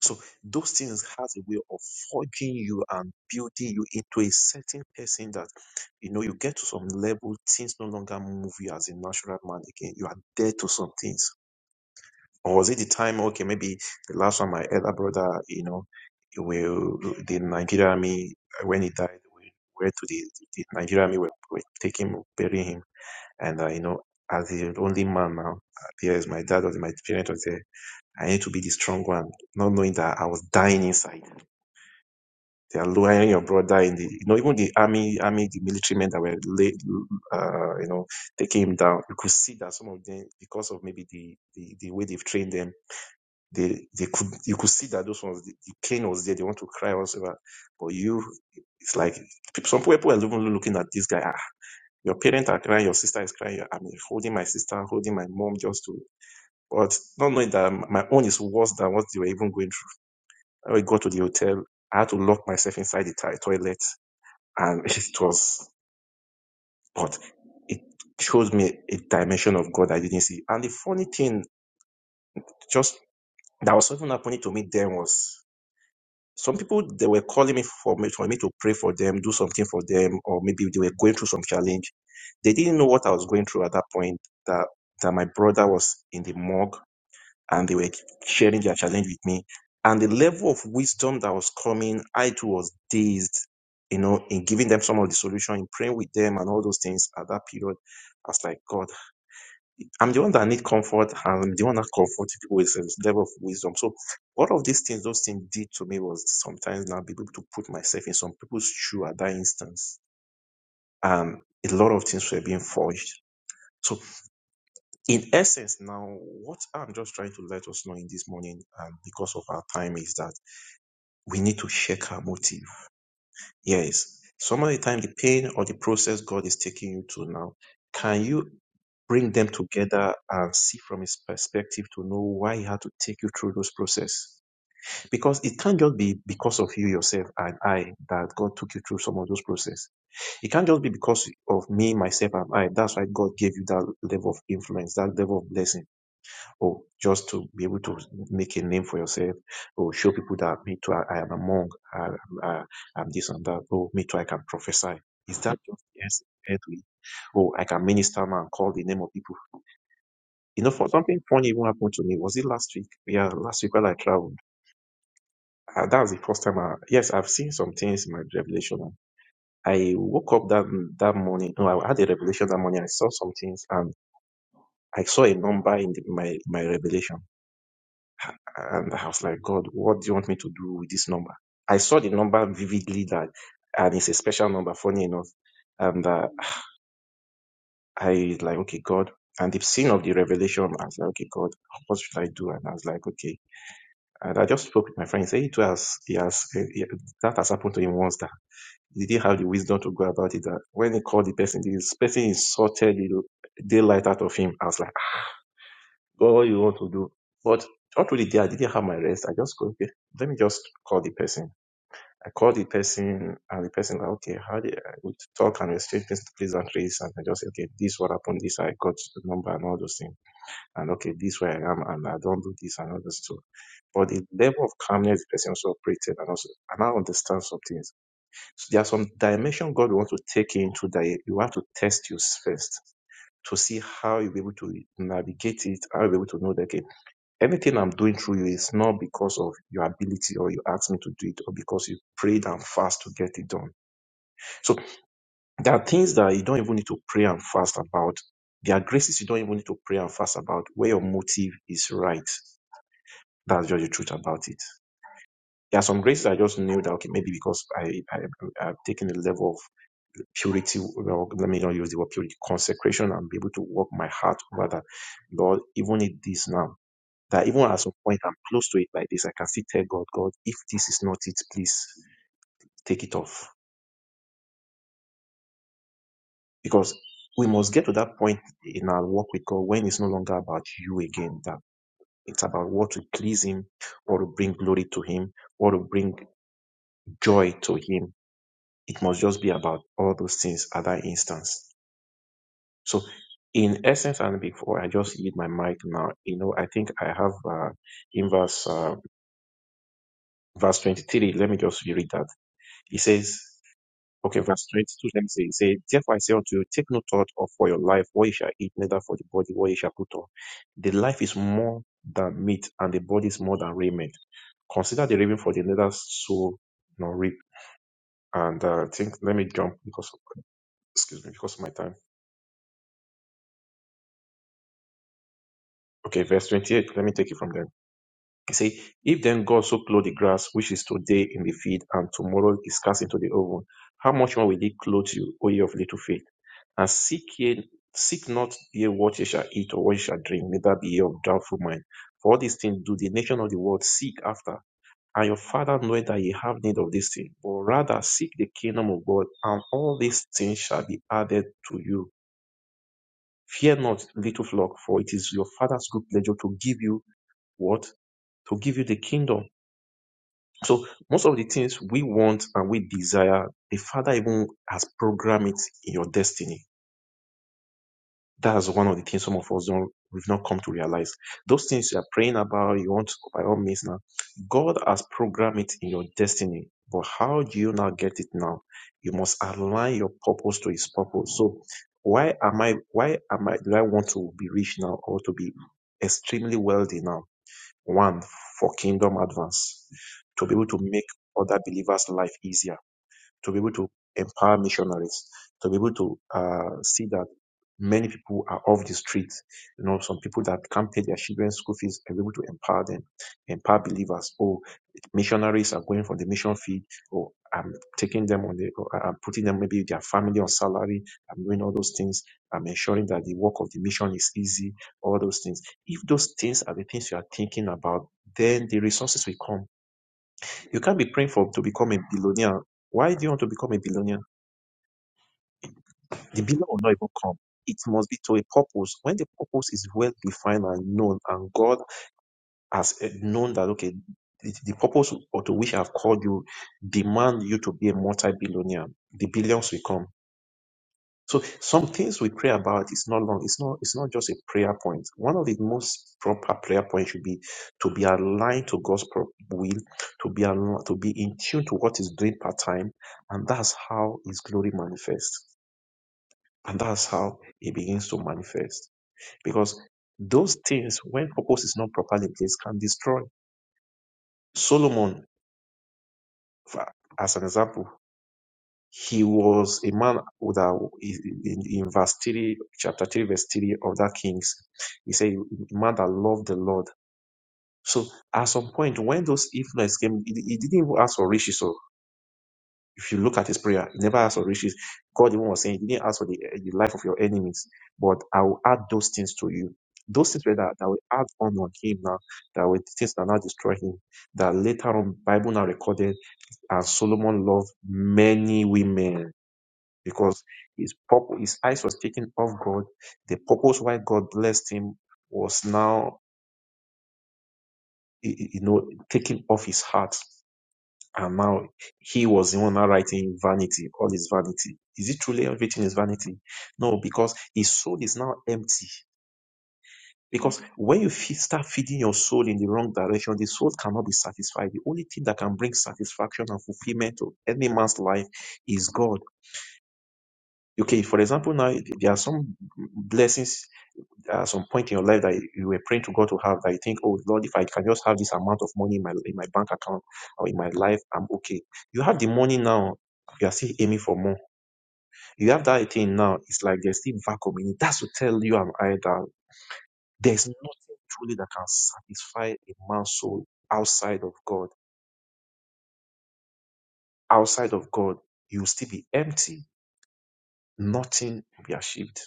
Speaker 8: So those things has a way of forging you and building you into a certain person that you know you get to some level, things no longer move you as a natural man again. You are dead to some things. Or was it the time, okay, maybe the last one my elder brother, you know, will the Nigerian army when he died, we were to the, the Nigerian army were, were taking him, burying him. And uh, you know, as the only man now, uh, here is my dad was my parents was there I need to be the strong one, not knowing that I was dying inside. They are lowering your brother in the, you know, even the army, army, the military men that were, la- uh, you know, taking him down. You could see that some of them, because of maybe the, the, the way they've trained them, they, they could, you could see that those ones, the, the pain was there. They want to cry or whatever. But you, it's like, some people are even looking at this guy. Ah, your parents are crying, your sister is crying. I'm holding my sister, holding my mom just to, but not knowing that my own is worse than what they were even going through When I got to the hotel, I had to lock myself inside the ti- toilet, and it was, but it shows me a dimension of God I didn't see. And the funny thing, just that was something happening to me then was some people they were calling me for me for me to pray for them, do something for them, or maybe they were going through some challenge. They didn't know what I was going through at that point. That that my brother was in the morgue and they were sharing their challenge with me. And the level of wisdom that was coming, I too was dazed, you know, in giving them some of the solution, in praying with them and all those things at that period. I was like, God, I'm the one that need comfort. I'm the one that comfort people with this level of wisdom. So all of these things, those things did to me was sometimes now be able to put myself in some people's shoe at that instance. And a lot of things were being forged. So in essence now what i'm just trying to let us know in this morning and because of our time is that we need to check our motive yes some of the time the pain or the process god is taking you to now can you bring them together and see from his perspective to know why he had to take you through those process because it can't just be because of you yourself and i that god took you through some of those process it can't just be because of me myself and i that's why god gave you that level of influence that level of blessing or just to be able to make a name for yourself, or show people that me too, I, I am among, I, I'm- I, I'm this and that, or me too, I can prophesy. Is that just yes, earthly? Or I can minister now and call the name of people. You know, for something funny even happened to me. Was it last week? Yeah, last week while I traveled. Uh, that was the first time. I, yes, I've seen some things in my revelation. I woke up that that morning. No, I had a revelation that morning. I saw some things and I saw a number in the, my my revelation. And I was like, God, what do you want me to do with this number? I saw the number vividly that, and it's a special number, funny enough. And uh, I like, okay, God. And the scene of the revelation, I was like, okay, God, what should I do? And I was like, okay. And I just spoke with my friend. He said, it was, he has, he- that has happened to him once that he didn't have the wisdom to go about it. That when he called the person, this person insulted the daylight out of him. I was like, "Ah, God, what you want to do? But not really there. I didn't have my rest. I just go, okay, let me just call the person. I called the person, and the person, like, okay, how did I would talk and exchange pleas- pleasantries? And I just, okay, this what happened, this I got the number and all those things. And okay, this where I am, and I don't do this and all those too. But the level of calmness the person also operated, and also, and I understand some things. So there are some dimension God wants to take you into that you have to test you first to see how you'll be able to navigate it, how you'll be able to know that, okay, anything I'm doing through you is not because of your ability or you asked me to do it or because you prayed and fast to get it done so there are things that you don't even need to pray and fast about. There are graces you don't even need to pray and fast about where your motive is right. That's just the truth about it. There are some graces I just knew that okay, maybe because I, I I've taken a level of purity. Well, let me not use the word purity, consecration, and be able to work my heart over that. Lord, even in this now, that even at some point I'm close to it like this, I can still tell God, God, if this is not it, please take it off Because we must get to that point in our walk with God when it's no longer about you again, that it's about what to please Him, what to bring glory to Him, what to bring joy to Him. It must just be about all those things at that instance. So, in essence, and before I just yield my mic now, you know, I think I have uh, in verse uh, verse 23, let me just read that. It says, Okay, verse 22 Let me say, it say, Therefore I say unto you, take no thought of for your life, what ye shall eat, neither for the body, what ye shall put on. The life is more than meat, and the body is more than raiment. Consider the raven for the neither sow nor reap. And uh, I think, let me jump because, excuse me, because of my time. Okay, verse 28, let me take it from there. He see, if then God so clothe the grass which is today in the field and tomorrow is cast into the oven, how much more will he clothe you, O ye of little faith? And seek ye seek not ye what ye shall eat or what ye shall drink, neither be ye of doubtful mind. For all these things do the nation of the world seek after. And your father knoweth that ye have need of these things, but rather seek the kingdom of God, and all these things shall be added to you. Fear not, little flock, for it is your father's good pleasure to give you what? To give you the kingdom. So most of the things we want and we desire, the Father even has programmed it in your destiny. That's one of the things some of us don't we've not come to realize. Those things you are praying about, you want by all means now. God has programmed it in your destiny. But how do you now get it now? You must align your purpose to his purpose. So why am I why am I do I want to be rich now or to be extremely wealthy now? One, for kingdom advance, to be able to make other believers' life easier to be able to empower missionaries, to be able to uh, see that many people are off the street. You know, some people that can't pay their children's school fees are able to empower them, empower believers. Oh, missionaries are going for the mission field. Oh, I'm taking them on the, or I'm putting them maybe their family on salary. I'm doing all those things. I'm ensuring that the work of the mission is easy. All those things. If those things are the things you are thinking about, then the resources will come you can't be praying for to become a billionaire. Why do you want to become a billionaire? The billion will not even come. It must be to a purpose. When the purpose is well defined and known, and God has eh, known that okay, the, the purpose or to which I have called you demand you to be a multi-billionaire. The billions will come So some things we pray about is not long. It's not. It's not just a prayer point. One of the most proper prayer points should be to be aligned to God's pro- will, to be al- to be in tune to what He's doing part time, and that's how His glory manifests, and that's how it begins to manifest. Because those things, when purpose is not properly in place, can destroy. Solomon, for- as an example, He was a man that in, in verse 3, chapter 3, verse 3 of that Kings, he said, a man that loved the Lord. So at some point, when those influence came, he, he didn't even ask for riches. So if you look at his prayer, he never asked for riches. God even was saying, he didn't ask for the, the life of your enemies, but I will add those things to you. Those things were that, that will add on on him now, that were things that now destroy him. That later on, Bible now recorded, and Solomon loved many women because his purpose, his eyes was taken off God. The purpose why God blessed him was now, y- y- you know, taken off his heart, and now he was the one now writing vanity, all is vanity. Is it truly everything is vanity? No, because his soul is now empty. Because when you feed, start feeding your soul in the wrong direction, the soul cannot be satisfied. The only thing that can bring satisfaction and fulfillment to any man's life is God. Okay, for example, now there are some blessings At some point in your life that you were praying to God to have that you think, oh Lord, if I can just have this amount of money in my in my bank account or in my life, I'm okay. You have the money now. You are still aiming for more. You have that thing now. It's like there's still vacuum in it. That's to tell you and I that there's nothing truly that can satisfy a man's soul outside of God. Outside of God, you will still be empty. Nothing will be achieved.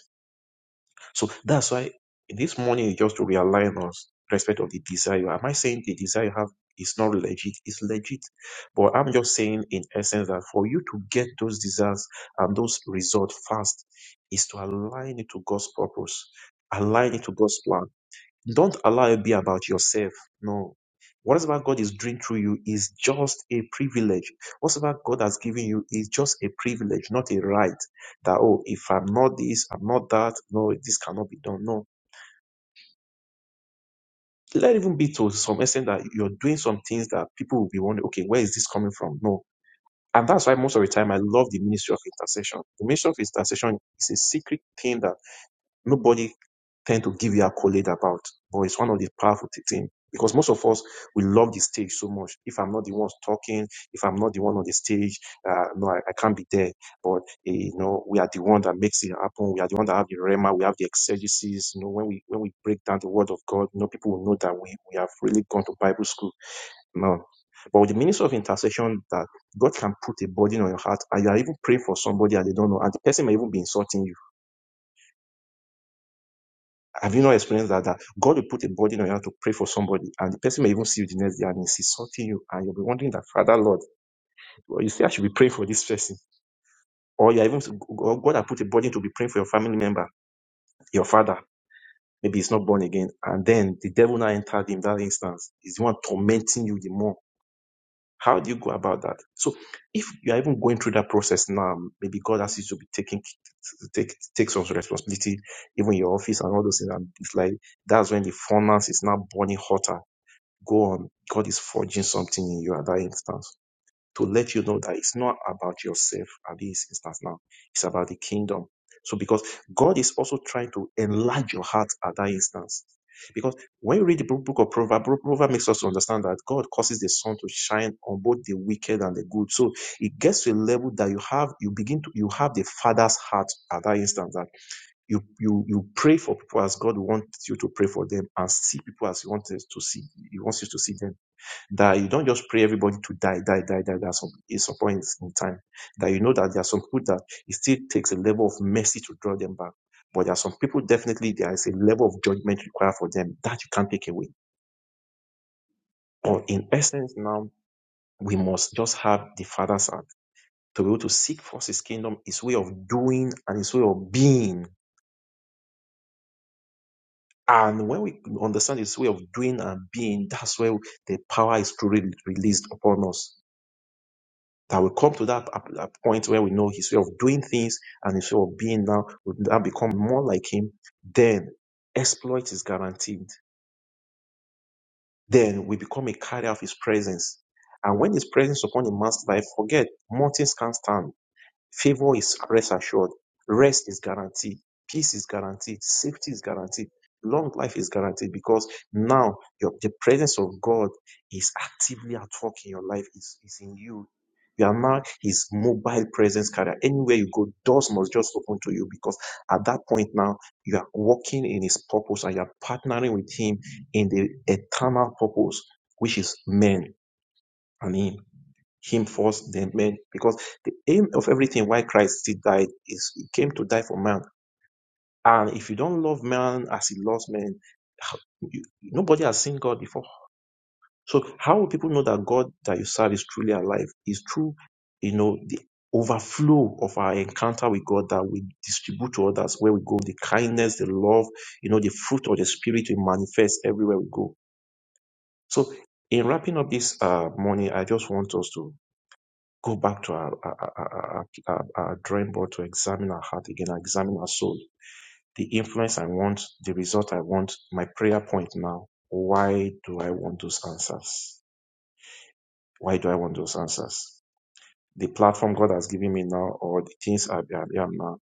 Speaker 8: So that's why this morning is just to realign us respect of the desire. Am I saying the desire you have is not legit? It's legit. But I'm just saying in essence that for you to get those desires and those results fast is to align it to God's purpose. Align it to God's plan. Don't allow it be about yourself. No. Whatever God is doing through you is just a privilege. Whatever God has given you is just a privilege, not a right. That, oh, if I'm not this, I'm not that, no, this cannot be done. No. Let even be to some extent that you're doing some things that people will be wondering, okay, where is this coming from? No. And that's why most of the time I love the ministry of intercession. The ministry of intercession is a secret thing that nobody tend to give you accolade about, but it's one of the powerful thi- thing because most of us we love the stage so much. If I'm not the one talking, if I'm not the one on the stage, uh, no, I, I can't be there. But eh, you know, we are the one that makes it happen. We are the one that have the rema. We have the exegesis. You know, when we when we break down the word of God, you know, people will know that we we have really gone to Bible school. No. But with the ministry of intercession, that God can put a burden on your heart, and you are even praying for somebody and they don't know, and the person may even be insulting you Have you not experienced that, that God will put a burden on you to pray for somebody, and the person may even see you the next day and he's insulting you, and you'll be wondering that, Father Lord, well, you say I should be praying for this person, or you even or God has put a burden to be praying for your family member, your father. Maybe he's not born again, and then the devil now entered him. that instance. is the one tormenting you the more. How do you go about that? So, if you are even going through that process now, maybe God asks you to be taking take take some responsibility, even in your office and all those things. And it's like that's when the furnace is now burning hotter go on. God is forging something in you at that instance to let you know that it's not about yourself at this instance now. It's about the kingdom. So because God is also trying to enlarge your heart at that instance. Because when you read the book book of Proverbs, Pro- Proverbs makes us to understand that God causes the sun to shine on both the wicked and the good. So it gets to a level that you have, you begin to, you have the Father's heart at that instance that you you you pray for people as God wants you to pray for them and see people as you want us to see. He wants you to see them that you don't just pray everybody to die, die, die, die. There are some at some point in time that you know that there are some people that it still takes a level of mercy to draw them back. But there are some people definitely there is a level of judgment required for them that you can't take away. But in essence, now we must just have the Father's heart to be able to seek first His kingdom, His way of doing, and His way of being. And when we understand His way of doing and being, that's where the power is truly released upon us. that we come to that ap- ap- point where we know his way of doing things and his way of being now, we now become more like him, then exploit is guaranteed. Then we become a carrier of his presence. And when his presence upon a man's life, forget, mountains can't stand. Favor is rest assured. Rest is guaranteed. Peace is guaranteed. Safety is guaranteed. Long life is guaranteed because now your, the presence of God is actively at work in your life, is, is in you. You are now his mobile presence carrier. Anywhere you go, doors must just open to you because at that point now, you are walking in his purpose and you are partnering with him in the eternal purpose, which is men and him him first, then men. Because the aim of everything why Christ still died is he came to die for man. And if you don't love man as he loves man, how- you- nobody has seen God before. So how will people know that God that you serve is truly alive? Is through, you know, the overflow of our encounter with God that we distribute to others where we go, the kindness, the love, you know, the fruit of the spirit we manifest everywhere we go. So in wrapping up this uh, morning, I just want us to Go back to our, our, our, our, our our drawing board to examine our heart again, examine our soul. The influence I want, the result I want, my prayer point now. Why do I want those answers? Why do I want those answers? The platform God has given me now, or the things I I am now,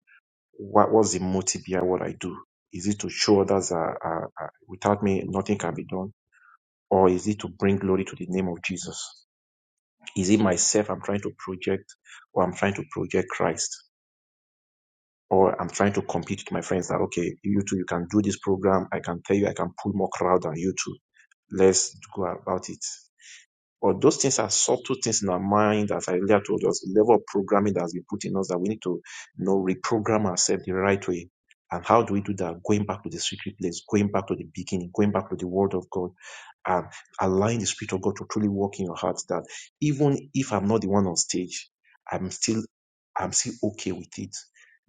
Speaker 8: what was the motive behind what I do? Is it to show others that uh, uh, without me nothing can be done, or is it to bring glory to the name of Jesus? Is it myself I'm trying to project, or I'm trying to project Christ? or I'm trying to compete with my friends that okay, you two, you can do this program. I can tell you, I can pull more crowd than you two. Let's go about it. But those things are subtle things in our mind, as I earlier told us, the level of programming that has been put in us that we need to you know, reprogram ourselves the right way. And how do we do that? Going back to the secret place, going back to the beginning, going back to the word of God, and allowing the spirit of God to truly work in your heart that even if I'm not the one on stage, I'm still I'm still okay with it.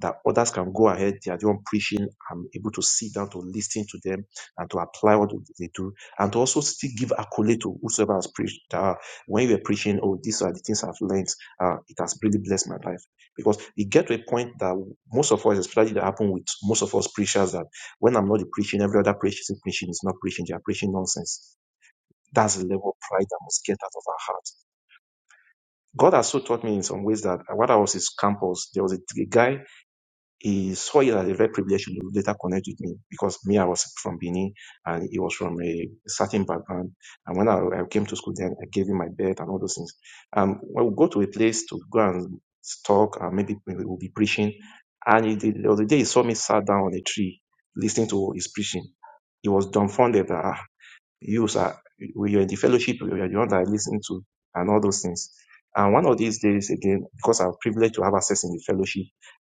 Speaker 8: That others can go ahead, they are the one preaching. I'm able to sit down to listen to them and to apply what they do and to also still give accolade to whosoever has preached. Uh, when you were preaching, oh, these are the things I've learned. Uh, it has really blessed my life. Because you get to a point that most of us, especially that happen with most of us preachers, that when I'm not the preaching, every other preacher is preaching is not preaching. They are preaching nonsense. That's the level of pride that must get out of our heart. God has so taught me in some ways that while I was in campus, there was a, a guy he saw it as a very privilege to later connect with me because me, I was from Benin and he was from a certain background. And when I, I came to school, then I gave him my bed and all those things. Um, I would go to a place to go and talk and maybe we will be preaching. And he did, the other day he saw me sat down on a tree listening to his preaching. He was dumbfounded. that. "Ah, you sir, when you're in the fellowship, you're the one that I listen to, and all those things. And one of these days, again, because I'm privileged to have access in the fellowship,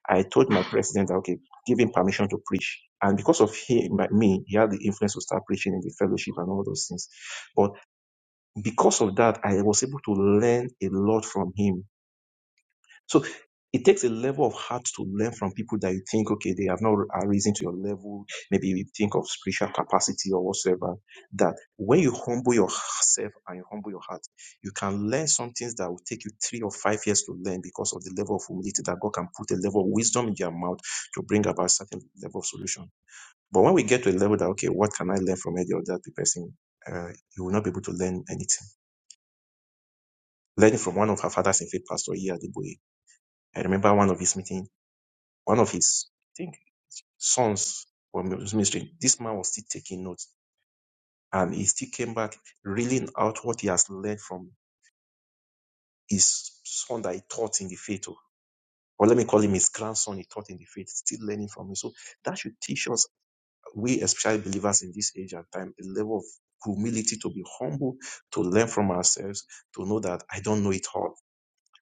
Speaker 8: I told my president, okay, give him permission to preach. And because of him, like me, he had the influence to start preaching in the fellowship and all those things. But because of that, I was able to learn a lot from him so it takes a level of heart to learn from people that you think, okay, they have not arisen to your level. Maybe you think of spiritual capacity or whatsoever. That when you humble yourself and you humble your heart, you can learn some things that will take you three or five years to learn because of the level of humility that God can put a level of wisdom in your mouth to bring about certain level of solution. But when we get to a level that, okay, what can I learn from any other person? Uh, you will not be able to learn anything. Learning from one of our fathers in faith, Pastor Iya Adeboye. I remember one of his meetings one of his, I think, sons from his ministry, this man was still taking notes. And he still came back reeling out what he has learned from his son that he taught in the faith. oh. Or let me call him his grandson he taught in the faith, still learning from him. So that should teach us, we especially believers in this age and time, a level of humility to be humble, to learn from ourselves, to know that I don't know it all.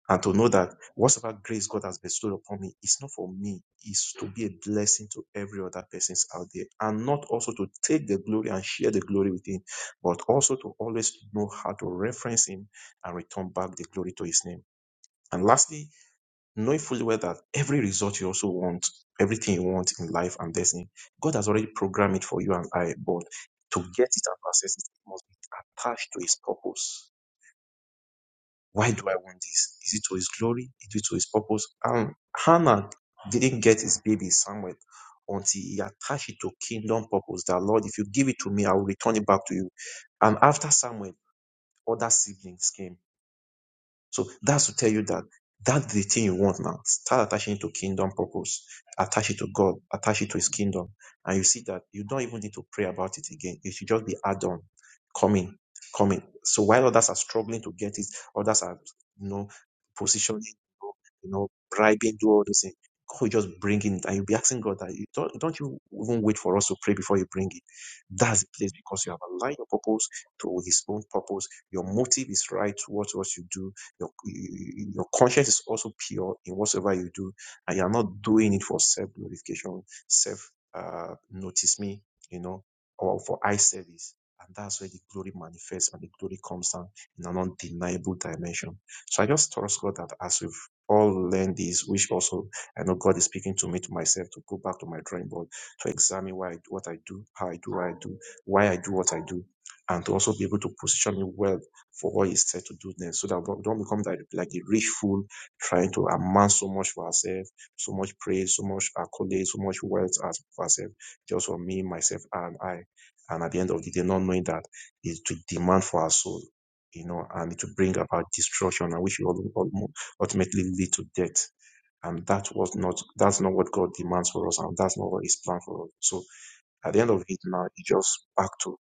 Speaker 8: and to know that whatsoever grace God has bestowed upon me is not for me, is to be a blessing to every other persons out there, and not also to take the glory and share the glory with Him, but also to always know how to reference Him and return back the glory to His name. And lastly, knowing fully well that every result you also want, everything you want in life and destiny, God has already programmed it for you and I, but to get it and access it, it must be attached to His purpose why do I want this? Is it to his glory? Is it to his purpose? And Hannah didn't get his baby Samuel until he attached it to kingdom purpose. That Lord, if you give it to me, I will return it back to you. And after Samuel, other siblings came so that's to tell you that that's the thing you want now. Start attaching it to kingdom purpose, attach it to God, attach it to His kingdom, and you see that you don't even need to pray about it again. It should just be add on, coming, coming. So while others are struggling to get it, others are you know positioning, you know, bribing, do all those things. God will just bring it, and you'll be asking God that you don't don't you even wait for us to pray before you bring it. That's the place because you have aligned your purpose to His own purpose. Your motive is right towards what you do your, your conscience is also pure in whatsoever you do, and you are not doing it for self glorification, self uh, notice me, you know, or for eye service. And that's where the glory manifests and the glory comes down in an undeniable dimension. So I just trust God that as we've all learned this, which also I know God is speaking to me, to myself, to go back to my drawing board, to examine why I, do what I do, how I do what I do, why I do what I do, and to also be able to position me well for what he's set to do next so that we don't become that, like a rich fool trying to amass so much for ourselves, so much praise, so much accolades, so much wealth as for ourselves, just for me, myself, and I. And at the end of the day, not knowing that is to demand for our soul, you know, and to bring about destruction, and which will ul- ultimately lead to death. And that was not that's not what God demands for us, and that's not what His plan for us. So at the end of it now, it just back to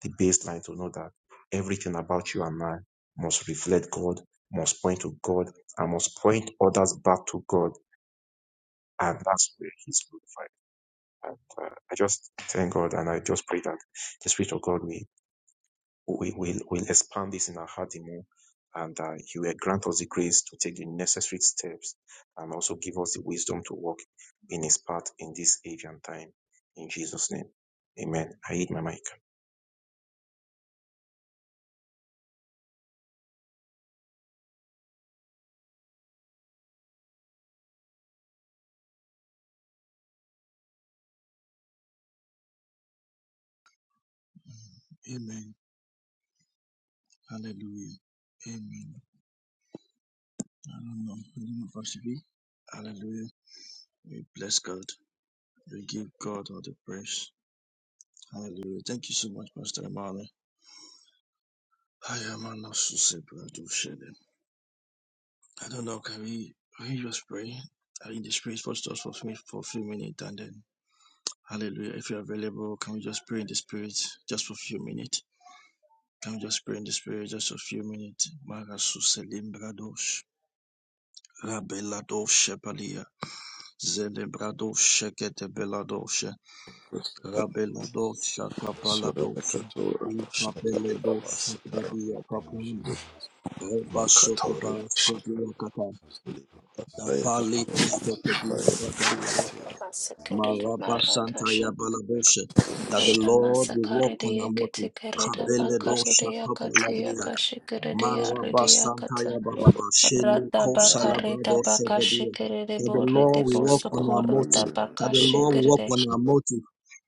Speaker 8: the baseline to know that everything about you and I must reflect God, must point to God, and must point others back to God. And that's where He's glorified. And uh, I just thank God and I just pray that the Spirit of God will, will, will, will expand this in our heart the more. And uh, He will grant us the grace to take the necessary steps and also give us the wisdom to walk in His path in this age and time. In Jesus' name. Amen. I eat my mic.
Speaker 7: Amen. Hallelujah. Amen. I don't know. I don't know if I should be. Hallelujah. We bless God. We give God all the praise. Hallelujah. Thank you so much, Pastor Emmanuel. I am an associate brother to share them. I don't know. Can we, can we just pray? Uh, In the spirit for just for me for a few minutes and then hallelujah. If you're available, can we just pray in the spirit just for a few minutes? Can we just pray in the spirit just for a few minutes? Marasuselimbra dosh. Rabeladosh Shepalia. Zelebradosh Shekete Beladosh. Rabelados Shakapaladov
Speaker 9: Surabakatora Shakata
Speaker 7: Impapeledos
Speaker 9: Abasitara
Speaker 7: Shakradia Kapundi
Speaker 9: Makatore
Speaker 7: Rebasotabas
Speaker 9: Shaka
Speaker 7: Tediakata
Speaker 9: Lipa Sayaka
Speaker 7: Dapali Kusakadia Kapalado
Speaker 10: Masakarida Barata
Speaker 7: Marabasanta Yabalabosha that the
Speaker 10: Shakarida
Speaker 7: Lord will walk
Speaker 10: Masakarida
Speaker 7: on our motive.
Speaker 10: Yakitikarida
Speaker 7: Kabeledos
Speaker 10: Bakarida Yakatiya
Speaker 7: Shakapaladia
Speaker 10: Kashikirida
Speaker 7: Maraba
Speaker 10: Yarida Yakata
Speaker 7: Santaya Bababa Shele
Speaker 10: Rata Bakarida
Speaker 7: Kosalabado Sevedia.
Speaker 10: Bakashikirida
Speaker 7: That the
Speaker 10: Borida
Speaker 7: Lord will work on our
Speaker 10: Bosakorida
Speaker 7: motive. That the Lord will work
Speaker 10: Bakashikirida
Speaker 7: on our motive.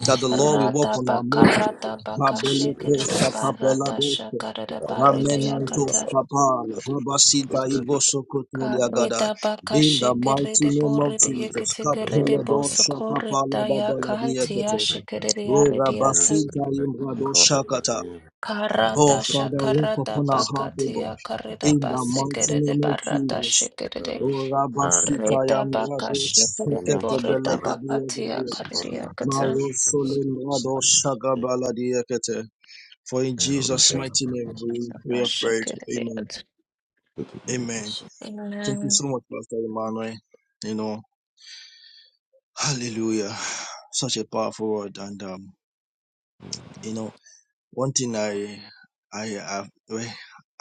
Speaker 7: That the Lord will work
Speaker 10: Rata
Speaker 7: on our motive.
Speaker 10: Bakarata
Speaker 7: Babele
Speaker 10: Bakashikirida
Speaker 7: Kosa Capella
Speaker 10: Barata
Speaker 7: Dose.
Speaker 10: Shakarida
Speaker 9: Paya
Speaker 10: Barida
Speaker 7: Ramenantos
Speaker 10: Yakata
Speaker 7: Kapala. Rabasita Iboso Kotolia Gadai.
Speaker 10: Karida
Speaker 7: In the
Speaker 8: Thank you.
Speaker 7: mighty
Speaker 10: Bakashikirida
Speaker 7: name of
Speaker 10: Borida
Speaker 7: Jesus.
Speaker 10: Yakitikarida
Speaker 7: Capella Dose Kapala
Speaker 10: Bosakorida
Speaker 7: Babala
Speaker 10: Yakantiya
Speaker 7: Diakete.
Speaker 10: Shikirida
Speaker 7: Roga
Speaker 3: Um,
Speaker 10: Yarida
Speaker 7: Basinta Imrado
Speaker 3: to
Speaker 7: Shakata. Oh,
Speaker 10: Karada
Speaker 7: Father, work
Speaker 10: shakarada
Speaker 7: upon our heart, O God.
Speaker 10: bakatia karida
Speaker 7: In the mighty
Speaker 10: basikiride
Speaker 7: name of
Speaker 10: barada
Speaker 7: Jesus.
Speaker 10: shikiride
Speaker 7: O Rabasita
Speaker 10: rida
Speaker 7: Yam
Speaker 10: baka
Speaker 7: Radosh
Speaker 10: shikiride
Speaker 7: Kete
Speaker 10: borida
Speaker 7: Belekadia
Speaker 10: bakatia
Speaker 7: Gadia.
Speaker 10: karidia katan
Speaker 7: Maro Solim Radosh Shagabaladia Kete. For in Jesus' mighty name we, we have prayed. Amen.
Speaker 10: bashikiride
Speaker 7: Amen. Thank you so
Speaker 10: Amen.
Speaker 7: much, Pastor Emmanuel. You know, hallelujah. Such a powerful word. And, um, you know, one thing I, I, I,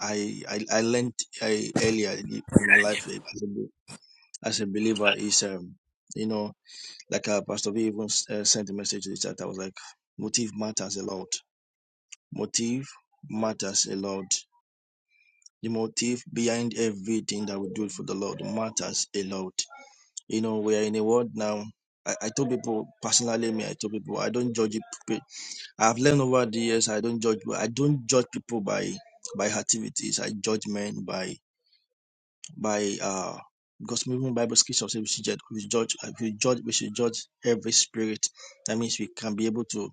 Speaker 7: I, I, I learned I, earlier in my life as a believer is, um, you know, like uh, Pastor V even uh, sent a message to the chat. I was like, motive matters a lot. Motive matters a lot. The motive behind everything that we do for the Lord matters a lot. You know, we are in a world now. I, I told people personally, me, I told people I don't judge. People. I've learned over the years I don't judge. I don't judge people by by activities. I judge men by by uh because even Bible scripture says we should judge we judge we judge we should judge every spirit. That means we can be able to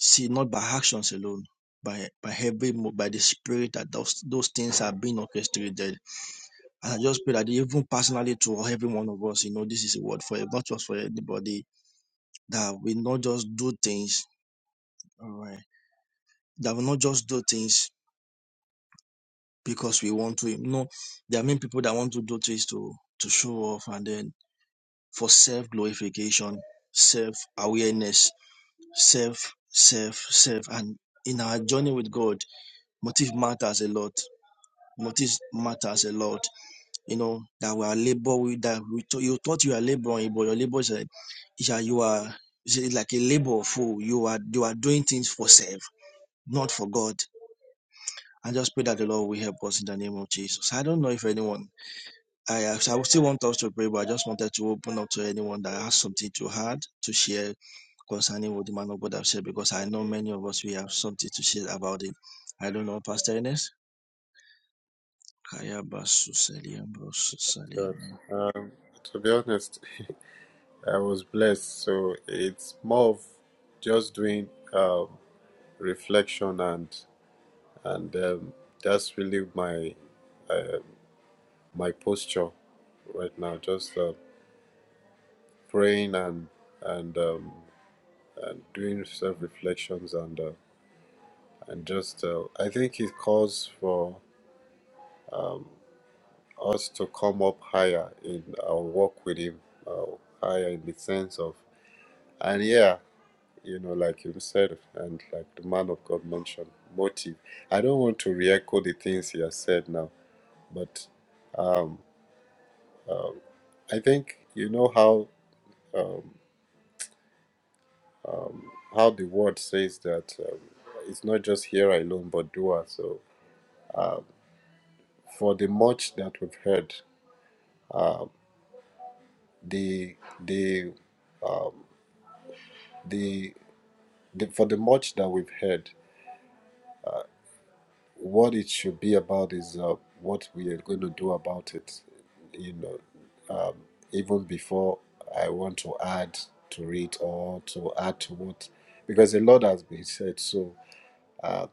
Speaker 7: see not by actions alone, by by every mo- by the spirit that those those things are being orchestrated. And I just pray that even personally to every one of us, you know, this is a word for not just for anybody that we not just do things, all right, that we not just do things because we want to. You know, there are many people that want to do things to to show off and then for self glorification, self awareness, self, self, self. And in our journey with God, motive matters a lot. Motive matters a lot. You know, that we are labor with that we thought- you thought you are laboring, but your labor is a, is a- you are is a- like a labor of fool. You are you are doing things for self, not for God. I just pray that the Lord will help us in the name of Jesus. I don't know if anyone I, I still want us to pray, but I just wanted to open up to anyone that has something to add, to share concerning what the man of God have said, because I know many of us, we have something to share about it. I don't know, Pastor Ernest.
Speaker 3: be honest, I was blessed, so it's more of just doing um, reflection and and um, that's really my uh, my posture right now. Just uh, praying and and um, and doing self reflections and uh, and just uh, I think it calls for us to come up higher in our work with Him, uh, higher in the sense of, and yeah, you know, like you said, and like the man of God mentioned, motive. I don't want to re echo the things he has said now, but um, um, I think you know how um, um, how the word says that um, it's not just hearer alone, but doer. So um, for the much that we've heard, um, the the um, the the, for the much that we've heard, what it should be about is uh, what we are going to do about it. You know, um, even before I want to add to it or to add to what, because a lot has been said. So uh,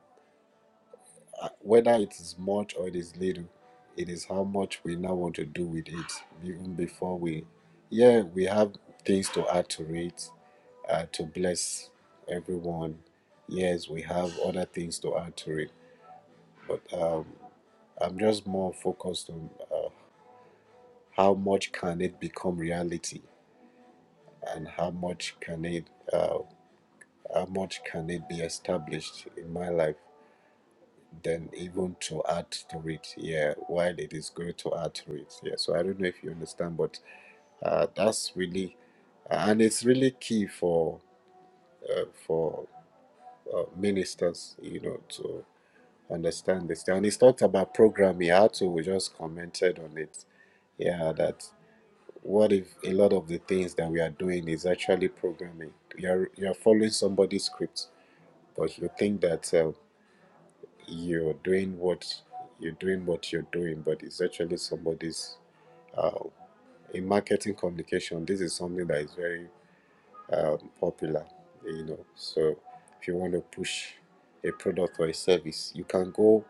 Speaker 3: uh, whether it is much or it is little, it is how much we now want to do with it. Even before we, yeah, we have things to add to it, uh, to bless everyone. Yes, we have other things to add to it but um, I'm just more focused on uh, how much can it become reality, and how much can it, uh, how much can it be established in my life, than even to add to it. Yeah, while it is going to add to it. Yeah. So I don't know if you understand, but uh, that's really, and it's really key for uh, for uh, ministers, you know, to understand this. And it's not about programming. I had to just commented on it yeah, that. What if a lot of the things that we are doing is actually programming? You're you're following somebody's script, but you think that uh, you're doing what you're doing what you're doing, but it's actually somebody's. Uh, in marketing communication, this is something that is very um, popular. You know, so if you want to push a product or a service, you can go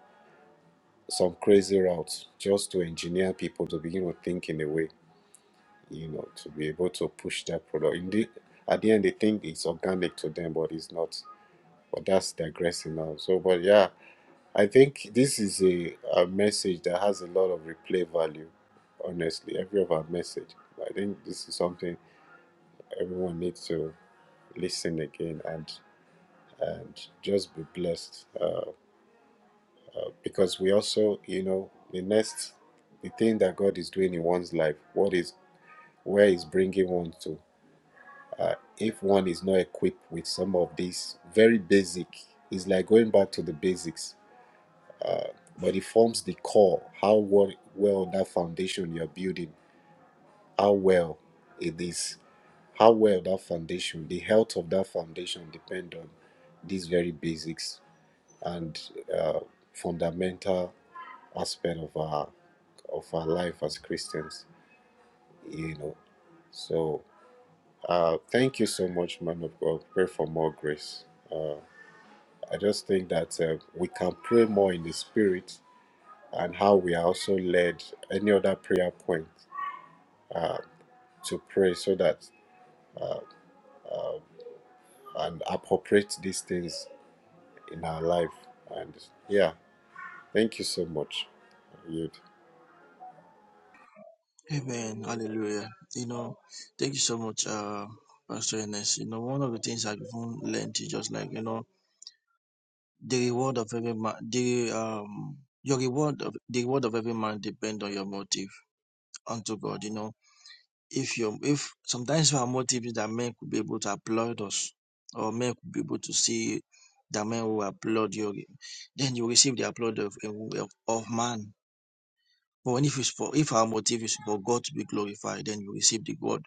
Speaker 3: some crazy route just to engineer people to begin with thinking way. you know, to be able to push their product. In the, at the end, they think it's organic to them, but it's not. But that's digressing now. So, but yeah, I think this is a, a message that has a lot of replay value, honestly, every of our message. I think this is something everyone needs to listen again and and just be blessed uh, uh, because we also, you know, the next, the thing that God is doing in one's life, what is, where is bringing one to. uh, if one is not equipped with some of these very basic it's like going back to the basics uh, but it forms the core how well, well that foundation you're building how well it is how well that foundation the health of that foundation depend on these very basics and uh, fundamental aspect of our of our life as christians you know so uh, thank you so much man of god pray for more grace Uh, I just think that uh, we can pray more in the spirit and how we are also led any other prayer point uh, to pray so that uh, uh, and appropriate these things in our life. And yeah, thank you so much. You'd-
Speaker 7: Amen. Hallelujah. You know, thank you so much, uh, Pastor Ernest. You know, one of the things I've learned is just like, you know, the reward of every man, the, um, your reward of the reward of every man depends on your motive unto God. You know, if your if sometimes we have more tips that men could be able to applaud us or men could be able to see that men will applaud you then you receive the applaud of, of, of man but when if it's for if our motive is for god to be glorified then you receive the god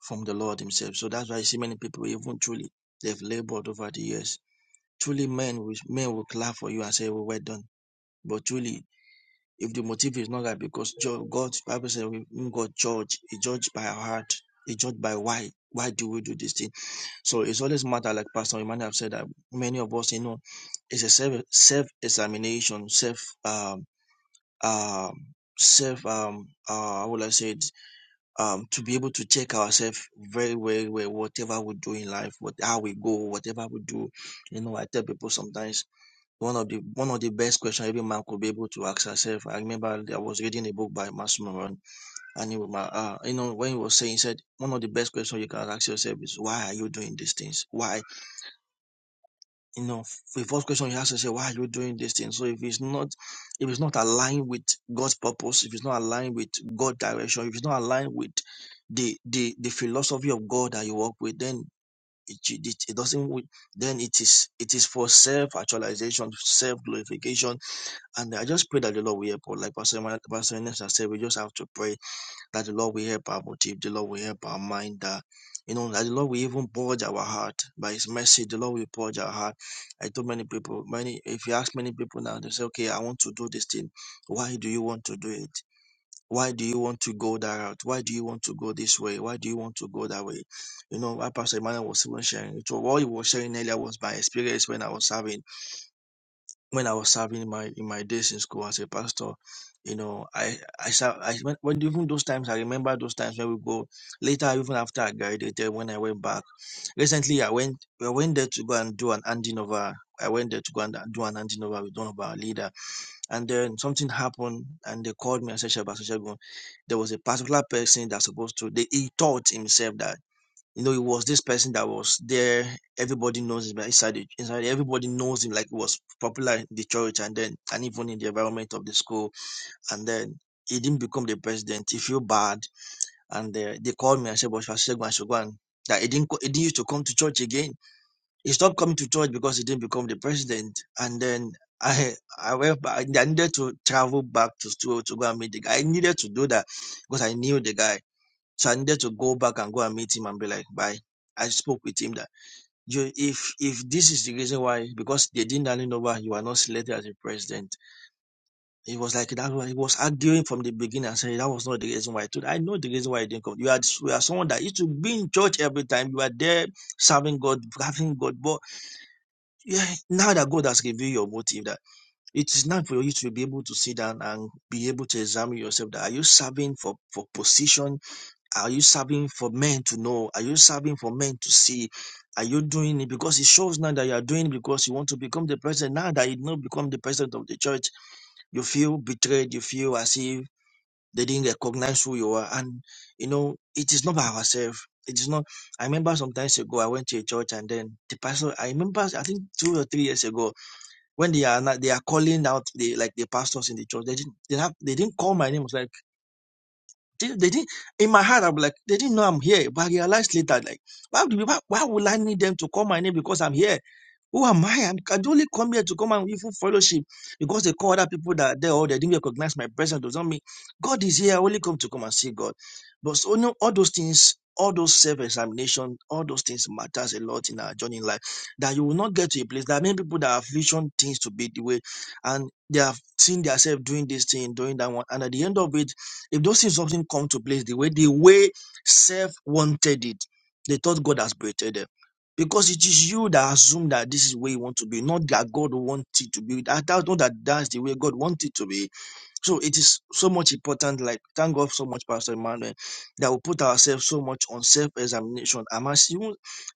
Speaker 7: from the lord himself so that's why you see many people even truly they've labored over the years truly men will men will clap for you and say well, well done but truly if the motive is not right because God, Bible says, God judge, He judge by our heart, He judge by why. Why do we do this thing? So it's always matter, like Pastor Emmanuel have said that many of us, you know, it's a self self examination, self um um self um uh how would I say it um to be able to check ourselves very very well whatever we do in life, what how we go, whatever we do. You know, I tell people sometimes one of the one of the best questions every man could be able to ask herself. I remember I was reading a book by Massimo Moran, and he, was my- uh, you know, when he was saying, he said one of the best questions you can ask yourself is why are you doing these things? Why, you know, the first question you ask yourself, why are you doing these things? So if it's not, if it's not aligned with God's purpose, if it's not aligned with God's direction, if it's not aligned with the the the philosophy of God that you work with, then it, it, it doesn't. Then it is it is for self actualization, self glorification and I just pray that the Lord will help us. Like Pastor Emma- Pastor Ernest has said, we just have to pray that the Lord will help our motive, the Lord will help our mind, that, you know, that the Lord will even purge our heart. By His mercy, the Lord will purge our heart. I told many people, many, if you ask many people now, they say, okay, I want to do this thing. Why do you want to do it? Why do you want to go that route? Why do you want to go this way? Why do you want to go that way? You know, what Pastor Emmanuel was even sharing. So what he was sharing earlier was my experience when I was serving when I was serving in my in my days in school as a pastor, you know, I I serve I when, when even those times I remember those times when we go later even after I graduated when I went back. Recently I went I went there to go and do an handing over. I went there to go and do an handing over with one of our leader. And then something happened and they called me and said, Shagun, there was a particular person that's supposed to they, he taught himself that you know, he was this person that was there. Everybody knows him like, inside. the- Inside, everybody knows him like he was popular in the church, and then and even in the environment of the school. And then he didn't become the president. He feel bad, and uh, they called me and said, "But I should go, I should go." And that he didn't co- he didn't used to come to church again. He stopped coming to church because he didn't become the president. And then I I went back. I needed to travel back to school to go and meet the guy. I needed to do that because I knew the guy. So I needed to go back and go and meet him and be like, bye. I spoke with him that you if if this is the reason why because they didn't hand it over, you are not selected as a president. He was like that was- he was arguing from the beginning and saying that was not the reason why I told I know the reason why I didn't come. You are you are someone that used to be in church every time, you are there serving God, having God, but yeah, now that God has revealed your motive that it is not for you to be able to sit down and be able to examine yourself that are you serving for, for position are you serving for men to know? Are you serving for men to see? Are you doing it because it shows now that you are doing it because you want to become the president? Now that you not become the president of the church, you feel betrayed. You feel as if they didn't recognize who you are. And you know, it is not by ourselves. It is not. I remember sometimes ago I went to a church and then the pastor. I remember I think two or three years ago when they are not, they are calling out the like the pastors in the church. They didn't they have they didn't call my name. It's like, they, they didn't. In my heart, I'm like, they didn't know I'm here. But I realized later, like, why do why, why would I need them to call my name because I'm here? Who am I? And I can only come here to come and even fellowship because they call other people that are there or they didn't recognize my presence. Does not mean God is here. I only come to come and see God. But so you know, all those things, all those self-examination, all those things matters a lot in our journey in life. That you will not get to a place. There are many people that have vision things to be the way, and they have seen themselves doing this thing, doing that one. And at the end of it, if those things often come to place the way the way self wanted it, they thought God has created them because it is you that assume that this is where you want to be, not that God wants it to be. I do not that that's the way God wants it to be. So it is so much important. Like, thank God so much, Pastor Emmanuel, that we put ourselves so much on self examination. I'm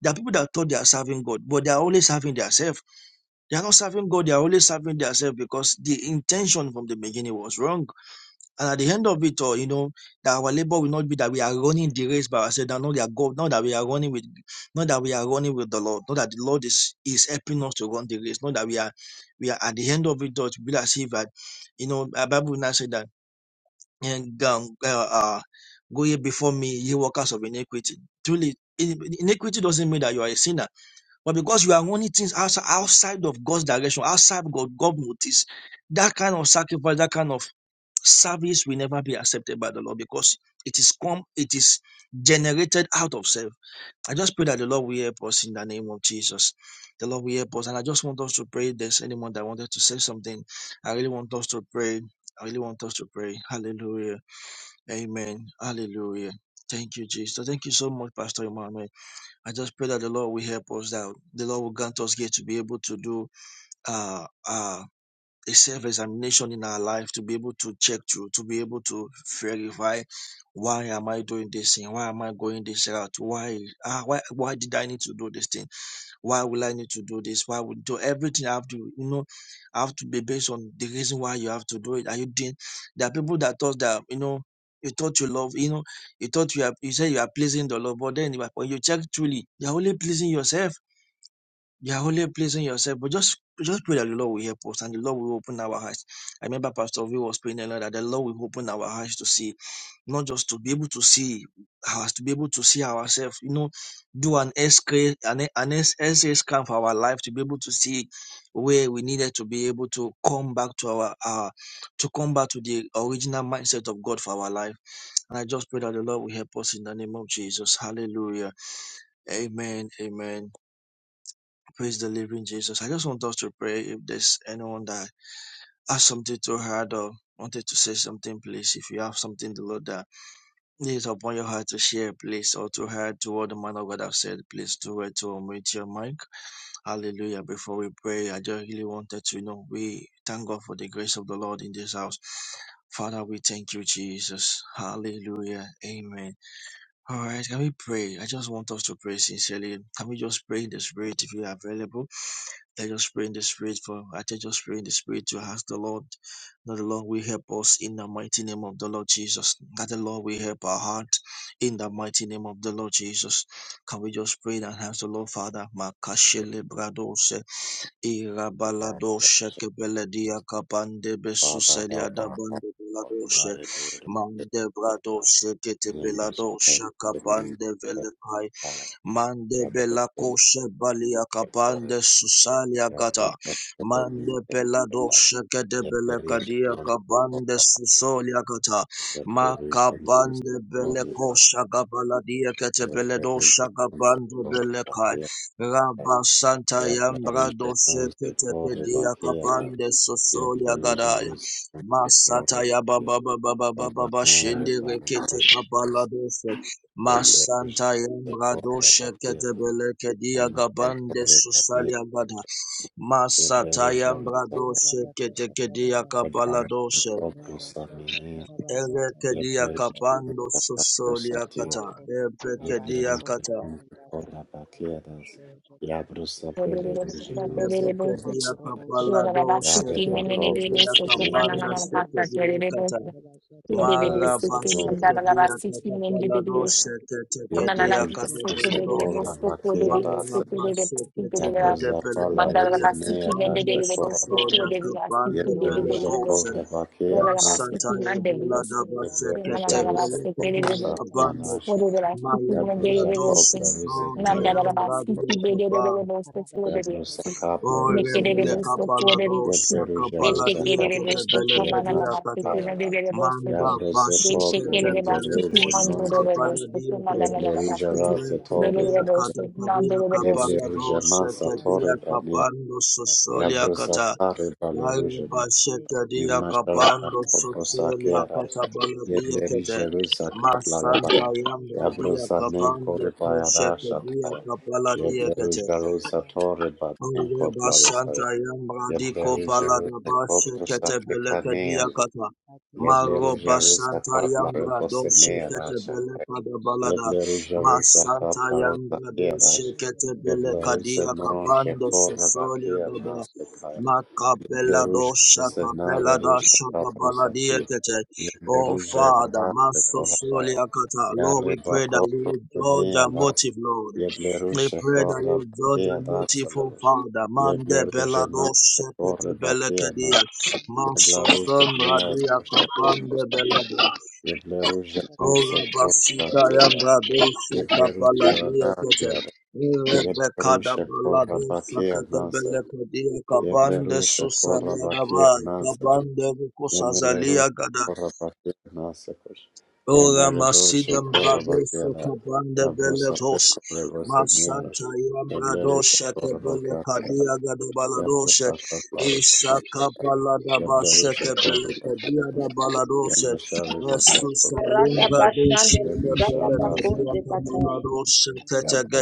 Speaker 7: there are people that thought they are serving God, but they are always serving themselves. They are not serving God, they are always serving themselves because the intention from the beginning was wrong. And at the end of it all, you know, that our labor will not be that we are running the race by ourselves, that not that God, not that we are running with not that we are running with the Lord, not that the Lord is is helping us to run the race, not that we are we are at the end of it all to be like as if that you know the Bible will now say that and um, uh, uh, go ye before me, ye workers of iniquity. Truly in- iniquity doesn't mean that you are a sinner, but because you are running things outside, outside of God's direction, outside God, God motives, that kind of sacrifice, that kind of Service will never be accepted by the Lord because it is come, it is generated out of self. I just pray that the Lord will help us in the name of Jesus. The Lord will help us. And I just want us to pray. If there's anyone that wanted to say something, I really want us to pray. I really want us to pray. Hallelujah. Amen. Hallelujah. Thank you, Jesus. Thank you so much, Pastor Emmanuel. I just pray that the Lord will help us, that the Lord will grant us here to be able to do uh, uh, a self-examination in our life to be able to check through, to be able to verify why am I doing this thing? Why am I going this route? Why ah, why why did I need to do this thing? Why will I need to do this? Why would do everything I have to you know I have to be based on the reason why you have to do it? Are you doing there are people that thought that you know you thought you love, you know, you thought you are you say you are pleasing the Lord, but then when you check truly, you're only pleasing yourself you are only pleasing yourself, but just just pray that the Lord will help us and the Lord will open our eyes. I remember Pastor V was praying a lot that the Lord will open our eyes to see, not just to be able to see us, to be able to see ourselves, you know, do an SK an, an S- essay scan for our life to be able to see where we needed to be able to come back to our uh to come back to the original mindset of God for our life. And I just pray that the Lord will help us in the name of Jesus. Hallelujah. Amen. Amen. Praise the living Jesus. I just want us to pray. If there's anyone that has something to heart or wanted to say something, please. If you have something the Lord that is upon your heart to share, please, or to hear to what the man of God have said, please do it to unmute your mic. Hallelujah. Before we pray, I just really wanted to you know we thank God for the grace of the Lord in this house. Father, we thank you, Jesus. Hallelujah. Amen. All right, can we pray? I just want us to pray sincerely. Can we just pray in the spirit if you are available? Let us pray in the spirit for I tell just pray in the spirit to ask the Lord that the Lord will help us in the mighty name of the Lord Jesus. That the Lord will help our heart in the mighty name of the Lord Jesus. Can we just pray and ask the Lord Father? Makashele bradose
Speaker 3: Now,
Speaker 7: irabaladoshe kebeledia kapande
Speaker 3: Father,
Speaker 7: besuselia
Speaker 3: help our heart,
Speaker 7: dabande
Speaker 3: Lord,
Speaker 7: beladoshe
Speaker 3: motivate us,
Speaker 7: mande bradoshe
Speaker 3: Lord, minister,
Speaker 7: ketebeladoshe
Speaker 3: the name
Speaker 7: kapande Mande bela
Speaker 3: of
Speaker 7: koshe balia
Speaker 3: God,
Speaker 7: kapande susalia
Speaker 3: Your
Speaker 7: gata.
Speaker 3: protect, your
Speaker 7: Mande
Speaker 3: reason,
Speaker 7: bela
Speaker 3: your life.
Speaker 7: doshe kede
Speaker 3: Yet
Speaker 7: bele
Speaker 3: there is a
Speaker 7: kadia
Speaker 3: mountain of
Speaker 7: kabande
Speaker 3: rock.
Speaker 7: susolia gata.
Speaker 3: Yet there is a monster
Speaker 7: Makabande
Speaker 3: for
Speaker 7: bele
Speaker 3: The back.
Speaker 7: kosha gabaladia kete
Speaker 3: Yet
Speaker 7: bele
Speaker 3: there is a
Speaker 7: dosha
Speaker 3: monster
Speaker 7: gabande
Speaker 3: for the
Speaker 7: bele
Speaker 3: back
Speaker 7: kai.
Speaker 3: here.
Speaker 7: Rabba santa
Speaker 3: Yet there
Speaker 7: yambra
Speaker 3: is a
Speaker 7: doshe
Speaker 3: monster
Speaker 7: kete
Speaker 3: for the back
Speaker 7: kedia
Speaker 3: here.
Speaker 7: kabande
Speaker 3: Yet
Speaker 7: susolia
Speaker 3: there is a
Speaker 7: gadaya.
Speaker 3: monster for the back
Speaker 7: Masata ya baba
Speaker 3: here.
Speaker 7: baba baba
Speaker 3: Yet there is a monster
Speaker 7: baba
Speaker 3: for the
Speaker 7: shende
Speaker 3: back here.
Speaker 7: rekete kabala doshe.
Speaker 3: Yet there is a
Speaker 7: Masanta
Speaker 3: monster for the
Speaker 7: Yambrado
Speaker 3: back here. A monster for the back here. Yet there is a monster for
Speaker 7: Shekete
Speaker 3: the
Speaker 7: Beleke Diagabande Susalia Gada
Speaker 3: Yabla
Speaker 7: Masata Yambrado Shekete Kedia Kapaladoshe
Speaker 3: Yabla
Speaker 7: Eleke
Speaker 3: Yableruje
Speaker 1: you.
Speaker 7: Diakapando Susolia Kata
Speaker 1: Mande ketela
Speaker 7: Ebeke
Speaker 1: barasota
Speaker 7: Diakata
Speaker 1: karidasa
Speaker 3: kora
Speaker 1: kabarindeje
Speaker 11: O they they they Bose O
Speaker 1: barasata
Speaker 11: they they they
Speaker 7: Eleke
Speaker 11: Bose
Speaker 1: makorobo
Speaker 11: तू वो
Speaker 1: zoto
Speaker 11: दवारा
Speaker 7: Diakapalado
Speaker 11: सिक्की
Speaker 1: koribande
Speaker 11: में
Speaker 7: Shekete
Speaker 1: le
Speaker 11: मेरे दे दे
Speaker 7: Kedia
Speaker 11: Bose
Speaker 1: korobo
Speaker 11: तुम्हारा ना
Speaker 7: Kapanda
Speaker 11: ना ना
Speaker 1: sokoriba
Speaker 11: बात करे दे
Speaker 1: nasoto
Speaker 7: Shekete
Speaker 11: दे बोस
Speaker 7: kata.
Speaker 1: kabarabasata
Speaker 11: तू दे दे दे सिक्की वो
Speaker 1: barabazete
Speaker 11: दवारा
Speaker 7: Marabasekedia
Speaker 11: सिक्की
Speaker 1: kererere
Speaker 11: में दे दे
Speaker 1: barebe
Speaker 11: Bose
Speaker 7: Catapaladoche, Tetekedia
Speaker 1: zokoto
Speaker 7: Catapaladoche,
Speaker 1: yararara basata bashata
Speaker 7: Marabasekete de
Speaker 1: barabazete kabakata
Speaker 7: Pelecadia Capando
Speaker 1: e
Speaker 7: Sosolia
Speaker 1: kayada
Speaker 7: pele
Speaker 1: Lo
Speaker 7: Pelecose,
Speaker 1: Variatas
Speaker 3: bakia nasa,
Speaker 1: Ekaliara
Speaker 7: Masataya
Speaker 1: Basai
Speaker 7: Belada
Speaker 1: Edaria
Speaker 3: yableruje
Speaker 7: Basekete
Speaker 1: Bakotaka
Speaker 3: ruse
Speaker 7: Belecadia
Speaker 3: koprosa
Speaker 1: Rabashata
Speaker 7: Cabando,
Speaker 1: Karaba
Speaker 3: nasa,
Speaker 7: Malibra
Speaker 3: Yabruza
Speaker 1: Riketeketeketekeba
Speaker 7: Dosso
Speaker 3: kopla ruze nere
Speaker 1: Rabashata
Speaker 3: do
Speaker 7: Tayam
Speaker 1: Kabaraba
Speaker 7: Radia kaba.
Speaker 1: Rabashata
Speaker 3: Yabruza kapla
Speaker 7: O
Speaker 1: Kebalabaraba
Speaker 3: ruze
Speaker 7: rebele
Speaker 3: nere
Speaker 7: kapala dosha
Speaker 3: Yabruza
Speaker 7: kapala
Speaker 3: ruza
Speaker 1: Rabikeseketekebabase
Speaker 7: dia te te
Speaker 3: kaprusa
Speaker 1: e
Speaker 7: bele
Speaker 3: kaya
Speaker 7: te dia
Speaker 3: nash
Speaker 7: kata.
Speaker 1: Kateba
Speaker 3: ayara
Speaker 1: Zeteketeke
Speaker 7: Manda
Speaker 11: Mandara
Speaker 3: Yabruza
Speaker 7: bashe
Speaker 1: Shetekele
Speaker 7: te
Speaker 3: kopla
Speaker 7: te
Speaker 11: Beşikleri
Speaker 3: ruze
Speaker 7: bele
Speaker 1: Baratasata
Speaker 11: bastiki
Speaker 7: ko
Speaker 3: ruze nonze
Speaker 11: mandolore
Speaker 3: kaya
Speaker 7: shakapala
Speaker 1: Rabatosha
Speaker 11: bastiki
Speaker 7: dia te
Speaker 1: Kabada
Speaker 7: te.
Speaker 3: Yeble
Speaker 11: manana
Speaker 1: Bashata
Speaker 3: ruja
Speaker 11: bastiki
Speaker 1: Kabala
Speaker 7: Ele
Speaker 3: raze
Speaker 7: te
Speaker 3: tore
Speaker 7: dia
Speaker 1: Baratasa
Speaker 3: ba
Speaker 11: dolore
Speaker 7: kata
Speaker 11: bastiki
Speaker 7: kabia
Speaker 11: mandolore
Speaker 1: Ekabada
Speaker 3: Yeble
Speaker 7: kapala
Speaker 11: bastiki.
Speaker 3: ruja
Speaker 1: shatada
Speaker 7: dosha
Speaker 3: mansa
Speaker 7: shate
Speaker 1: tabada
Speaker 3: tore
Speaker 7: dia
Speaker 3: ba ne
Speaker 1: satatabada
Speaker 7: kapando
Speaker 1: rabe
Speaker 7: sosolia
Speaker 3: Yabruza
Speaker 7: kata.
Speaker 3: tare ba
Speaker 1: shatatatatatatabada
Speaker 7: Ale
Speaker 3: le
Speaker 7: bashe te
Speaker 1: reto
Speaker 7: dia
Speaker 1: koshatagada
Speaker 3: Imasharata
Speaker 7: kapando
Speaker 1: baladadas
Speaker 7: sosolia
Speaker 3: Koprosakeras,
Speaker 7: kata
Speaker 1: rakateke
Speaker 7: bala dia
Speaker 1: sekada
Speaker 7: te
Speaker 3: Yedleri
Speaker 7: te.
Speaker 1: baladadas
Speaker 3: Jerusa
Speaker 1: shake
Speaker 7: Masanta
Speaker 3: Kaplarabara,
Speaker 1: tekele
Speaker 7: yamba dia
Speaker 3: Yabrosa
Speaker 1: barakusata
Speaker 3: Nenko
Speaker 7: kapande
Speaker 1: shake
Speaker 7: ko
Speaker 3: Repayada
Speaker 7: shate
Speaker 1: tekele
Speaker 7: dia
Speaker 3: shataya,
Speaker 1: bandeta
Speaker 7: kapala
Speaker 3: Imasharakakoposakearas,
Speaker 7: dia te
Speaker 1: imanze sekebani
Speaker 7: Ave basanta
Speaker 3: Yeblerijeruzakaplarabara, Yabrozanenkorebayarashataya,
Speaker 7: yambradi
Speaker 1: shatakabayata
Speaker 7: kopala da
Speaker 1: ribonte
Speaker 7: bashe
Speaker 1: kebezei
Speaker 7: kete beleke
Speaker 1: kabaya kush
Speaker 3: Yeblerijeruzatorebatenkoplarisaya,
Speaker 7: diakata.
Speaker 1: adesha
Speaker 7: Maro
Speaker 1: takabiyata
Speaker 7: basanta
Speaker 1: zaka
Speaker 7: yambra doshe
Speaker 1: ikota
Speaker 7: kete
Speaker 3: Yeblerijeruzakoptosaprekaneale,
Speaker 7: beleka da
Speaker 1: shatakabada shake
Speaker 7: balada.
Speaker 1: tekele
Speaker 7: Masanta
Speaker 3: Yeblerijeruzakaplarabosenearashataya,
Speaker 7: yambra
Speaker 1: in the
Speaker 7: doshe
Speaker 3: Yeblerijeruzakaplarosakearas,
Speaker 1: name of
Speaker 7: kete
Speaker 1: the
Speaker 7: beleka
Speaker 1: Kabete Lakara
Speaker 7: diakapando
Speaker 1: Basete,
Speaker 7: sosolia baba.
Speaker 1: Kadoshi
Speaker 3: Yeblerizenorjekorabakeanasekaya,
Speaker 1: Tekede,
Speaker 7: Makabela
Speaker 1: Tekebali,
Speaker 3: Leruja
Speaker 7: dosha
Speaker 3: Zena
Speaker 7: kabela
Speaker 3: Leruja
Speaker 7: dasha babala
Speaker 3: Raprosati
Speaker 7: diakete. Oh
Speaker 1: Randa
Speaker 3: Leruja
Speaker 1: Bazata
Speaker 7: Father,
Speaker 3: Radate
Speaker 7: maso
Speaker 1: Kadoshi
Speaker 3: Korabaya
Speaker 7: solia kata.
Speaker 1: Karabashi,
Speaker 7: Lord, we
Speaker 3: Yareba
Speaker 7: pray that
Speaker 1: Kadashi
Speaker 7: you
Speaker 3: Kopro
Speaker 7: would
Speaker 1: Tekede,
Speaker 7: judge
Speaker 3: Nea
Speaker 7: our
Speaker 3: Das
Speaker 7: motive, Lord. We
Speaker 3: Yebleruja
Speaker 7: pray that you God the
Speaker 3: Korabakea Das
Speaker 7: merciful
Speaker 3: Leruj
Speaker 7: Father, Mande
Speaker 3: Yebleruja No
Speaker 7: Belados, Shepete
Speaker 3: Korebakea No
Speaker 7: Belecadia, Master
Speaker 3: Yebleruja
Speaker 1: Randa
Speaker 7: Son
Speaker 3: Nea
Speaker 7: Radia
Speaker 3: Dosha
Speaker 7: Capande
Speaker 3: Koprosati
Speaker 7: Belado,
Speaker 3: Yebleruja Non Se
Speaker 7: Ora Basita
Speaker 3: Korabakea
Speaker 1: Bazata
Speaker 3: Das
Speaker 7: Yambrado,
Speaker 3: Yebleruja
Speaker 7: Shekapaladia Cote,
Speaker 3: Radakea
Speaker 7: Rebecca da
Speaker 3: Yebleruja
Speaker 7: Balado,
Speaker 3: Korabakea
Speaker 7: Sakate
Speaker 3: Nase
Speaker 7: Belecadia, Cabande
Speaker 3: Yebleruja
Speaker 7: Susaniana
Speaker 3: Korabakea
Speaker 7: Vai,
Speaker 3: Nase
Speaker 7: Cabande
Speaker 3: Yemelerusha
Speaker 7: Gada.
Speaker 3: korabakira nasakosh.
Speaker 7: Ora
Speaker 3: Yemeredosha
Speaker 7: masidam brados
Speaker 3: korabakira.
Speaker 7: kabanda
Speaker 3: Yabrosa
Speaker 7: beletos
Speaker 3: peko reboseniera.
Speaker 7: masanta yambrados
Speaker 3: Yablerusha
Speaker 7: kebele
Speaker 3: korabakira.
Speaker 7: kadia
Speaker 3: Yabrosa
Speaker 7: gadabalados
Speaker 3: kaplarus
Speaker 7: isaka
Speaker 3: emoteka.
Speaker 7: palada bashe
Speaker 3: Yablerusha
Speaker 7: kebele
Speaker 3: korabakira.
Speaker 7: kadia dabalados
Speaker 3: Yemeshariza
Speaker 7: Estus alim
Speaker 12: Rata
Speaker 3: korabakira.
Speaker 1: Ranga
Speaker 7: brados
Speaker 12: bashande librada
Speaker 7: kebele
Speaker 1: Baba,
Speaker 3: Yemeshardasa.
Speaker 7: kadia
Speaker 12: bakoche kataya.
Speaker 7: kapalados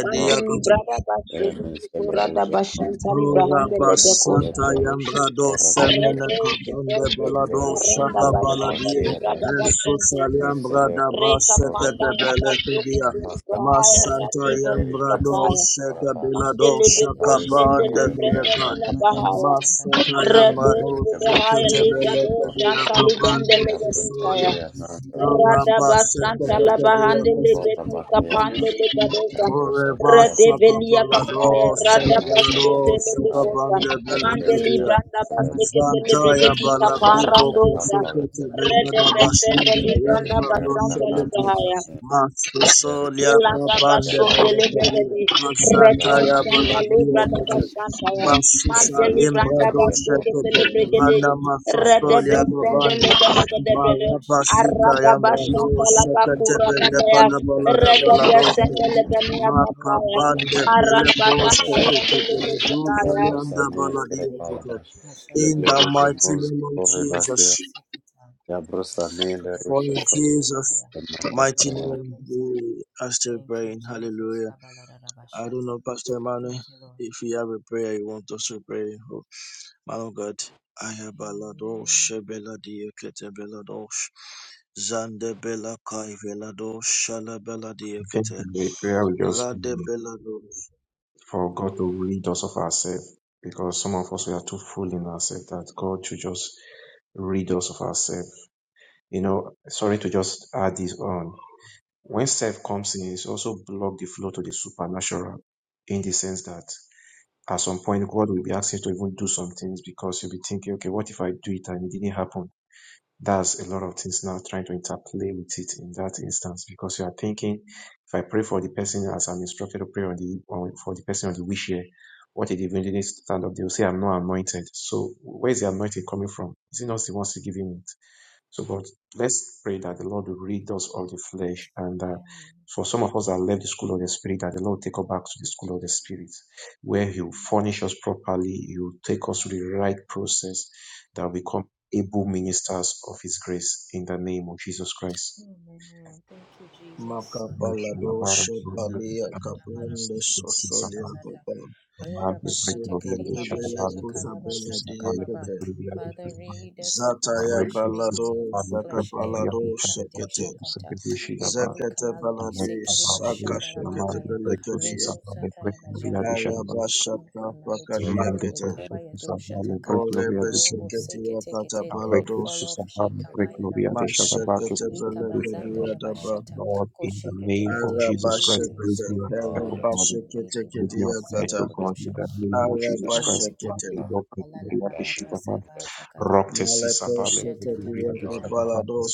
Speaker 12: Bandi librada bashende librada
Speaker 3: Yemeselerusha
Speaker 12: bashanta
Speaker 7: Nora
Speaker 3: konsekoida.
Speaker 12: librahande lebekosa.
Speaker 7: basanta
Speaker 3: Yablerusha
Speaker 7: yambra
Speaker 1: Ziki Tiki
Speaker 7: dosa
Speaker 1: Tiki de
Speaker 3: korabakira.
Speaker 7: mena
Speaker 12: Reto
Speaker 1: Baba,
Speaker 7: kabande
Speaker 1: Shitiki
Speaker 12: chepende
Speaker 7: bela
Speaker 1: Baba,
Speaker 3: Yablerusha
Speaker 12: bashan
Speaker 7: dosa
Speaker 1: Riti Ziki
Speaker 12: bashanda
Speaker 7: kabaladie.
Speaker 1: Tiki
Speaker 3: korabakira.
Speaker 12: librada
Speaker 1: Baba, Ba Shiki
Speaker 7: Jesus
Speaker 12: bashante.
Speaker 1: Tiki de
Speaker 7: aliambra da
Speaker 3: Leselero
Speaker 12: Reka
Speaker 7: basete
Speaker 12: panda
Speaker 7: de
Speaker 3: Shikoraba,
Speaker 12: la
Speaker 7: bele
Speaker 12: basoke
Speaker 7: kudia.
Speaker 3: the Master
Speaker 12: tulibrahaya
Speaker 3: Karo
Speaker 7: Masanta
Speaker 1: Masiki de
Speaker 3: Sake
Speaker 12: radiva
Speaker 1: Bala
Speaker 3: Peri
Speaker 7: yambra
Speaker 1: Rabo,
Speaker 3: Beton
Speaker 1: Siki
Speaker 7: dosa
Speaker 1: Baba,
Speaker 3: Sikoraba,
Speaker 7: kabela
Speaker 1: Baje
Speaker 12: Mandele
Speaker 3: the
Speaker 1: Tiki
Speaker 7: dosa
Speaker 1: de
Speaker 12: bekos
Speaker 1: Bada
Speaker 3: Paris and
Speaker 1: Bada,
Speaker 12: pendele
Speaker 7: kabande
Speaker 3: Nore
Speaker 7: bele
Speaker 12: brenda di
Speaker 3: Beana,
Speaker 7: kai.
Speaker 12: la
Speaker 3: the
Speaker 1: Parabado
Speaker 12: bahaya.
Speaker 7: Masata
Speaker 1: Satakarabado
Speaker 7: yambra
Speaker 12: Rebe
Speaker 3: Lero
Speaker 12: de
Speaker 3: the
Speaker 7: dosa
Speaker 1: Shikitarabados
Speaker 3: Master
Speaker 12: bahaya
Speaker 7: kete
Speaker 3: Laro
Speaker 12: libra
Speaker 7: bele
Speaker 12: do
Speaker 7: kudia
Speaker 3: Sikoraba,
Speaker 12: shanta librande
Speaker 7: kabando
Speaker 1: Shakatakatakatakadabo
Speaker 3: the
Speaker 12: legedi
Speaker 3: Brosa
Speaker 12: bahaya.
Speaker 7: sesalia.
Speaker 1: Shikitarabase
Speaker 3: Beana
Speaker 7: Nora
Speaker 3: Salaros,
Speaker 12: Rada
Speaker 1: Tikidarasos
Speaker 3: the
Speaker 7: basete
Speaker 12: basanta
Speaker 7: de
Speaker 3: Lero
Speaker 12: la
Speaker 7: kudia
Speaker 12: bahande
Speaker 7: kete.
Speaker 1: Jatatarabase
Speaker 12: legedi
Speaker 3: Shikoraba Beana,
Speaker 12: kapande
Speaker 1: Kitarabatos
Speaker 12: libra do
Speaker 3: the
Speaker 12: shanta.
Speaker 3: Brosa
Speaker 1: Kitaragadabo
Speaker 7: Oreva
Speaker 12: Rede
Speaker 3: Beana,
Speaker 12: velia
Speaker 1: Shikitarabase
Speaker 12: kapaya
Speaker 7: sakapalado
Speaker 1: Tikaba
Speaker 3: the
Speaker 12: rada
Speaker 3: Master
Speaker 7: salabalado
Speaker 12: basute
Speaker 3: Laro
Speaker 12: lebe kosa.
Speaker 7: sakabande
Speaker 3: the Lero
Speaker 12: Mandeli
Speaker 1: Kitarabashatakadabadabasiti
Speaker 7: belekadia.
Speaker 12: branda
Speaker 3: Larisatara, the Master Laro
Speaker 12: basike de
Speaker 1: Mandarabasi
Speaker 3: Sakaya,
Speaker 7: Zantaya
Speaker 12: lebregedi
Speaker 3: the
Speaker 7: balaki
Speaker 1: Kitarabashata
Speaker 3: Laro
Speaker 12: kaparando
Speaker 7: boko
Speaker 12: shanta.
Speaker 3: Zakapara,
Speaker 1: Mandariti
Speaker 7: sekete
Speaker 3: the
Speaker 1: Baba
Speaker 12: Rede
Speaker 1: Baba
Speaker 7: belada
Speaker 12: besende
Speaker 1: Basata
Speaker 7: bastinta
Speaker 12: libranda
Speaker 7: yembra
Speaker 3: Lero
Speaker 7: do
Speaker 12: basanta
Speaker 7: sekete.
Speaker 3: Shikoraba
Speaker 12: libahaya.
Speaker 1: Shikitabadabadabashikitadada
Speaker 3: Yeblerish
Speaker 7: Mastusolia
Speaker 3: masa
Speaker 7: kapande
Speaker 3: piara
Speaker 1: Kushakatabatabashata
Speaker 3: separa
Speaker 7: belekadia.
Speaker 12: Iladabasotelebegedi,
Speaker 1: Kabala Balala
Speaker 3: yablar
Speaker 7: Mazantaya
Speaker 1: Kaba
Speaker 3: zenon
Speaker 7: baladia
Speaker 1: Ababa
Speaker 3: sepora
Speaker 7: kete.
Speaker 1: Bashataka
Speaker 12: redoshandalebradabasantaya,
Speaker 7: Masusa
Speaker 3: yeblerish
Speaker 7: limbra
Speaker 3: zenon
Speaker 7: do
Speaker 1: Asatatatata.
Speaker 3: sepora
Speaker 7: sekete.
Speaker 1: O
Speaker 12: mantelibrandabasuketelebegede,
Speaker 7: Lana
Speaker 1: Sekete. Shata Asatatatatatata. Kosekitekite.
Speaker 3: yabro
Speaker 7: masusolia gobande.
Speaker 3: sakelerish
Speaker 1: Shatabadadadaba.
Speaker 3: masa
Speaker 12: redebesendelegedegedebede,
Speaker 3: yemle
Speaker 7: Marapasita yambra
Speaker 3: yabros
Speaker 1: Mashatabanamakosa.
Speaker 7: do
Speaker 3: sepora
Speaker 7: sekete
Speaker 1: Rabiata,
Speaker 12: aradabashantalabakuratabaya,
Speaker 7: belepada balada
Speaker 1: ribiata,
Speaker 3: yeblerish
Speaker 7: balado.
Speaker 3: sepora
Speaker 7: se.
Speaker 1: ribakadiata.
Speaker 3: yablar
Speaker 1: Robo
Speaker 12: redebesendelebeneabataya,
Speaker 7: Makabande
Speaker 3: yablaris
Speaker 1: zataya
Speaker 7: belekos
Speaker 1: kadabanada.
Speaker 3: kare
Speaker 7: tekete
Speaker 3: vakatia
Speaker 1: Shatadadaba
Speaker 7: beledu
Speaker 1: zataya
Speaker 12: maranabashantalibandelegebetaya.
Speaker 3: yabro
Speaker 7: felianda
Speaker 3: sane
Speaker 1: bakadababa
Speaker 3: kere
Speaker 7: baladia
Speaker 1: zataya.
Speaker 7: tete.
Speaker 3: paladash
Speaker 7: In
Speaker 1: Mashataya
Speaker 7: the
Speaker 3: yeblerish
Speaker 7: mighty
Speaker 3: zenon
Speaker 1: bakataya.
Speaker 7: name of
Speaker 3: sepora
Speaker 7: Jesus,
Speaker 3: vakia
Speaker 1: Ikorobo sekita.
Speaker 3: yabro sane
Speaker 7: for
Speaker 3: lerish
Speaker 7: in
Speaker 3: sepora
Speaker 7: Jesus'
Speaker 1: Oshetabadekesatadabaya.
Speaker 3: yemasa
Speaker 7: mighty
Speaker 3: piara
Speaker 7: name we
Speaker 1: Shokodobosai.
Speaker 7: are still
Speaker 1: Thank you,
Speaker 7: praying.
Speaker 1: Jesus.
Speaker 7: Hallelujah. I don't
Speaker 1: Kabalarabashata.
Speaker 7: know, Pastor Emmanuel,
Speaker 1: Thank you, Lord.
Speaker 7: if you have a prayer you want us to pray. Oh, man of God, I have
Speaker 1: Amen.
Speaker 7: baladosh, beladia kete beladosh. Zande bela kai vela do shala bela diekete.
Speaker 8: The prayer we just pray
Speaker 7: Rade bela
Speaker 8: for God to rid us of ourselves because some of us we are too full in ourselves that God should just rid us of ourselves. You know, sorry to just add this on. when self comes in, it's also block the flow to the supernatural in the sense that at some point God will be asking you to even do some things because you'll be thinking, okay, what if I do it and it didn't happen? That's a lot of things now trying to interplay with it in that instance because you are thinking, if I pray for the person as I'm instructed to pray on the on, for the person on the wish here, what if they even didn't stand up? They'll say, I'm not anointed. So where is the anointing coming from? Is it not the ones to give him it? So, but let's pray that the Lord will rid us of the flesh, and that
Speaker 1: Wow.
Speaker 8: for some of us that left the school of the spirit, that the Lord take us back to the school of the spirit, where He will furnish us properly, He will take us through the right process, that we become able ministers of His grace in the name of Jesus Christ.
Speaker 1: Amen. Thank you, Jesus.
Speaker 7: Makapalado
Speaker 1: Sakabaroko shata
Speaker 7: Shepalia
Speaker 1: kadakada
Speaker 7: Kaplande
Speaker 1: baraboko fetida
Speaker 7: Sosolia
Speaker 1: basata.
Speaker 7: Kopa
Speaker 1: Reda bashata keriba
Speaker 7: Zekete Bele
Speaker 1: dashata
Speaker 7: Kusa
Speaker 1: karaba
Speaker 7: Bele
Speaker 1: sata kababa.
Speaker 7: Diekete
Speaker 1: Father, read us of my
Speaker 7: Zataya
Speaker 1: flesh, read
Speaker 8: Recursos
Speaker 7: Balado
Speaker 1: me of my
Speaker 8: vale
Speaker 1: flesh,
Speaker 7: Sakapalado
Speaker 8: pretorianos
Speaker 1: every
Speaker 8: trabajo
Speaker 7: kete
Speaker 1: kadesha
Speaker 8: se
Speaker 1: kata,
Speaker 8: deducirá para
Speaker 1: every
Speaker 7: Zekete
Speaker 1: kamalody,
Speaker 7: Baladi
Speaker 8: anexar
Speaker 1: sekiriba
Speaker 8: para de
Speaker 7: Saka Shekete
Speaker 8: llamando
Speaker 1: shandarabakaya,
Speaker 7: Bele
Speaker 8: recursos
Speaker 7: Kedia
Speaker 1: redo
Speaker 8: vale pretorianos
Speaker 1: satarabajaya,
Speaker 8: de llamando
Speaker 1: every form of
Speaker 7: Arabashaka
Speaker 1: carnality,
Speaker 7: Fakadia
Speaker 3: yebro
Speaker 8: llamando
Speaker 1: Lord, the
Speaker 7: Kete
Speaker 3: sane
Speaker 1: kabaya Do
Speaker 8: recursos vale
Speaker 1: doshataka,
Speaker 8: pretorianos
Speaker 7: Orebe
Speaker 8: de
Speaker 1: robo
Speaker 8: llamando
Speaker 1: seke
Speaker 7: Seketia Kata
Speaker 1: tekete, let it fall
Speaker 7: Balados
Speaker 8: recursos
Speaker 1: off,
Speaker 8: vale
Speaker 1: shekabaya
Speaker 8: pretorianos de
Speaker 1: doshata.
Speaker 8: llamando que
Speaker 7: Mashekete
Speaker 8: se
Speaker 7: Bele
Speaker 1: Likabazanda
Speaker 8: deducirá
Speaker 3: yeblerish
Speaker 7: Kedia
Speaker 3: zenon
Speaker 7: Daba
Speaker 1: Rabashata.
Speaker 8: Lord in the
Speaker 1: Koshekete
Speaker 8: name of
Speaker 1: Kete, we
Speaker 8: Jesus
Speaker 1: yield
Speaker 8: Christ
Speaker 1: to your
Speaker 7: Arabashekete
Speaker 8: reveal our
Speaker 1: spirit, we
Speaker 8: fear
Speaker 3: God of
Speaker 8: for
Speaker 1: yield to
Speaker 8: God
Speaker 1: your
Speaker 7: kete
Speaker 1: leading.
Speaker 8: reveal our
Speaker 7: Kedia
Speaker 8: fear
Speaker 7: Kata
Speaker 1: Alabazaya
Speaker 8: for God
Speaker 1: Kodosha.
Speaker 8: in
Speaker 3: wisdom,
Speaker 8: the
Speaker 3: of
Speaker 8: name of
Speaker 3: wisdom,
Speaker 8: Jesus Christ
Speaker 1: Mande
Speaker 7: Arabashekete.
Speaker 1: kete
Speaker 3: wisdom,
Speaker 8: Lord
Speaker 1: alala
Speaker 8: pretorianos
Speaker 1: laba
Speaker 3: judgment,
Speaker 8: de
Speaker 1: kasaba
Speaker 3: and of
Speaker 1: takataba
Speaker 8: Rokte
Speaker 7: Maleko
Speaker 8: sisabale
Speaker 1: koshata
Speaker 3: truth
Speaker 1: tata
Speaker 8: pregloria de
Speaker 7: shekediweke
Speaker 3: beyond the
Speaker 1: tabala
Speaker 3: law,
Speaker 8: shadabat
Speaker 7: balado
Speaker 3: which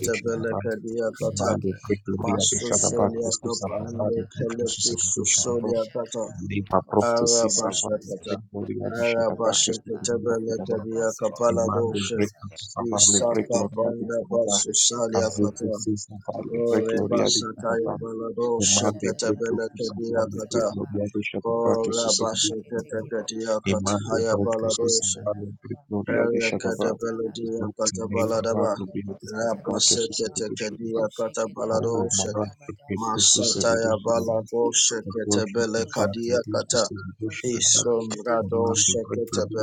Speaker 3: you
Speaker 1: ta
Speaker 7: belekediakata.
Speaker 8: Mande
Speaker 1: kosheteke
Speaker 8: pregloria de
Speaker 7: Masu
Speaker 1: kashata
Speaker 3: are
Speaker 8: shadabat
Speaker 3: not
Speaker 1: dababa
Speaker 3: of
Speaker 7: soliakop
Speaker 3: the other,
Speaker 7: ande
Speaker 8: susabalade
Speaker 1: kabada kadabasa
Speaker 7: pelekusu
Speaker 3: and not of
Speaker 8: susevidoshidaba.
Speaker 7: soliakata.
Speaker 1: koshakata
Speaker 8: Liba prokte
Speaker 1: koshata
Speaker 3: the
Speaker 1: tata
Speaker 8: sisavale
Speaker 1: basa
Speaker 7: Arabashekete.
Speaker 8: pregloria de
Speaker 1: kashata
Speaker 8: shadabat
Speaker 1: balaba
Speaker 7: Arabashekete
Speaker 3: other, which
Speaker 8: susevidoshidaba.
Speaker 3: you are
Speaker 7: belekediaka
Speaker 1: kabasa talala
Speaker 7: balado
Speaker 8: Imande
Speaker 7: she.
Speaker 1: bakasa
Speaker 8: pregloria sisavale
Speaker 1: kashata
Speaker 7: Isaka
Speaker 1: tata
Speaker 8: pregloria de
Speaker 1: ta
Speaker 7: panda
Speaker 8: shadabat.
Speaker 7: basu
Speaker 3: not
Speaker 1: mashakata
Speaker 3: of
Speaker 8: Azete
Speaker 7: saliakata.
Speaker 1: basa
Speaker 8: sisavale
Speaker 7: Ore
Speaker 1: koshata
Speaker 8: pregloria de
Speaker 1: tata
Speaker 7: basataya
Speaker 8: shadabat.
Speaker 1: badaba
Speaker 7: balado
Speaker 8: Imande
Speaker 1: kashata
Speaker 7: shekete
Speaker 8: pregloria
Speaker 1: tabala
Speaker 8: sisavale
Speaker 1: balabasa
Speaker 7: belekediakata.
Speaker 1: taba
Speaker 8: pregloria de shadabat
Speaker 1: Kose
Speaker 7: Ora
Speaker 1: teke teke
Speaker 8: susevidoshidaba.
Speaker 7: bashekete
Speaker 1: teke balaraba.
Speaker 7: kediakata.
Speaker 8: Imante
Speaker 7: Haya balado
Speaker 8: Bratus
Speaker 1: Makadada
Speaker 7: she.
Speaker 8: Nale
Speaker 1: balaraba.
Speaker 8: Gloria de Shatava
Speaker 1: Kapasata laba.
Speaker 7: Erekadabaladia
Speaker 8: Zopti Nebra
Speaker 1: Kosoto
Speaker 7: katabaladaba.
Speaker 1: laba
Speaker 8: Gloria de
Speaker 1: kosata
Speaker 8: Shatava
Speaker 1: laba
Speaker 8: Jesus of
Speaker 1: gaba.
Speaker 8: The
Speaker 7: Rabaseketekedia
Speaker 8: Shatava
Speaker 1: Kosheke
Speaker 8: Oh
Speaker 1: dalaba
Speaker 7: katabaladoshe.
Speaker 8: Mara
Speaker 1: takabada shata.
Speaker 8: Bratus
Speaker 7: Masataya
Speaker 8: Severus
Speaker 1: Kose
Speaker 8: Roma
Speaker 1: teke
Speaker 7: balagoshe
Speaker 1: teke.
Speaker 8: Worship and
Speaker 1: Kosata
Speaker 8: Father
Speaker 7: ketebelekadia
Speaker 1: tata.
Speaker 7: kata.
Speaker 8: Jesus de
Speaker 1: Kosheke
Speaker 8: Shatava
Speaker 7: isom
Speaker 1: teke teke
Speaker 7: Isomrado
Speaker 1: te.
Speaker 8: Imante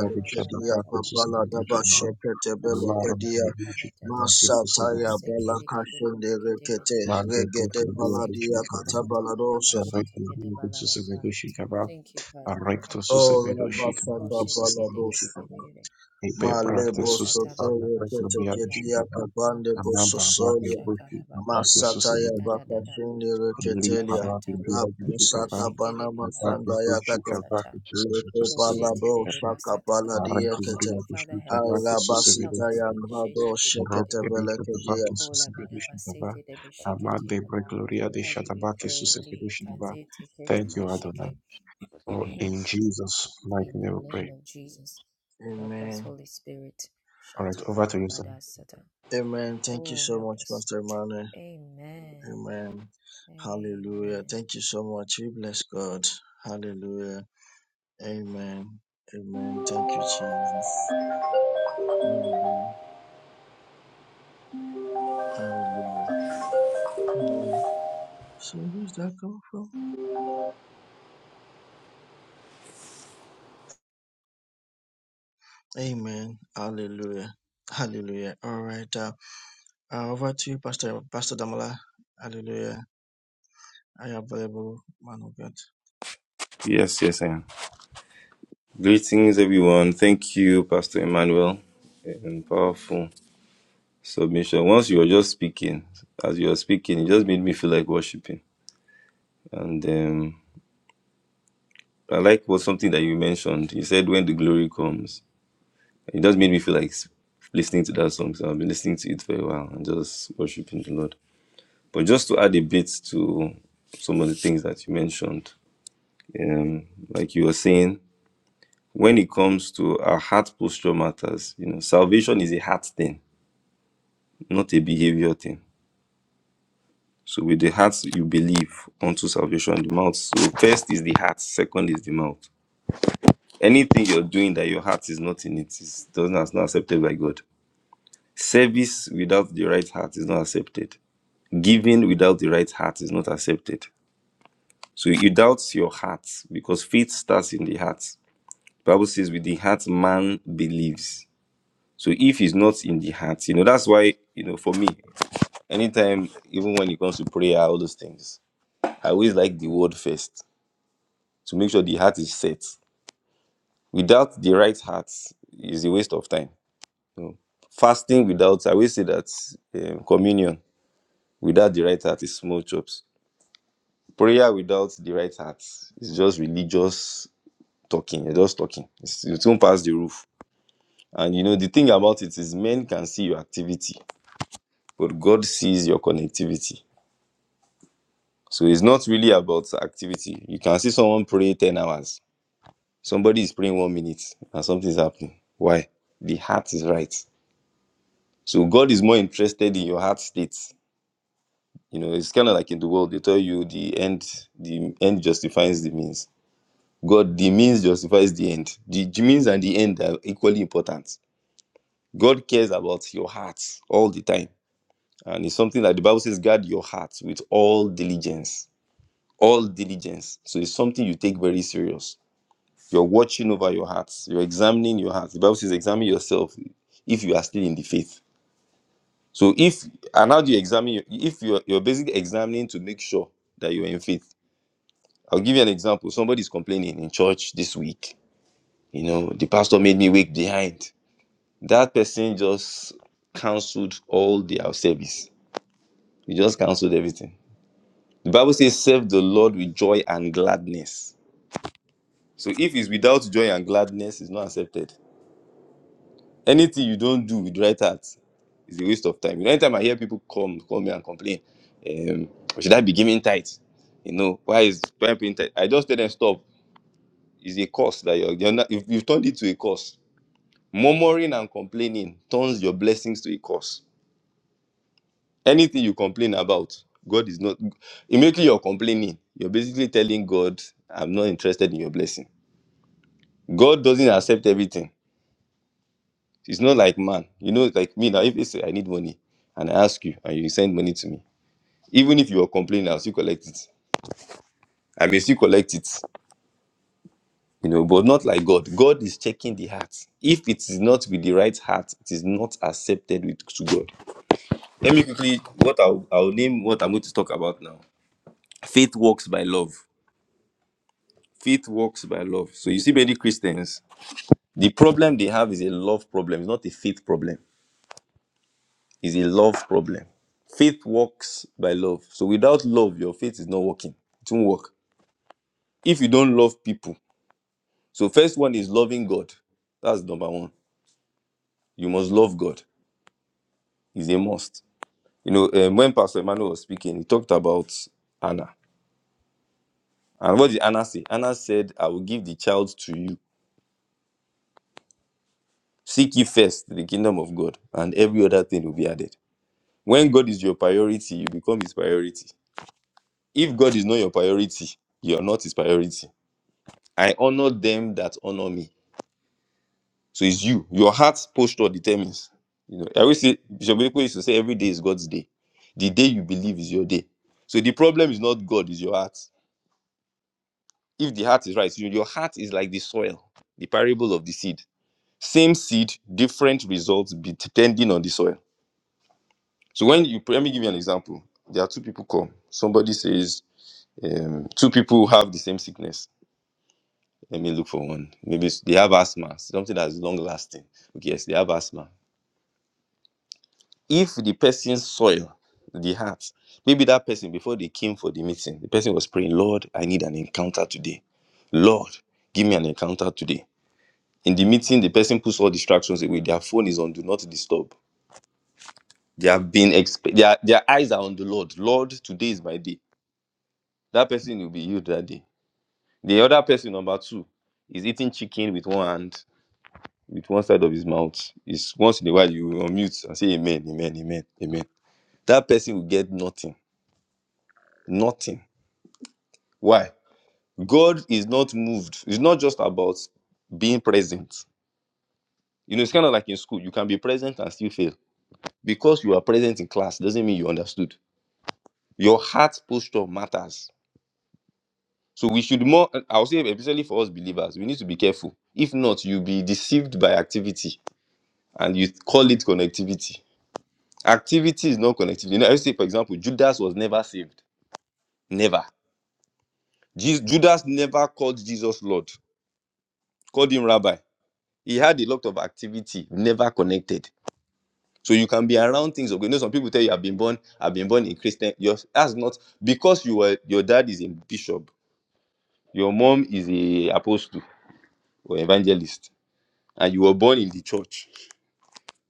Speaker 3: the other,
Speaker 8: de Shatava
Speaker 1: bata
Speaker 8: Jesus
Speaker 1: bata
Speaker 8: of
Speaker 1: bata
Speaker 8: the
Speaker 7: kapaladaba
Speaker 1: kada.
Speaker 8: Shatava the
Speaker 1: Koshata
Speaker 8: Lara
Speaker 7: sheketebelekedia.
Speaker 1: bata
Speaker 8: Gloria de
Speaker 1: kabata da
Speaker 8: Shatava Jesus of
Speaker 7: Masataya
Speaker 8: The
Speaker 1: Maseke
Speaker 8: Shatava
Speaker 1: teke teke teke teke
Speaker 7: balakashenderekete.
Speaker 1: teke.
Speaker 8: Mante
Speaker 7: Regede
Speaker 8: Gloria de
Speaker 7: baladia
Speaker 8: Shatava
Speaker 7: katabaladoshe.
Speaker 8: Arrect Gloria de
Speaker 1: Kosekedebasatakedebashatekedebalaraza.
Speaker 8: Shatava
Speaker 1: Thank you, Father.
Speaker 8: Arrecto
Speaker 1: Thank you, Father.
Speaker 7: Oh,
Speaker 8: Severus Shatava
Speaker 1: Koshe
Speaker 8: Jesus of
Speaker 1: dege
Speaker 8: the
Speaker 7: Rabasaka
Speaker 1: dege dege
Speaker 8: Shatava
Speaker 1: dege de.
Speaker 8: Ipe
Speaker 1: Kora baba
Speaker 7: Malebo
Speaker 8: practice sus
Speaker 1: sata
Speaker 8: Pablo
Speaker 1: baba
Speaker 7: sotoya
Speaker 8: fue
Speaker 1: bashata
Speaker 8: cambiado
Speaker 1: da da.
Speaker 7: ketekedia
Speaker 8: Sharaba,
Speaker 7: kabande
Speaker 1: Maka
Speaker 8: Anamba
Speaker 1: sata da
Speaker 8: Barre
Speaker 7: bososolia.
Speaker 1: bashaka da
Speaker 8: Wiki,
Speaker 1: baba.
Speaker 8: Aparte sus
Speaker 7: Masataya
Speaker 1: Da
Speaker 8: evidencias,
Speaker 1: da da da ba.
Speaker 7: bakashinde
Speaker 1: Baka
Speaker 8: Henry
Speaker 7: reketelia.
Speaker 8: para
Speaker 1: bashata ma.
Speaker 8: Gloria de
Speaker 7: Lapusaka
Speaker 8: Chicaba,
Speaker 1: Mashekere
Speaker 7: banama
Speaker 1: balara
Speaker 8: Ataque
Speaker 1: da
Speaker 8: de
Speaker 7: sandaya
Speaker 1: baba
Speaker 7: kata.
Speaker 8: Chicaba, que
Speaker 1: sata.
Speaker 8: sus
Speaker 7: Lepo
Speaker 8: evidencias
Speaker 1: Koshe
Speaker 7: palado
Speaker 1: tere de
Speaker 8: evidencias,
Speaker 7: shaka
Speaker 1: basata ka
Speaker 8: Arre
Speaker 1: baba
Speaker 7: paladia kete.
Speaker 8: Gloria
Speaker 1: bashata.
Speaker 8: de
Speaker 1: Father, help
Speaker 8: Chicaba, que
Speaker 1: us.
Speaker 8: sus
Speaker 1: Help us,
Speaker 8: evidencias,
Speaker 7: Alabasitaya
Speaker 1: Lord.
Speaker 7: mrado
Speaker 1: Shete dege dege
Speaker 8: Rob
Speaker 7: shekete
Speaker 1: dege
Speaker 8: de
Speaker 1: de.
Speaker 8: Chicaba,
Speaker 7: belekedia.
Speaker 8: que
Speaker 1: Kola
Speaker 8: sus
Speaker 1: bada basete
Speaker 8: evidencias,
Speaker 1: de
Speaker 8: Amad
Speaker 1: beshikete
Speaker 8: de Bre
Speaker 1: baba.
Speaker 8: Gloria de
Speaker 1: Father, we
Speaker 8: Chicaba, que
Speaker 1: pray,
Speaker 8: sus
Speaker 1: Lee
Speaker 8: evidencias.
Speaker 1: Kazete Kete
Speaker 3: and
Speaker 8: Thank
Speaker 3: not
Speaker 8: you,
Speaker 3: of the
Speaker 8: Adonai.
Speaker 1: Beshike,
Speaker 3: other.
Speaker 8: Oh,
Speaker 1: in
Speaker 8: in Jesus' mighty
Speaker 1: the
Speaker 8: name we
Speaker 1: name
Speaker 8: pray.
Speaker 1: of Jesus. Help us,
Speaker 7: Amen.
Speaker 1: Holy Spirit.
Speaker 8: All right, over to
Speaker 1: Shatakata
Speaker 8: you, sir.
Speaker 1: bada sata.
Speaker 7: Amen. Thank you
Speaker 1: Oh,
Speaker 7: so
Speaker 1: help
Speaker 7: much,
Speaker 1: us.
Speaker 7: Pastor Emmanuel.
Speaker 1: Amen.
Speaker 7: Amen. Hallelujah.
Speaker 1: Amen.
Speaker 7: Thank you so much. We bless God. Hallelujah. Amen. Amen. Thank you, Jesus. Hallelujah. Hallelujah. Amen. So where's that come from? Amen. Hallelujah. Hallelujah. All right. Uh, uh, over to you, Pastor Pastor Damola. Hallelujah. I am available, man of God.
Speaker 13: Yes, yes, I am. Greetings, everyone. Thank you, Pastor Emmanuel, and powerful submission. Once you were just speaking, as you were speaking, it just made me feel like worshiping. And um, I like what something that you mentioned. You said, "When the glory comes," it just made me feel like s- listening to that song. So I've been listening to it for a while and just worshiping the Lord. But just to add a bit to some of the things that you mentioned, like you were saying, when it comes to our heart posture matters. You know, salvation is a heart thing not a behavior thing. So with the heart you believe unto salvation, the mouth. So first is the heart, second is the mouth. Anything you're doing that your heart is not in it is doesn't is not accepted by God. Service without the right heart is not accepted. Giving without the right heart is not accepted. So you doubt your heart because faith starts in the heart. Bible says with the heart man believes. So if it's not in the heart, you know, that's why, you know, for me, anytime, even when it comes to prayer, all those things, I always like the word first to make sure the heart is set. Without the right heart is a waste of time. you know. Fasting without, I always say that um, communion without the right heart is small chops. Prayer without the right heart is just religious talking. You're just talking. It's, it won't pass the roof. And you know, the thing about it is men can see your activity, but God sees your connectivity. So it's not really about activity. You can see someone pray 10 hours Somebody is praying one minute and something's happening. Why? The heart is right. So God is more interested in your heart state. You know, it's kind of like in the world, they tell you the end, the end justifies the means. God, the means justifies the end. The, the means and the end are equally important. God cares about your heart all the time. And it's something that the Bible says, guard your heart with all diligence. All diligence. So it's something you take very serious You're watching over your hearts. You're examining your hearts. The Bible says, examine yourself if you are still in the faith. So if and how do you examine your- if you're you're basically examining to make sure that you're in faith. I'll give you an example. Somebody's complaining in church this week. You know, the pastor made me wake behind. That person just cancelled all their service. He just cancelled everything. The Bible says, serve the Lord with joy and gladness. So if it's without joy and gladness, it's not accepted. anything you don't do with the right heart is a waste of time. You know, anytime I hear people come call me and complain, um, should I be giving tight? You know, why is why am I paying tight? I just tell them stop. It's a cost that you're, you're not, you've, you've turned it to a cost. Murmuring and complaining turns your blessings to a cost. Anything you complain about, God is not. Immediately you're complaining, you're basically telling God, "I'm not interested in your blessing." God doesn't accept everything. It's not like man. You know, like me now, if you say I need money and I ask you and you send money to me, even if you are complaining, I'll still collect it. I may still collect it, you know, but not like God. God is checking the heart. If it is not with the right heart, it is not accepted with to God. Let me quickly what I'll, I'll name what I'm going to talk about now. Faith works by love. Faith works by love. So you see many Christians, the problem they have is a love problem, it's not a faith problem It's a love problem. Faith works by love. So without love, your faith is not working. It won't work. If you don't love people, so first one is loving God. That's number one. You must love God. It's a must. You know, um, when Pastor Emmanuel was speaking, he talked about Anna. And what did Anna say? Anna said, I will give the child to you. Seek ye first the kingdom of God, and every other thing will be added. When God is your priority, you become his priority. If God is not your priority, you are not his priority. I honor them that honor me. So it's you. Your heart's posture determines. You know, I always say Bishop Eko used to say every day is God's day. The day you believe is your day. So the problem is not God, is your heart. If the heart is right, you- your heart is like the soil, the parable of the seed. Same seed, different results be- depending on the soil. So when you let me give you an example. There are two people come. Somebody says two people have the same sickness. Let me look for one. Maybe it's- they have asthma, something that's long lasting. Okay, yes, they have asthma If the person soil the heart, maybe that person before they came for the meeting, the person was praying, Lord, I need an encounter today. Lord, give me an encounter today. In the meeting, the person puts all distractions away. Their phone is on do not disturb. They have been exp- their, their eyes are on the Lord. Lord, today is my day. That person will be healed that day. The other person, number two, is eating chicken with one hand, with one side of his mouth. Is once in a while you unmute and say amen, amen, amen, amen. That person will get nothing. Nothing. Why? God is not moved. It's not just about being present. You know, it's kind of like in school. You can be present and still fail. Because you are present in class doesn't mean you understood. Your heart posture matters. So we should more, I'll say, especially for us believers, we need to be careful. If not, you'll be deceived by activity and you call it connectivity. Activity is not connectivity. You know, I say, for example, Judas was never saved. Never. Je- Judas never called Jesus Lord, called him Rabbi. He had a lot of activity, never connected. So you can be around things. Okay, you know, some people tell you, "I've been born, I've been born in Christian." Your, that's not because you were your dad is a bishop, your mom is a apostle or evangelist, and you were born in the church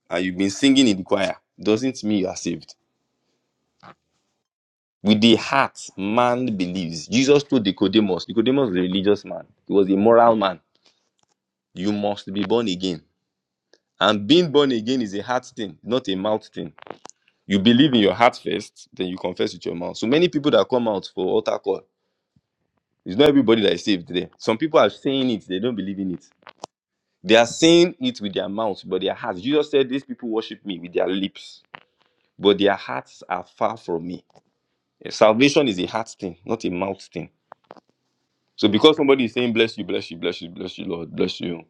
Speaker 13: and you've been singing in the choir. Doesn't mean you are saved. With the heart, man believes. Jesus told Nicodemus. Nicodemus was a religious man. He was a moral man. You must be born again. And being born again is a heart thing, not a mouth thing You believe in your heart first, then you confess with your mouth. So many people that come out for altar call, it's not everybody that is saved there. Some people are saying it, they don't believe in it. They are saying it with their mouth, but their hearts. Jesus said, These people worship me with their lips, but their hearts are far from me. Eh, Salvation is a heart thing, not a mouth thing. So because somebody is saying, Bless you, bless you, bless you, bless you, Lord, bless you,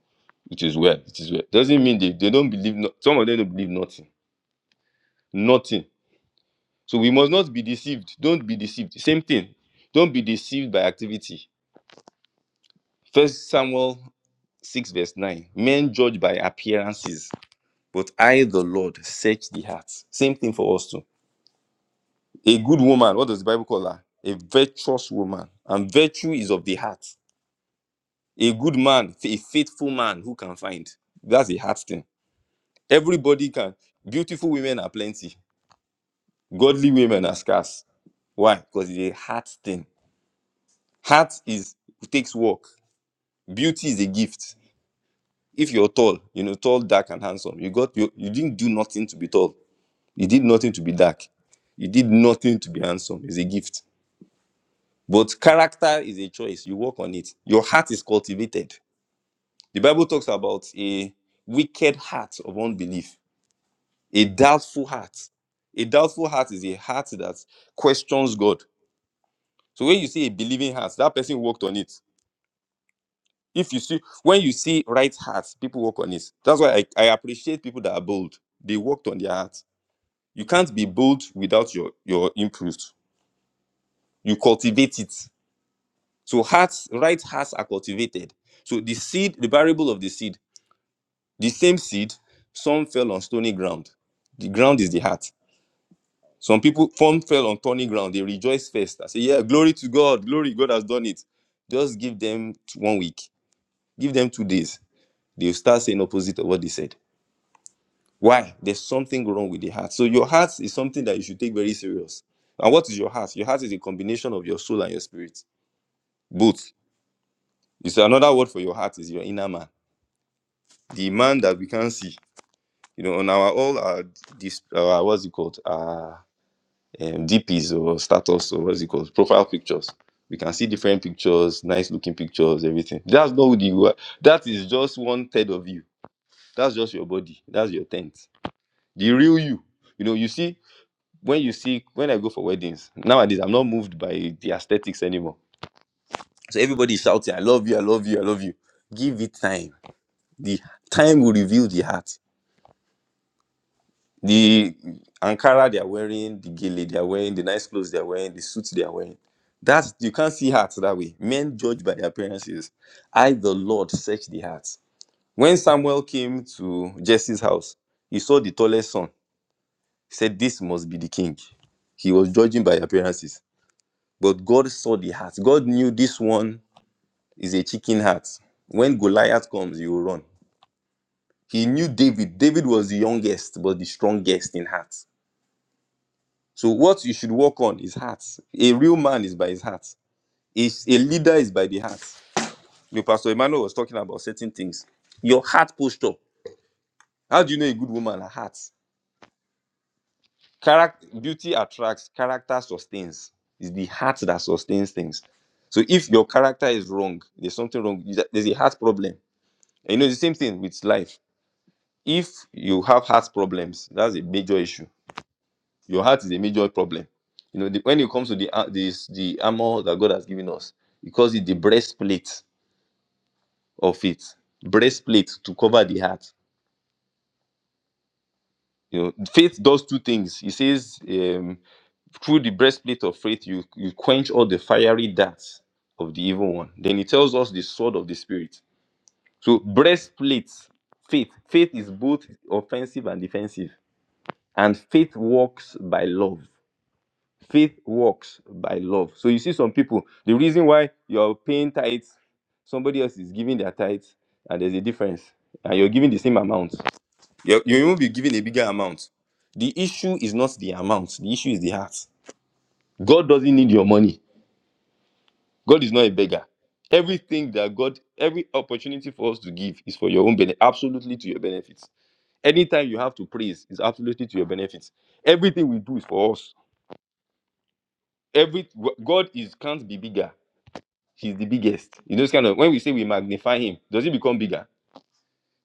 Speaker 13: it is well, it is well, doesn't mean they, they don't believe, no- some of them don't believe nothing. Nothing. So we must not be deceived. Don't be deceived. Same thing. Don't be deceived by activity. First Samuel 6, verse 9. Men judge by appearances, but I, the Lord, search the hearts. Same thing for us too. A good woman, what does the Bible call her? A virtuous woman. And virtue is of the heart. A good man, a faithful man who can find. That's a heart thing. Everybody can. Beautiful women are plenty. Godly women are scarce. Why? Because it's a heart thing. Heart is takes work. Beauty is a gift. If you're tall, you know, tall, dark, and handsome, you got you, you didn't do nothing to be tall. You did nothing to be dark. You did nothing to be handsome. It's a gift. But character is a choice. You work on it. Your heart is cultivated. The Bible talks about a wicked heart of unbelief, a doubtful heart. A doubtful heart is a heart that questions God. So when you see a believing heart, that person worked on it. if you see when you see right hearts people work on it that's why I, I appreciate people that are bold they worked on their hearts you can't be bold without your your input you cultivate it so hearts right hearts are cultivated so the seed the variable of the seed the same seed some fell on stony ground the ground is the heart some people some fell on thorny ground they rejoice first i say yeah glory to god glory god has done it just give them one week give them two days they'll start saying opposite of what they said Why? There's something wrong with the heart. So your heart is something that you should take very serious. And what is your heart? Your heart is a combination of your soul and your spirit. Both. It's another word for your heart is your inner man, the man that we can see. You know, on our all our this uh, what's it called? Uh, um, DPs or status or what's it called? Profile pictures. We can see different pictures, nice looking pictures, everything. That's not who you are. That is just one third of you. That's just your body. That's your tent. The real you. You know, you see when you see when I go for weddings nowadays, I'm not moved by the aesthetics anymore. So everybody is shouting, "I love you, I love you, I love you." Give it time. The time will reveal the heart. The Ankara they are wearing, the gele they are wearing, the nice clothes they are wearing, the suits they are wearing. That's you can't see hearts that way. Men judge by their appearances. I, the Lord, search the hearts. When Samuel came to Jesse's house, he saw the tallest son. He said, "This must be the king." He was judging by appearances But God saw the heart. God knew this one is a chicken heart. When Goliath comes, you will run. He knew David. David was the youngest, but the strongest in heart. So what you should work on is heart. A real man is by his heart. A, a leader is by the heart. You know, Pastor Emmanuel was talking about certain things. Your heart posture. How do you know a good woman? Her heart. Character, beauty attracts, character sustains. It's the heart that sustains things. So if your character is wrong, there's something wrong. There's a heart problem And you know, the same thing with life. If you have heart problems, that's a major issue. Your heart is a major problem. You know, the, when it comes to the ar- this the armor that God has given us, he calls it the breastplate of faith. Breastplate to cover the heart. You know, faith does two things. He says, um, through the breastplate of faith, you you quench all the fiery darts of the evil one. Then he tells us the sword of the spirit. So breastplate, faith. Faith is both offensive and defensive and faith works by love faith works by love so you see some people the reason why you're paying tithes somebody else is giving their tithes and there's a difference and you're giving the same amount you're, you won't be giving a bigger amount the issue is not the amount the issue is the heart god doesn't need your money god is not a beggar everything that god every opportunity for us to give is for your own benefit absolutely to your benefit anytime you have to praise is absolutely to your benefit everything we do is for us every God is can't be bigger. He's the biggest. You know, it's kind of when we say we magnify him, does he become bigger?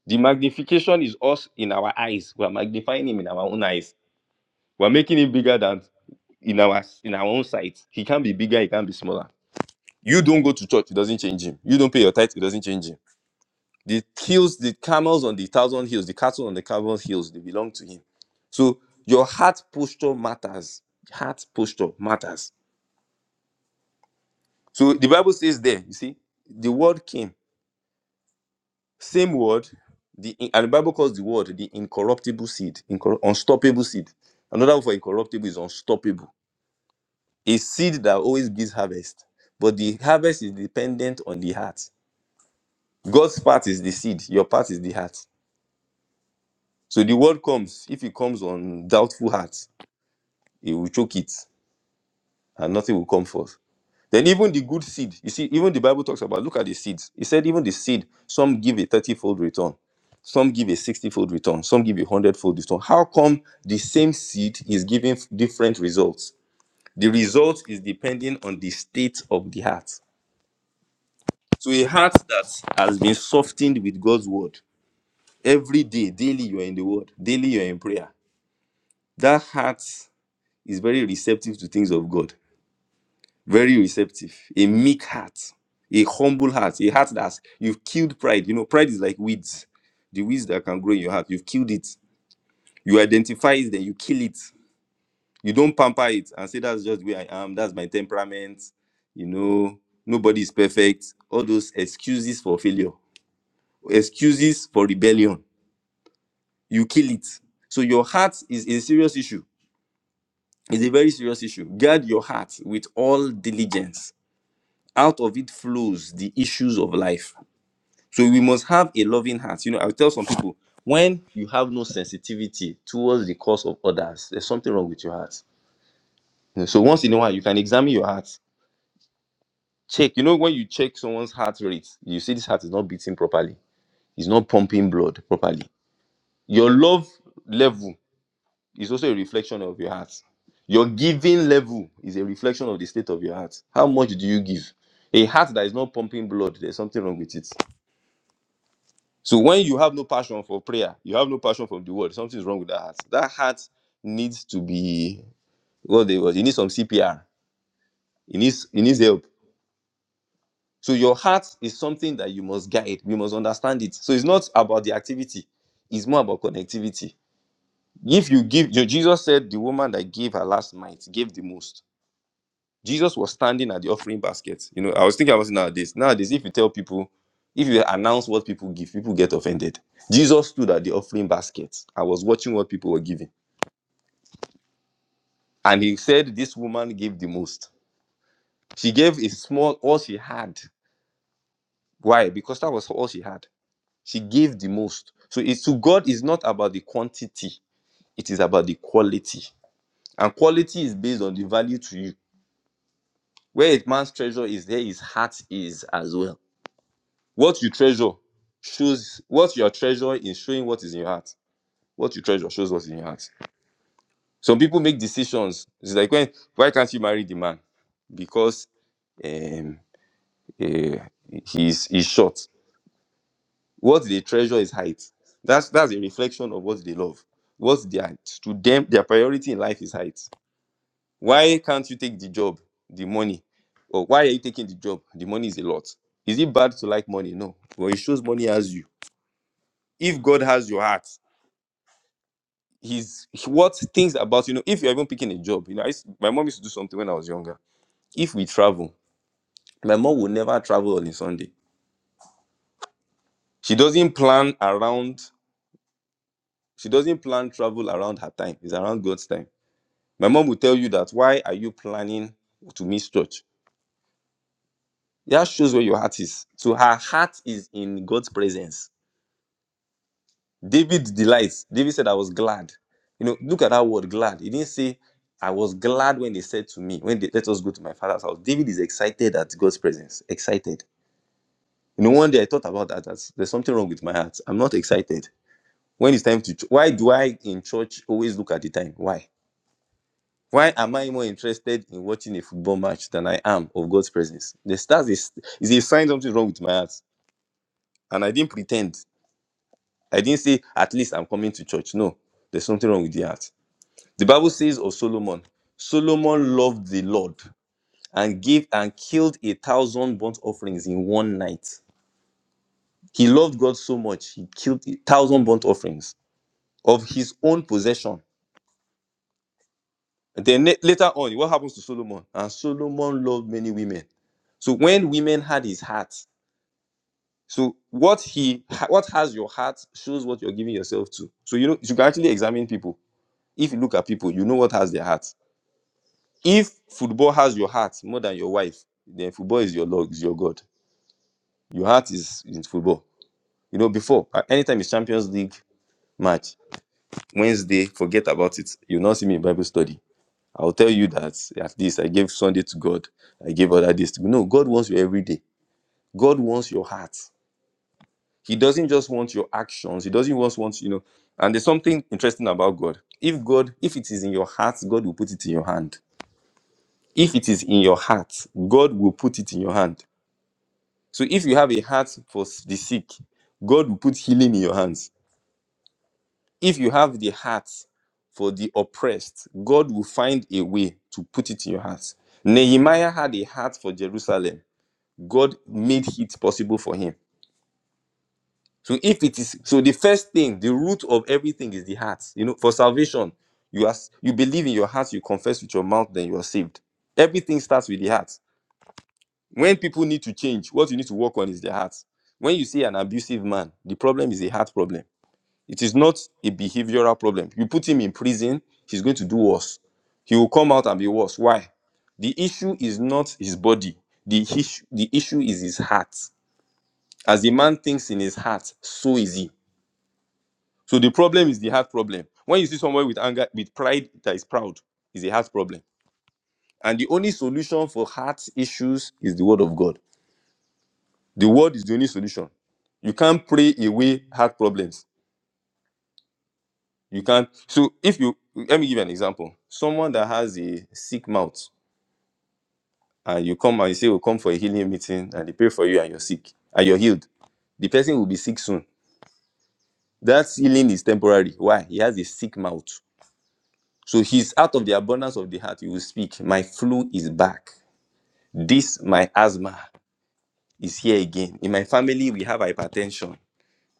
Speaker 13: The magnification is us in our eyes. We're magnifying him in our own eyes. We're making him bigger than in our in our own sight. He can be bigger, he can be smaller. You don't go to church, it doesn't change him. You don't pay your tithe, it doesn't change him. The hills, the camels on the thousand hills, the cattle on the thousand hills, they belong to him. So your heart posture matters. Heart posture matters. So the Bible says there, you see, the word came. Same word, the and the Bible calls the word the incorruptible seed, incorru- unstoppable seed. Another word for incorruptible is unstoppable. A seed that always gives harvest, but the harvest is dependent on the heart. God's part is the seed, your part is the heart. So the word comes. If it comes on doubtful heart, it will choke it, and nothing will come forth. Then even the good seed, you see, even the Bible talks about, look at the seeds. It said even the seed, some give a 30-fold return, some give a 60-fold return, some give a 100-fold return. How come the same seed is giving f- different results? The result is depending on the state of the heart. So a heart that has been softened with God's word, every day, daily you are in the word, daily you are in prayer. That heart is very receptive to things of God very receptive, a meek heart, a humble heart, a heart that's you've killed pride. You know, pride is like weeds, the weeds that can grow in your heart. You've killed it. You identify it, then you kill it. You don't pamper it and say that's just the way I am. That's my temperament. You know, nobody is perfect. All those excuses for failure, excuses for rebellion. You kill it. So your heart is a serious issue. It's a very serious issue. Guard your heart with all diligence. Out of it flows the issues of life So we must have a loving heart. You know, I'll tell some people when you have no sensitivity towards the cause of others, there's something wrong with your heart. You know, So once in a while, you can examine your heart. Check. You know, when you check someone's heart rate, you see this heart is not beating properly. It's not pumping blood properly. Your love level is also a reflection of your heart. Your giving level is a reflection of the state of your heart. How much do you give? A heart that is not pumping blood, there's something wrong with it. So when you have no passion for prayer, you have no passion for the word, something's wrong with that heart. That heart needs to be what they was. It needs some CPR. It needs it needs help. So your heart is something that you must guide. We must understand it. So it's not about the activity, it's more about connectivity. If you give, Je- Jesus said the woman that gave her last mite gave the most. Jesus was standing at the offering basket. You know, I was thinking about it nowadays. Nowadays, if you tell people, if you announce what people give, people get offended. Jesus stood at the offering basket. I was watching what people were giving. And he said, This woman gave the most. She gave a small, all she had. Why? Because that was all she had. She gave the most. So it's to God is not about the quantity, it is about the quality. And quality is based on the value to you. Where a man's treasure is, there his heart is as well. What you treasure shows what you are treasuring is showing what is in your heart. What you treasure shows what's in your heart. Some people make decisions. It's like when why can't you marry the man? Because um eh, he's he's short. What they treasure is height. That's that's a reflection of what they love. What's their to them their priority in life is height. Why can't you take the job, the money? Or why are you taking the job? The money is a lot. Is it bad to like money? No. But it shows money has you. If God has your heart, he's he- what things about you know if you're even picking a job you know I used, my mom used to do something when i was younger if we travel my mom will never travel on a sunday she doesn't plan around she doesn't plan travel around her time it's around god's time my mom will tell you that why are you planning to miss church that shows where your heart is so her heart is in god's presence David delights. David said, I was glad. You know, look at that word glad. He didn't say, I was glad when they said to me, when they let us go to my father's house. David is excited at God's presence. Excited. You know, one day I thought about that. That there's something wrong with my heart. I'm not excited. When it's time to, ch- why do I in church always look at the time? Why? Why am I more interested in watching a football match than I am of God's presence? The stars is, is a sign something wrong with my heart. And I didn't pretend. I didn't say, at least I'm coming to church. No, there's something wrong with the heart. The Bible says of Solomon, Solomon loved the Lord and gave and killed a thousand burnt offerings in one night. He loved God so much, he killed a thousand burnt offerings of his own possession. And then la- later on, what happens to Solomon? And Solomon loved many women. So when women had his heart, so what he what has your heart shows what you're giving yourself to. So you know you can actually examine people. If you look at people, you know what has their heart. If football has your heart more than your wife, then football is your Lord, is your God. Your heart is in football. You know, before, uh, anytime it's Champions League match, Wednesday, forget about it. You'll not see me in Bible study. I'll tell you that at least I gave Sunday to God. I gave other days to God. No, God wants you every day. God wants your heart. He doesn't just want your actions. He doesn't just want, you know, and there's something interesting about God. If God, if it is in your heart, God will put it in your hand. If it is in your heart, God will put it in your hand. So if you have a heart for s- the sick, God will put healing in your hands. If you have the heart for the oppressed, God will find a way to put it in your heart. Nehemiah had a heart for Jerusalem. God made it possible for him. So if it is so the first thing, the root of everything is the heart. You know, for salvation, you ask you believe in your heart, you confess with your mouth, then you are saved. Everything starts with the heart. when people need to change what you need to work on is their heart when you see an abusive man the problem is a heart problem it is not a behavioral problem you put him in prison he's going to do worse he will come out and be worse why the issue is not his body the issue the issue is his heart as a man thinks in his heart so is he so the problem is the heart problem when you see someone with anger with pride that is proud is a heart problem and the only solution for heart issues is the word of god The word is the only solution. You can't pray away heart problems. You can't. So if you let me give you an example. Someone that has a sick mouth, and you come and you say, "Oh, come for a healing meeting," and they pray for you, and you're sick, and you're healed. The person will be sick soon. That healing is temporary. Why? He has a sick mouth. So he's out of the abundance of the heart. He will speak. My flu is back. This my asthma is here again. In my family, we have hypertension.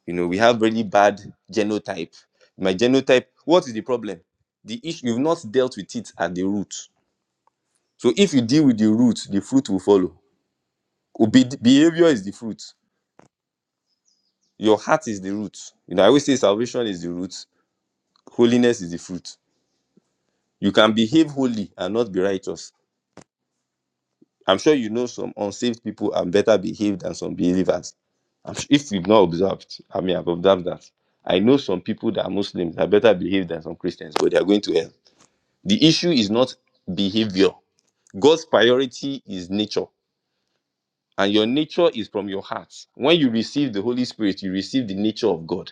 Speaker 13: You know, we have really bad genotype. My genotype, what is the problem? The issue, you've not dealt with it at the root. So if you deal with the root, the fruit will follow. Obe- behavior is the fruit. Your heart is the root. You know, I always say salvation is the root, holiness is the fruit. You can behave holy and not be righteous. I'm sure you know some unsaved people are better behaved than some believers. I'm su- if you've not observed, I mean, I've observed that. I know some people that are Muslims that are better behaved than some Christians, but they are going to hell The issue is not behavior. God's priority is nature, and your nature is from your heart. When you receive the Holy Spirit, you receive the nature of God.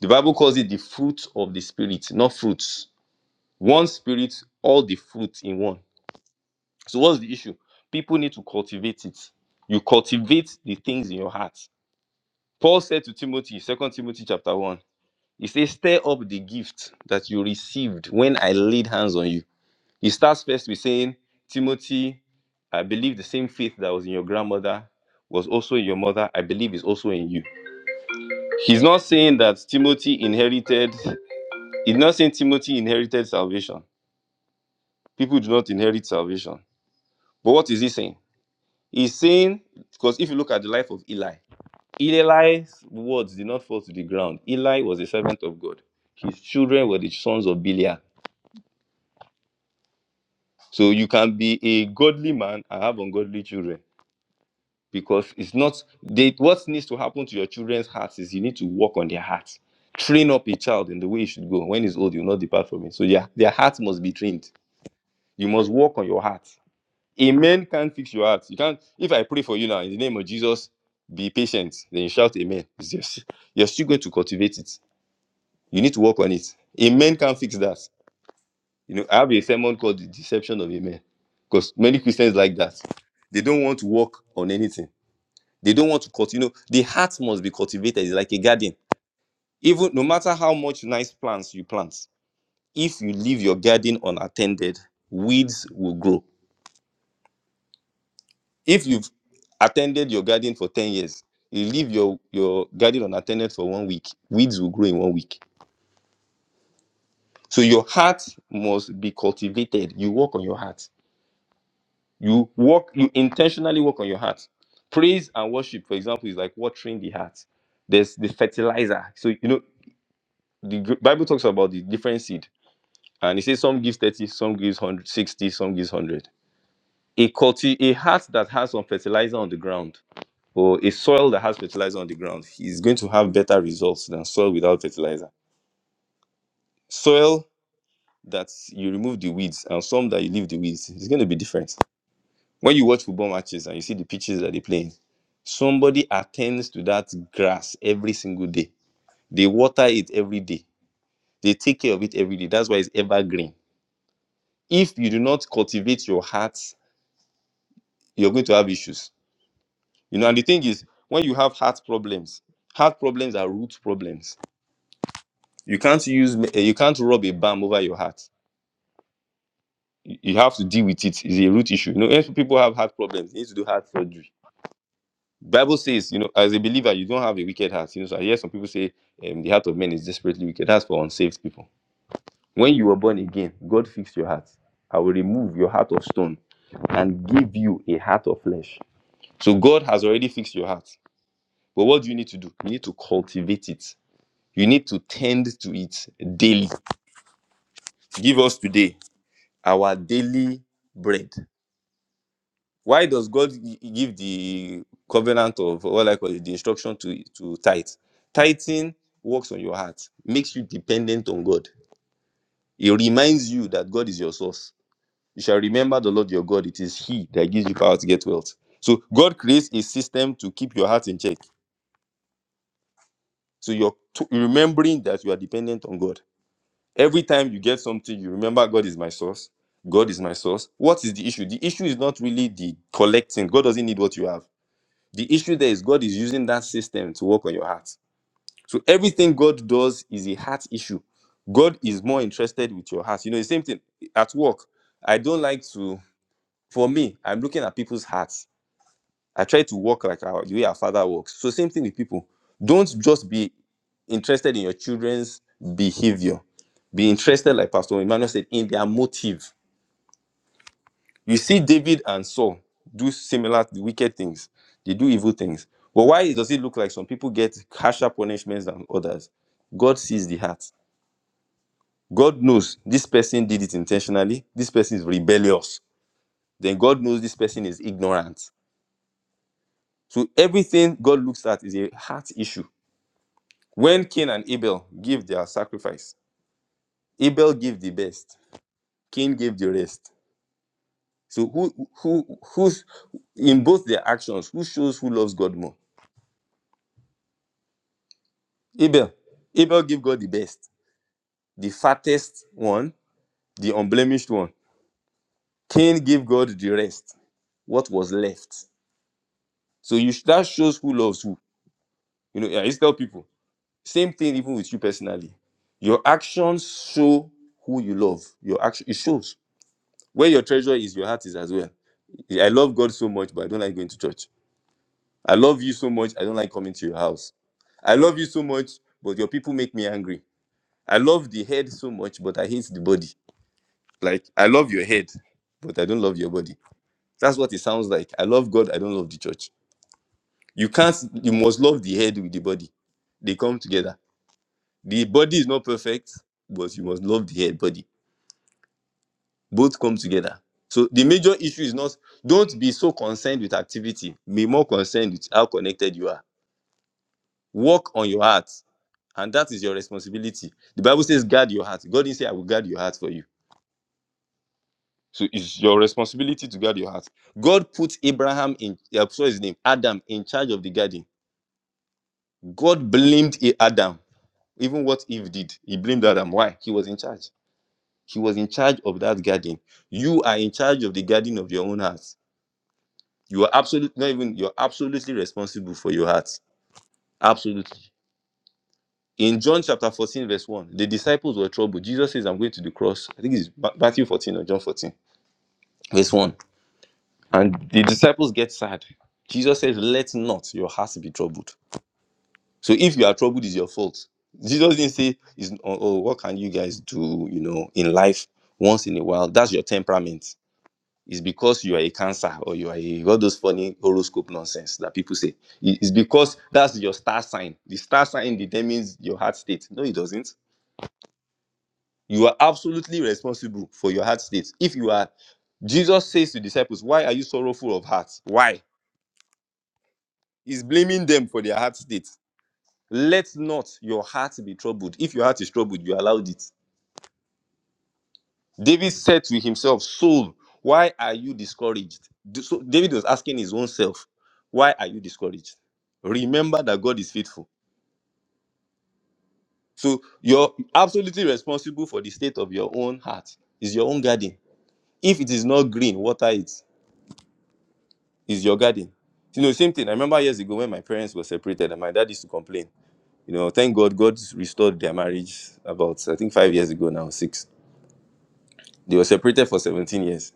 Speaker 13: The Bible calls it the fruit of the Spirit, not fruits. One Spirit, all the fruit in one. So, what's the issue? People need to cultivate it. You cultivate the things in your heart. Paul said to Timothy, Second Timothy chapter 1, he says, Stir up the gift that you received when I laid hands on you. He starts first with saying, Timothy, I believe the same faith that was in your grandmother was also in your mother, I believe is also in you. He's not saying that Timothy inherited, he's not saying Timothy inherited salvation. People do not inherit salvation. But what is he saying? He's saying, because if you look at the life of Eli, Eli's words did not fall to the ground. Eli was a servant of God. His children were the sons of Belial. So you can be a godly man and have ungodly children. because it's not they what needs to happen to your children's hearts is you need to work on their hearts train up a child in the way he should go when he's old you'll not depart from it so yeah their hearts must be trained you must work on your heart a man can't fix your heart you can't if i pray for you now in the name of jesus be patient then you shout amen it's just you're still going to cultivate it you need to work on it a man can't fix that you know i have a sermon called the deception of a man because many christians like that they don't want to work on anything they don't want to cut. You know, the heart must be cultivated. It's like a garden. Even no matter how much nice plants you plant, if you leave your garden unattended, weeds will grow. If you've attended your garden for 10 years, you leave your, your garden unattended for one week, weeds will grow in one week. So your heart must be cultivated. You work on your heart. You work, you intentionally work on your heart. Praise and worship, for example, is like watering the heart. There's the fertilizer. So you know the gr- Bible talks about the different seed, and it says some gives 30, some gives 100, 60, some gives 100. A culti- a heart that has some fertilizer on the ground, or a soil that has fertilizer on the ground, is going to have better results than soil without fertilizer. Soil that you remove the weeds and some that you leave the weeds, it's going to be different. When you watch football matches and you see the pitches that they play, in, somebody attends to that grass every single day. They water it every day. They take care of it every day. That's why it's evergreen If you do not cultivate your heart, you're going to have issues. You know, and the thing is, when you have heart problems, heart problems are root problems. You can't use, eh, you can't rub a balm over your heart. You you have to deal with it. It's a root issue. You know, if people have heart problems, they need to do heart surgery. Bible says, you know, as a believer, you don't have a wicked heart. You know, so I hear some people say um, the heart of man is desperately wicked. That's for unsaved people. When you were born again, God fixed your heart. I will remove your heart of stone and give you a heart of flesh. So God has already fixed your heart. But what do you need to do? You need to cultivate it. You need to tend to it daily. Give us today our daily bread. Why does God give the covenant of what I call it, the instruction to, to tithe? Tithing works on your heart, makes you dependent on God. It reminds you that God is your source. You shall remember the Lord your God. It is He that gives you power to get wealth. So God creates a system to keep your heart in check. So you're t- remembering that you are dependent on God. Every time you get something, you remember God is my source. God is my source. What is the issue? The issue is not really the collecting. God doesn't need what you have. The issue there is God is using that system to work on your heart. So everything God does is a heart issue. God is more interested with your heart. You know, the same thing at work. I don't like to, for me, I'm looking at people's hearts I try to walk like our, the way our father walks. So same thing with people. Don't just be interested in your children's behavior. Be interested, like Pastor Emmanuel said, in their motive. You see, David and Saul do similar wicked things. They do evil things. But why does it look like some people get harsher punishments than others? God sees the heart. God knows this person did it intentionally. This person is rebellious. Then God knows this person is ignorant. So everything God looks at is a heart issue When Cain and Abel give their sacrifice, Abel gave the best, Cain gave the rest. So who who who's in both their actions, who shows who loves God more? Abel. Abel gave God the best, the fattest one, the unblemished one. Cain gave God the rest, what was left. So you that shows who loves who. You know, I just tell people, same thing even with you personally. Your actions show who you love. Your action it shows. Where your treasure is, your heart is as well Yeah, I love God so much, but I don't like going to church. I love you so much, I don't like coming to your house. I love you so much, but your people make me angry. I love the head so much, but I hate the body. Like, I love your head, but I don't love your body. That's what it sounds like. I love God, I don't love the church. You can't, you must love the head with the body. They come together. The body is not perfect, but you must love the head body. Both come together. So the major issue is not, don't be so concerned with activity. Be more concerned with how connected you are Work on your heart. And that is your responsibility. The Bible says, guard your heart. God didn't say, I will guard your heart for you. So it's your responsibility to guard your heart. God put Abraham in, uh, sorry, his name, Adam, in charge of the garden. God blamed Adam. Even what Eve did, he blamed Adam. Why? He was in charge. He was in charge of that garden. You are in charge of the garden of your own heart. You are absolutely not even you're absolutely responsible for your heart. Absolutely. In John chapter 14, verse 1, the disciples were troubled. Jesus says, I'm going to the cross. I think it's Matthew 14 or John 14, verse 1. And the disciples get sad. Jesus says, Let not your hearts be troubled. So if you are troubled, it's your fault. Jesus didn't say, oh, oh, what can you guys do, you know, in life once in a while? That's your temperament. It's because you are a cancer or you are a, all those funny horoscope nonsense that people say. It's because that's your star sign. The star sign determines your heart state. No, it doesn't You are absolutely responsible for your heart state. If you are, Jesus says to disciples, Why are you sorrowful of heart? Why? He's blaming them for their heart state. Let not your heart be troubled. If your heart is troubled, you allowed it. David said to himself, Soul, why are you discouraged? So David was asking his own self, Why are you discouraged? Remember that God is faithful. So you're absolutely responsible for the state of your own heart. It's your own garden. If it is not green, water it. is your garden. You know, same thing. I remember years ago when my parents were separated and my dad used to complain. You know, thank God, God restored their marriage about, I think, five years ago now, six. They were separated for 17 years.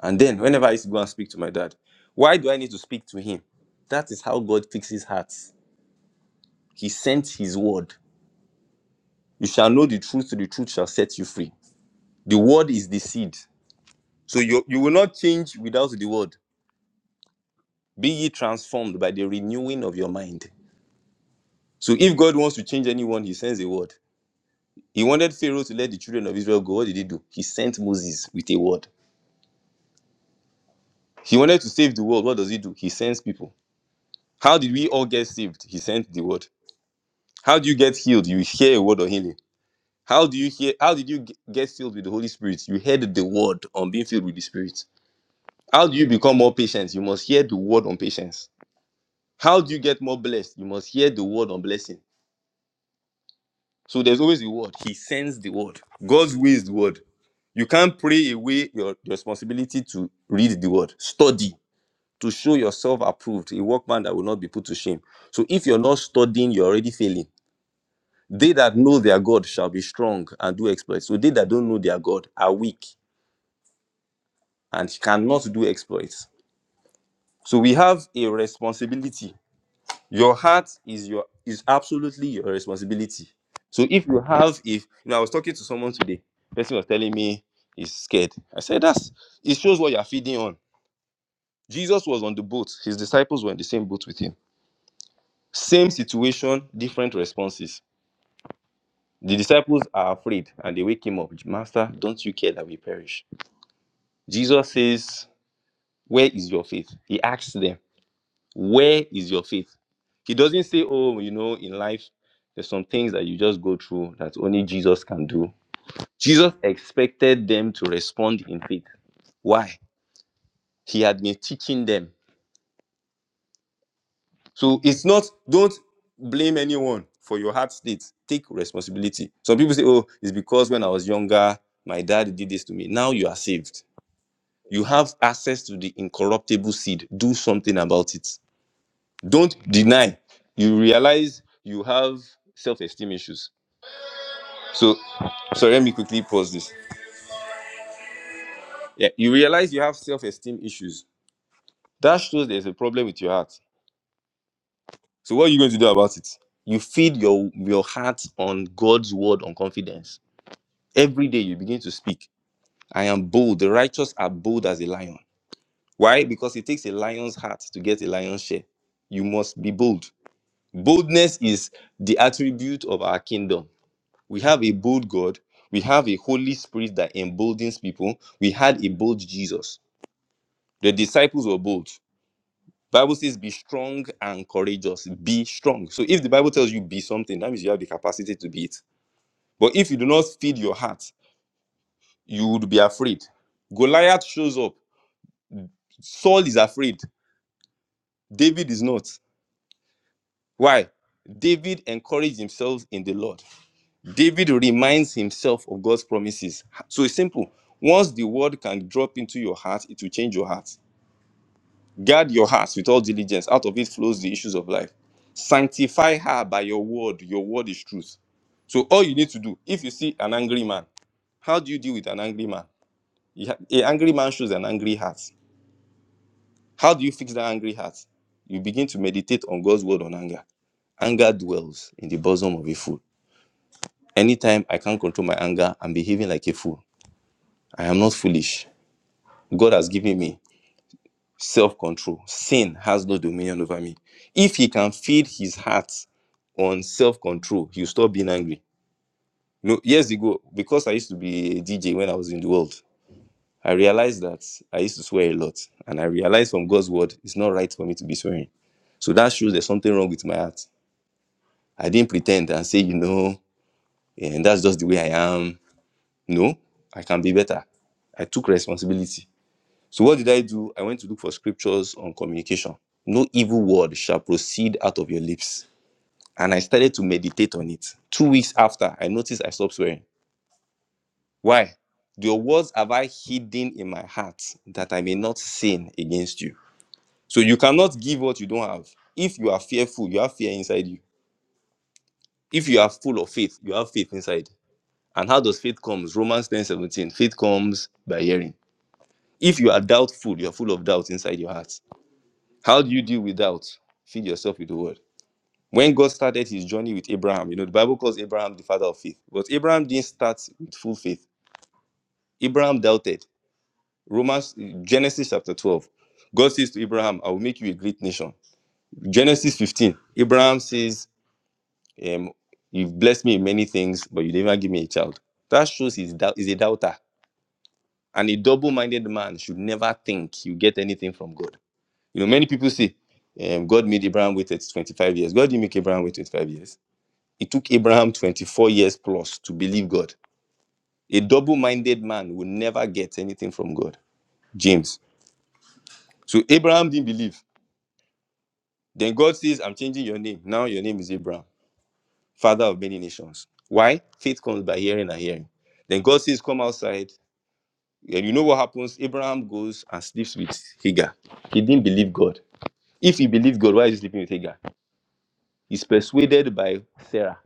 Speaker 13: And then, whenever I used to go and speak to my dad, why do I need to speak to him? That is how God fixes hearts. He sent his word. You shall know the truth, so the truth shall set you free. The word is the seed. So you, you will not change without the word. Be ye transformed by the renewing of your mind. So if God wants to change anyone, he sends a word. He wanted Pharaoh to let the children of Israel go. What did he do? He sent Moses with a word. He wanted to save the world. What does he do? He sends people. How did we all get saved? He sent the word. How do you get healed? You hear a word of healing. How do you hear? How did you ge- get filled with the Holy Spirit? You heard the word on being filled with the Spirit. How do you become more patient? You must hear the word on patience. How do you get more blessed? You must hear the word on blessing. So there's always a word. He sends the word. God's way is the word. You can't pray away your your responsibility to read the word. Study. to show yourself approved, a workman that will not be put to shame. So if you're not studying, you're already failing. They that know their God shall be strong and do exploits. So they that don't know their God are weak and cannot do exploits. So we have a responsibility. Your heart is your is absolutely your responsibility. So if you have if you know, I was talking to someone today, person was telling me he's scared. I said that's it shows what you're feeding on. Jesus was on the boat, his disciples were in the same boat with him Same situation, different responses. The disciples are afraid and they wake him up. Master, don't you care that we perish? Jesus says, Where is your faith? He asks them, Where is your faith? He doesn't say, Oh, you know, in life, there's some things that you just go through that only Jesus can do. Jesus expected them to respond in faith. Why? He had been teaching them So it's not, don't blame anyone for your heart state. Take responsibility. Some people say, oh, it's because when I was younger, my dad did this to me. Now you are saved. You have access to the incorruptible seed. Do something about it. Don't deny. You realize you have self esteem issues. So, sorry, let me quickly pause this. Yeah, you realize you have self esteem issues. That shows there's a problem with your heart. So, what are you going to do about it? You feed your, your heart on God's word on confidence Every day you begin to speak. I am bold. The righteous are bold as a lion. Why? Because it takes a lion's heart to get a lion's share. You must be bold. Boldness is the attribute of our kingdom. We have a bold God. We have a Holy Spirit that emboldens people. We had a bold Jesus. The disciples were bold. Bible says, be strong and courageous. Be strong. So if the Bible tells you be something, that means you have the capacity to be it. But if you do not feed your heart, you would be afraid. Goliath shows up Saul is afraid. David is not. Why? David encouraged himself in the Lord. David reminds himself of God's promises. So it's simple. Once the word can drop into your heart, it will change your heart. Guard your heart with all diligence. Out of it flows the issues of life. Sanctify her by your word. Your word is truth. So all you need to do, if you see an angry man, how do you deal with an angry man? You ha- An angry man shows an angry heart. How do you fix that angry heart? You begin to meditate on God's word on anger Anger dwells in the bosom of a fool. Anytime I can't control my anger, I'm behaving like a fool. I am not foolish. God has given me self control. Sin has no dominion over me. If he can feed his heart on self control, he'll stop being angry. No years ago, because I used to be a DJ when I was in the world, I realized that I used to swear a lot. And I realized from God's word, it's not right for me to be swearing. So that shows there's something wrong with my heart. I didn't pretend and say, you know, and that's just the way I am. No, I can be better. I took responsibility. So what did I do? I went to look for scriptures on communication. No evil word shall proceed out of your lips. And I started to meditate on it. Two weeks after, I noticed I stopped swearing. Why? Your words have I hidden in my heart that I may not sin against you. So you cannot give what you don't have. If you are fearful, you have fear inside you. If you are full of faith, you have faith inside. And how does faith comes? Romans ten seventeen. Faith comes by hearing. If you are doubtful, you're full of doubt inside your heart. How do you deal with doubt? Feed yourself with the word. When God started his journey with Abraham, you know, the Bible calls Abraham the father of faith. But Abraham didn't start with full faith. Abraham doubted. Romans, Genesis chapter 12. God says to Abraham, I will make you a great nation. Genesis 15. Abraham says, um, You've blessed me in many things, but you never give me a child. That shows he's, doubt, he's a doubter. And a double minded man should never think you get anything from God. You know, many people say, um, God made Abraham wait at 25 years. God didn't make Abraham wait 25 years. It took Abraham 24 years plus to believe God. A double minded man will never get anything from God. James. So Abraham didn't believe. Then God says, I'm changing your name. Now your name is Abraham, father of many nations. Why? Faith comes by hearing and hearing. Then God says, Come outside. And you know what happens? Abraham goes and sleeps with Hagar. He didn't believe God. If he believed God, why is he sleeping with Hagar? He's persuaded by Sarah.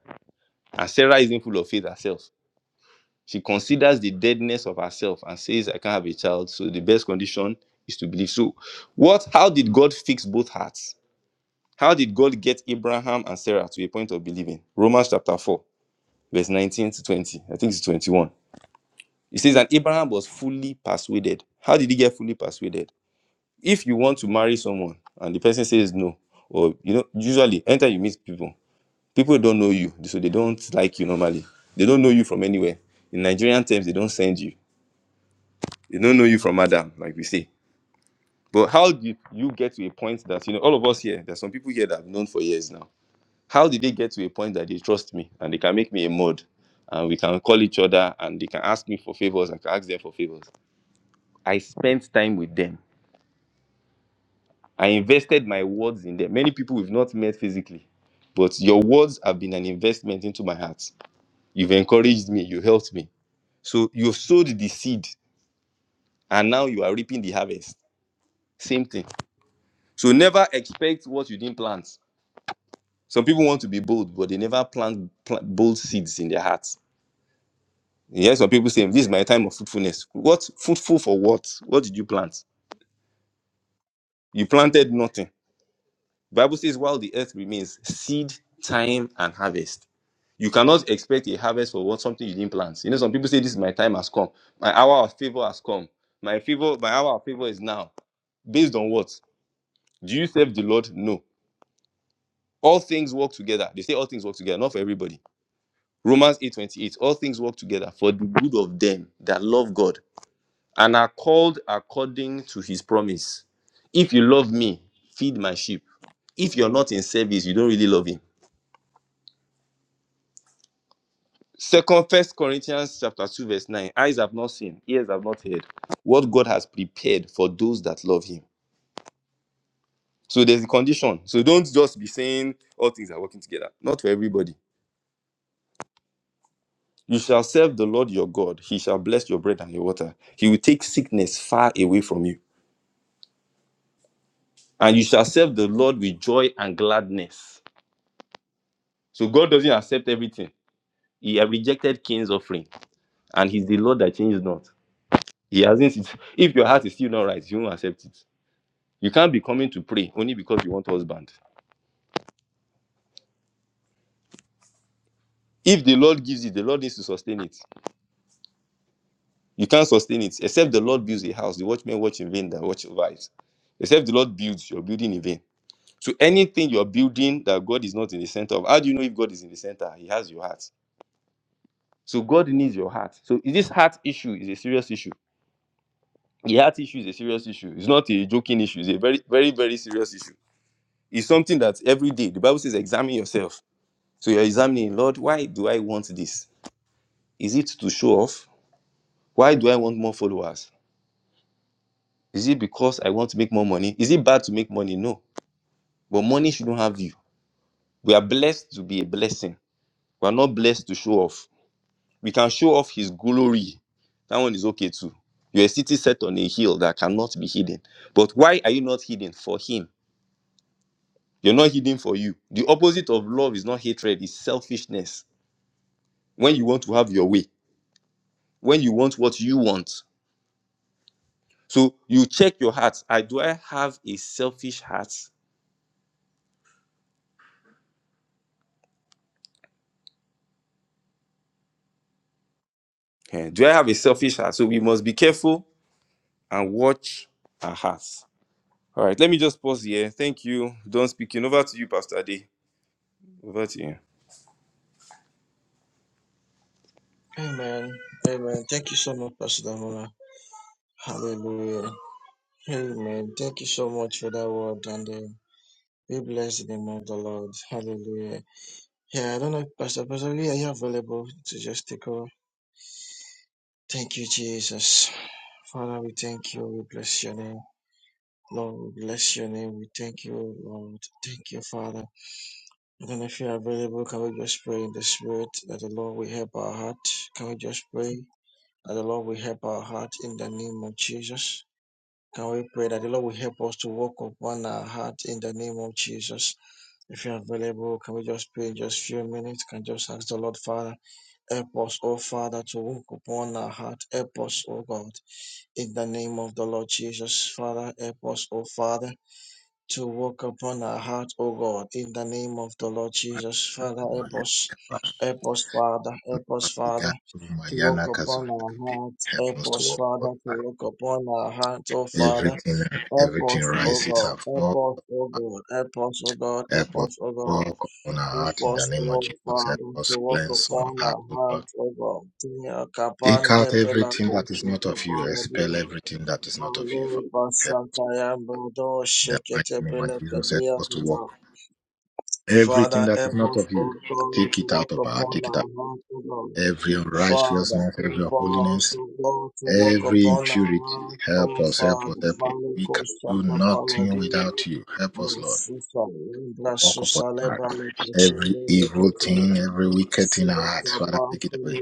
Speaker 13: And Sarah isn't full of faith herself, she considers the deadness of herself and says, I can't have a child. So the best condition is to believe. So, what how did God fix both hearts? How did God get Abraham and Sarah to a point of believing? Romans chapter 4, verse 19 to 20. I think it's 21. It says, And Abraham was fully persuaded. How did he get fully persuaded? If you want to marry someone and the person says no, or you know, usually anytime you meet people, people don't know you so they don't like you normally they don't know you from anywhere in nigerian terms they don't send you they don't know you from adam like we say but how did you get to a point that you know all of us here there's some people here that i've known for years now how did they get to a point that they trust me and they can make me a mod and we can call each other and they can ask me for favors i can ask them for favors i spent time with them i invested my words in them many people we've not met physically but your words have been an investment into my heart you've encouraged me you helped me So you've sowed the seed and now you are reaping the harvest. Same thing. So never expect what you didn't plant. Some people want to be bold, but they never plant, plant bold seeds in their hearts. Yeah, some people say, This is my time of fruitfulness. What fruitful for what? What did you plant? You planted nothing. Bible says, while the earth remains, seed, time, and harvest. You cannot expect a harvest for what something you didn't plant. You know, some people say this is my time has come, my hour of favor has come, my favor, my hour of favor is now. Based on what? Do you serve the Lord? No. All things work together. They say all things work together, not for everybody. Romans 8:28. All things work together for the good of them that love God and are called according to his promise. If you love me, feed my sheep. If you're not in service, you don't really love him. Second First Corinthians chapter 2, verse 9. Eyes have not seen, ears have not heard. What God has prepared for those that love him. So there's a condition. So don't just be saying all things are working together. Not for everybody. You shall serve the Lord your God. He shall bless your bread and your water. He will take sickness far away from you. And you shall serve the Lord with joy and gladness. So God doesn't accept everything. He had rejected Cain's offering. And he's the Lord that changes not. He hasn't. If your heart is still not right, you won't accept it. You can't be coming to pray only because you want a husband. If the Lord gives it, the Lord needs to sustain it. You can't sustain it. Except the Lord builds a house. The watchmen watch in vain that watch over it. Except the Lord builds, you're building in vain. So anything you're building that God is not in the center of, how do you know if God is in the center? He has your heart. So God needs your heart. So this heart issue is a serious issue. The heart issue is a serious issue. It's not a joking issue. It's a very, very, very serious issue. It's something that every day the Bible says examine yourself. So you're examining, Lord, why do I want this? Is it to show off? Why do I want more followers? Is it because I want to make more money? Is it bad to make money? No. But money shouldn't have you. We are blessed to be a blessing. We are not blessed to show off we can show off his glory. That one is okay too. You're a city set on a hill that cannot be hidden. But why are you not hidden? For him. You're not hidden for you. The opposite of love is not hatred, it's selfishness. When you want to have your way, when you want what you want. So you check your heart. I do I have a selfish heart? Eh, do I have a selfish heart? So we must be careful and watch our hearts. All right, let me just pause here. Thank you. Don't speaking. Over to you, Pastor Ade. Over to you.
Speaker 7: Amen. Amen. Thank you so much, Pastor Damola. Hallelujah. Amen. Thank you so much for that word and uh, be blessed the name of the Lord. Hallelujah. Yeah, I don't know, Pastor Pastor Lee, are you available to just take over? Thank you, Jesus. Father, we thank you. We bless your name. Lord, we bless your name. We thank you, Lord. Thank you, Father. And then if you're available, can we just pray in the Spirit that the Lord will help our heart? Can we just pray that the Lord will help our heart in the name of Jesus? Can we pray that the Lord will help us to walk upon our heart in the name of Jesus? If you're available, can we just pray in just a few minutes? Can just ask the Lord, Father, help us, oh Father, to walk upon our heart. Help us, oh God. In the name of the Lord Jesus, Father, help us, O Father, to walk upon our heart, O God. In the name of the Lord Jesus, Father, help us, help us, Father, help us, Father, to walk upon our heart,
Speaker 14: Help
Speaker 7: help
Speaker 14: us to
Speaker 7: us,
Speaker 14: walk
Speaker 7: Father, to
Speaker 14: forward.
Speaker 7: walk upon our heart, O Father,
Speaker 14: Everything,
Speaker 7: help
Speaker 14: everything
Speaker 7: us, O
Speaker 14: rises
Speaker 7: God,
Speaker 14: and falls.
Speaker 7: help us, O God, help us, O God, help
Speaker 14: Help us
Speaker 7: us, O God.
Speaker 14: walk on our heart in
Speaker 7: Help
Speaker 14: the
Speaker 7: us,
Speaker 14: name of
Speaker 7: O
Speaker 14: Jesus. Help
Speaker 7: Father, to
Speaker 14: us
Speaker 7: walk
Speaker 14: cleanse our
Speaker 7: upon
Speaker 14: heart,
Speaker 7: our
Speaker 14: O
Speaker 7: heart,
Speaker 14: God.
Speaker 7: O God. Tia
Speaker 14: Take out
Speaker 7: kapande pela
Speaker 14: everything that is
Speaker 7: kosha
Speaker 14: not of you. Expel
Speaker 7: kapala
Speaker 14: everything that is not
Speaker 7: Father,
Speaker 14: of you. Father.
Speaker 7: help us, O
Speaker 14: Help us
Speaker 7: God,
Speaker 14: in the mighty name of Jesus. Help us to walk. Everything that is not of you, take
Speaker 7: to
Speaker 14: it out
Speaker 7: walk
Speaker 14: of our
Speaker 7: upon
Speaker 14: Take it out.
Speaker 7: our heart, O God.
Speaker 14: Every unrighteousness,
Speaker 7: Father,
Speaker 14: every
Speaker 7: help us,
Speaker 14: holiness.
Speaker 7: O God, to walk
Speaker 14: every
Speaker 7: upon our
Speaker 14: impurity.
Speaker 7: heart, O
Speaker 14: Help us, help us,
Speaker 7: Father.
Speaker 14: help us. We
Speaker 7: Maliko
Speaker 14: can do
Speaker 7: Saka
Speaker 14: nothing
Speaker 7: Paladia,
Speaker 14: without you. Help us, Lord,
Speaker 7: Masusa,
Speaker 14: to
Speaker 7: Indra
Speaker 14: walk upon our heart.
Speaker 7: Susalebra,
Speaker 14: Every evil thing, every wicked thing in
Speaker 7: Lord,
Speaker 14: our hearts, Father, take it away.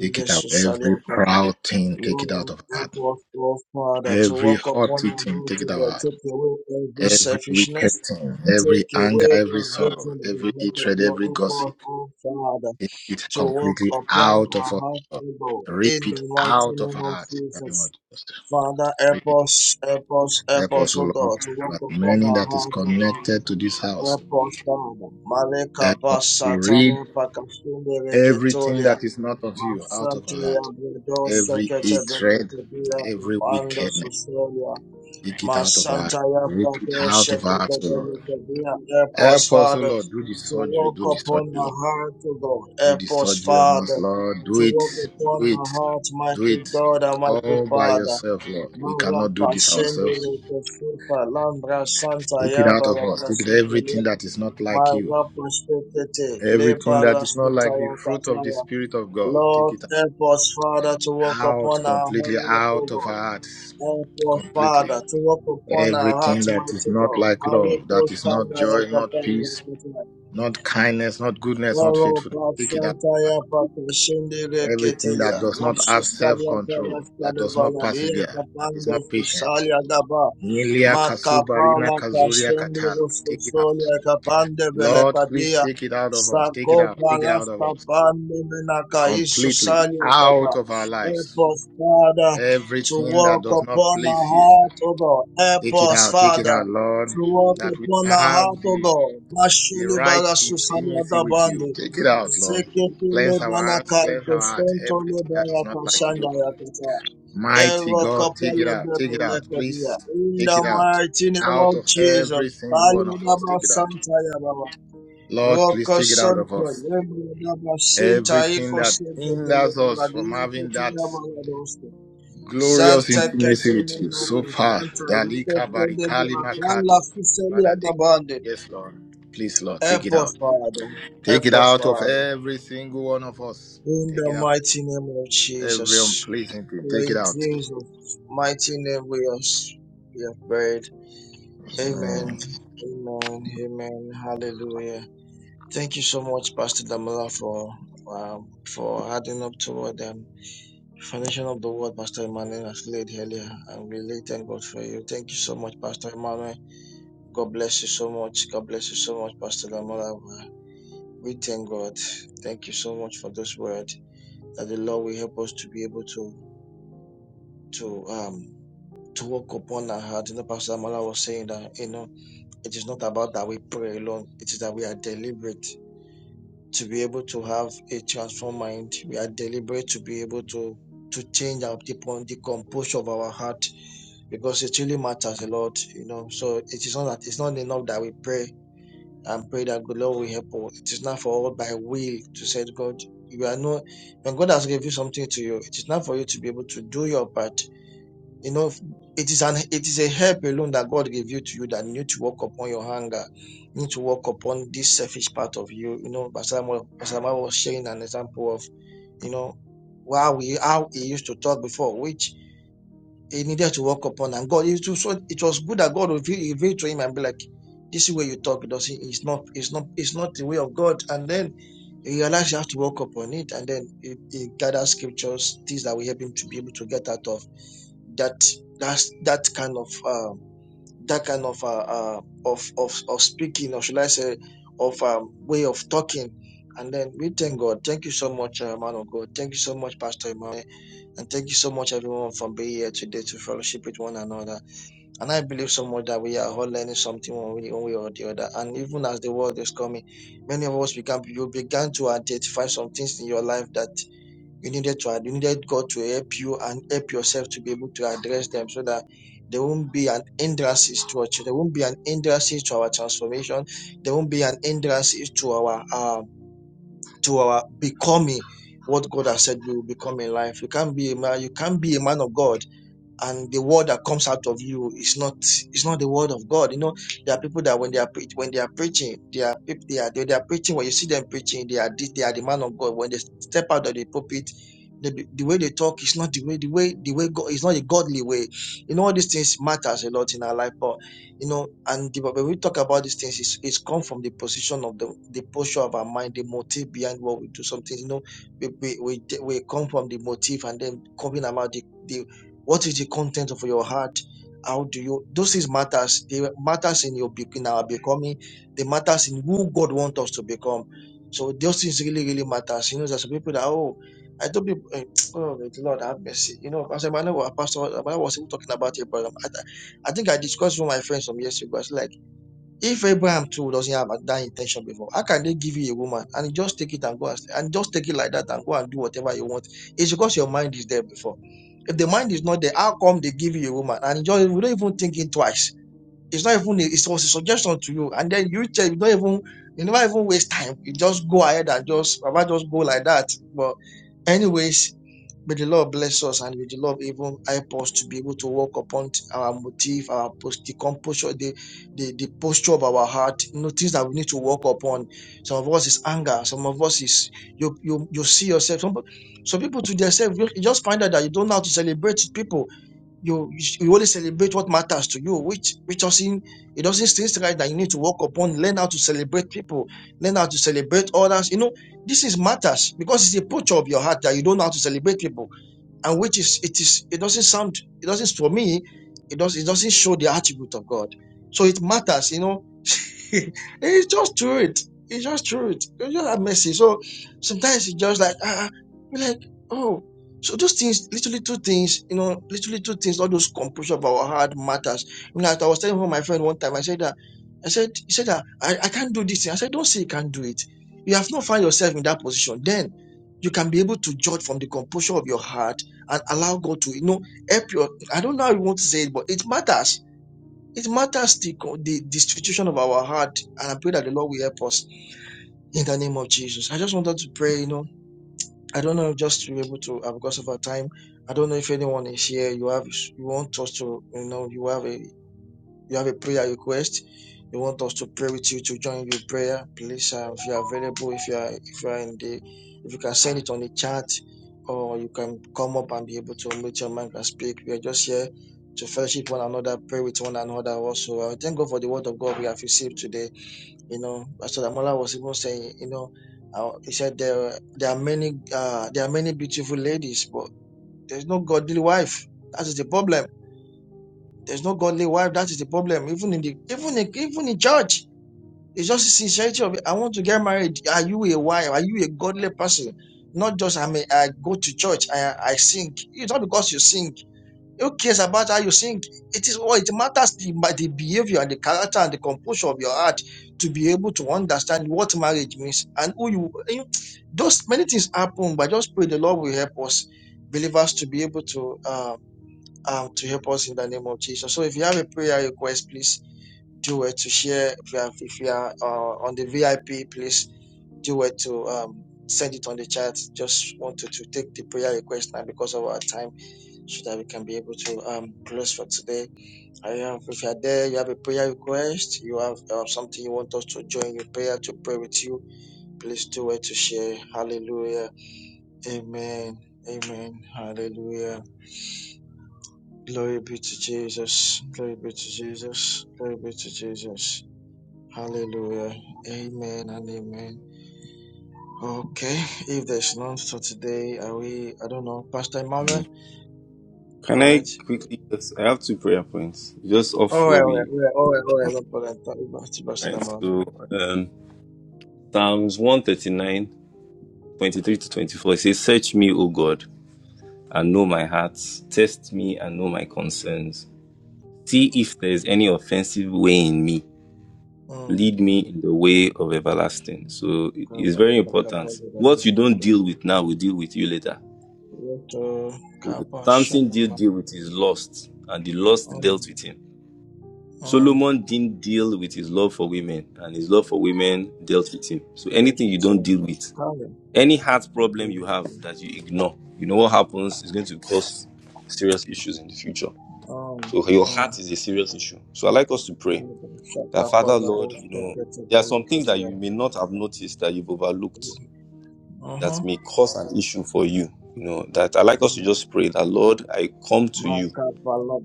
Speaker 14: Take it out. Every proud thing, take it out of our heart.
Speaker 7: us, oh Father, to
Speaker 14: Every
Speaker 7: walk upon
Speaker 14: haughty
Speaker 7: our
Speaker 14: thing,
Speaker 7: heart
Speaker 14: take
Speaker 7: to
Speaker 14: it out of our
Speaker 7: God.
Speaker 14: heart.
Speaker 7: Take away every
Speaker 14: Every
Speaker 7: selfishness.
Speaker 14: wicked thing, every
Speaker 7: Take
Speaker 14: anger,
Speaker 7: away
Speaker 14: every sorrow,
Speaker 7: everything that is
Speaker 14: every
Speaker 7: not of
Speaker 14: hatred,
Speaker 7: your
Speaker 14: every
Speaker 7: help
Speaker 14: gossip,
Speaker 7: us, oh Father,
Speaker 14: take it
Speaker 7: to walk
Speaker 14: completely
Speaker 7: upon
Speaker 14: out of
Speaker 7: our
Speaker 14: us.
Speaker 7: heart
Speaker 14: Lord.
Speaker 7: to God. In
Speaker 14: Rip
Speaker 7: the
Speaker 14: it
Speaker 7: mighty
Speaker 14: out of
Speaker 7: name
Speaker 14: our
Speaker 7: of
Speaker 14: hearts. in the name of
Speaker 7: Jesus.
Speaker 14: Jesus.
Speaker 7: Father, help
Speaker 14: Rip it
Speaker 7: us, help us, help
Speaker 14: Help
Speaker 7: us,
Speaker 14: us, O
Speaker 7: oh
Speaker 14: Lord,
Speaker 7: God, to walk
Speaker 14: as
Speaker 7: upon
Speaker 14: many
Speaker 7: our
Speaker 14: that is
Speaker 7: heart, oh God.
Speaker 14: connected to this house.
Speaker 7: Repostada, Maleka
Speaker 14: Help us to read
Speaker 7: Basatana Pakashinde
Speaker 14: everything
Speaker 7: Reketolia,
Speaker 14: that is not of you out of our
Speaker 7: Masantia
Speaker 14: heart.
Speaker 7: Bredo
Speaker 14: Every
Speaker 7: Sekete
Speaker 14: hatred,
Speaker 7: Belekebia
Speaker 14: every
Speaker 7: Kapanda
Speaker 14: wickedness.
Speaker 7: Susolia,
Speaker 14: Take it out of our heart.
Speaker 7: Masantaya
Speaker 14: Rip it
Speaker 7: Bredo
Speaker 14: out of our
Speaker 7: Sekete
Speaker 14: hearts, O Lord.
Speaker 7: Belekebia, help us,
Speaker 14: Help us, O
Speaker 7: Father,
Speaker 14: Lord. Do the
Speaker 7: to
Speaker 14: surgery.
Speaker 7: walk
Speaker 14: Do the surgery,
Speaker 7: upon our
Speaker 14: Lord.
Speaker 7: heart, O God,
Speaker 14: Do the
Speaker 7: help us,
Speaker 14: surgery on us,
Speaker 7: Father,
Speaker 14: Lord.
Speaker 7: to
Speaker 14: Do it.
Speaker 7: walk
Speaker 14: Do
Speaker 7: upon our
Speaker 14: it.
Speaker 7: heart,
Speaker 14: Do
Speaker 7: mighty
Speaker 14: it.
Speaker 7: God, and mighty
Speaker 14: All by
Speaker 7: Father.
Speaker 14: yourself, Lord. We
Speaker 7: Mara
Speaker 14: cannot do this
Speaker 7: Pashende
Speaker 14: ourselves.
Speaker 7: Rekesufa, Lambra Santa
Speaker 14: Take it out of
Speaker 7: Yabara
Speaker 14: us. Take it
Speaker 7: Kasufa,
Speaker 14: everything that is not like you
Speaker 7: Maraposhekete,
Speaker 14: Everything that is not like the
Speaker 7: lebarasutaya
Speaker 14: fruit of the
Speaker 7: kataya.
Speaker 14: Spirit of God, take
Speaker 7: Lord,
Speaker 14: it
Speaker 7: help us, Father, to walk
Speaker 14: out
Speaker 7: upon our
Speaker 14: completely,
Speaker 7: heart, O
Speaker 14: out of
Speaker 7: God.
Speaker 14: our hearts,
Speaker 7: Help us,
Speaker 14: completely.
Speaker 7: Father, to walk upon our heart,
Speaker 14: Everything that is
Speaker 7: mighty
Speaker 14: not
Speaker 7: God.
Speaker 14: like love,
Speaker 7: Malepo
Speaker 14: that is not
Speaker 7: sandaya
Speaker 14: joy, not peace,
Speaker 7: kapaya
Speaker 14: not kindness, not goodness, not
Speaker 7: Loro
Speaker 14: faithfulness, take it out.
Speaker 7: Pasantaya Pakashende
Speaker 14: Everything that
Speaker 7: Reketelia,
Speaker 14: does not have self
Speaker 7: Rasustalia
Speaker 14: control, that
Speaker 7: Paraskade
Speaker 14: does not
Speaker 7: Baladia
Speaker 14: persevere, that is
Speaker 7: Kapando
Speaker 14: not patient.
Speaker 7: Fusalia Daba,
Speaker 14: Milia Kasubarina
Speaker 7: Makapala
Speaker 14: Kazuria
Speaker 7: Kashende
Speaker 14: Katalo, take it out.
Speaker 7: Rosusolia Kapande
Speaker 14: Lord, please
Speaker 7: Belekadia,
Speaker 14: take it out of us. Take it
Speaker 7: Sako
Speaker 14: out. Take it out of
Speaker 7: Palasta
Speaker 14: us.
Speaker 7: Pande Menaka
Speaker 14: completely
Speaker 7: Isusalia
Speaker 14: out
Speaker 7: Kapa.
Speaker 14: of our lives.
Speaker 7: Help us, Father, to
Speaker 14: Everything that
Speaker 7: walk
Speaker 14: does not
Speaker 7: upon our
Speaker 14: please you,
Speaker 7: heart, O God.
Speaker 14: take
Speaker 7: Help
Speaker 14: it
Speaker 7: us,
Speaker 14: out, take it
Speaker 7: Father
Speaker 14: out, Lord,
Speaker 7: to work
Speaker 14: that we
Speaker 7: upon our
Speaker 14: have
Speaker 7: heart, O
Speaker 14: the,
Speaker 7: God.
Speaker 14: the
Speaker 7: Mashele
Speaker 14: right
Speaker 7: bara susana
Speaker 14: intimacy
Speaker 7: da
Speaker 14: with you.
Speaker 7: bande.
Speaker 14: Take it out, Lord.
Speaker 7: Sekete le
Speaker 14: Cleanse our
Speaker 7: bana
Speaker 14: hands, cleanse
Speaker 7: kaito
Speaker 14: our heart,
Speaker 7: stonto le
Speaker 14: everything that is
Speaker 7: bara
Speaker 14: not like
Speaker 7: kashanda
Speaker 14: you.
Speaker 7: ya kata.
Speaker 14: Mighty
Speaker 7: Ero
Speaker 14: God, take it
Speaker 7: kapala
Speaker 14: out,
Speaker 7: de
Speaker 14: take it
Speaker 7: bele
Speaker 14: out,
Speaker 7: kadia.
Speaker 14: please.
Speaker 7: In
Speaker 14: Take
Speaker 7: the
Speaker 14: it out.
Speaker 7: mighty name
Speaker 14: Out
Speaker 7: of
Speaker 14: of
Speaker 7: Jesus.
Speaker 14: every single one
Speaker 7: Palo
Speaker 14: of
Speaker 7: da
Speaker 14: us,
Speaker 7: ba
Speaker 14: take it out.
Speaker 7: santa ya baba.
Speaker 14: Lord, please
Speaker 7: Roko
Speaker 14: take it out of
Speaker 7: santo
Speaker 14: us.
Speaker 7: lembro da ba sinta
Speaker 14: Everything
Speaker 7: iko
Speaker 14: that
Speaker 7: sebe bele
Speaker 14: hinders us
Speaker 7: bala
Speaker 14: from
Speaker 7: dia
Speaker 14: having
Speaker 7: kutu ya
Speaker 14: that
Speaker 7: bala
Speaker 14: Glorious
Speaker 7: Zanta
Speaker 14: intimacy with
Speaker 7: kadema
Speaker 14: you. So far.
Speaker 7: makafanta yuko
Speaker 14: Dalika
Speaker 7: fede
Speaker 14: barikali
Speaker 7: makala
Speaker 14: makato.
Speaker 7: fuseli
Speaker 14: Father, take
Speaker 7: adabande.
Speaker 14: Yes, Lord. Please, Lord, take
Speaker 7: Help
Speaker 14: it
Speaker 7: us,
Speaker 14: out.
Speaker 7: Father.
Speaker 14: Take
Speaker 7: Help
Speaker 14: it
Speaker 7: us,
Speaker 14: out of
Speaker 7: Father.
Speaker 14: every single one of us.
Speaker 7: In the
Speaker 14: Take it out.
Speaker 7: mighty name of
Speaker 14: Every
Speaker 7: Jesus.
Speaker 14: unpleasant thing.
Speaker 7: For
Speaker 14: Take it
Speaker 7: in
Speaker 14: out.
Speaker 7: Jesus' mighty name we have we have prayed.
Speaker 14: Mm.
Speaker 7: Amen. Amen. Amen. Hallelujah. Thank you so much, Pastor Damala, for um, for adding up to them. Foundation of the word, Pastor Emmanuel has laid earlier, and we really thank God for you. Thank you so much, Pastor Emmanuel. God bless you so much. God bless you so much, Pastor Lamola. We thank God. Thank you so much for this word that the Lord will help us to be able to to um to walk upon our heart. You know, Pastor Lamola was saying that you know it is not about that we pray alone. It is that we are deliberate to be able to have a transformed mind. We are deliberate to be able to to change our the, the composure of our heart because it really matters a lot, you know. So it is not that it's not enough that we pray and pray that God Lord will help us. It is not for all by will to say God, you are not when God has given something to you, it is not for you to be able to do your part. You know, it is an it is a help alone that God gave you to you that you need to work upon your hunger, you need to work upon this selfish part of you. You know, Basama was sharing an example of, you know, how we how he used to talk before, which he needed to walk upon. And God, it was, so- it was good that God revealed, revealed to him and be like, this is where you talk because it's not, it's not, it's not the way of God. And then he realized he has to walk upon it. And then he, he gathered scriptures, things that will help him to be able to get out of that, that's, that kind of, uh, that kind of, uh, uh, of, of, of speaking, or should I say, of um, way of talking. And then we thank God. Thank you so much, uh, man of God. Thank you so much, Pastor Emmanuel and thank you so much, everyone, for being here today to fellowship with one another. And I believe so much that we are all learning something one way, one way or the other. And even as the world is coming, many of us began you began to identify some things in your life that you needed to you needed God to help you and help yourself to be able to address them so that there won't be an hindrance to our there won't be an hindrance to our transformation. There won't be an hindrance to our um to our becoming what God has said we will become in life. You can't be a man, you can't be a man of God and the word that comes out of you is not is not the word of God. You know, there are people that when they are preach, when they are preaching, they are peop- they are they, they are preaching. When you see them preaching, they are the- they are the man of God. When they step out of the pulpit, the, the way they talk is not the way the way the way God is not a godly way. You know, all these things matters a lot in our life, but you know, and the, when we talk about these things, it's, it's come from the position of the the posture of our mind, the motive behind what we do. Something you know, we we we, we come from the motive and then coming about the the, what is the content of your heart? How do you? Those is matters. They matters in your be- in our becoming. They matters in who God wants us to become. So those things really really matters. You know, there's some people that oh, I told people, eh, oh the Lord have mercy. You know, Pastor Emmanuel, was- Pastor Emmanuel was even talking about Abraham. I, I think I discussed with my friends some years ago. It's like if Abraham too doesn't have that intention before, how can they give you a woman and you just take it and go and, and just take it like that and go and do whatever you want? It's because your mind is there before. If the mind is not there, how come they give you a woman? And just we don't even think it twice. It's not even a, it was a suggestion to you, and then you tell you don't even you never even waste time. You just go ahead and just about just go like that. but. Anyways, may the Lord bless us and may the Lord even help us to be able to walk upon our motive, our post, the composure, the, the, the posture of our heart, you know, things that we need to walk upon. Some of us is anger, some of us is you you you see yourself. Some, some people to themselves, you you just find out that you don't know how to celebrate people you you sh- you only celebrate what matters to you which which doesn't it doesn't seem right that you need to work upon learn how to celebrate people learn how to celebrate others you know this is matters because it's a picture of your heart that you don't know how to celebrate people and which is it is it doesn't sound it doesn't for me it does it doesn't show the attribute of god so it matters you know it's just through it. It's just through it. It's just that messy. So sometimes it's just like ah, ah, be like oh. So those things, little little things, you know, little little things, all those compression of our heart matters. You know, like I was telling one of my friend one time, I said that, I said, he said that I, I can't do this thing. I said, don't say you can't do it. You have not found yourself in that position. Then you can be able to judge from the composure of your heart and allow God to, you know, help your. I don't know how you want to say it, but it matters it matters the, the, the situation of our heart, and I pray that the Lord will help us in the name of Jesus. I just wanted to pray, you know, I don't know, just to be able to, uh, because of our time, I don't know if anyone is here. You have, you want us to, you know, you have a you have a prayer request, you want us to pray with you to join your prayer, please, uh, if you are available, if you are, if you are in the, if you can send it on the chat, or you can come up and be able to meet your mic and speak. We are just here to fellowship one another, pray with one another. Also, I thank God for the word of God we have received today. You know, Pastor Damola was even saying, you know, uh, he said there there are many uh, there are many beautiful ladies, but there's no godly wife. That is the problem there's no godly wife. That is the problem. Even in the even in even in church, it's just the sincerity of it. I want to get married. Are you a wife? Are you a godly person? Not just I mean I go to church. I I sing. It's not because you sing. Who cares about how you sing? It is what it matters the by the behavior and the character and the composure of your heart to be able to understand what marriage means and who you. you- Those many things happen, but just pray the Lord will help us believers to be able to. uh, um, to help us in the name of Jesus. So if you have a prayer request, please do it to share. If you, have, if you are uh, on the VIP, please do it to um, send it on the chat. Just wanted to take the prayer request now because of our time so that we can be able to um, close for today. I have, if you are there, you have a prayer request, you have uh, something you want us to join in prayer to pray with you, please do it to share. Hallelujah. Amen. Amen. Hallelujah. Glory be to Jesus. Glory be to Jesus. Glory be to Jesus. Hallelujah. Amen and amen. Okay. If there's none for today, are we, I don't know, Pastor
Speaker 13: Mm-hmm.
Speaker 7: Emmanuel?
Speaker 13: Can
Speaker 7: All
Speaker 13: I
Speaker 7: right.
Speaker 13: quickly just? I have two prayer points, just off
Speaker 7: All right,
Speaker 13: what
Speaker 7: all right,
Speaker 13: we
Speaker 7: all right, all right, all right. No problem. Thank you, Pastor Pastor
Speaker 13: right.
Speaker 7: Emmanuel.
Speaker 13: So, um, Psalms one thirty nine twenty three to 24 it says, Search me, O God, and know my heart, test me and know my concerns. See if there is any offensive way in me. Lead me in the way of everlasting. So it- it's very important. What you
Speaker 7: Mm.
Speaker 13: don't deal with now will deal with you later.
Speaker 7: Yeto, kaba,
Speaker 13: Samson
Speaker 7: shama,
Speaker 13: did
Speaker 7: mama,
Speaker 13: deal with his lust, and the lust
Speaker 7: mm,
Speaker 13: dealt with him.
Speaker 7: mm.
Speaker 13: Solomon didn't deal with his love for women, and his love for women dealt with him. So
Speaker 7: Bless
Speaker 13: anything
Speaker 7: your
Speaker 13: you don't deal with, any heart problem you have that you ignore, you know what happens is going to cause serious issues in the future. So your
Speaker 7: Um,
Speaker 13: heart is a serious issue. So I like us to pray
Speaker 7: Uh-huh.
Speaker 13: that Father Lord, you know, there are some things that you may not have noticed that you've overlooked that may cause an issue for you. You know, that I like us to
Speaker 7: Mm.
Speaker 13: just pray that Lord, I come to you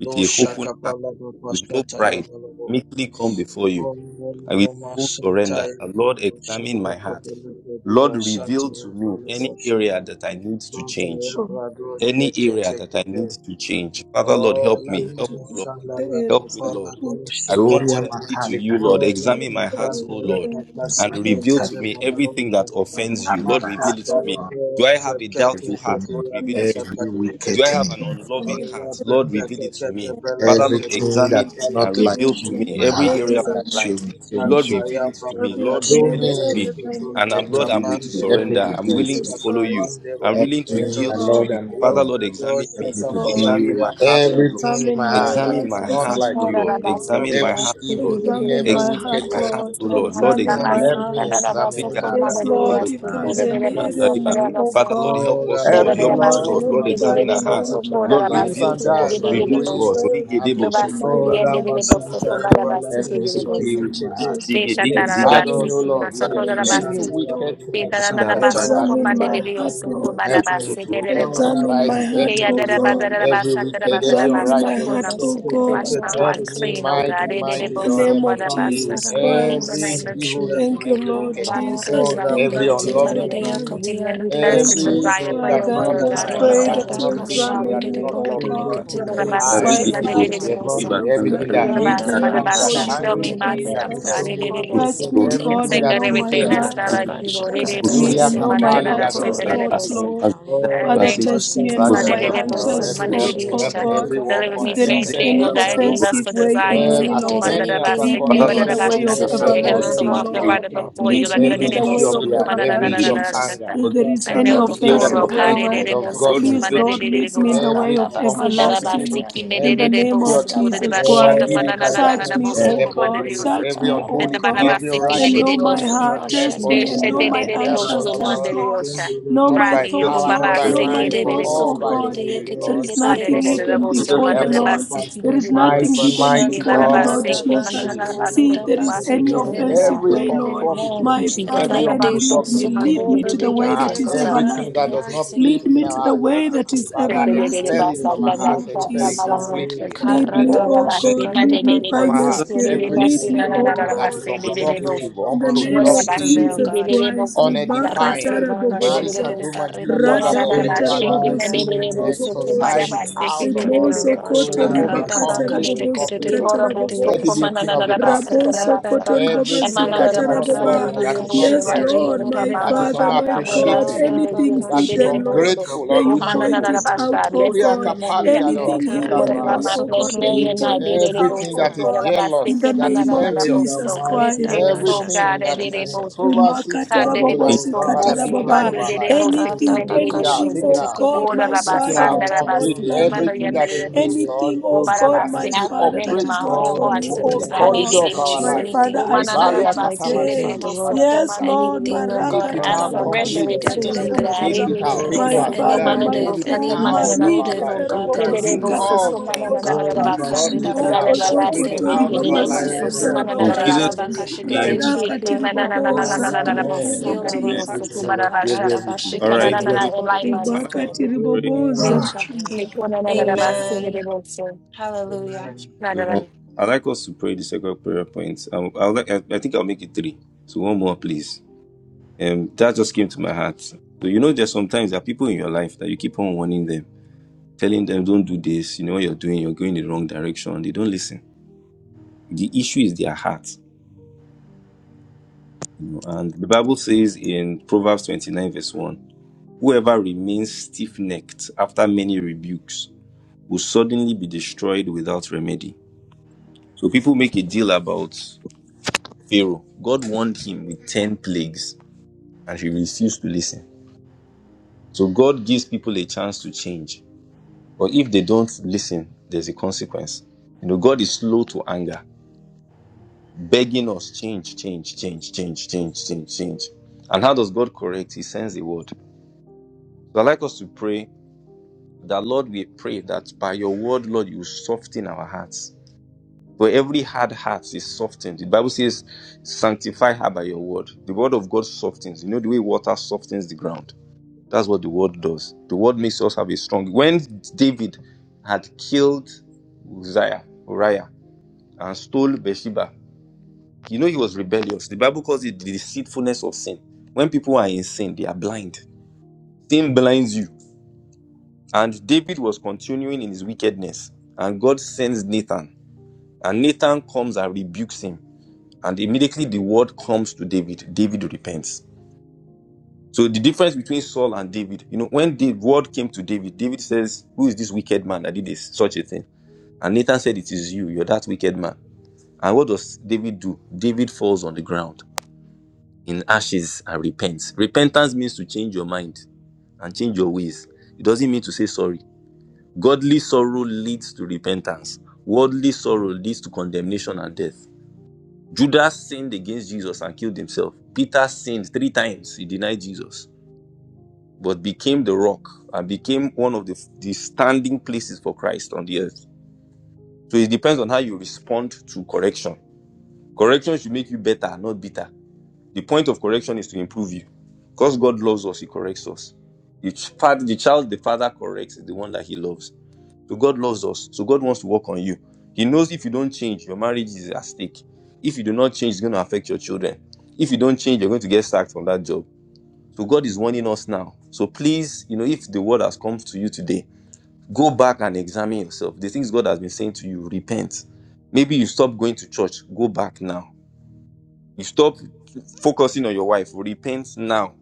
Speaker 13: with a open heart,
Speaker 7: shakapalado
Speaker 13: with no
Speaker 7: pastataya
Speaker 13: pride,
Speaker 7: balado.
Speaker 13: meekly come before you I will
Speaker 7: Roma
Speaker 13: full surrender.
Speaker 7: santaya
Speaker 13: Uh, Lord,
Speaker 7: boko
Speaker 13: examine my
Speaker 7: shekete
Speaker 13: heart. Lord,
Speaker 7: belikedia
Speaker 13: reveal to
Speaker 7: santaya
Speaker 13: me any
Speaker 7: balado
Speaker 13: area that I need to
Speaker 7: shakapantaya
Speaker 13: change.
Speaker 4: Rock,
Speaker 7: brado
Speaker 13: Any area
Speaker 7: shekete
Speaker 13: that I
Speaker 7: kete.
Speaker 13: need to change. Father, Lord,
Speaker 7: Oh,
Speaker 13: help
Speaker 7: la
Speaker 13: me. Help
Speaker 7: nina
Speaker 13: me, Lord.
Speaker 7: sanda
Speaker 4: the
Speaker 7: la
Speaker 13: Help
Speaker 4: areas
Speaker 13: me,
Speaker 4: that
Speaker 13: Lord.
Speaker 7: kapalado
Speaker 4: need to
Speaker 13: I
Speaker 4: change,
Speaker 13: come
Speaker 14: Zoria
Speaker 7: shekete.
Speaker 13: honestly to
Speaker 14: makali
Speaker 13: you,
Speaker 14: kado.
Speaker 4: and
Speaker 13: Lord.
Speaker 7: Oh,
Speaker 4: to
Speaker 13: Examine
Speaker 7: rapa
Speaker 13: my heart,
Speaker 4: make
Speaker 13: O
Speaker 4: the
Speaker 7: santaya
Speaker 14: Mm.
Speaker 13: Lord,
Speaker 4: trend
Speaker 7: baka
Speaker 4: to
Speaker 13: and
Speaker 14: Ayim
Speaker 4: change,
Speaker 13: reveal
Speaker 7: shekete
Speaker 13: to
Speaker 7: le
Speaker 14: kado.
Speaker 13: me
Speaker 7: balado
Speaker 13: everything that
Speaker 4: the
Speaker 13: offends you.
Speaker 14: Examine
Speaker 13: Lord,
Speaker 7: Thank
Speaker 14: my heart,
Speaker 13: reveal it to
Speaker 4: family,
Speaker 13: me.
Speaker 14: Lord.
Speaker 13: Do I have a doubtful heart?
Speaker 14: Everything. in
Speaker 13: Lord, reveal it
Speaker 14: it.
Speaker 13: to
Speaker 4: Reveal
Speaker 13: me.
Speaker 14: Every
Speaker 13: Do
Speaker 14: wicked
Speaker 13: I
Speaker 14: thing.
Speaker 13: have an
Speaker 14: in it.
Speaker 4: to
Speaker 13: unloving
Speaker 14: Lord,
Speaker 4: me
Speaker 13: heart? Lord, reveal it to me. Father, Lord,
Speaker 14: Everything
Speaker 13: examine
Speaker 14: that
Speaker 13: me
Speaker 14: is
Speaker 13: and
Speaker 14: not
Speaker 13: reveal
Speaker 14: like
Speaker 13: to
Speaker 14: you in
Speaker 13: me
Speaker 14: my
Speaker 4: the
Speaker 13: every
Speaker 14: heart.
Speaker 13: area of
Speaker 4: areas I
Speaker 14: Father,
Speaker 13: my
Speaker 4: need
Speaker 14: show
Speaker 13: life.
Speaker 4: to
Speaker 14: me, show me,
Speaker 13: Lord,
Speaker 4: change.
Speaker 14: show me.
Speaker 13: reveal it to me.
Speaker 4: Reveal to me the areas I need to change. Reveal
Speaker 13: Lord,
Speaker 4: to
Speaker 14: Show
Speaker 4: me
Speaker 13: reveal it
Speaker 4: the
Speaker 13: to
Speaker 14: me.
Speaker 13: me.
Speaker 4: areas I need
Speaker 13: And
Speaker 4: to
Speaker 14: Let
Speaker 13: I'm,
Speaker 14: me
Speaker 13: Lord,
Speaker 14: be
Speaker 13: I'm
Speaker 4: change
Speaker 13: going to
Speaker 4: in
Speaker 14: with
Speaker 4: the
Speaker 14: you. Help
Speaker 4: name
Speaker 14: me to
Speaker 13: surrender.
Speaker 4: of
Speaker 13: I'm
Speaker 14: be with
Speaker 13: willing
Speaker 14: you.
Speaker 13: to
Speaker 4: Jesus
Speaker 13: follow you.
Speaker 4: Christ.
Speaker 13: I'm
Speaker 14: Help
Speaker 13: willing to
Speaker 4: Yes,
Speaker 14: me, my
Speaker 13: yield to
Speaker 14: Lord
Speaker 13: you.
Speaker 4: Lord.
Speaker 14: and my
Speaker 13: Father,
Speaker 14: God.
Speaker 13: Lord, examine
Speaker 14: Help
Speaker 13: me.
Speaker 14: me
Speaker 4: Yes,
Speaker 14: to
Speaker 4: Lord.
Speaker 14: be
Speaker 13: Examine
Speaker 14: with
Speaker 13: my heart, O Lord.
Speaker 14: everything in
Speaker 4: Examine
Speaker 14: my
Speaker 4: my
Speaker 14: heart that
Speaker 13: Examine
Speaker 4: heart.
Speaker 14: is
Speaker 13: my
Speaker 14: not
Speaker 13: heart, O
Speaker 14: like
Speaker 4: Examine
Speaker 14: you.
Speaker 13: Lord.
Speaker 11: Sopora
Speaker 4: me, Lord.
Speaker 13: Examine
Speaker 11: bastiki
Speaker 13: my
Speaker 14: Every
Speaker 13: heart, O
Speaker 14: evil
Speaker 13: Lord.
Speaker 11: bastiki
Speaker 14: thing,
Speaker 11: dolore
Speaker 4: Examine
Speaker 14: every
Speaker 4: my
Speaker 13: Examine
Speaker 11: bastiki.
Speaker 14: wicked
Speaker 4: heart,
Speaker 13: my
Speaker 14: thing in
Speaker 13: heart,
Speaker 7: you.
Speaker 4: Lord.
Speaker 13: O Lord. Lord,
Speaker 11: Manana
Speaker 4: Examine
Speaker 7: Thank
Speaker 13: examine
Speaker 4: my
Speaker 14: my
Speaker 13: my
Speaker 14: Help
Speaker 11: bastiki
Speaker 14: me
Speaker 4: heart.
Speaker 11: dolore
Speaker 14: examine my
Speaker 11: bastiki
Speaker 13: heart.
Speaker 14: heart, O
Speaker 4: Yes,
Speaker 14: Lord,
Speaker 11: mandolore
Speaker 14: over
Speaker 4: Lord, if
Speaker 14: my
Speaker 11: bastiki
Speaker 4: there
Speaker 14: heart.
Speaker 4: is
Speaker 14: Help me
Speaker 11: dolore
Speaker 14: to
Speaker 4: any
Speaker 14: be with
Speaker 4: area
Speaker 14: you.
Speaker 4: in
Speaker 11: bastiki
Speaker 4: me,
Speaker 11: dolore
Speaker 4: O
Speaker 11: bastiki.
Speaker 13: Father, Lord,
Speaker 4: God,
Speaker 13: help us,
Speaker 14: Help
Speaker 13: Lord.
Speaker 4: that
Speaker 14: me,
Speaker 13: Help
Speaker 4: do
Speaker 11: Dolore
Speaker 13: us,
Speaker 4: not
Speaker 13: Lord.
Speaker 14: Lord.
Speaker 11: bastiki
Speaker 13: Lord,
Speaker 11: dolore
Speaker 4: glorify
Speaker 14: Help
Speaker 13: examine
Speaker 4: you,
Speaker 13: our
Speaker 14: me.
Speaker 13: hearts.
Speaker 4: Lord,
Speaker 11: bastiki
Speaker 4: my
Speaker 14: I
Speaker 13: Lord,
Speaker 11: sopora
Speaker 14: live
Speaker 4: Father,
Speaker 13: reveal
Speaker 11: bastiki
Speaker 14: and
Speaker 4: my
Speaker 13: to
Speaker 14: die
Speaker 13: us.
Speaker 14: by the
Speaker 4: God,
Speaker 11: mandolore
Speaker 13: Reveal
Speaker 4: I
Speaker 13: to
Speaker 14: way
Speaker 13: us.
Speaker 11: bastiki.
Speaker 4: pray
Speaker 14: my heart
Speaker 11: Do
Speaker 13: Rigedebo
Speaker 4: that
Speaker 14: operates, O
Speaker 11: bastiki
Speaker 4: my
Speaker 14: Lord.
Speaker 13: sunturuba.
Speaker 11: diye
Speaker 14: Help
Speaker 11: dolore
Speaker 4: Father
Speaker 11: bastiki
Speaker 14: me, Lord.
Speaker 11: sopora
Speaker 4: may it be
Speaker 11: bastiki
Speaker 14: Help me
Speaker 11: dolore
Speaker 14: to
Speaker 4: destroyed
Speaker 11: vestiti.
Speaker 14: deal
Speaker 4: in
Speaker 14: with my heart.
Speaker 4: Jesus' name.
Speaker 13: Rigede ziga
Speaker 14: Touch me,
Speaker 11: Beshatarabasi,
Speaker 4: Examine
Speaker 14: O
Speaker 4: me,
Speaker 14: Lord, if
Speaker 1: Oh,
Speaker 14: there's
Speaker 4: examine
Speaker 13: arabande.
Speaker 4: my
Speaker 14: any
Speaker 1: Jesus,
Speaker 11: Nasatorabasi,
Speaker 4: heart, Lord.
Speaker 14: wicked thing in me.
Speaker 13: Zanda
Speaker 1: Alabashanda
Speaker 13: riba
Speaker 11: Bedananabasu,
Speaker 14: Touch me,
Speaker 4: Examine
Speaker 1: Bazata
Speaker 4: my
Speaker 14: Lord.
Speaker 11: Mandedio,
Speaker 4: heart,
Speaker 1: Kabada,
Speaker 11: Suko,
Speaker 4: Lord.
Speaker 13: kutu.
Speaker 14: Help me
Speaker 11: Badabasi,
Speaker 14: to
Speaker 1: anything, oh
Speaker 11: Derebosu,
Speaker 4: Examine
Speaker 1: God,
Speaker 14: exercise
Speaker 4: my
Speaker 14: it.
Speaker 1: that
Speaker 14: Help
Speaker 1: is
Speaker 4: heart,
Speaker 14: me
Speaker 4: O
Speaker 1: not
Speaker 14: to
Speaker 1: of
Speaker 14: remove
Speaker 4: God.
Speaker 1: you,
Speaker 14: every
Speaker 1: Lord,
Speaker 11: Beyadarabasa,
Speaker 1: it's
Speaker 14: wicked,
Speaker 1: down in
Speaker 14: every
Speaker 1: my
Speaker 4: Examine
Speaker 11: Tarabatarabasu,
Speaker 4: my
Speaker 1: heart,
Speaker 14: unrighteous
Speaker 10: Karida
Speaker 4: heart,
Speaker 14: thing.
Speaker 11: Punam.
Speaker 4: O
Speaker 1: Jata
Speaker 10: basikiride
Speaker 11: Wash
Speaker 4: God.
Speaker 11: my
Speaker 1: Kabala
Speaker 11: heart
Speaker 10: warada
Speaker 14: Help
Speaker 1: Rosha.
Speaker 14: me,
Speaker 11: clean, oh God,
Speaker 14: mighty,
Speaker 10: satikiride
Speaker 14: mighty
Speaker 4: In
Speaker 1: Robo
Speaker 4: the
Speaker 14: God.
Speaker 11: Derebosu,
Speaker 4: name
Speaker 14: Help me
Speaker 4: of
Speaker 14: to
Speaker 1: zekete
Speaker 14: deal
Speaker 11: Badabasa,
Speaker 14: with
Speaker 4: Jesus
Speaker 10: Father
Speaker 1: zekera
Speaker 11: in
Speaker 10: Lord,
Speaker 11: the
Speaker 4: Christ.
Speaker 11: name
Speaker 14: every
Speaker 1: bazatu
Speaker 11: of
Speaker 14: evil
Speaker 10: Century.
Speaker 14: thing,
Speaker 4: Thank
Speaker 11: Jesus.
Speaker 1: abasat.
Speaker 7: you.
Speaker 4: you,
Speaker 1: Me
Speaker 14: every
Speaker 10: O
Speaker 4: Lord
Speaker 1: Lord,
Speaker 14: wicked
Speaker 11: Allow
Speaker 1: we
Speaker 11: me
Speaker 14: thing,
Speaker 10: God,
Speaker 1: come
Speaker 11: to
Speaker 1: out
Speaker 11: be
Speaker 4: Jesus.
Speaker 10: Rada
Speaker 1: with
Speaker 7: Ora
Speaker 11: like you,
Speaker 4: Thank
Speaker 1: Jesus
Speaker 14: every
Speaker 11: God.
Speaker 10: Bakanzi
Speaker 1: any
Speaker 4: you,
Speaker 7: bashanta
Speaker 4: Abba
Speaker 14: unloving
Speaker 1: offensive
Speaker 10: Karidia
Speaker 4: Father.
Speaker 7: yakete.
Speaker 14: thing,
Speaker 1: thing,
Speaker 11: Give me a
Speaker 10: Katia
Speaker 11: new
Speaker 1: any
Speaker 10: Ridia
Speaker 11: thirst and
Speaker 4: Thank
Speaker 7: Eso
Speaker 1: unfor-
Speaker 10: Katan
Speaker 4: you,
Speaker 7: so
Speaker 11: desire
Speaker 14: everything
Speaker 11: for
Speaker 1: offensive
Speaker 14: that
Speaker 11: your
Speaker 4: Father.
Speaker 14: is
Speaker 1: thing,
Speaker 4: I
Speaker 7: kapali
Speaker 14: not
Speaker 11: word,
Speaker 7: ada
Speaker 4: just
Speaker 11: God, in
Speaker 1: anything
Speaker 14: kind,
Speaker 11: the
Speaker 1: that
Speaker 4: pray
Speaker 10: Rita
Speaker 14: that
Speaker 1: oh
Speaker 11: name of
Speaker 7: bashante
Speaker 14: is
Speaker 4: that you
Speaker 1: God
Speaker 14: not
Speaker 10: Baka
Speaker 1: is
Speaker 11: Jesus.
Speaker 1: not
Speaker 7: kete.
Speaker 14: faithful, that
Speaker 4: examine
Speaker 1: worthy
Speaker 14: is
Speaker 10: Shikiride
Speaker 4: me,
Speaker 11: Hallelujah.
Speaker 14: not
Speaker 4: O
Speaker 14: loving.
Speaker 10: boridi
Speaker 7: Dele
Speaker 4: God.
Speaker 1: before you,
Speaker 7: brado
Speaker 10: yakitikiride
Speaker 1: Father.
Speaker 14: Ah,
Speaker 7: so
Speaker 13: Zanda
Speaker 14: help
Speaker 4: My
Speaker 7: so
Speaker 14: me to
Speaker 13: rigedebo
Speaker 14: deal
Speaker 4: Father,
Speaker 1: Examine
Speaker 14: with it.
Speaker 1: my
Speaker 10: borida
Speaker 7: yete
Speaker 14: Help me
Speaker 1: heart,
Speaker 14: to
Speaker 4: for
Speaker 11: Yororabasikimadededeboso.
Speaker 14: deal
Speaker 13: sunturiba.
Speaker 1: take
Speaker 7: banda
Speaker 14: with
Speaker 4: there
Speaker 1: it
Speaker 4: is
Speaker 13: Zanda
Speaker 14: everything
Speaker 1: away,
Speaker 14: that
Speaker 7: melodi.
Speaker 4: nothing
Speaker 1: take it
Speaker 10: Rada
Speaker 14: hates,
Speaker 1: away,
Speaker 13: rigada
Speaker 4: hidden
Speaker 1: take
Speaker 14: everything
Speaker 1: it
Speaker 10: baka
Speaker 14: that
Speaker 4: before
Speaker 14: is
Speaker 11: Yororabasabadabasa.
Speaker 4: you,
Speaker 1: away,
Speaker 7: Masata
Speaker 11: Show
Speaker 10: shika
Speaker 11: me
Speaker 4: Lord
Speaker 7: ya
Speaker 14: hungry,
Speaker 1: Jehovah.
Speaker 10: tiki
Speaker 14: everything
Speaker 7: bela
Speaker 14: that
Speaker 11: myself,
Speaker 10: ridi
Speaker 14: is
Speaker 4: Jesus.
Speaker 11: God.
Speaker 10: busi
Speaker 1: Kina
Speaker 14: sorrowful,
Speaker 7: kashende
Speaker 10: koro
Speaker 1: darida
Speaker 4: Search
Speaker 11: Edededeboso.
Speaker 7: kete.
Speaker 4: me,
Speaker 1: kira
Speaker 10: rikiti.
Speaker 11: And
Speaker 13: kusunturiba.
Speaker 4: God,
Speaker 14: everything
Speaker 11: take
Speaker 13: Zanda
Speaker 4: and
Speaker 11: out
Speaker 1: darida
Speaker 14: that
Speaker 4: know
Speaker 14: is
Speaker 7: Zeke
Speaker 4: my
Speaker 1: zata
Speaker 11: everything
Speaker 14: fear.
Speaker 7: tele
Speaker 13: rigadiba
Speaker 11: that's
Speaker 4: heart.
Speaker 11: not
Speaker 10: Saka
Speaker 1: kabado
Speaker 7: bala
Speaker 11: like
Speaker 13: kutu.
Speaker 14: Amen.
Speaker 7: da
Speaker 11: you,
Speaker 10: basha
Speaker 11: Lord.
Speaker 1: shekete
Speaker 4: Test
Speaker 7: bashanta
Speaker 10: karada
Speaker 4: me
Speaker 1: kira
Speaker 11: Ededeboso.
Speaker 7: ya
Speaker 14: Gloria
Speaker 4: and
Speaker 10: basi
Speaker 13: Kusunturiba.
Speaker 4: know
Speaker 1: bazai.
Speaker 4: my
Speaker 10: ridi
Speaker 14: Kapali
Speaker 7: bakashante
Speaker 13: Zanda
Speaker 7: kete
Speaker 10: bukoro
Speaker 4: anxious
Speaker 13: riba
Speaker 14: Gado.
Speaker 7: ya
Speaker 14: Help me
Speaker 13: raba.
Speaker 7: bani.
Speaker 4: thoughts,
Speaker 14: to
Speaker 10: rikiti.
Speaker 14: deal
Speaker 11: Kumananadadasetededeboso.
Speaker 14: with
Speaker 4: Lord.
Speaker 14: it.
Speaker 1: Examine my
Speaker 11: Uh,
Speaker 1: heart,
Speaker 4: Father,
Speaker 7: Ora
Speaker 11: Thank you,
Speaker 4: test me and
Speaker 7: bashanta
Speaker 11: Jesus.
Speaker 1: anything
Speaker 13: Father
Speaker 4: know
Speaker 14: Touch
Speaker 7: ya
Speaker 14: me,
Speaker 1: that
Speaker 4: my
Speaker 1: is
Speaker 14: help me,
Speaker 1: not
Speaker 10: Karada
Speaker 14: Lord.
Speaker 11: Adededeboso.
Speaker 14: Help
Speaker 4: anxious
Speaker 1: worthy.
Speaker 10: baka
Speaker 14: me,
Speaker 7: bakashende
Speaker 14: help
Speaker 4: thoughts,
Speaker 14: me,
Speaker 10: shika
Speaker 4: O
Speaker 14: help
Speaker 7: kete
Speaker 10: ridi
Speaker 11: Mandededeyosha.
Speaker 4: God.
Speaker 10: baka
Speaker 7: kete.
Speaker 14: everyone
Speaker 10: roda
Speaker 11: Deliver me
Speaker 4: If there
Speaker 11: from
Speaker 10: basi
Speaker 4: is
Speaker 7: Zanta
Speaker 14: connected
Speaker 11: anything,
Speaker 10: ridi
Speaker 14: to
Speaker 4: any
Speaker 11: oh
Speaker 7: ya
Speaker 11: God,
Speaker 14: this
Speaker 10: ata.
Speaker 11: any
Speaker 7: bala
Speaker 14: group.
Speaker 4: offensive
Speaker 11: lustful
Speaker 4: way
Speaker 7: kashante
Speaker 4: in
Speaker 11: desires.
Speaker 7: kete
Speaker 14: Uh,
Speaker 10: Lord,
Speaker 4: me,
Speaker 10: if
Speaker 14: as
Speaker 7: kete
Speaker 10: there's
Speaker 4: Lord,
Speaker 14: many as
Speaker 10: anything
Speaker 14: are
Speaker 10: that
Speaker 7: kete
Speaker 4: lead
Speaker 7: kete.
Speaker 4: me
Speaker 10: any
Speaker 4: in
Speaker 13: Lord,
Speaker 4: the
Speaker 14: connected
Speaker 13: in
Speaker 14: to
Speaker 4: way
Speaker 14: this
Speaker 11: Ekumanadadabasekimadadabasa.
Speaker 7: Thank
Speaker 4: of
Speaker 10: offensive
Speaker 14: group,
Speaker 13: our hearts,
Speaker 10: thing
Speaker 14: help
Speaker 11: And help
Speaker 10: in
Speaker 14: us
Speaker 13: Lord,
Speaker 11: me
Speaker 13: Lord,
Speaker 14: to
Speaker 10: my
Speaker 11: to
Speaker 14: deal
Speaker 4: everlasting,
Speaker 11: walk
Speaker 10: heart,
Speaker 14: with
Speaker 13: you
Speaker 14: it,
Speaker 11: the
Speaker 14: O
Speaker 4: Lord.
Speaker 13: reveal
Speaker 10: Lord,
Speaker 14: Lord.
Speaker 11: right
Speaker 10: help
Speaker 13: to
Speaker 11: before
Speaker 10: me
Speaker 13: me
Speaker 11: you,
Speaker 4: Lead
Speaker 10: to
Speaker 11: like
Speaker 4: me in
Speaker 14: Every
Speaker 4: the
Speaker 10: remove
Speaker 13: every
Speaker 14: issue
Speaker 4: way
Speaker 10: it
Speaker 14: of
Speaker 11: Edededeboso.
Speaker 13: area
Speaker 4: of
Speaker 14: the
Speaker 10: in the
Speaker 13: that
Speaker 14: heart,
Speaker 10: name
Speaker 13: I
Speaker 14: every
Speaker 10: of
Speaker 14: issue
Speaker 13: rebel
Speaker 14: of
Speaker 4: everlasting.
Speaker 10: Jesus.
Speaker 11: Kumananadadadadashata.
Speaker 14: anger,
Speaker 4: If
Speaker 13: towards,
Speaker 4: there
Speaker 10: It's
Speaker 4: is
Speaker 11: like
Speaker 4: any
Speaker 11: never
Speaker 14: of
Speaker 10: removed
Speaker 13: any
Speaker 10: by
Speaker 13: area
Speaker 11: before,
Speaker 10: your
Speaker 14: sorrow,
Speaker 11: oh
Speaker 13: of
Speaker 4: offensive
Speaker 14: of
Speaker 11: God.
Speaker 4: way,
Speaker 10: power
Speaker 4: Lord,
Speaker 14: hatred,
Speaker 10: in
Speaker 14: of
Speaker 10: the
Speaker 11: Edededeboso.
Speaker 13: Lord,
Speaker 10: mighty
Speaker 14: gossip,
Speaker 4: please,
Speaker 13: reveal
Speaker 10: name of
Speaker 4: Lord, lead
Speaker 10: Jesus.
Speaker 13: to us.
Speaker 4: me in
Speaker 11: Kumanadededeboso.
Speaker 4: the way
Speaker 14: every
Speaker 10: Karada
Speaker 4: of
Speaker 10: baka
Speaker 11: Si da da
Speaker 10: shika ridi.
Speaker 14: unprofitable
Speaker 11: si
Speaker 4: everlasting.
Speaker 11: ki
Speaker 14: thing,
Speaker 11: me de
Speaker 4: In
Speaker 11: de
Speaker 4: the
Speaker 14: every
Speaker 11: de
Speaker 4: name
Speaker 11: bo
Speaker 4: of
Speaker 14: impure
Speaker 11: su
Speaker 10: Rada
Speaker 11: tu
Speaker 14: thing.
Speaker 11: de de
Speaker 4: Jesus
Speaker 10: baka
Speaker 11: ba she
Speaker 10: shika
Speaker 4: Christ.
Speaker 14: Ekomagiri
Speaker 11: na
Speaker 10: ridi
Speaker 11: na na na
Speaker 14: kada.
Speaker 11: na
Speaker 4: Search
Speaker 11: na
Speaker 4: me,
Speaker 11: bo
Speaker 13: Amen.
Speaker 10: bukoro
Speaker 4: O
Speaker 14: Help us
Speaker 11: de
Speaker 14: to
Speaker 4: God,
Speaker 11: de
Speaker 14: deal
Speaker 11: o
Speaker 14: with
Speaker 11: sa.
Speaker 4: search
Speaker 14: every
Speaker 4: me,
Speaker 11: De
Speaker 4: O
Speaker 11: da
Speaker 14: unholy
Speaker 10: rikiti.
Speaker 11: ba
Speaker 14: thing,
Speaker 13: Jesus,
Speaker 4: God,
Speaker 14: every
Speaker 11: si ki
Speaker 13: we
Speaker 11: me
Speaker 4: and
Speaker 11: de
Speaker 14: unrighteous
Speaker 11: de
Speaker 4: know
Speaker 13: pray.
Speaker 1: In
Speaker 14: thing.
Speaker 11: bo
Speaker 4: my
Speaker 11: su.
Speaker 1: my
Speaker 4: heart.
Speaker 1: heart,
Speaker 14: Help
Speaker 1: oh
Speaker 4: Test
Speaker 14: us
Speaker 11: De
Speaker 4: me
Speaker 1: Lord,
Speaker 14: to
Speaker 4: and
Speaker 1: in
Speaker 11: she
Speaker 14: deal
Speaker 4: know
Speaker 1: the
Speaker 11: de
Speaker 14: with
Speaker 11: de
Speaker 4: my
Speaker 14: it.
Speaker 1: name
Speaker 11: de de
Speaker 1: of
Speaker 11: bo
Speaker 14: Help
Speaker 4: anxious
Speaker 14: us,
Speaker 11: su
Speaker 1: Jesus,
Speaker 14: O
Speaker 10: Shakarabashakarabadashata.
Speaker 11: ma
Speaker 1: I
Speaker 4: thoughts,
Speaker 11: de
Speaker 14: Lord.
Speaker 1: have
Speaker 11: de o
Speaker 1: a
Speaker 4: Lord.
Speaker 1: cut,
Speaker 11: sa.
Speaker 4: Know
Speaker 1: I
Speaker 14: Not
Speaker 1: have
Speaker 11: Try
Speaker 4: my
Speaker 1: a
Speaker 14: by
Speaker 13: Jesus,
Speaker 1: cut.
Speaker 11: bo
Speaker 4: thoughts,
Speaker 13: we
Speaker 14: power,
Speaker 11: ba
Speaker 14: not
Speaker 11: ba
Speaker 4: Lord.
Speaker 14: by
Speaker 13: pray.
Speaker 4: Know
Speaker 11: si
Speaker 1: Oh,
Speaker 11: ki
Speaker 4: my
Speaker 14: might,
Speaker 11: de
Speaker 1: my
Speaker 14: but
Speaker 11: de de
Speaker 4: thoughts,
Speaker 11: bo
Speaker 14: all
Speaker 4: O
Speaker 1: Father,
Speaker 11: su.
Speaker 14: by your
Speaker 4: God.
Speaker 1: Lord, I
Speaker 14: spirit,
Speaker 4: There
Speaker 1: speak
Speaker 14: Lord.
Speaker 4: is
Speaker 1: to
Speaker 11: de de
Speaker 4: nothing
Speaker 11: de
Speaker 14: Help
Speaker 11: de
Speaker 14: us
Speaker 7: you.
Speaker 11: de
Speaker 14: to
Speaker 1: Father.
Speaker 4: hidden
Speaker 11: bo
Speaker 14: deal with
Speaker 11: su
Speaker 14: it.
Speaker 13: Jesus,
Speaker 4: before
Speaker 11: ma
Speaker 13: we
Speaker 7: In
Speaker 1: That
Speaker 11: na
Speaker 4: you,
Speaker 14: Help
Speaker 11: de
Speaker 1: is
Speaker 11: ba
Speaker 10: Yekeredebosokoredeyekitekeredebosokoredeyekete.
Speaker 14: us.
Speaker 13: pray.
Speaker 4: Lord.
Speaker 11: si
Speaker 7: the
Speaker 11: ki
Speaker 1: not,
Speaker 4: There
Speaker 11: me
Speaker 1: oh
Speaker 4: is
Speaker 11: de de
Speaker 4: nothing
Speaker 1: Father,
Speaker 14: Mighty,
Speaker 1: is
Speaker 4: hidden
Speaker 1: a
Speaker 11: E
Speaker 14: mighty
Speaker 11: ba
Speaker 4: before
Speaker 11: da
Speaker 4: you,
Speaker 13: Jesus,
Speaker 1: creature that
Speaker 14: God,
Speaker 4: Lord
Speaker 11: si
Speaker 1: is
Speaker 14: help
Speaker 11: ki
Speaker 1: not
Speaker 14: us
Speaker 11: ma
Speaker 14: to
Speaker 11: na
Speaker 1: your
Speaker 11: na na
Speaker 14: deal.
Speaker 11: na
Speaker 4: Jesus.
Speaker 1: God,
Speaker 4: See
Speaker 11: si
Speaker 4: if
Speaker 1: oh
Speaker 4: there
Speaker 11: ki wa
Speaker 4: is
Speaker 1: Father.
Speaker 14: To
Speaker 11: shi
Speaker 4: any
Speaker 14: deal with
Speaker 4: offensive
Speaker 1: Oh,
Speaker 14: every
Speaker 4: way,
Speaker 1: take
Speaker 4: Lord,
Speaker 10: Shakaradabashakaredabasekeredebokorede.
Speaker 1: away,
Speaker 11: Thank
Speaker 1: take
Speaker 11: you,
Speaker 14: unprofitable
Speaker 4: my
Speaker 14: thing,
Speaker 1: away,
Speaker 11: Jesus. I
Speaker 4: Father,
Speaker 14: every
Speaker 11: da
Speaker 1: take
Speaker 4: and
Speaker 1: away
Speaker 11: so
Speaker 4: lead
Speaker 11: ki
Speaker 4: me.
Speaker 14: unproductive
Speaker 1: every
Speaker 11: ma
Speaker 14: thing
Speaker 11: de
Speaker 4: Lead
Speaker 11: de
Speaker 4: me
Speaker 1: offensive
Speaker 11: de
Speaker 4: to
Speaker 11: de
Speaker 4: the
Speaker 1: word,
Speaker 14: in
Speaker 11: bo
Speaker 4: way
Speaker 14: our
Speaker 1: every
Speaker 4: that
Speaker 14: hearts,
Speaker 4: is
Speaker 1: offensive
Speaker 14: everything
Speaker 1: thought,
Speaker 14: that
Speaker 4: everlasting.
Speaker 14: does not
Speaker 10: Redebosokoredeyekenteyaredeyanse.
Speaker 4: Lead
Speaker 14: please you in
Speaker 4: me
Speaker 14: our
Speaker 1: every
Speaker 4: to the
Speaker 14: heart.
Speaker 4: way
Speaker 1: offensive
Speaker 4: that
Speaker 1: heart,
Speaker 4: is
Speaker 1: oh
Speaker 14: Father,
Speaker 1: God, and
Speaker 11: Seferleri
Speaker 14: expel
Speaker 4: everlasting
Speaker 14: it
Speaker 1: every
Speaker 4: in
Speaker 11: basar,
Speaker 14: from
Speaker 4: the
Speaker 14: our
Speaker 4: name
Speaker 11: benden
Speaker 14: hearts,
Speaker 1: offensive,
Speaker 4: of
Speaker 1: oh
Speaker 14: expel
Speaker 1: God,
Speaker 11: satar,
Speaker 14: it
Speaker 10: Yes,
Speaker 11: bana
Speaker 4: Jesus.
Speaker 10: Lord.
Speaker 1: desire.
Speaker 11: borçlu.
Speaker 14: completely,
Speaker 4: Lead me,
Speaker 14: completely,
Speaker 1: Lord,
Speaker 11: Oraya
Speaker 4: O
Speaker 1: take
Speaker 11: bastı,
Speaker 1: it
Speaker 4: God,
Speaker 14: completely
Speaker 1: away,
Speaker 4: lead me
Speaker 10: Karadabashakaradaba.
Speaker 1: Lord.
Speaker 11: madeleri
Speaker 4: by
Speaker 14: from
Speaker 1: I
Speaker 14: our
Speaker 4: your
Speaker 11: borçlu,
Speaker 14: hearts.
Speaker 1: pray in
Speaker 4: spirit.
Speaker 11: köreri
Speaker 1: the
Speaker 10: Holy
Speaker 13: name
Speaker 4: Lead
Speaker 14: Everything
Speaker 11: bastı,
Speaker 1: name
Speaker 4: me,
Speaker 1: of
Speaker 10: Spirit of
Speaker 4: O
Speaker 13: we
Speaker 1: Jesus
Speaker 11: nananara
Speaker 14: that
Speaker 10: God,
Speaker 4: God.
Speaker 14: is
Speaker 11: bastı,
Speaker 13: pray.
Speaker 11: beleri
Speaker 1: pray
Speaker 11: borçlu.
Speaker 1: in the
Speaker 14: unprofitable,
Speaker 4: In the
Speaker 1: name
Speaker 10: let
Speaker 1: of
Speaker 10: your
Speaker 4: name
Speaker 10: mercy
Speaker 11: Oraya
Speaker 4: of
Speaker 1: Jesus. I
Speaker 11: bastı,
Speaker 14: unproductive,
Speaker 10: prevail,
Speaker 1: pray
Speaker 4: Jesus
Speaker 1: that
Speaker 10: God.
Speaker 1: your
Speaker 11: kibeleri
Speaker 4: Christ,
Speaker 11: borçlu,
Speaker 1: mercies, O God,
Speaker 11: para
Speaker 4: Rebecca
Speaker 11: bastı,
Speaker 14: unedifying.
Speaker 1: any
Speaker 14: Mari
Speaker 1: path,
Speaker 11: mandeleri
Speaker 4: Tarabobosa,
Speaker 1: O
Speaker 11: borçlu.
Speaker 14: Kazuma
Speaker 1: God, that
Speaker 14: Julia
Speaker 1: is not,
Speaker 4: Rada
Speaker 1: O
Speaker 11: Oraya
Speaker 14: Gabor.
Speaker 1: Father,
Speaker 11: bastı,
Speaker 14: Father,
Speaker 1: Lord,
Speaker 7: mighty
Speaker 10: Radabakashakeredaredabasekeredabarada.
Speaker 4: Katarabobosi
Speaker 7: name
Speaker 11: kimeleri
Speaker 1: that
Speaker 7: of
Speaker 1: is,
Speaker 11: borçlu,
Speaker 1: O
Speaker 10: Let
Speaker 4: Katiribobosa,
Speaker 11: kibara
Speaker 14: Exorcise
Speaker 1: Father,
Speaker 14: it
Speaker 10: your
Speaker 7: Jesus.
Speaker 11: bastı,
Speaker 1: offensive,
Speaker 10: mercy
Speaker 14: out
Speaker 1: that
Speaker 14: of
Speaker 1: is
Speaker 10: prevail,
Speaker 14: us.
Speaker 4: Riboso
Speaker 11: kibeleri
Speaker 1: wicked, O
Speaker 10: God.
Speaker 11: borçlu,
Speaker 4: Koto
Speaker 1: Father, that
Speaker 14: Remove
Speaker 7: Rabba
Speaker 14: it
Speaker 11: nananara
Speaker 1: does
Speaker 4: Ribaka
Speaker 1: not
Speaker 11: bastı.
Speaker 7: Santa
Speaker 1: feel,
Speaker 14: completely,
Speaker 7: Rabba
Speaker 4: Tarabobosi
Speaker 7: Rabba
Speaker 1: that does
Speaker 14: completely.
Speaker 7: Rabba
Speaker 11: Dibora
Speaker 1: not
Speaker 7: Rabba.
Speaker 11: borçlu,
Speaker 14: Let it
Speaker 1: please
Speaker 14: be a
Speaker 4: Katarabobosa,
Speaker 10: Karadabakashikiribokorediyekete.
Speaker 1: you.
Speaker 14: thing of the
Speaker 11: kumananara bastı,
Speaker 14: past.
Speaker 1: Father,
Speaker 11: kara
Speaker 1: Lord,
Speaker 4: Raboso
Speaker 1: I
Speaker 11: bastı.
Speaker 4: Koto
Speaker 1: pray,
Speaker 11: And man,
Speaker 4: Ribabasi
Speaker 14: Everything
Speaker 1: Jehovah,
Speaker 14: that
Speaker 11: another
Speaker 14: is
Speaker 1: every
Speaker 11: both
Speaker 14: not
Speaker 7: Saka
Speaker 11: so we
Speaker 4: Katarababa.
Speaker 14: loving,
Speaker 11: did
Speaker 1: tendency,
Speaker 14: that is
Speaker 11: able
Speaker 7: palado
Speaker 11: to
Speaker 14: not
Speaker 4: Yes,
Speaker 11: watch
Speaker 14: caring,
Speaker 11: and
Speaker 1: every,
Speaker 11: go to
Speaker 4: Lord,
Speaker 7: sete
Speaker 1: O
Speaker 4: my
Speaker 7: sete
Speaker 10: Radabakashikiribaradabakashikiriyekoredibo.
Speaker 14: that
Speaker 7: sete.
Speaker 1: God,
Speaker 14: is
Speaker 11: Pamaho,
Speaker 4: Father,
Speaker 11: Father,
Speaker 4: my
Speaker 11: I will
Speaker 4: God,
Speaker 11: not
Speaker 7: Aya
Speaker 1: we
Speaker 14: unappreciative,
Speaker 11: sin
Speaker 7: sete
Speaker 11: the
Speaker 1: give
Speaker 7: sete
Speaker 4: anything
Speaker 11: gifts
Speaker 1: by
Speaker 11: we
Speaker 1: your
Speaker 14: that
Speaker 11: did
Speaker 7: sete.
Speaker 14: is
Speaker 4: hidden,
Speaker 1: Lord.
Speaker 11: able
Speaker 7: Mira
Speaker 1: There
Speaker 4: Lord,
Speaker 10: Radabakashikiride-
Speaker 11: to.
Speaker 1: is
Speaker 14: ungrateful,
Speaker 4: may
Speaker 1: not
Speaker 11: Oh,
Speaker 4: you
Speaker 1: of
Speaker 11: man,
Speaker 7: kapando
Speaker 1: you,
Speaker 4: point
Speaker 14: unthankful.
Speaker 11: another
Speaker 1: Lord
Speaker 4: it
Speaker 7: susoni
Speaker 1: God,
Speaker 11: Basha,
Speaker 4: out, oh
Speaker 11: bless
Speaker 7: sete.
Speaker 14: Zuria
Speaker 11: me
Speaker 4: God.
Speaker 11: and
Speaker 1: anything,
Speaker 11: more.
Speaker 1: O
Speaker 11: We
Speaker 14: kapali
Speaker 11: help me
Speaker 1: Father,
Speaker 11: to
Speaker 1: that
Speaker 14: gado.
Speaker 4: Anything
Speaker 7: Zata
Speaker 14: Take it out
Speaker 7: ya
Speaker 1: causes
Speaker 14: of
Speaker 4: hidden
Speaker 1: me
Speaker 14: our
Speaker 4: in
Speaker 1: to
Speaker 11: multiply
Speaker 4: me,
Speaker 7: bela
Speaker 11: my
Speaker 14: hearts.
Speaker 1: walk
Speaker 4: oh
Speaker 1: in
Speaker 11: flesh
Speaker 4: God,
Speaker 1: the
Speaker 4: may
Speaker 11: day
Speaker 1: ways
Speaker 4: you
Speaker 7: kashindi
Speaker 1: of
Speaker 11: and
Speaker 10: Ikaridibosokorediyete.
Speaker 11: night.
Speaker 4: point
Speaker 7: sete
Speaker 11: Did
Speaker 4: it
Speaker 1: iniquity.
Speaker 11: it
Speaker 4: out,
Speaker 11: able
Speaker 7: sete.
Speaker 14: Everything
Speaker 11: to
Speaker 4: oh
Speaker 14: that is
Speaker 11: put
Speaker 1: Father, I
Speaker 4: God,
Speaker 11: a
Speaker 1: pray,
Speaker 11: basket,
Speaker 4: in the
Speaker 14: jealous,
Speaker 1: come in
Speaker 11: man,
Speaker 14: that
Speaker 1: my
Speaker 4: name
Speaker 14: is
Speaker 4: of
Speaker 1: heart,
Speaker 11: another
Speaker 7: In
Speaker 1: O
Speaker 11: both
Speaker 7: the
Speaker 1: Lord.
Speaker 14: envious,
Speaker 4: Jesus
Speaker 11: so.
Speaker 7: mighty
Speaker 1: Take
Speaker 4: Christ.
Speaker 11: Dear
Speaker 7: name
Speaker 1: away,
Speaker 7: of
Speaker 11: so
Speaker 1: take
Speaker 14: everything
Speaker 11: God,
Speaker 1: it
Speaker 11: I
Speaker 14: that
Speaker 1: away,
Speaker 11: did
Speaker 7: Jesus,
Speaker 14: is in
Speaker 1: take
Speaker 11: able
Speaker 1: it out
Speaker 11: to.
Speaker 1: of
Speaker 10: Redabashakaredabasakariba.
Speaker 14: Proverbs
Speaker 1: my
Speaker 14: 6,
Speaker 1: heart,
Speaker 11: And
Speaker 14: 16
Speaker 1: take
Speaker 11: did
Speaker 14: to
Speaker 1: it out
Speaker 11: able
Speaker 13: In,
Speaker 1: of
Speaker 7: Varo
Speaker 14: 19.
Speaker 11: to
Speaker 1: my heart
Speaker 11: both
Speaker 14: Father,
Speaker 1: in
Speaker 14: take
Speaker 1: the
Speaker 11: so
Speaker 14: it
Speaker 1: name
Speaker 14: out
Speaker 11: man,
Speaker 4: Rimakatarabobosikatarababa.
Speaker 1: of
Speaker 14: of
Speaker 7: Vasakaya
Speaker 11: did
Speaker 14: our
Speaker 11: it
Speaker 1: Jesus.
Speaker 14: life.
Speaker 11: able to keep
Speaker 7: Bakasakete
Speaker 4: Anything,
Speaker 11: me, did
Speaker 14: Take
Speaker 11: it
Speaker 14: it
Speaker 1: Lord,
Speaker 14: out,
Speaker 11: able
Speaker 4: anything,
Speaker 14: take
Speaker 11: to.
Speaker 14: it
Speaker 4: oh
Speaker 1: examine
Speaker 7: Libalagosha,
Speaker 14: out.
Speaker 1: me.
Speaker 4: God,
Speaker 11: Oh, the
Speaker 4: my
Speaker 1: anything that
Speaker 14: Take it
Speaker 10: Radabakashikiribosokorediyete.
Speaker 4: Father,
Speaker 1: does
Speaker 11: Rabasan,
Speaker 14: out
Speaker 11: the
Speaker 1: not,
Speaker 4: that is
Speaker 1: O
Speaker 4: not
Speaker 7: Zataya
Speaker 1: God,
Speaker 14: completely.
Speaker 11: Rabasiki, man,
Speaker 4: planted
Speaker 11: the
Speaker 4: in
Speaker 14: Everything
Speaker 1: please
Speaker 7: Manaki
Speaker 4: me.
Speaker 14: that
Speaker 1: you
Speaker 10: Oh
Speaker 14: you
Speaker 1: in,
Speaker 10: Lord,
Speaker 7: Fundi
Speaker 14: hate,
Speaker 11: Yandarabos.
Speaker 1: in
Speaker 10: anything
Speaker 14: Lord,
Speaker 4: Anything,
Speaker 10: that
Speaker 11: Oh,
Speaker 4: oh
Speaker 10: is not
Speaker 7: Rekupusha
Speaker 4: God,
Speaker 1: everything.
Speaker 10: of
Speaker 14: that is
Speaker 11: Barabasi,
Speaker 4: my
Speaker 10: you,
Speaker 11: I
Speaker 14: still
Speaker 7: Kata,
Speaker 4: Father,
Speaker 1: For
Speaker 11: surrender
Speaker 4: that
Speaker 10: anything, oh
Speaker 4: is
Speaker 11: my
Speaker 1: Zadi
Speaker 4: not
Speaker 10: God
Speaker 14: operating
Speaker 11: whole
Speaker 7: Oh,
Speaker 4: from
Speaker 11: heart
Speaker 10: Almighty,
Speaker 4: you,
Speaker 11: to
Speaker 10: that
Speaker 1: Shatala
Speaker 4: oh
Speaker 14: the
Speaker 11: you,
Speaker 10: does not
Speaker 11: God, did
Speaker 1: Badi,
Speaker 14: corridor
Speaker 4: God.
Speaker 7: Rabelagosha
Speaker 11: it
Speaker 14: of
Speaker 11: able
Speaker 10: represent
Speaker 14: our
Speaker 11: to.
Speaker 10: you,
Speaker 4: My
Speaker 7: Kapala
Speaker 14: lives.
Speaker 4: Father,
Speaker 10: anything that
Speaker 1: created
Speaker 4: I
Speaker 10: does
Speaker 1: by
Speaker 10: not
Speaker 4: pray
Speaker 14: Zuribalia
Speaker 10: look like you,
Speaker 1: grace,
Speaker 14: Katama
Speaker 4: today.
Speaker 10: Father
Speaker 14: Gizo.
Speaker 10: Lord,
Speaker 14: Father, take it
Speaker 4: Yes,
Speaker 14: out.
Speaker 4: Lord.
Speaker 10: anything, oh
Speaker 11: Umanananabasidididibosukumandididibosa.
Speaker 10: God,
Speaker 14: Take it
Speaker 11: I
Speaker 14: out
Speaker 7: Abastante
Speaker 11: surrender it to
Speaker 14: completely.
Speaker 7: yakata
Speaker 6: Say
Speaker 11: you,
Speaker 1: also
Speaker 6: to
Speaker 11: God.
Speaker 10: radabakashikidekidekidede,
Speaker 1: very
Speaker 14: Take
Speaker 7: yavala
Speaker 6: me,
Speaker 4: Marakatarabobosikatarabobosa.
Speaker 14: it
Speaker 1: much
Speaker 14: out.
Speaker 6: O
Speaker 14: Take
Speaker 7: doste
Speaker 14: it
Speaker 4: My
Speaker 10: reda,
Speaker 14: out.
Speaker 1: evidence
Speaker 10: any
Speaker 7: kata
Speaker 14: Father,
Speaker 4: Father, my
Speaker 14: remove
Speaker 10: motive,
Speaker 14: it
Speaker 7: balata
Speaker 6: God. Say
Speaker 4: God.
Speaker 6: to
Speaker 10: any
Speaker 7: via
Speaker 6: me,
Speaker 14: out of
Speaker 7: santa
Speaker 14: our
Speaker 10: motive,
Speaker 11: Ididididibosukumanadibokatamanadabasiki.
Speaker 10: oh
Speaker 14: life. You
Speaker 10: God,
Speaker 7: yavala
Speaker 10: that
Speaker 14: can
Speaker 10: is
Speaker 14: do
Speaker 7: kasele.
Speaker 10: not
Speaker 14: all
Speaker 4: Marikatarabobosikatarabobosa
Speaker 14: things.
Speaker 7: Ela
Speaker 10: godly,
Speaker 6: deliver
Speaker 11: Idididibosukumananananabasa.
Speaker 14: Lord,
Speaker 6: me.
Speaker 11: The
Speaker 7: basita
Speaker 14: take it
Speaker 11: God
Speaker 4: riboko
Speaker 14: out
Speaker 7: yavala
Speaker 14: completely
Speaker 11: everlasting,
Speaker 4: sokoto
Speaker 10: karidabakashikidede,
Speaker 11: he
Speaker 14: out
Speaker 10: wrong
Speaker 14: of our
Speaker 7: kastanta
Speaker 6: Reveal to
Speaker 14: lives.
Speaker 4: ribabasika
Speaker 6: me,
Speaker 14: Every
Speaker 10: motives,
Speaker 7: yavala
Speaker 6: God,
Speaker 13: in
Speaker 14: unprofitable
Speaker 7: kasete
Speaker 4: tarababaza
Speaker 13: Jesus'
Speaker 14: thing.
Speaker 11: kididibosukumanananabasiki.
Speaker 6: hidden
Speaker 13: name,
Speaker 7: yavala
Speaker 13: we
Speaker 10: redabakashikite,
Speaker 14: Every
Speaker 6: things of
Speaker 4: radaka
Speaker 7: doste.
Speaker 10: Father
Speaker 13: pray.
Speaker 10: God, help
Speaker 4: tiriboboza
Speaker 10: us,
Speaker 7: Ora
Speaker 10: oh
Speaker 4: in
Speaker 10: God,
Speaker 4: the name
Speaker 14: man.
Speaker 13: Amen.
Speaker 4: of
Speaker 10: heal
Speaker 7: basita
Speaker 10: our
Speaker 13: Amen.
Speaker 4: jesus
Speaker 14: Every
Speaker 7: yakata.
Speaker 10: hearts, oh God,
Speaker 14: jealousy,
Speaker 11: Ishikimanananananananabosubadidiosukumanabasha.
Speaker 14: every
Speaker 1: Thank you,
Speaker 14: everything.
Speaker 13: All
Speaker 6: you,
Speaker 13: right.
Speaker 14: Every
Speaker 6: God.
Speaker 1: Jesus.
Speaker 14: just
Speaker 11: Ikanananana
Speaker 13: So,
Speaker 1: Thank
Speaker 11: enlighten
Speaker 1: you,
Speaker 11: my
Speaker 13: I
Speaker 10: radabashikitekideborodiete.
Speaker 13: like
Speaker 4: ribaka
Speaker 13: us
Speaker 1: Lord.
Speaker 11: understanding.
Speaker 13: to pray.
Speaker 7: Amen.
Speaker 4: tiriboboza
Speaker 6: Oh,
Speaker 14: ah,
Speaker 11: Bisha.
Speaker 1: Lord
Speaker 6: Jesus.
Speaker 1: of Lord, I am
Speaker 7: Amen.
Speaker 10: Amen.
Speaker 1: Zion.
Speaker 11: Mikunanananabasididibosu.
Speaker 10: Hallelujah.
Speaker 6: Search
Speaker 7: Amen.
Speaker 6: me
Speaker 11: Nananana.
Speaker 14: man.
Speaker 13: So I'd like us to pray the second prayer point. Um, I'll, like- I I think I'll make it three. So one more, please. Um, that just came to my heart. So you know, there's sometimes there are people in your life that you keep on warning them, telling them, "Don't do this." You know what you're doing. You're going in the wrong direction. They don't listen. The issue is their heart. You know, and the Bible says in Proverbs 29 verse 1, whoever remains stiff-necked after many rebukes will suddenly be destroyed without remedy. So people make a deal about. Pharaoh. God warned him with 10 plagues and he refused to listen. So God gives people a chance to change. But if they don't listen, there's a consequence. You know, God is slow to anger, begging us change, change, change, change, change, change, change. And how does God correct? He sends a word. So I'd like us to pray that, Lord, we pray that by your word, Lord, you soften our hearts. For every hard heart is softened. The Bible says, sanctify her by your word. The word of God softens. You know the way water softens the ground That's what the word does. The word makes us have a strong. When David had killed Uzziah, Uriah, and stole Bathsheba, you know he was rebellious. The Bible calls it the deceitfulness of sin. When people are in sin, they are blind. Sin blinds you. And David was continuing in his wickedness, and God sends Nathan, and Nathan comes and rebukes him. And immediately the word comes to David. David repents. So the difference between Saul and David, you know, when the word came to David, David says, Who is this wicked man that did this such a thing? And Nathan said, It is you, you're that wicked man. And what does David do? David falls on the ground in ashes and repents. Repentance means to change your mind and change your ways. It doesn't mean to say sorry. Godly sorrow leads to repentance. Worldly sorrow
Speaker 7: Amen.
Speaker 13: leads to condemnation and death. Judas sinned against Jesus and killed himself. Peter sinned three times. He denied Jesus. but became the rock and became one of the, the standing places for Christ on the earth. So it depends on how you respond to correction. Correction should make you better, not bitter. The point of correction is to improve you. Because God loves us, He corrects us. The, ch- fath- the child the father corrects is the one that He loves. So God loves us. So God wants to work on you. He knows if you don't change, your marriage is at stake. If you do not change, it's going to affect your children. If you don't change, you're going to get sacked from that job. So God is warning us now. So please, you know, if the word has come to you today, go back and examine yourself. The things God has been saying to you, repent. Maybe you stop going to church, go back now. You stop focusing on your wife, repent now.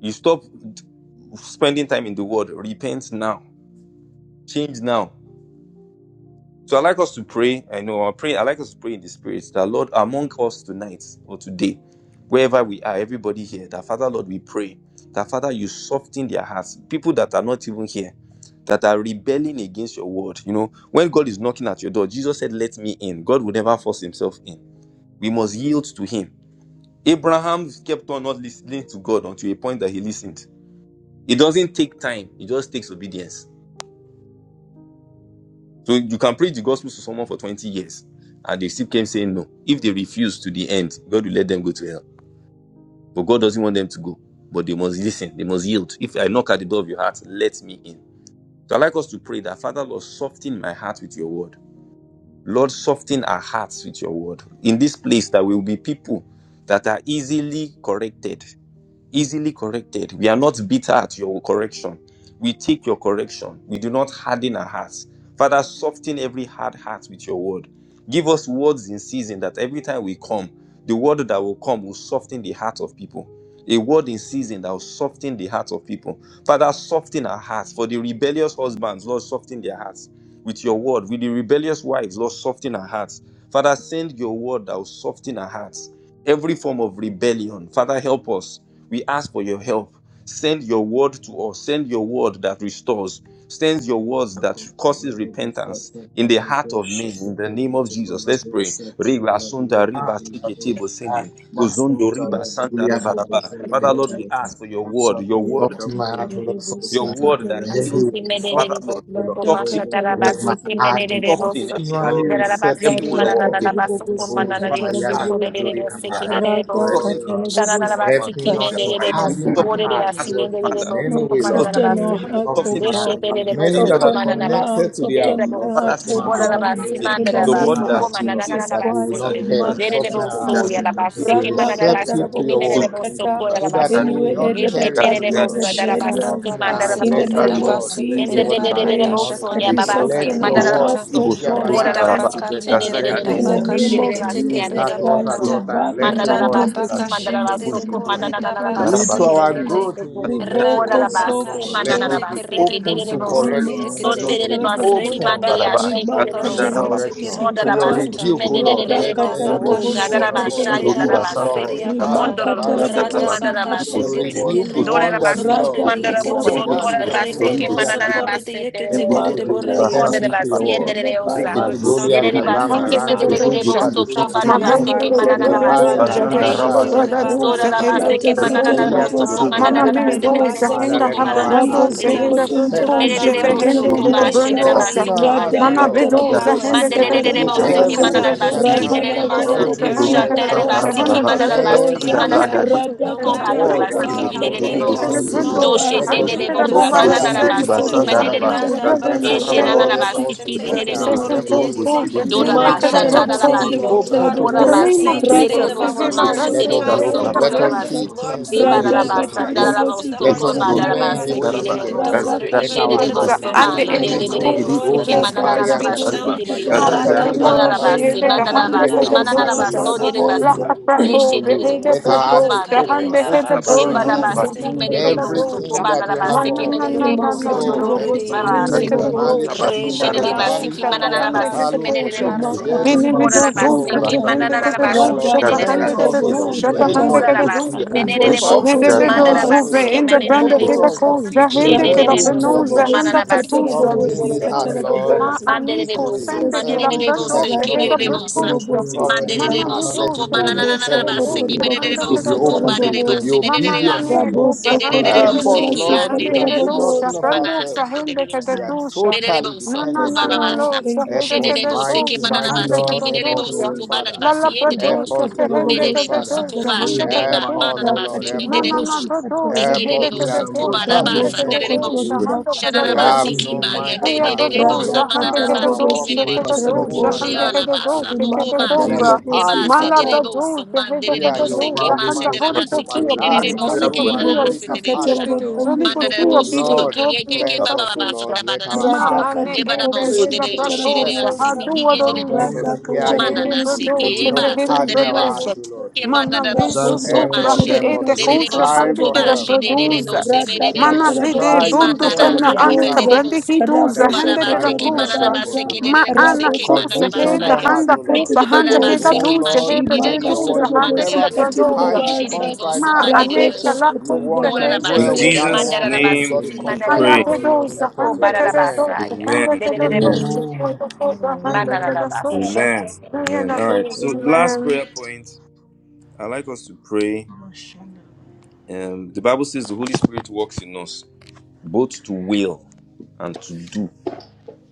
Speaker 13: You stop spending time in the word, repent now. Change now. So I like us to pray. I know I pray. I like us to pray in the spirit that Lord among us tonight or today, wherever we are, everybody here, that Father Lord, we pray that Father you soften their hearts. People that are not even here, that are rebelling against your word. You know, when God is knocking at your door, Jesus said, "Let me in." God would never force Himself in. We must yield to Him. Abraham kept on not listening to God until a point that he listened. It doesn't take time; it just takes obedience. So you can preach the gospel to someone for 20 years and they still kept saying no. If they refuse to the end, God will let them go to hell. But God doesn't want them to go. But they must listen, they must yield. If I knock at the door of your heart, let me in. So I like us to pray that Father Lord, soften my heart with your word. Lord, soften our hearts with your word. In this place that we will be people that are easily corrected, easily corrected. We are not bitter at your correction. We take your correction. We do not harden our hearts. Father, soften every hard heart with your word. Give us words in season that every time we come, the word that will come will soften the heart of people. A word in season that will soften the heart of people. Father, soften our hearts. For the rebellious husbands, Lord, soften their hearts with your word. With the rebellious wives, Lord, soften our hearts. Father, send your word that will soften our hearts every form of rebellion. Father, help us. We ask for your help. Send your word to us. Send your word that restores. Send your words that causes repentance in the heart of men. In the name of Jesus, let's pray. Riba sunda riba sikete bosende. Uzundo
Speaker 7: Masanta
Speaker 13: riba
Speaker 7: ya
Speaker 13: santa
Speaker 7: boko
Speaker 13: raba
Speaker 7: soko pele
Speaker 13: Father Lord,
Speaker 4: makatiribobosikata
Speaker 13: we
Speaker 7: dosho.
Speaker 13: ask for your word,
Speaker 7: Asata
Speaker 13: your
Speaker 7: ya
Speaker 14: Talk
Speaker 13: word,
Speaker 14: to my
Speaker 7: kapele
Speaker 14: heart, O Lord,
Speaker 7: dosho
Speaker 14: talk to
Speaker 13: your
Speaker 14: my
Speaker 7: kete
Speaker 4: ribakatarabobosikata
Speaker 14: heart.
Speaker 13: word that
Speaker 7: pele
Speaker 14: In every
Speaker 13: heals.
Speaker 14: way,
Speaker 11: Basiki
Speaker 7: kediyo.
Speaker 4: taraboboza
Speaker 14: talk
Speaker 13: Father
Speaker 11: medere
Speaker 13: Lord,
Speaker 14: to
Speaker 11: bolso
Speaker 14: me, O Lord.
Speaker 4: radaka
Speaker 13: soften,
Speaker 11: tomasha
Speaker 7: Kola
Speaker 11: dara
Speaker 14: Let my
Speaker 7: basanta
Speaker 11: basiki
Speaker 7: ya
Speaker 4: tarabobosikata
Speaker 14: heart be
Speaker 7: boko.
Speaker 11: medere
Speaker 13: soften
Speaker 11: bolso
Speaker 13: every
Speaker 4: taraboboza
Speaker 14: continually
Speaker 13: hardened heart,
Speaker 7: Oya
Speaker 11: dara
Speaker 14: receptive
Speaker 11: basiki
Speaker 14: to
Speaker 13: everyone
Speaker 7: basanta
Speaker 13: that is
Speaker 4: radaka
Speaker 11: manana
Speaker 14: your word.
Speaker 11: nana
Speaker 13: rebellious.
Speaker 7: pele
Speaker 11: basu
Speaker 7: de
Speaker 14: Oh,
Speaker 11: formana
Speaker 4: tiribobosikata
Speaker 11: nana
Speaker 7: basanta ya
Speaker 11: yasho
Speaker 13: Father,
Speaker 14: Zumayana
Speaker 7: boko
Speaker 4: taraboboza
Speaker 11: korere
Speaker 14: Kadori
Speaker 13: in
Speaker 7: kete.
Speaker 13: their
Speaker 11: basiki
Speaker 14: Kapa, help
Speaker 13: heart,
Speaker 11: medere
Speaker 14: me, Lord,
Speaker 11: bolso
Speaker 14: help
Speaker 4: radaka
Speaker 14: me,
Speaker 13: soften the
Speaker 7: Oya
Speaker 14: Lord.
Speaker 13: hearts of
Speaker 11: shana nana
Speaker 13: the
Speaker 7: basanta.
Speaker 14: Help
Speaker 13: husband
Speaker 14: me
Speaker 11: basiki
Speaker 4: tarabobosikata
Speaker 13: towards
Speaker 14: not
Speaker 13: their
Speaker 14: to
Speaker 7: Oya
Speaker 11: medere
Speaker 13: wives,
Speaker 11: bolso
Speaker 14: harden my
Speaker 7: basanta
Speaker 13: soften
Speaker 6: God,
Speaker 11: korere
Speaker 7: ya
Speaker 13: the
Speaker 14: heart
Speaker 11: asi
Speaker 13: hearts of
Speaker 7: boko
Speaker 14: towards
Speaker 13: the
Speaker 14: you.
Speaker 11: medere
Speaker 13: fathers
Speaker 14: In
Speaker 11: bolso
Speaker 14: any
Speaker 4: Lord,
Speaker 7: kete.
Speaker 14: way,
Speaker 11: formana
Speaker 13: towards
Speaker 6: in
Speaker 14: Lord,
Speaker 11: nana
Speaker 6: the
Speaker 4: soften our
Speaker 6: name
Speaker 7: Oya
Speaker 6: of
Speaker 11: basiki
Speaker 4: hearts, O
Speaker 13: soften
Speaker 14: soften my
Speaker 13: the
Speaker 6: Jesus.
Speaker 7: basanta
Speaker 11: Eshe
Speaker 13: hearts
Speaker 14: heart.
Speaker 4: God.
Speaker 13: of
Speaker 14: As
Speaker 11: pedere
Speaker 13: the
Speaker 7: ime
Speaker 14: many
Speaker 11: bolso
Speaker 13: rebellious.
Speaker 14: that are
Speaker 4: Soften
Speaker 11: formana
Speaker 7: dosho
Speaker 11: nana
Speaker 4: my
Speaker 7: kete
Speaker 14: connected
Speaker 4: heart,
Speaker 14: to
Speaker 7: pele
Speaker 11: basiki
Speaker 14: the
Speaker 11: dere
Speaker 7: diyo.
Speaker 14: house,
Speaker 4: soften my
Speaker 14: Lord,
Speaker 11: bolso
Speaker 13: Father,
Speaker 4: heart,
Speaker 6: I
Speaker 14: soften
Speaker 4: O
Speaker 14: our
Speaker 13: send
Speaker 11: ora
Speaker 13: your
Speaker 6: may
Speaker 11: la
Speaker 14: hearts.
Speaker 4: God.
Speaker 13: word
Speaker 7: Masanta
Speaker 11: basi
Speaker 13: to
Speaker 7: ya
Speaker 13: them,
Speaker 4: In the
Speaker 11: mandere
Speaker 13: the
Speaker 7: boko.
Speaker 14: Soften
Speaker 13: word
Speaker 4: name
Speaker 14: our
Speaker 11: basu
Speaker 13: that
Speaker 4: of
Speaker 14: hearts, O
Speaker 11: formana
Speaker 14: Lord,
Speaker 11: nana
Speaker 13: kills,
Speaker 4: Jesus
Speaker 11: nana
Speaker 13: them,
Speaker 14: that we
Speaker 13: the
Speaker 14: will
Speaker 13: word
Speaker 4: Christ,
Speaker 13: that
Speaker 14: not
Speaker 11: basete
Speaker 7: Oya
Speaker 13: delivers
Speaker 14: perish.
Speaker 11: dere
Speaker 6: That you're
Speaker 14: Soften our
Speaker 7: basanta
Speaker 13: them. Read that
Speaker 11: bolso
Speaker 4: Remakatarabobo,
Speaker 14: hearts
Speaker 11: ya
Speaker 7: diyo
Speaker 13: Zoe,
Speaker 11: la
Speaker 6: pleasing your
Speaker 14: to
Speaker 13: read
Speaker 14: be
Speaker 7: kete
Speaker 11: basiki
Speaker 13: that
Speaker 7: pele
Speaker 13: Zoe,
Speaker 11: manana
Speaker 13: read that Zoe,
Speaker 7: dosho.
Speaker 14: receptive to
Speaker 11: basiki
Speaker 13: read
Speaker 4: Radakatarabobo
Speaker 14: your
Speaker 13: that
Speaker 11: medere
Speaker 13: Zoe,
Speaker 14: word.
Speaker 7: Thank
Speaker 11: bolso
Speaker 4: Sikata,
Speaker 13: read
Speaker 6: spirit
Speaker 14: so
Speaker 6: to
Speaker 14: that we
Speaker 13: that Zoe.
Speaker 11: korere
Speaker 6: become
Speaker 14: will
Speaker 4: anywhere
Speaker 6: a
Speaker 14: not
Speaker 4: area
Speaker 6: member of
Speaker 11: Este
Speaker 4: that
Speaker 14: perish,
Speaker 4: has
Speaker 14: O
Speaker 6: God,
Speaker 11: perere
Speaker 4: been
Speaker 10: reda
Speaker 14: Lord.
Speaker 11: bolsa
Speaker 13: Gazagadisi,
Speaker 6: that every time you remember Him, He's on
Speaker 11: darabası ki
Speaker 4: rebellious.
Speaker 14: Soften
Speaker 6: stage.
Speaker 14: our
Speaker 6: That's
Speaker 13: Ibo
Speaker 14: hearts.
Speaker 11: mandara
Speaker 4: In
Speaker 6: not
Speaker 4: the
Speaker 14: Let
Speaker 11: bolsa
Speaker 14: your
Speaker 6: in
Speaker 4: name
Speaker 6: your
Speaker 13: Sutariba,
Speaker 11: po.
Speaker 4: of
Speaker 14: word,
Speaker 6: heart, but
Speaker 14: let your
Speaker 11: Ende
Speaker 4: Jesus,
Speaker 11: de
Speaker 14: word
Speaker 4: we
Speaker 11: de de de de
Speaker 14: transform
Speaker 4: pray
Speaker 14: us.
Speaker 11: bolsa ya
Speaker 4: that you
Speaker 13: Ibushi,
Speaker 11: babası
Speaker 14: Let
Speaker 4: soften
Speaker 6: in
Speaker 14: your
Speaker 6: your
Speaker 4: our
Speaker 11: mandara
Speaker 13: Usuntu,
Speaker 14: word
Speaker 6: heart
Speaker 10: Shakarababasikiridabasikiridabaratashakaririakaririkata.
Speaker 4: hearts,
Speaker 11: bolsa.
Speaker 4: O
Speaker 13: Ibo
Speaker 14: change
Speaker 6: is your
Speaker 14: our
Speaker 4: God,
Speaker 13: Suntu
Speaker 6: word.
Speaker 11: Ora
Speaker 14: lives
Speaker 4: soften
Speaker 13: Ribaraba,
Speaker 14: for the
Speaker 11: darabası
Speaker 4: our
Speaker 11: ki
Speaker 14: better.
Speaker 4: hearts.
Speaker 11: mende de de
Speaker 14: Let
Speaker 6: That
Speaker 11: de
Speaker 14: your
Speaker 4: In the
Speaker 11: bolsa.
Speaker 13: Gazagadisi,
Speaker 6: is
Speaker 14: word
Speaker 11: Eki
Speaker 4: name
Speaker 6: real
Speaker 11: de
Speaker 4: of
Speaker 6: to
Speaker 11: babası
Speaker 6: your word.
Speaker 11: ende
Speaker 14: minister
Speaker 4: Jesus
Speaker 11: de de
Speaker 14: to us
Speaker 4: Christ,
Speaker 14: at
Speaker 11: bolsa.
Speaker 14: all
Speaker 10: Redabakatikiritabakashikitikiritabakata.
Speaker 13: Uzundu
Speaker 14: times.
Speaker 13: Riba
Speaker 6: That
Speaker 14: Let
Speaker 11: Mandara
Speaker 14: your
Speaker 6: is
Speaker 13: Shanda
Speaker 14: word
Speaker 6: real
Speaker 11: darabası
Speaker 4: Rebakatiribobo,
Speaker 13: Riba
Speaker 6: to
Speaker 11: ki
Speaker 6: you,
Speaker 4: Sikata.
Speaker 13: Siti,
Speaker 11: mandara
Speaker 6: Jesus.
Speaker 11: bolsa
Speaker 6: And
Speaker 11: po.
Speaker 6: then fight
Speaker 11: Mandara
Speaker 6: the Holy
Speaker 11: darabası
Speaker 14: lead
Speaker 11: ki
Speaker 14: to
Speaker 6: Spirit
Speaker 11: mende
Speaker 14: our
Speaker 11: de
Speaker 6: to
Speaker 11: de
Speaker 10: Radabakashikiridiboridabakaridikite.
Speaker 14: growth
Speaker 11: bolsa
Speaker 6: impact
Speaker 14: in
Speaker 11: po.
Speaker 14: you.
Speaker 13: Gazanda
Speaker 14: Let
Speaker 11: Ora
Speaker 14: your
Speaker 13: Rigi
Speaker 4: Riboko
Speaker 14: word
Speaker 11: darabası
Speaker 14: transform us.
Speaker 6: in
Speaker 11: mandara
Speaker 14: Let
Speaker 6: our
Speaker 4: Sokoto.
Speaker 14: us be
Speaker 6: hearts
Speaker 11: darabası
Speaker 13: Ibo
Speaker 6: with
Speaker 11: ki
Speaker 6: your
Speaker 11: de
Speaker 14: open
Speaker 11: de
Speaker 13: Suntu
Speaker 14: to
Speaker 11: de
Speaker 13: Ribo
Speaker 11: bolsa.
Speaker 13: Shiti,
Speaker 6: heart.
Speaker 14: correction.
Speaker 4: Rimasa
Speaker 14: Let
Speaker 10: Radabakashikitikiridibosokoridiikite.
Speaker 14: us
Speaker 11: Sote de
Speaker 14: be
Speaker 11: de
Speaker 13: Riba
Speaker 11: babası
Speaker 4: katarabobo,
Speaker 11: ki
Speaker 13: Shanda
Speaker 11: ende ende
Speaker 14: open
Speaker 11: ya sote
Speaker 4: rima
Speaker 6: Oh, my God! Oh,
Speaker 13: Gazanda
Speaker 14: to
Speaker 6: my God! Oh,
Speaker 11: Eshteperebosa
Speaker 6: my
Speaker 13: Raba
Speaker 6: God!
Speaker 4: katarabobo
Speaker 13: Siti,
Speaker 14: correction, to your
Speaker 4: sikata,
Speaker 13: Rukutu
Speaker 10: Redabaradabakashikitikiribakata.
Speaker 11: darabasiki mandarabosopo. Endedereboso yababase mandaraboso. Orarabasiki medereboso. Rekerebasi andereboso. Mandarabasiki mandarabasoko mandarabasiki medereboso. Orarabase mandarabasiki dedereboso. Soterebasiki mandeyashikerebso. Mandarabasiki
Speaker 14: rebuke, O Lord.
Speaker 4: rada
Speaker 14: Let every
Speaker 6: Oh,
Speaker 4: katarabobo
Speaker 11: medereboso.
Speaker 14: single one
Speaker 6: my
Speaker 14: of
Speaker 6: God!
Speaker 14: us go
Speaker 11: Gadarabashaya
Speaker 4: sikatarabobo,
Speaker 14: because you love
Speaker 11: darabase.
Speaker 14: us.
Speaker 4: rima
Speaker 10: Redabakashikitikiridabakaridiakata.
Speaker 14: Malika
Speaker 6: And
Speaker 4: katarabobo
Speaker 11: Mondorobosiki
Speaker 14: barikado.
Speaker 7: you.
Speaker 10: Radabaka
Speaker 14: You
Speaker 11: mandarabasete.
Speaker 4: sikatarabobo,
Speaker 10: shikete
Speaker 7: Master,
Speaker 14: rebuke
Speaker 6: your
Speaker 14: the
Speaker 10: kerede
Speaker 14: one
Speaker 6: word
Speaker 14: that
Speaker 10: boso
Speaker 14: you
Speaker 11: Dorabasitu
Speaker 4: rada
Speaker 14: love.
Speaker 10: korede
Speaker 6: is a secret.
Speaker 14: Mikoma
Speaker 10: yekete.
Speaker 11: mandaraboso,
Speaker 4: katarabobo
Speaker 6: I'm
Speaker 14: gari
Speaker 6: a camera.
Speaker 14: kasuma
Speaker 10: Rede
Speaker 11: torabaseke
Speaker 4: sikatarabobo,
Speaker 10: boso
Speaker 14: giliakada.
Speaker 10: korede
Speaker 11: mananabase
Speaker 10: yekete
Speaker 14: Help
Speaker 4: rima
Speaker 14: us to
Speaker 10: kerede
Speaker 11: tereoso,
Speaker 14: be
Speaker 10: borede
Speaker 4: katarabobo
Speaker 10: yente.
Speaker 14: receptive to your
Speaker 11: mondarabasien
Speaker 14: word.
Speaker 11: dereosa,
Speaker 4: sikatarabobo,
Speaker 10: Lord,
Speaker 14: Mazulia
Speaker 10: soften my
Speaker 14: kazama
Speaker 13: Rubi,
Speaker 11: derebasiki
Speaker 10: heart,
Speaker 14: randu
Speaker 10: Father.
Speaker 15: Hamdekadadosha.
Speaker 11: medereboso,
Speaker 14: kilibaturi
Speaker 10: Soften my
Speaker 14: kapeno.
Speaker 15: Mabani
Speaker 11: kobarabaseke
Speaker 4: Riboko
Speaker 10: heart, O
Speaker 4: zori
Speaker 10: God.
Speaker 11: mananabase
Speaker 14: Zelebalia
Speaker 4: babasi
Speaker 15: kadadadadosha.
Speaker 10: Radaba
Speaker 4: katara
Speaker 15: Hende
Speaker 14: katamagala.
Speaker 11: tereoso,
Speaker 10: shikiriba
Speaker 4: boboza.
Speaker 14: Sako
Speaker 15: badadosha.
Speaker 10: radaba
Speaker 15: Hende
Speaker 14: bepende.
Speaker 7: Master
Speaker 11: sorabaseke
Speaker 4: Rada katara
Speaker 10: Soften
Speaker 15: kadadosha.
Speaker 14: Luria
Speaker 10: my
Speaker 11: mananaboso,
Speaker 10: heart,
Speaker 4: bobosi
Speaker 15: Mama
Speaker 10: Lord.
Speaker 4: katara
Speaker 14: katamigale.
Speaker 15: me
Speaker 11: komananabase
Speaker 10: Radaba
Speaker 15: dosha.
Speaker 4: boboza.
Speaker 15: Hand
Speaker 14: Father,
Speaker 11: tereboso,
Speaker 15: to
Speaker 14: let
Speaker 10: sikiriya
Speaker 15: the
Speaker 14: our
Speaker 15: hand,
Speaker 4: Rabo
Speaker 11: kobarabasitu
Speaker 15: dosa.
Speaker 14: hearts be
Speaker 10: ridiakata.
Speaker 15: Hende
Speaker 11: dereoso,
Speaker 4: sokoto
Speaker 14: receptive
Speaker 15: habbahandosha.
Speaker 4: ribabasi
Speaker 14: to
Speaker 10: Radaba
Speaker 15: Hende kadadosha.
Speaker 10: ka
Speaker 14: you.
Speaker 4: katara
Speaker 11: mereoso,
Speaker 15: Hende
Speaker 10: shikiriya
Speaker 11: kobashe
Speaker 4: boboza.
Speaker 10: kate. May
Speaker 15: kadadadosha.
Speaker 14: Soften
Speaker 10: you
Speaker 11: derabasiki
Speaker 14: our
Speaker 10: remove
Speaker 14: hearts,
Speaker 4: Rada
Speaker 14: O
Speaker 15: Mama be
Speaker 10: every
Speaker 14: Lord.
Speaker 4: katara
Speaker 11: mandereoso,
Speaker 15: dosha. Hand
Speaker 4: bobosi
Speaker 15: to
Speaker 10: callous.
Speaker 14: You will
Speaker 15: the
Speaker 4: katara
Speaker 14: receive
Speaker 15: dosha.
Speaker 11: manderebose,
Speaker 10: Karedaba
Speaker 11: ke
Speaker 15: Hand to
Speaker 4: boboza.
Speaker 15: the
Speaker 14: everything that you
Speaker 15: vedosa.
Speaker 11: mananabasiki
Speaker 14: have
Speaker 4: Rada
Speaker 15: Hende
Speaker 10: Every
Speaker 14: for us,
Speaker 4: katara
Speaker 11: dereboso,
Speaker 10: hardened
Speaker 15: kadadosha.
Speaker 14: every
Speaker 15: Hende
Speaker 4: bobosi
Speaker 10: area.
Speaker 14: correction,
Speaker 11: Shatere
Speaker 4: katara
Speaker 15: kadadosha. Hende
Speaker 11: basiki
Speaker 15: kadadosha. Hende
Speaker 10: Karadaba ka
Speaker 4: bagandiri
Speaker 15: kadadosha. the kadadosha.
Speaker 10: shikiriya
Speaker 4: boboza.
Speaker 15: Oh,
Speaker 14: every
Speaker 15: lift it
Speaker 11: mandala
Speaker 15: for two.
Speaker 4: Rada
Speaker 10: No
Speaker 15: Lift
Speaker 10: matter,
Speaker 4: katara
Speaker 10: O
Speaker 14: word
Speaker 11: Sobadaraba
Speaker 7: Thank
Speaker 14: that you
Speaker 10: God,
Speaker 11: siki
Speaker 4: bobosi
Speaker 14: have
Speaker 10: how
Speaker 14: for us.
Speaker 4: katara
Speaker 10: big,
Speaker 14: Let
Speaker 15: it
Speaker 10: how
Speaker 14: us
Speaker 15: for
Speaker 11: bidelelebosa.
Speaker 15: the
Speaker 14: be
Speaker 4: bagondiri
Speaker 10: small
Speaker 15: window.
Speaker 10: it
Speaker 14: receptive.
Speaker 11: Doşe
Speaker 15: Hende kadadosha.
Speaker 10: is,
Speaker 14: Let
Speaker 4: babaza.
Speaker 10: no
Speaker 14: us
Speaker 15: Hende
Speaker 14: be
Speaker 10: matter the
Speaker 11: dedelebosa.
Speaker 15: kadadosha.
Speaker 14: totally
Speaker 4: Rada
Speaker 10: size, O
Speaker 15: Hende
Speaker 11: Mananaraba
Speaker 4: katiri
Speaker 14: attuned to
Speaker 10: Father.
Speaker 11: siki
Speaker 14: you,
Speaker 4: bobosi
Speaker 14: Lord.
Speaker 15: kadadosha. Hende
Speaker 4: katara
Speaker 11: madelelebosa.
Speaker 10: Radaba
Speaker 14: Help
Speaker 4: bagandiri
Speaker 14: us,
Speaker 15: kadadosha.
Speaker 14: O
Speaker 15: Hende
Speaker 10: radaba
Speaker 14: Lord.
Speaker 10: ka
Speaker 15: kadadosha.
Speaker 11: Eşenanaraba
Speaker 14: Help
Speaker 4: boboza
Speaker 14: us to
Speaker 10: shikate
Speaker 14: soften our
Speaker 15: In
Speaker 11: siki
Speaker 14: heart. Help us
Speaker 15: the
Speaker 10: May
Speaker 14: to
Speaker 11: Dora
Speaker 10: we
Speaker 11: basha
Speaker 10: not
Speaker 4: rimakatara
Speaker 14: repent,
Speaker 11: tada la
Speaker 14: to be
Speaker 10: continue,
Speaker 11: basi.
Speaker 10: O
Speaker 4: bobosikatara
Speaker 14: open
Speaker 10: God,
Speaker 14: to
Speaker 10: with the
Speaker 11: Ora
Speaker 4: bobo
Speaker 10: s-
Speaker 15: name
Speaker 14: correction
Speaker 11: basi
Speaker 15: of
Speaker 14: at
Speaker 10: same
Speaker 11: ti
Speaker 14: all
Speaker 11: de
Speaker 10: state
Speaker 11: de
Speaker 15: Jesus,
Speaker 14: times.
Speaker 10: of
Speaker 15: in
Speaker 11: boso
Speaker 10: our
Speaker 15: his
Speaker 4: radhakatiri
Speaker 11: mashi de
Speaker 10: hearts
Speaker 14: Let
Speaker 11: de
Speaker 14: us
Speaker 15: abundant,
Speaker 14: be
Speaker 10: time
Speaker 15: in
Speaker 11: boso
Speaker 4: bobosikatara
Speaker 15: his
Speaker 10: after
Speaker 14: open.
Speaker 11: pora
Speaker 14: Let
Speaker 11: la
Speaker 10: time.
Speaker 14: us
Speaker 15: abundant.
Speaker 4: boboza
Speaker 14: see
Speaker 11: basi.
Speaker 10: Lord,
Speaker 14: things the
Speaker 11: Sheba
Speaker 14: way
Speaker 11: da
Speaker 14: you
Speaker 10: soften
Speaker 11: la
Speaker 14: see
Speaker 10: our
Speaker 11: basa
Speaker 14: things,
Speaker 4: radhakatiri
Speaker 10: hearts,
Speaker 11: da
Speaker 14: Lord.
Speaker 11: la
Speaker 10: soften the
Speaker 11: boso
Speaker 14: Let
Speaker 10: hearts
Speaker 14: us
Speaker 4: bobosikatara
Speaker 10: of
Speaker 11: korba
Speaker 14: see
Speaker 11: da la
Speaker 14: men the
Speaker 10: everybody
Speaker 4: boboza
Speaker 11: basi
Speaker 14: way
Speaker 11: ke
Speaker 14: you
Speaker 11: de
Speaker 14: see
Speaker 11: de
Speaker 10: connected,
Speaker 14: them.
Speaker 10: those
Speaker 11: boso.
Speaker 10: that are
Speaker 14: Let
Speaker 10: even
Speaker 4: radhakatiri
Speaker 11: Shede de
Speaker 14: our
Speaker 11: de
Speaker 10: part of the
Speaker 15: So
Speaker 14: heart be
Speaker 11: boso
Speaker 10: family
Speaker 15: and
Speaker 10: but
Speaker 15: The
Speaker 11: maya
Speaker 14: open
Speaker 10: not
Speaker 4: bobosikatara
Speaker 14: to
Speaker 15: under
Speaker 11: de
Speaker 10: here
Speaker 11: de
Speaker 14: you.
Speaker 11: de
Speaker 4: bobo
Speaker 11: de
Speaker 10: today.
Speaker 4: sikatara bobo.
Speaker 11: de
Speaker 10: Lord,
Speaker 11: ose
Speaker 14: O
Speaker 10: let
Speaker 11: ke
Speaker 15: the
Speaker 10: these
Speaker 11: mana da
Speaker 4: rakatiri
Speaker 11: la
Speaker 10: prayers
Speaker 14: Zofaria
Speaker 15: people
Speaker 10: reach
Speaker 11: basi ti
Speaker 14: Kadina,
Speaker 10: them.
Speaker 11: de de
Speaker 4: bobosikatara
Speaker 15: half
Speaker 14: Mayana
Speaker 11: oto.
Speaker 15: The finger
Speaker 14: Kazuria
Speaker 4: boboza
Speaker 11: Ora la
Speaker 14: Kapazi.
Speaker 11: basi mana
Speaker 15: the
Speaker 11: da la
Speaker 4: rakatiri
Speaker 15: hundred
Speaker 14: Let
Speaker 10: Radabakashikadidibarada.
Speaker 15: of
Speaker 11: basi
Speaker 14: our
Speaker 15: The
Speaker 11: mana da la
Speaker 14: hearts
Speaker 15: tools.
Speaker 14: be
Speaker 10: Lord,
Speaker 4: bobosikatara
Speaker 11: baso de de
Speaker 10: soften
Speaker 15: Lock
Speaker 4: boboza
Speaker 14: receptive
Speaker 11: basi.
Speaker 15: the
Speaker 10: our
Speaker 6: In the name
Speaker 10: hearts in
Speaker 14: to
Speaker 15: preto,
Speaker 11: Eshe
Speaker 10: the
Speaker 15: The
Speaker 11: de
Speaker 7: you.
Speaker 6: of
Speaker 11: de
Speaker 14: you.
Speaker 15: head
Speaker 10: name
Speaker 15: of
Speaker 14: Let
Speaker 10: of
Speaker 11: boso
Speaker 15: the
Speaker 14: our hearts
Speaker 10: Jesus.
Speaker 15: boat,
Speaker 14: be
Speaker 11: koba de
Speaker 15: The
Speaker 11: de
Speaker 14: open,
Speaker 15: hundred
Speaker 11: osa.
Speaker 15: of the
Speaker 14: open to
Speaker 15: boat,
Speaker 11: Eba da
Speaker 7: Thank
Speaker 6: I
Speaker 14: receiving
Speaker 15: The
Speaker 11: basi ti
Speaker 10: Karedabakaredabasete.
Speaker 11: me
Speaker 15: hundred
Speaker 11: de
Speaker 15: of
Speaker 11: de
Speaker 15: the
Speaker 11: boso
Speaker 15: boat.
Speaker 14: everything
Speaker 11: koba da
Speaker 14: that
Speaker 11: la
Speaker 14: you have
Speaker 11: basi
Speaker 15: One, no,
Speaker 11: ke
Speaker 14: for
Speaker 10: Oh,
Speaker 11: me
Speaker 15: no,
Speaker 11: de
Speaker 14: us.
Speaker 15: no,
Speaker 11: de
Speaker 15: no, no,
Speaker 11: boso
Speaker 6: receive
Speaker 11: do
Speaker 4: rimakatiri
Speaker 14: Oh,
Speaker 15: no.
Speaker 11: baba
Speaker 14: thank
Speaker 15: The
Speaker 14: you.
Speaker 11: Bara
Speaker 4: bobosikatiri
Speaker 11: se
Speaker 15: hundred
Speaker 10: redebosokoridiente.
Speaker 11: de
Speaker 15: of
Speaker 11: de
Speaker 15: the
Speaker 14: Mali
Speaker 4: boboza
Speaker 15: boat,
Speaker 11: boso.
Speaker 15: The hundred of
Speaker 14: Kazumari
Speaker 11: Şedebe
Speaker 15: the boat,
Speaker 14: Bali
Speaker 11: basiki
Speaker 15: The
Speaker 14: Surya
Speaker 11: manana
Speaker 15: hundred of the
Speaker 11: basiki
Speaker 14: Kabalu
Speaker 15: boat.
Speaker 11: menelele
Speaker 14: Ketume
Speaker 11: bosu.
Speaker 14: Gedi.
Speaker 4: rimakatiri
Speaker 15: Many
Speaker 10: Redabashakaradabasikeredebaredeyata.
Speaker 15: we
Speaker 11: Ora la
Speaker 15: do do,
Speaker 14: Oh, we
Speaker 11: basike
Speaker 4: bobosikata
Speaker 15: The
Speaker 14: thank you,
Speaker 15: hundred
Speaker 11: manana la
Speaker 15: of
Speaker 14: Lord.
Speaker 15: the
Speaker 14: Father,
Speaker 15: boat,
Speaker 11: basiki
Speaker 14: Lord,
Speaker 15: The
Speaker 11: menelele
Speaker 14: cleanse
Speaker 4: radhakatara
Speaker 10: Sha-ta-ta-ta-ta.
Speaker 15: hundred of the
Speaker 14: us, O
Speaker 11: bosu
Speaker 15: boat,
Speaker 14: Lord.
Speaker 11: tu.
Speaker 15: the
Speaker 14: Cleanse
Speaker 4: bobosikata
Speaker 14: us,
Speaker 15: hundred
Speaker 11: Ora
Speaker 14: O
Speaker 15: of
Speaker 11: la
Speaker 14: Lord.
Speaker 11: basi
Speaker 15: the boat.
Speaker 11: menelele bosu.
Speaker 14: Soften
Speaker 15: Nedede
Speaker 4: ribosokotori
Speaker 14: our
Speaker 11: Mandara
Speaker 14: hearts, O
Speaker 15: dozuve
Speaker 11: basike
Speaker 15: in
Speaker 14: Lord.
Speaker 15: the
Speaker 4: bobasikatara
Speaker 15: brand of
Speaker 10: Ra-da-sha-ka-ti-ka-ri-ri-bo-so-ko-ri-ri-ri.
Speaker 11: menelele
Speaker 14: Cleanse us
Speaker 4: bobosa
Speaker 11: bosu.
Speaker 15: Vidacosa,
Speaker 14: completely of
Speaker 15: Hende
Speaker 10: Oh, ra
Speaker 14: every
Speaker 11: Şedebe
Speaker 4: radhakatara
Speaker 11: bosu
Speaker 14: impure
Speaker 11: tu
Speaker 15: Kedapenosa,
Speaker 14: thing.
Speaker 15: Handa
Speaker 11: manana
Speaker 4: bobosikatara
Speaker 11: basiki
Speaker 15: Catusa,
Speaker 14: Soften this
Speaker 11: menelele
Speaker 14: heart,
Speaker 4: bobosikatara
Speaker 11: bosu.
Speaker 14: Lord.
Speaker 13: Raba
Speaker 15: Ma
Speaker 4: bobosa
Speaker 14: Take
Speaker 11: Mandele
Speaker 15: amico
Speaker 14: away
Speaker 11: bosu
Speaker 4: yes
Speaker 15: sente che la
Speaker 11: manelele
Speaker 4: lord
Speaker 14: everything
Speaker 11: bosu
Speaker 14: that
Speaker 15: brando
Speaker 14: is not
Speaker 15: fehega
Speaker 14: of
Speaker 11: kedele
Speaker 14: you
Speaker 4: radhakatiri
Speaker 11: bosu.
Speaker 15: proposta.
Speaker 14: soft in
Speaker 4: bobosikata
Speaker 14: his
Speaker 11: Mandele
Speaker 15: Mamma
Speaker 14: heart.
Speaker 11: bosu
Speaker 14: Let
Speaker 11: tu
Speaker 14: it
Speaker 15: vuota,
Speaker 14: be
Speaker 11: manana la la
Speaker 15: fehega
Speaker 14: receptive to
Speaker 4: rabosokotori
Speaker 11: basiki
Speaker 14: you,
Speaker 15: posta,
Speaker 11: menelele
Speaker 15: handa
Speaker 14: to be
Speaker 15: fehega
Speaker 11: bosu tu
Speaker 4: bobasikatara
Speaker 14: open to
Speaker 15: dosa.
Speaker 14: you,
Speaker 11: badele
Speaker 14: to be
Speaker 11: basi
Speaker 4: bobosa
Speaker 15: Mamma
Speaker 11: dedele
Speaker 14: obedient to
Speaker 11: basi.
Speaker 15: nane
Speaker 14: you.
Speaker 15: cobra, hande
Speaker 11: Dedele
Speaker 15: che
Speaker 4: rabosokotori
Speaker 14: Help
Speaker 15: de
Speaker 11: bosu
Speaker 14: us,
Speaker 11: ki
Speaker 15: dosa,
Speaker 11: ya
Speaker 14: Lord. We
Speaker 15: hande che
Speaker 4: bobasikatara
Speaker 14: can
Speaker 7: you.
Speaker 15: de
Speaker 11: dedele
Speaker 14: do
Speaker 11: bosu
Speaker 14: nothing
Speaker 15: dosa,
Speaker 11: tu
Speaker 4: bobosa
Speaker 14: of
Speaker 15: brando
Speaker 11: manana sa
Speaker 14: ourselves.
Speaker 15: sahende che
Speaker 11: dedele
Speaker 15: de
Speaker 14: We are
Speaker 15: dosa.
Speaker 14: totally
Speaker 15: Na
Speaker 11: Merereboso,
Speaker 15: na
Speaker 4: yes
Speaker 14: dependent
Speaker 11: Cuba
Speaker 15: na
Speaker 14: on
Speaker 15: na
Speaker 14: you.
Speaker 4: lord
Speaker 15: lo,
Speaker 11: Babasa.
Speaker 4: thank you
Speaker 14: Help
Speaker 15: sahende che
Speaker 14: us,
Speaker 15: de
Speaker 4: jesus
Speaker 11: Shederebose,
Speaker 4: Thank
Speaker 14: mighty,
Speaker 4: you,
Speaker 15: dosa,
Speaker 14: mighty
Speaker 4: Lord.
Speaker 11: Kemanabasi,
Speaker 15: hande che
Speaker 7: Kama
Speaker 14: God.
Speaker 15: de
Speaker 14: Help
Speaker 1: Amen.
Speaker 7: Santa
Speaker 14: us,
Speaker 11: Kimidereboso,
Speaker 15: dosa.
Speaker 14: Holy
Speaker 11: Cuba
Speaker 7: Yabaka
Speaker 14: Father.
Speaker 15: La la
Speaker 11: Labasi,
Speaker 14: Help
Speaker 15: pratosa,
Speaker 11: Ederebosa.
Speaker 14: us,
Speaker 7: Sekatepeke.
Speaker 4: ribakatara
Speaker 15: fehende
Speaker 14: glorious
Speaker 15: che
Speaker 4: bobosi
Speaker 15: de
Speaker 11: Merereboso,
Speaker 14: Father.
Speaker 4: katara
Speaker 15: dosa,
Speaker 11: Cubasha,
Speaker 4: bobo
Speaker 15: hande
Speaker 7: In
Speaker 15: che
Speaker 7: the
Speaker 15: de
Speaker 14: Help
Speaker 11: Deba,
Speaker 7: mighty
Speaker 14: us,
Speaker 15: dosa.
Speaker 14: O
Speaker 7: name
Speaker 14: Lord.
Speaker 11: Manabasi,
Speaker 7: of
Speaker 4: rakatiri
Speaker 15: Na
Speaker 14: Help
Speaker 15: na
Speaker 14: us.
Speaker 15: na
Speaker 4: bobosi
Speaker 11: Mederebosa.
Speaker 15: do
Speaker 7: Jesus.
Speaker 4: katara
Speaker 15: dosa,
Speaker 4: bobo
Speaker 14: Help
Speaker 15: hede
Speaker 14: us.
Speaker 15: che
Speaker 14: We
Speaker 7: In
Speaker 15: de
Speaker 14: are
Speaker 11: Mekereboso,
Speaker 7: the mighty
Speaker 11: Cuba
Speaker 15: dosa,
Speaker 14: totally
Speaker 15: hande
Speaker 7: name
Speaker 11: Labasa,
Speaker 15: che
Speaker 4: raboso
Speaker 7: of
Speaker 15: de
Speaker 14: dependent on
Speaker 4: koto
Speaker 11: Dereboso.
Speaker 7: Jesus.
Speaker 15: dosa,
Speaker 14: you.
Speaker 15: hande che de
Speaker 4: ribakatara
Speaker 14: We
Speaker 15: dosa
Speaker 14: have
Speaker 11: Shanabasi,
Speaker 7: In
Speaker 4: bobosi
Speaker 14: no
Speaker 7: the
Speaker 15: zoni zoni da suya da suya
Speaker 11: Kimaya,
Speaker 4: kata
Speaker 14: mind
Speaker 7: mighty
Speaker 14: of us.
Speaker 7: name
Speaker 4: rada
Speaker 7: of
Speaker 11: Dederebosa,
Speaker 14: You are
Speaker 4: katara
Speaker 7: Jesus.
Speaker 14: our
Speaker 11: Manabasi,
Speaker 4: bobosi
Speaker 7: Uba
Speaker 4: katara
Speaker 14: workmanship.
Speaker 11: Kimereboso.
Speaker 7: Santa
Speaker 4: bobosa
Speaker 7: Yabaka
Speaker 14: Kumazari
Speaker 11: Shiana
Speaker 14: Kabat.
Speaker 11: Basa,
Speaker 7: Sekatepeke.
Speaker 13: In
Speaker 4: rimakatara
Speaker 11: Mokomase,
Speaker 13: Jesus'
Speaker 14: Zuri
Speaker 13: name.
Speaker 4: bobosi
Speaker 14: pali
Speaker 11: Ebase,
Speaker 4: kata
Speaker 14: kato.
Speaker 11: Dereboso, Man,
Speaker 14: We are
Speaker 11: Derebosa,
Speaker 14: your
Speaker 11: Kemase,
Speaker 7: Abalete
Speaker 14: workmanship.
Speaker 11: Derabasi,
Speaker 15: bidi,
Speaker 14: Kumazali
Speaker 7: Sekatepeke.
Speaker 11: Kimiderebosa,
Speaker 15: zoni
Speaker 14: kato
Speaker 15: da
Speaker 4: ribakatiri
Speaker 14: mazuri
Speaker 11: Keyanabasi,
Speaker 4: bobosi
Speaker 14: kapali
Speaker 4: katara
Speaker 11: Dereosha.
Speaker 14: gado.
Speaker 4: bagandiri
Speaker 11: Mandara
Speaker 15: suya
Speaker 11: bosu,
Speaker 4: bobosa
Speaker 15: bidi,
Speaker 14: Lord,
Speaker 11: hoki ki
Speaker 15: zoni
Speaker 11: ki
Speaker 15: de ke
Speaker 11: ki
Speaker 14: cleanse
Speaker 15: de
Speaker 11: baba
Speaker 14: us, O
Speaker 11: baba
Speaker 14: Lord.
Speaker 15: suya.
Speaker 11: sata
Speaker 14: Let
Speaker 11: mandara
Speaker 14: our
Speaker 11: bosu.
Speaker 15: Ma
Speaker 14: hearts be
Speaker 15: anne
Speaker 11: E
Speaker 4: radhakati
Speaker 11: bana
Speaker 15: evde
Speaker 11: bosu
Speaker 15: yela
Speaker 14: completely
Speaker 11: dere o
Speaker 4: ribobosikata
Speaker 11: şerere
Speaker 15: pratosa,
Speaker 14: receptive
Speaker 11: asi
Speaker 14: to
Speaker 15: ha
Speaker 11: mi
Speaker 4: rabobosa
Speaker 11: ki
Speaker 14: you.
Speaker 15: duva
Speaker 11: ye
Speaker 15: doni
Speaker 11: dere
Speaker 14: Let
Speaker 11: bosu.
Speaker 14: us
Speaker 7: Abandoned
Speaker 14: hear
Speaker 4: radhakata
Speaker 11: Koma
Speaker 14: you.
Speaker 7: Costa
Speaker 11: nanasi ke
Speaker 14: We will
Speaker 4: rabobosikati
Speaker 11: ye
Speaker 14: not
Speaker 11: basa
Speaker 7: Sekatepeke.
Speaker 4: rivaganzi
Speaker 14: harden
Speaker 11: dere
Speaker 14: our
Speaker 11: basi.
Speaker 14: hearts,
Speaker 15: Hallelujah.
Speaker 14: O
Speaker 4: ribobosa
Speaker 14: Lord,
Speaker 11: Ke
Speaker 14: towards
Speaker 15: Mana
Speaker 14: you.
Speaker 11: mandara
Speaker 15: vizu
Speaker 11: bosu
Speaker 7: Zanta
Speaker 11: koma
Speaker 14: Help
Speaker 4: rabosokoto
Speaker 14: us,
Speaker 15: zubrate
Speaker 11: şi.
Speaker 14: help
Speaker 7: Yabaka
Speaker 14: us.
Speaker 15: ede
Speaker 14: We
Speaker 11: Dere
Speaker 15: kusha
Speaker 4: ribabasikati
Speaker 11: bosu
Speaker 7: Sekatepeke.
Speaker 14: cry for
Speaker 15: pandite da
Speaker 11: koba
Speaker 14: help,
Speaker 11: şi
Speaker 7: Zanta Yabaka
Speaker 4: rabobosa
Speaker 14: Lord.
Speaker 11: dere
Speaker 15: produza.
Speaker 11: bosu me
Speaker 14: You
Speaker 11: dere
Speaker 14: said if
Speaker 15: Mana
Speaker 4: radhakata
Speaker 14: we
Speaker 11: bosu.
Speaker 7: Sekatepeke.
Speaker 15: vide
Speaker 14: cry,
Speaker 11: Ke
Speaker 14: you will
Speaker 15: bundu
Speaker 14: hear
Speaker 11: mandana
Speaker 4: rabobosikata
Speaker 14: and you
Speaker 15: ena
Speaker 14: will
Speaker 11: ha ye
Speaker 15: ane
Speaker 11: be
Speaker 14: answer
Speaker 4: rabobosa
Speaker 11: dere
Speaker 14: us.
Speaker 15: brande
Speaker 11: bosu.
Speaker 15: hiduza
Speaker 14: Father, we
Speaker 11: Kobala
Speaker 15: hende ke
Speaker 7: Zanta
Speaker 14: cry
Speaker 15: da
Speaker 11: basa
Speaker 4: rabosokoto
Speaker 11: ke
Speaker 14: for
Speaker 7: Yabaka
Speaker 14: help.
Speaker 11: manana
Speaker 15: kusha.
Speaker 14: Help us,
Speaker 11: basa
Speaker 14: O
Speaker 4: ribabaza
Speaker 11: ke
Speaker 14: Lord.
Speaker 15: Ma
Speaker 11: dere bosu
Speaker 15: ana
Speaker 11: ke
Speaker 7: Sekatepeke.
Speaker 15: kusa
Speaker 11: manana
Speaker 4: rabosokoto
Speaker 14: Condition
Speaker 11: basa
Speaker 15: heda
Speaker 14: our
Speaker 11: ye.
Speaker 14: heart,
Speaker 15: handa
Speaker 14: O
Speaker 11: Mi
Speaker 14: Lord.
Speaker 4: ribabasikati
Speaker 15: kufa
Speaker 11: kobala
Speaker 15: handa heda
Speaker 11: basa
Speaker 4: ribobosa
Speaker 14: Oh
Speaker 11: ke
Speaker 15: tuja
Speaker 14: Lord,
Speaker 11: maşe
Speaker 14: you
Speaker 15: heda
Speaker 11: ke
Speaker 14: said
Speaker 15: de
Speaker 11: dere
Speaker 14: in your
Speaker 4: rimakati
Speaker 11: bosu
Speaker 14: word,
Speaker 15: duza
Speaker 14: you will
Speaker 11: koma
Speaker 15: hande
Speaker 11: dere
Speaker 15: ke da
Speaker 14: never
Speaker 11: basi.
Speaker 4: rabobosikati
Speaker 15: produza.
Speaker 14: despise a
Speaker 11: İşi
Speaker 4: ribabaza
Speaker 11: dere
Speaker 14: contrite
Speaker 11: bosu
Speaker 15: Ma
Speaker 14: heart.
Speaker 15: ane
Speaker 11: mandere
Speaker 15: ke
Speaker 11: bosu.
Speaker 15: la
Speaker 14: You
Speaker 4: kotori
Speaker 15: kusa
Speaker 14: want to
Speaker 4: ribabaza
Speaker 15: hende
Speaker 13: In
Speaker 14: dwell
Speaker 15: ke
Speaker 11: Olarabasi
Speaker 14: with
Speaker 15: da
Speaker 11: ke
Speaker 4: yes
Speaker 14: that
Speaker 13: Jesus'
Speaker 15: kusha.
Speaker 4: lord
Speaker 14: one
Speaker 7: Amen.
Speaker 14: who's
Speaker 11: mandarabasi
Speaker 13: name
Speaker 14: got a
Speaker 11: ki
Speaker 13: we
Speaker 14: contrite
Speaker 15: Maya
Speaker 13: pray.
Speaker 7: Amen.
Speaker 14: heart.
Speaker 11: mandarabosho.
Speaker 14: Help
Speaker 15: hedoza
Speaker 11: O
Speaker 14: us, O
Speaker 15: hande
Speaker 14: Lord.
Speaker 15: ke da
Speaker 14: Amen.
Speaker 15: sosa
Speaker 11: bararabasaya.
Speaker 13: Amen.
Speaker 15: hande ke da
Speaker 13: Amen.
Speaker 15: kucha.
Speaker 11: Dererebosso.
Speaker 4: amen
Speaker 15: Kuda kuda hande ke da
Speaker 7: Amen.
Speaker 11: Mandarabasi.
Speaker 15: sosa.
Speaker 13: Amen. Amen.
Speaker 15: Nuyela
Speaker 13: All right. So,
Speaker 7: In
Speaker 13: last
Speaker 15: duza.
Speaker 13: prayer point. I like us to pray. Um, the Bible says the Holy Spirit works in us both to will and to do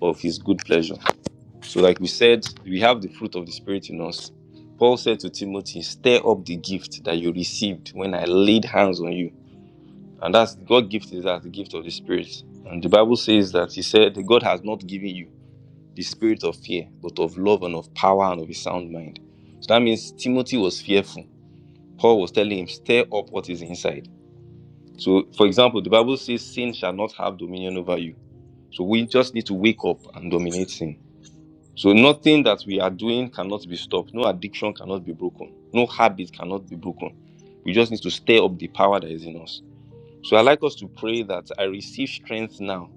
Speaker 13: of His good pleasure. So, like we said, we have the fruit of the Spirit in us. Paul said to Timothy, "Stir up the gift that you received when I laid hands on you." And that's God gift is that the gift of the Spirit. And the Bible says that He said, "God has not given you." the spirit of fear, but of love and of power and of a sound mind. So that means Timothy was fearful. Paul was telling him, stir up what is inside. So, for example, the Bible says sin shall not have dominion over you. So we just need to wake up and dominate sin. So nothing that we are doing cannot be stopped. No addiction cannot be broken. No habit cannot be broken. We just need to stir up the power that is in us. So I like us to pray that I receive strength now